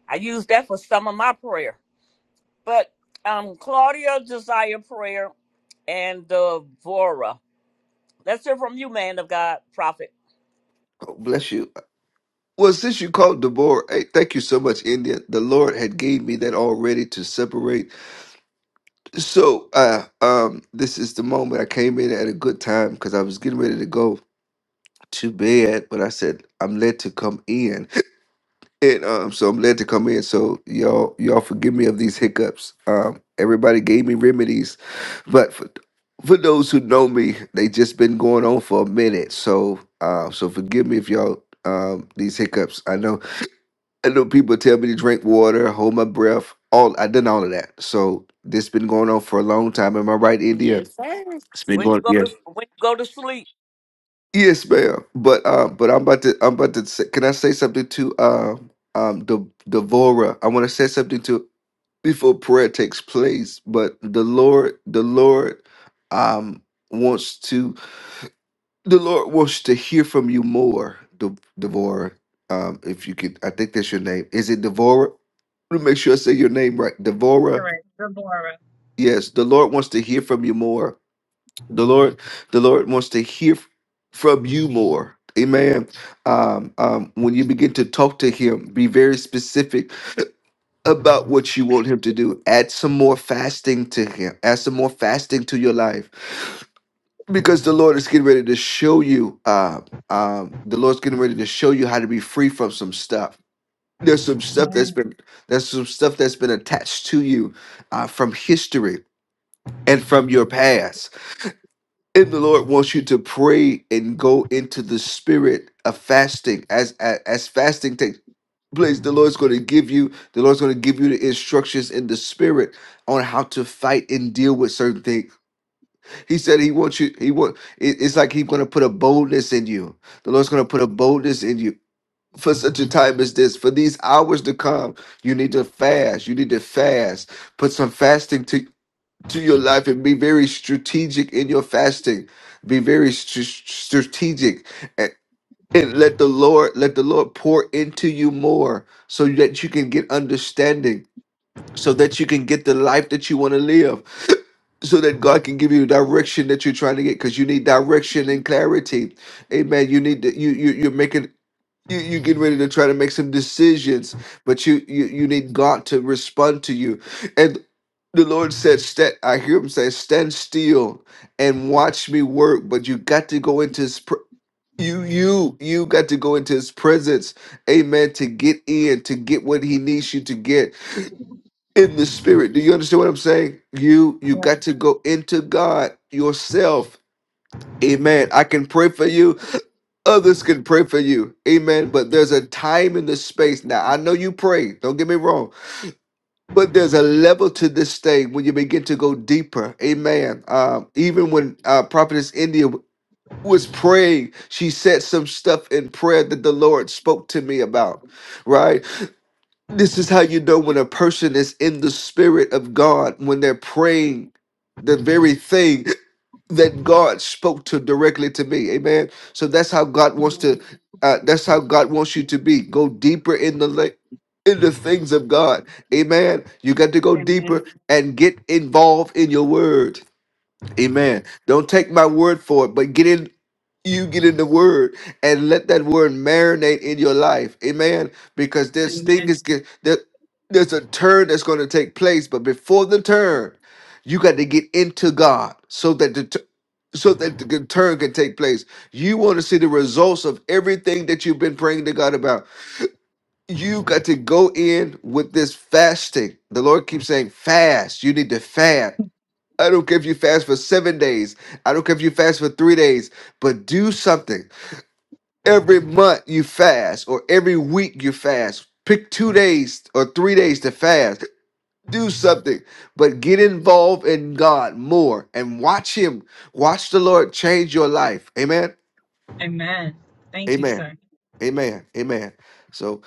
I use that for some of my prayer. But um, Claudia, desire prayer, and Devora. Let's hear from you, man of God, prophet.
oh, bless you. Well, since you called Deborah, hey, thank you so much, India. The Lord had gave me that already to separate. So, uh, um, this is the moment I came in at a good time because I was getting ready to go to bed, but I said I'm led to come in. And um, so I'm glad to come in. So y'all, y'all forgive me of these hiccups. Um, everybody gave me remedies, but for, for those who know me, they just been going on for a minute. So, uh, so forgive me if y'all um these hiccups. I know, I know people tell me to drink water, hold my breath. All I done all of that. So this been going on for a long time. Am I right, India?
Yes, sir.
It's been
When you
going,
go
yeah.
to when you go to sleep,
Yes, ma'am. But uh, but I'm about to, I'm about to. Say, can I say something to um um the Devora? I want to say something to before prayer takes place but the lord the lord um wants to the lord wants to hear from you more De- devor um if you could i think that's your name is it devora me make sure i say your name right devora
Correct. Deborah.
yes the lord wants to hear from you more the lord the lord wants to hear f- from you more amen um um when you begin to talk to him be very specific about what you want him to do. Add some more fasting to him. Add some more fasting to your life. Because the Lord is getting ready to show you, uh, um, the Lord's getting ready to show you how to be free from some stuff. There's some stuff that's
Yes.
been there's some stuff that's been attached to you uh, from history and from your past. And the Lord wants you to pray and go into the spirit of fasting. As as, as fasting takes place, the Lord's going to give you, the Lord's going to give you the instructions in the spirit on how to fight and deal with certain things. He said he wants you, he want it- it's like he's going to put a boldness in you. The Lord's going to put a boldness in you. For such a time as this, for these hours to come, you need to fast. You need to fast. Put some fasting to to your life and be very strategic in your fasting. Be very st- strategic and, and let the Lord let the Lord pour into you more so that you can get understanding, so that you can get the life that you want to live, so that God can give you the direction that you're trying to get because you need direction and clarity. Amen. You need to, you you you're making you you get ready to try to make some decisions, but you you you need God to respond to you. And the Lord said, "Stand." I hear Him say, "Stand still and watch me work." But you got to go into His. Pr- you you you got to go into His presence, Amen. To get in, to get what He needs you to get in the Spirit. Do you understand what I'm saying? You you
Yes.
got to go into God yourself. Amen. I can pray for you others can pray for you. Amen. But there's a time in the space. Now, I know you pray, don't get me wrong, but there's a level to this thing when you begin to go deeper. Amen. Um, even when uh, Prophetess India was praying, she said some stuff in prayer that the Lord spoke to me about, right? This is how you know when a person is in the spirit of God, when they're praying the very thing that God spoke to directly to me. Amen. So that's how God wants to.
Amen.
Uh, that's how God wants you to be. Go deeper in the la- in the things of God. Amen. You got to go
Amen.
deeper and get involved in your word. Amen. Don't take my word for it, but get in. You get in the word and let that word marinate in your life. Amen. Because this thing
Amen.
is get there, there's a turn that's going to take place, but before the turn, you got to get into God so that the, so that the good turn can take place. You want to see the results of everything that you've been praying to God about. You got to go in with this fasting. The Lord keeps saying, fast. You need to fast. I don't care if you fast for seven days. I don't care if you fast for three days, but do something. Every month you fast, or every week you fast. Pick two days or three days to fast. Do something, but get involved in God more and watch Him Watch the Lord change your life. Amen.
Amen. Thank you,
Amen.
sir.
Amen. Amen. So,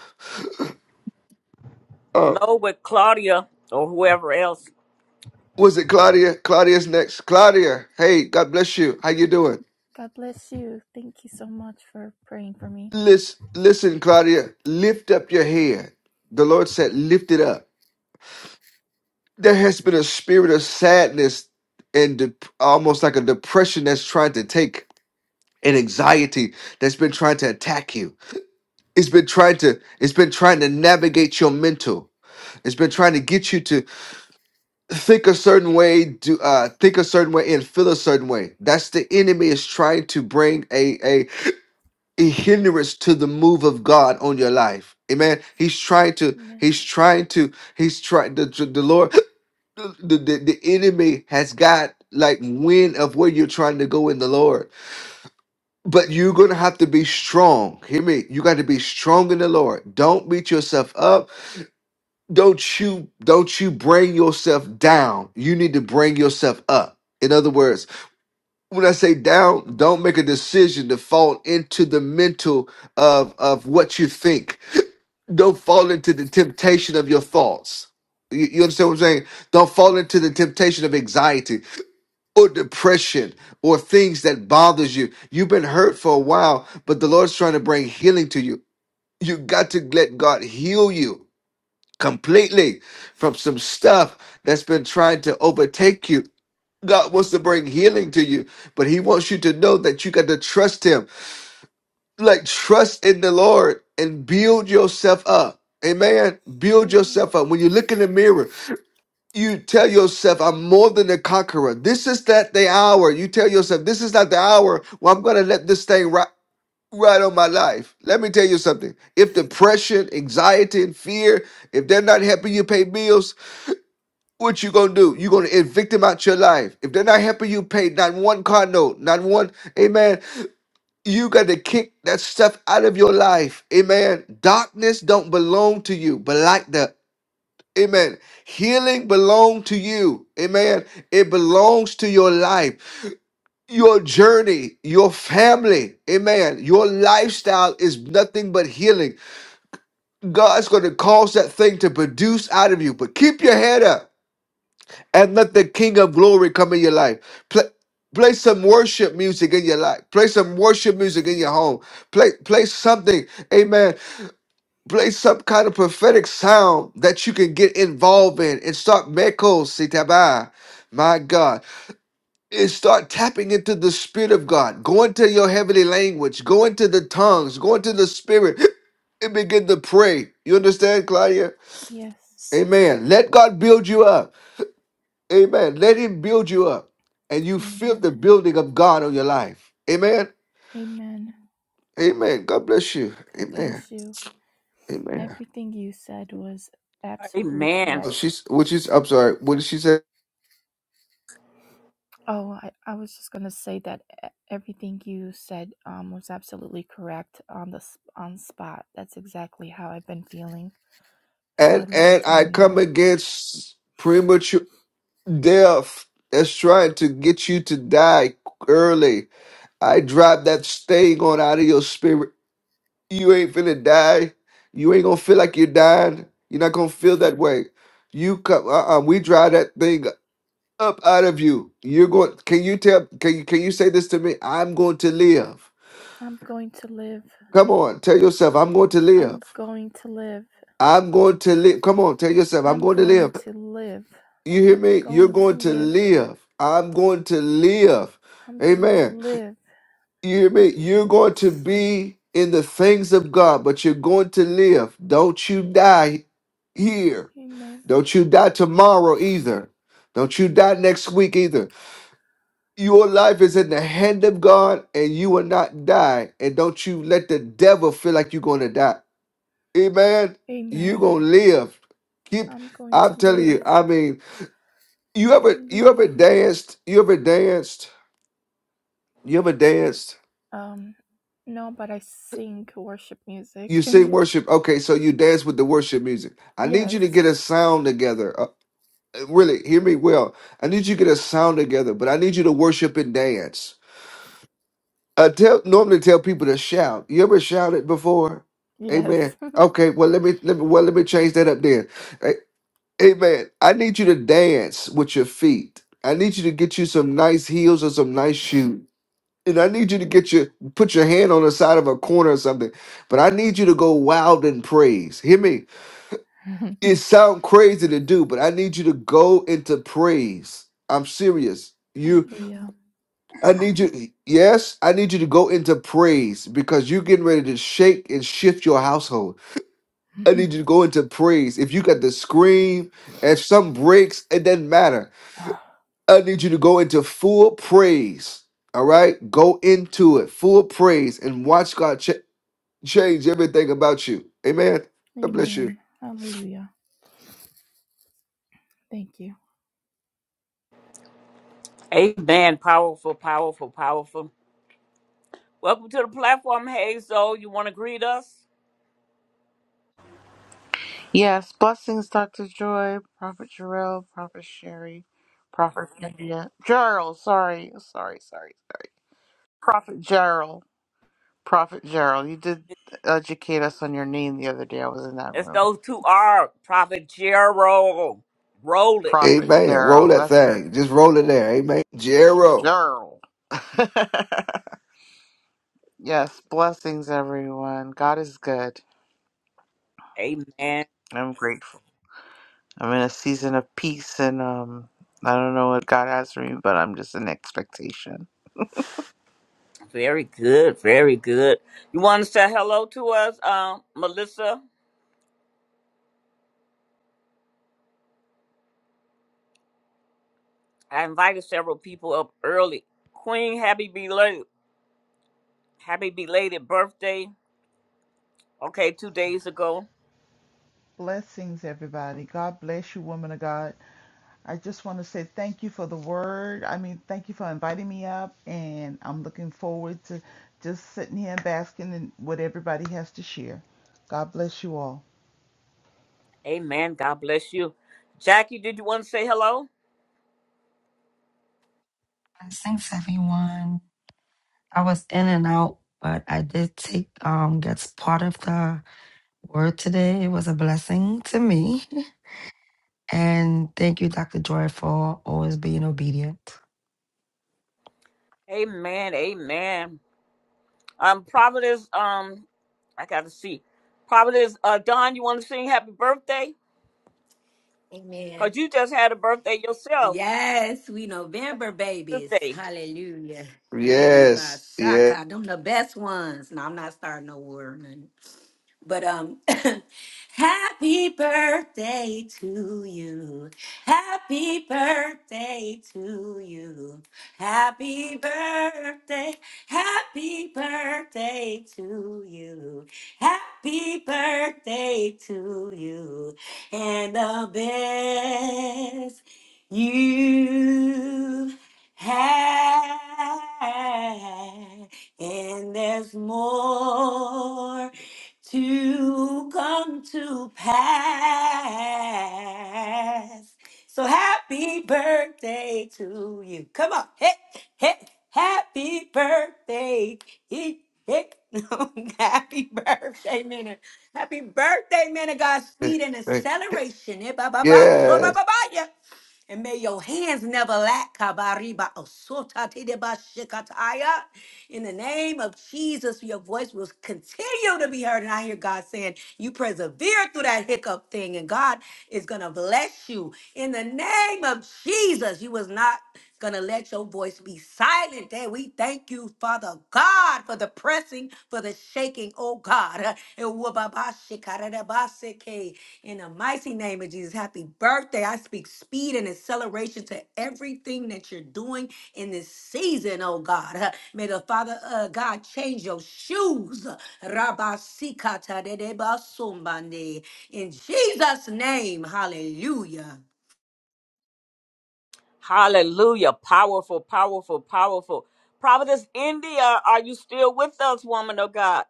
uh,
flow with Claudia or whoever else.
was it Claudia? Claudia's next. Claudia, hey, God bless you. How you doing?
God bless you. Thank you so much for praying for me.
Listen, listen, Claudia. Lift up your head. The Lord said, lift it up. There has been a spirit of sadness and dep almost like a depression that's trying to take an anxiety that's been trying to attack you. It's been trying to. It's been trying to navigate your mental. It's been trying to get you to think a certain way do uh think a certain way and feel a certain way that's the enemy is trying to bring a a, a hindrance to the move of god on your life amen he's trying to
Amen.
he's trying to he's trying the, the the lord [clears throat] the, the the enemy has got like wind of where you're trying to go in the lord but you're gonna have to be strong hear me you got to be strong in the lord don't beat yourself up don't you don't you bring yourself down you need to bring yourself up in other words when i say down don't make a decision to fall into the mental of of what you think don't fall into the temptation of your thoughts you, you understand what i'm saying don't fall
Yes.
into the temptation of anxiety or depression or things that bothers you you've been hurt for a while but the lord's trying to bring healing to you you got to let god heal you completely from some stuff that's been trying to overtake you. God wants to bring healing to you, but He wants you to know that you got to trust Him. Like, trust in the Lord and build yourself up. Amen. Build
Amen.
yourself up. When you look in the mirror, you tell yourself, I'm more than a conqueror. This is not the hour. You tell yourself, this is not the hour where I'm going to let this thing ri- ride on my life. Let me tell you something. If depression, anxiety, and fear, if they're not helping you pay bills, What you gonna do? You gonna evict them out your life. If they're not helping you pay not one car note, not one, amen. You got to kick that stuff out of your life. Amen. Darkness don't belong to you, but like the Amen. Healing belong to you. Amen. It belongs to your life, your journey, your family. Amen. Your lifestyle is nothing but healing. God's going to cause that thing to produce out of you. But keep your head up. and let the King of Glory come in your life. Play, play some worship music in your life. Play some worship music in your home. Play, play something, Amen. Play some kind of prophetic sound that you can get involved in and start mekos sitaba. My God, and start tapping into the Spirit of God. Go into your heavenly language. Go into the tongues. Go into the Spirit [gasps] and begin to pray. You understand, Claudia?
Yes.
Amen. Let God build you up. Amen. Let him build you up and you feel
Amen.
the building of God on your life. Amen.
Amen.
Amen. God bless you.
God
Amen.
bless you.
Amen.
Everything you said was absolutely
Amen.
Oh,
correct.
she's which is I'm sorry, what did she say?
Oh, I, I was just gonna say that e- everything you said um was absolutely correct on the s- on spot. That's exactly how I've been feeling for a
And
long
and I
time
come
now.
against premature death that's trying to get you to die early. I drive that staying on out of your spirit. You ain't finna die. You ain't gonna feel like you're dying. You're not gonna feel that way. You come uh-uh, we drive that thing up out of you. You're going. Can you tell? Can you can you say this to me? I'm going to live.
I'm going to live.
Come on, tell yourself I'm going to live.
I'm going to live.
I'm going to live. Come on, tell yourself I'm
I'm
going to
going
live.
to live.
You hear
I'm
me? You're
going to
going to
live.
live. I'm going to live.
I'm going to
Amen.
live.
You hear me? You're going to be in the things of God, but you're going to live. Don't you die here.
amen.
Don't you die tomorrow either. Don't you die next week either. Your life is in the hand of God and you will not die. And don't you let the devil feel like you're going to die. Amen. You're
Amen.
going to live. Keep,
I'm going to
I'm telling
live.
you, I mean, you ever, you ever
Hallelujah.
danced? You ever danced? You ever danced?
Um, no, but I sing worship
You
music.
sing worship. Okay, so you dance with the worship music.
[laughs]
I need you to
yes.
get a sound together. Uh, really, hear me well. I need you to get a sound together, but I need you to worship and dance. I tell normally tell people to shout. You ever shouted before?
Yes.
Amen. Okay, well let me let me well let me change that up then. A- Amen. I need you to dance with your feet. I need you to get you some nice heels or some nice shoes. And I need you to get your put your hand on the side of a corner or something. But I need you to go wild in praise. Hear me.
[laughs]
It sounds crazy to do, but I need you to go into praise. I'm serious. You
Hallelujah.
I need you, yes, I need you to go into praise because you're getting ready to shake and shift your household. I
[sighs]
need you to go into praise. If you got to scream, and some breaks, it doesn't matter. I need you to go into full praise. All right? Go into it, full praise, and watch God ch- change everything about you. Amen.
[laughs]
God bless you.
Amen. Hallelujah. Thank you.
Amen. Powerful, powerful, powerful. Welcome to the platform, Hazel. You want to greet us?
Yes, blessings, Dr. Joy, Prophet Jarrell, Prophet Sherry, Prophet India. Gerald, sorry, sorry, sorry, sorry. Prophet Gerald, Prophet Gerald. You did educate us on your name the other day. I was in that
It's
room.
those two R, Prophet Gerald. Roll it.
Prophet
Amen. Roll
Gerald,
that
that's it.
thing. Just roll it there. Amen. Jero.
Gerald. [laughs] yes, blessings, everyone. God is good.
Amen.
I'm grateful. I'm in a season of peace and, um, I don't know what God has for me, but I'm just in expectation.
Very good. Very good. You want to say hello to us, um, Melissa? I invited several people up early. Queen, happy belated, happy belated birthday. Okay, two days ago.
Blessings, everybody. God bless you, woman of God. I just want to say thank you for the word. I mean, thank you for inviting me up, and I'm looking forward to just sitting here and basking in what everybody has to share. God bless you all.
Amen. God bless you. Jackie, did you want to say hello?
Thanks everyone. I was in and out, but I did take um get part of the word today. It was a blessing to me. [laughs] And thank you, Dr. Joy, for always being obedient.
Amen. Amen. Um, Providence. Um, I got to see. Providence. Uh, Don, you want to sing happy birthday? Cause
Amen.
you just had a birthday yourself.
Yes, we November babies.
Birthday.
Hallelujah.
Yes. Yeah.
Irabashaka. Them the best ones. No, I'm not starting no war. But um, [laughs] happy birthday to you. Happy birthday to you. Happy birthday. Happy birthday to you. Happy birthday to you. And the best you had. And there's more to come to pass. So happy birthday to you. Come on. Hey, hey, happy birthday. Hey, hey. [laughs] happy birthday, minute. Happy birthday, man of God. Speed and
Hey.
acceleration. Eh, ba, ba, ba, so,
Yes.
ba, ba, ba, yeah. And may your hands never lack. Kabariba osota tideba shikataya. In the name of Jesus, your voice will continue to be heard. And I hear God saying, You persevere through that hiccup thing, and God is going to bless you. In the name of Jesus, you was not going to let your voice be silent. And we thank you, Father God, for the pressing, for the shaking, oh God. [laughs] In the mighty name of Jesus, happy birthday. I speak speed and acceleration to everything that you're doing in this season, oh God. [laughs] Uh, May the Father uh, God change your shoes. [laughs] Rabasikatadedebasumbande. In Jesus' name, hallelujah.
Hallelujah. Powerful. Powerful. Powerful. Providence, India. Are you still with us, woman of God?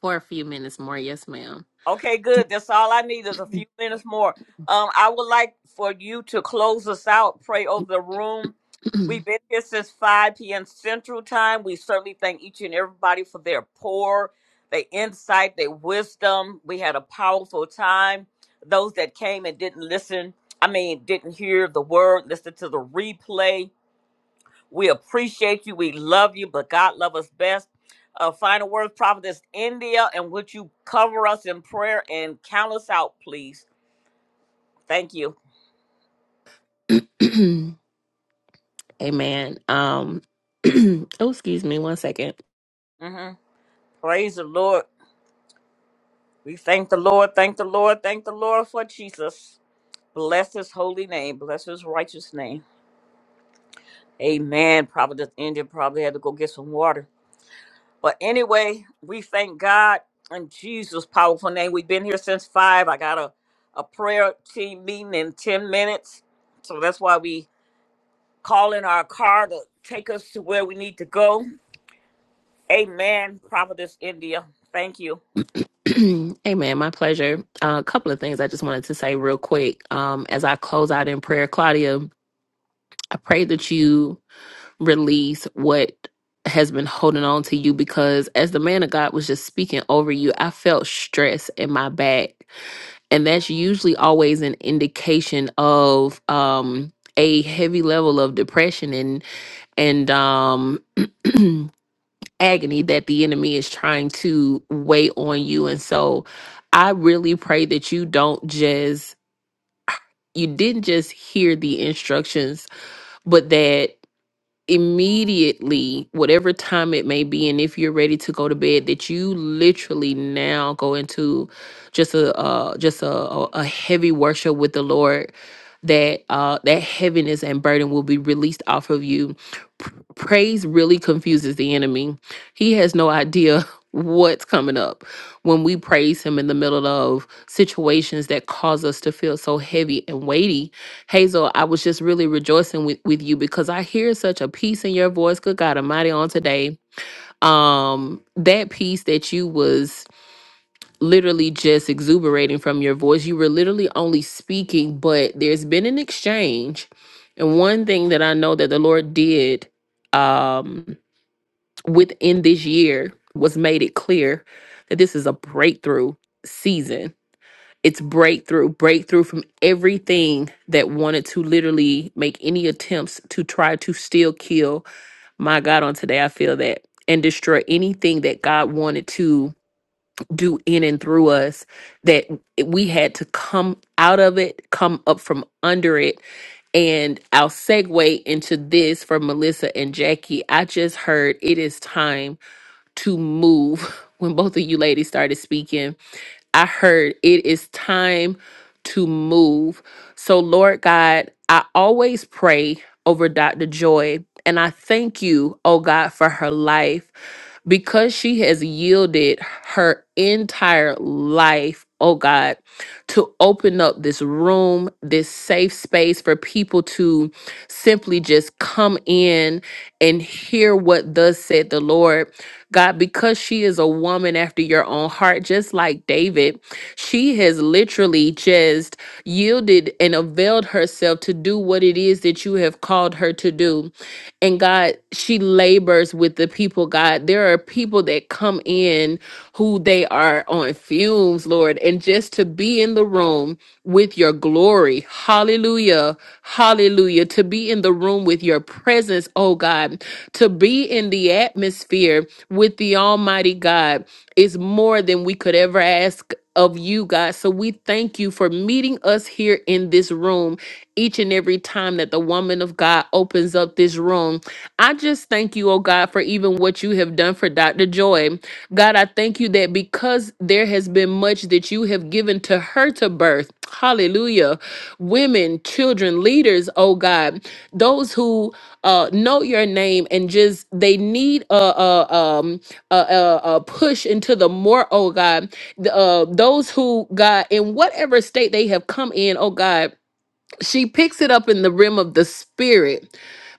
for a few minutes more. Yes, ma'am.
Okay, good. That's all I need is a few minutes more. Um, I would like for you to close us out, pray over the room. We've been here since 5 p.m. Central Time. We certainly thank each and everybody for their pour, their insight, their wisdom. We had a powerful time. Those that came and didn't listen, I mean, didn't hear the word, listen to the replay we appreciate you. We love you, but God loves us best. Uh, final words, Prophetess India, and would you cover us in prayer and count us out, please? Thank you.
[clears throat] Amen. Um, [clears throat] oh, excuse me one second.
hmm Praise the Lord. We thank the Lord, thank the Lord, thank the Lord for Jesus. Bless his holy name, bless his righteous name. Amen. Prophetess India probably had to go get some water. But anyway, we thank God in Jesus' powerful name. We've been here since five. I got a, a prayer team meeting in 10 minutes. So that's why we call in our car to take us to where we need to go. Amen. Prophetess India. Thank you.
[clears throat] Amen. My pleasure. Uh, a couple of things I just wanted to say real quick. Um, as I close out in prayer, Claudia, I pray that you release what has been holding on to you because as the man of God was just speaking over you, I felt stress in my back. And that's usually always an indication of um a heavy level of depression and um [clears throat] agony that the enemy is trying to weigh on you and so i really pray that you don't just you didn't just hear the instructions but that immediately, whatever time it may be, and if you're ready to go to bed, that you literally now go into just a uh, just a, a a heavy worship with the Lord. That uh, that heaviness and burden will be released off of you. P- praise really confuses the enemy. He has no idea [laughs] what's coming up when we praise him in the middle of situations that cause us to feel so heavy and weighty Hazel, I was just really rejoicing with, with you because I hear such a peace in your voice. Good God Almighty on today. Um, that peace that you was literally just exuberating from your voice. You were literally only speaking, but there's been an exchange. And one thing that I know that the Lord did um within this year was made it clear that this is a breakthrough season it's breakthrough, breakthrough from everything that wanted to literally make any attempts to try to still kill my God on today. I feel that and destroy anything that God wanted to do in and through us that we had to come out of it, come up from under it. And I'll segue into this from Melissa and Jackie. I just heard it is time to move [laughs] when both of you ladies started speaking I heard it is time to move. So, Lord God, I always pray over Dr. Joy, and I thank you, oh God, for her life because she has yielded her entire life, oh God, to open up this room, this safe space for people to simply just come in and hear what thus said the Lord. God, because she is a woman after your own heart, just like David, she has literally just yielded and availed herself to do what it is that you have called her to do. And God, she labors with the people, God. There are people that come in who they are on fumes, Lord, and just to be in the room with your glory. Hallelujah. Hallelujah. To be in the room with your presence, oh God, to be in the atmosphere with the Almighty God is more than we could ever ask of you, God. So we thank you for meeting us here in this room each and every time that the woman of God opens up this room. I just thank you, oh God, for even what you have done for Dr. Joy. God, I thank you that because there has been much that you have given to her to birth. Hallelujah. Women, children, leaders, oh God, those who uh, know your name and just they need a a um a, a, a push into the more oh God the, uh, those who God in whatever state they have come in oh God she picks it up in the realm of the spirit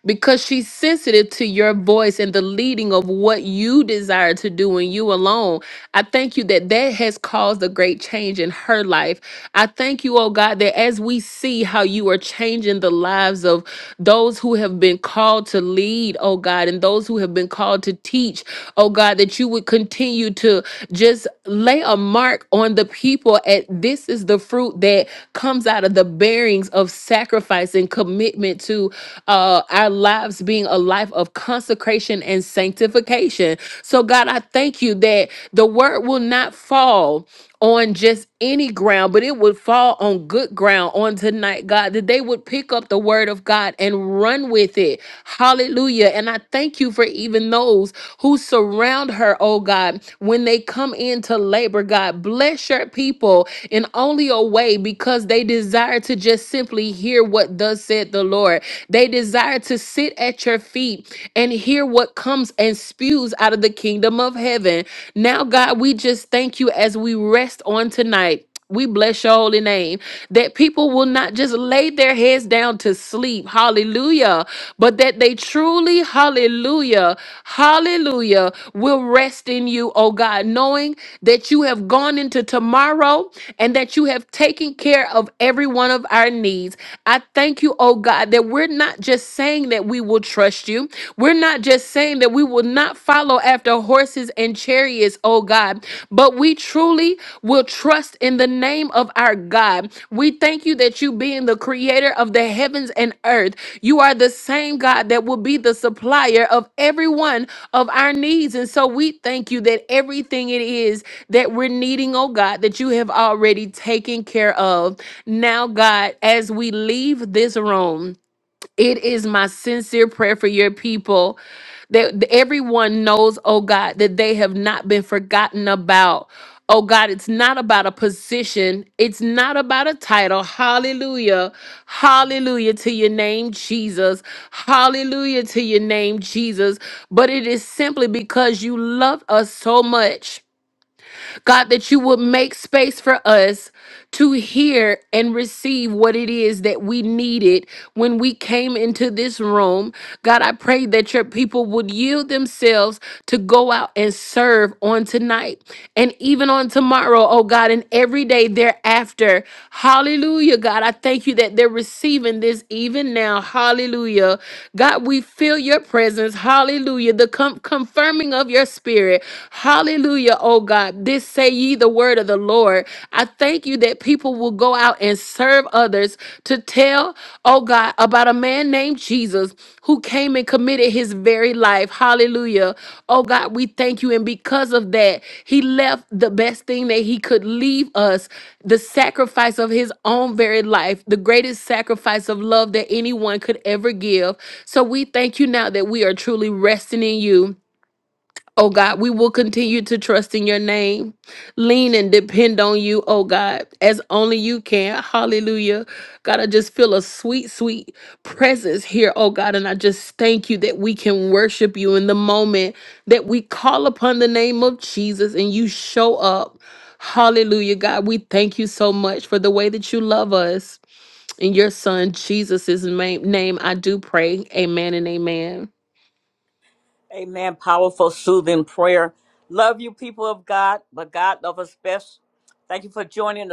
because she's sensitive to your voice and the leading of what you desire to do and you alone. I thank you that that has caused a great change in her life. I thank you, oh God, that as we see how you are changing the lives of those who have been called to lead, oh God, and those who have been called to teach, oh God, that you would continue to just lay a mark on the people at this is the fruit that comes out of the bearings of sacrifice and commitment to uh uh, our lives being a life of consecration and sanctification. So, God, I thank you that the word will not fall on just any ground, but it would fall on good ground on tonight, God, that they would pick up the word of God and run with it. Hallelujah. And I thank you for even those who surround her, oh God, when they come into labor, God. Bless your people in only a way because they desire to just simply hear what thus said the Lord. They they desire to sit at your feet and hear what comes and spews out of the kingdom of heaven. Now, God, we just thank you as we rest on tonight. We bless your holy name that people will not just lay their heads down to sleep, hallelujah, but that they truly, hallelujah, hallelujah, will rest in you, oh God, knowing that you have gone into tomorrow and that you have taken care of every one of our needs. I thank you, oh God, that we're we're not just saying that we will trust you. We're not just saying that we will not follow after horses and chariots, oh God, but we truly will trust in the name of our God. We thank you that you being the creator of the heavens and earth, you are the same God that will be the supplier of every one of our needs. And so we thank you that everything it is that we're needing, oh God, that you have already taken care of. Now, God, as we leave this room, it is my sincere prayer for your people that everyone knows, oh God, that they have not been forgotten about. Oh God, it's not about a position. It's not about a title. Hallelujah. Hallelujah to your name, Jesus. Hallelujah to your name, Jesus. But it is simply because you love us so much God, that you would make space for us to hear and receive what it is that we needed when we came into this room. God, I pray that your people would yield themselves to go out and serve on tonight and even on tomorrow, oh God, and every day thereafter. Hallelujah, God. I thank you that they're receiving this even now. Hallelujah. God, we feel your presence. Hallelujah. The com- confirming of your spirit. Hallelujah, oh God. This say ye the word of the Lord. I thank you that people will go out and serve others to tell, oh God, about a man named Jesus who came and committed his very life. Hallelujah. Oh God, we thank you. And because of that, he left the best thing that he could leave us the sacrifice of his own very life, the greatest sacrifice of love that anyone could ever give. So we thank you now that we are truly resting in you. Oh God, we will continue to trust in your name, lean and depend on you, oh God, as only you can. Hallelujah. God, I just feel a sweet, sweet presence here, oh God. And I just thank you that we can worship you in the moment that we call upon the name of Jesus and you show up. Hallelujah, God. We thank you so much for the way that you love us. In your son Jesus' name, name I do pray. Amen and amen.
Amen. Powerful, soothing prayer. Love you, people of God, but God love us best. Thank you for joining us.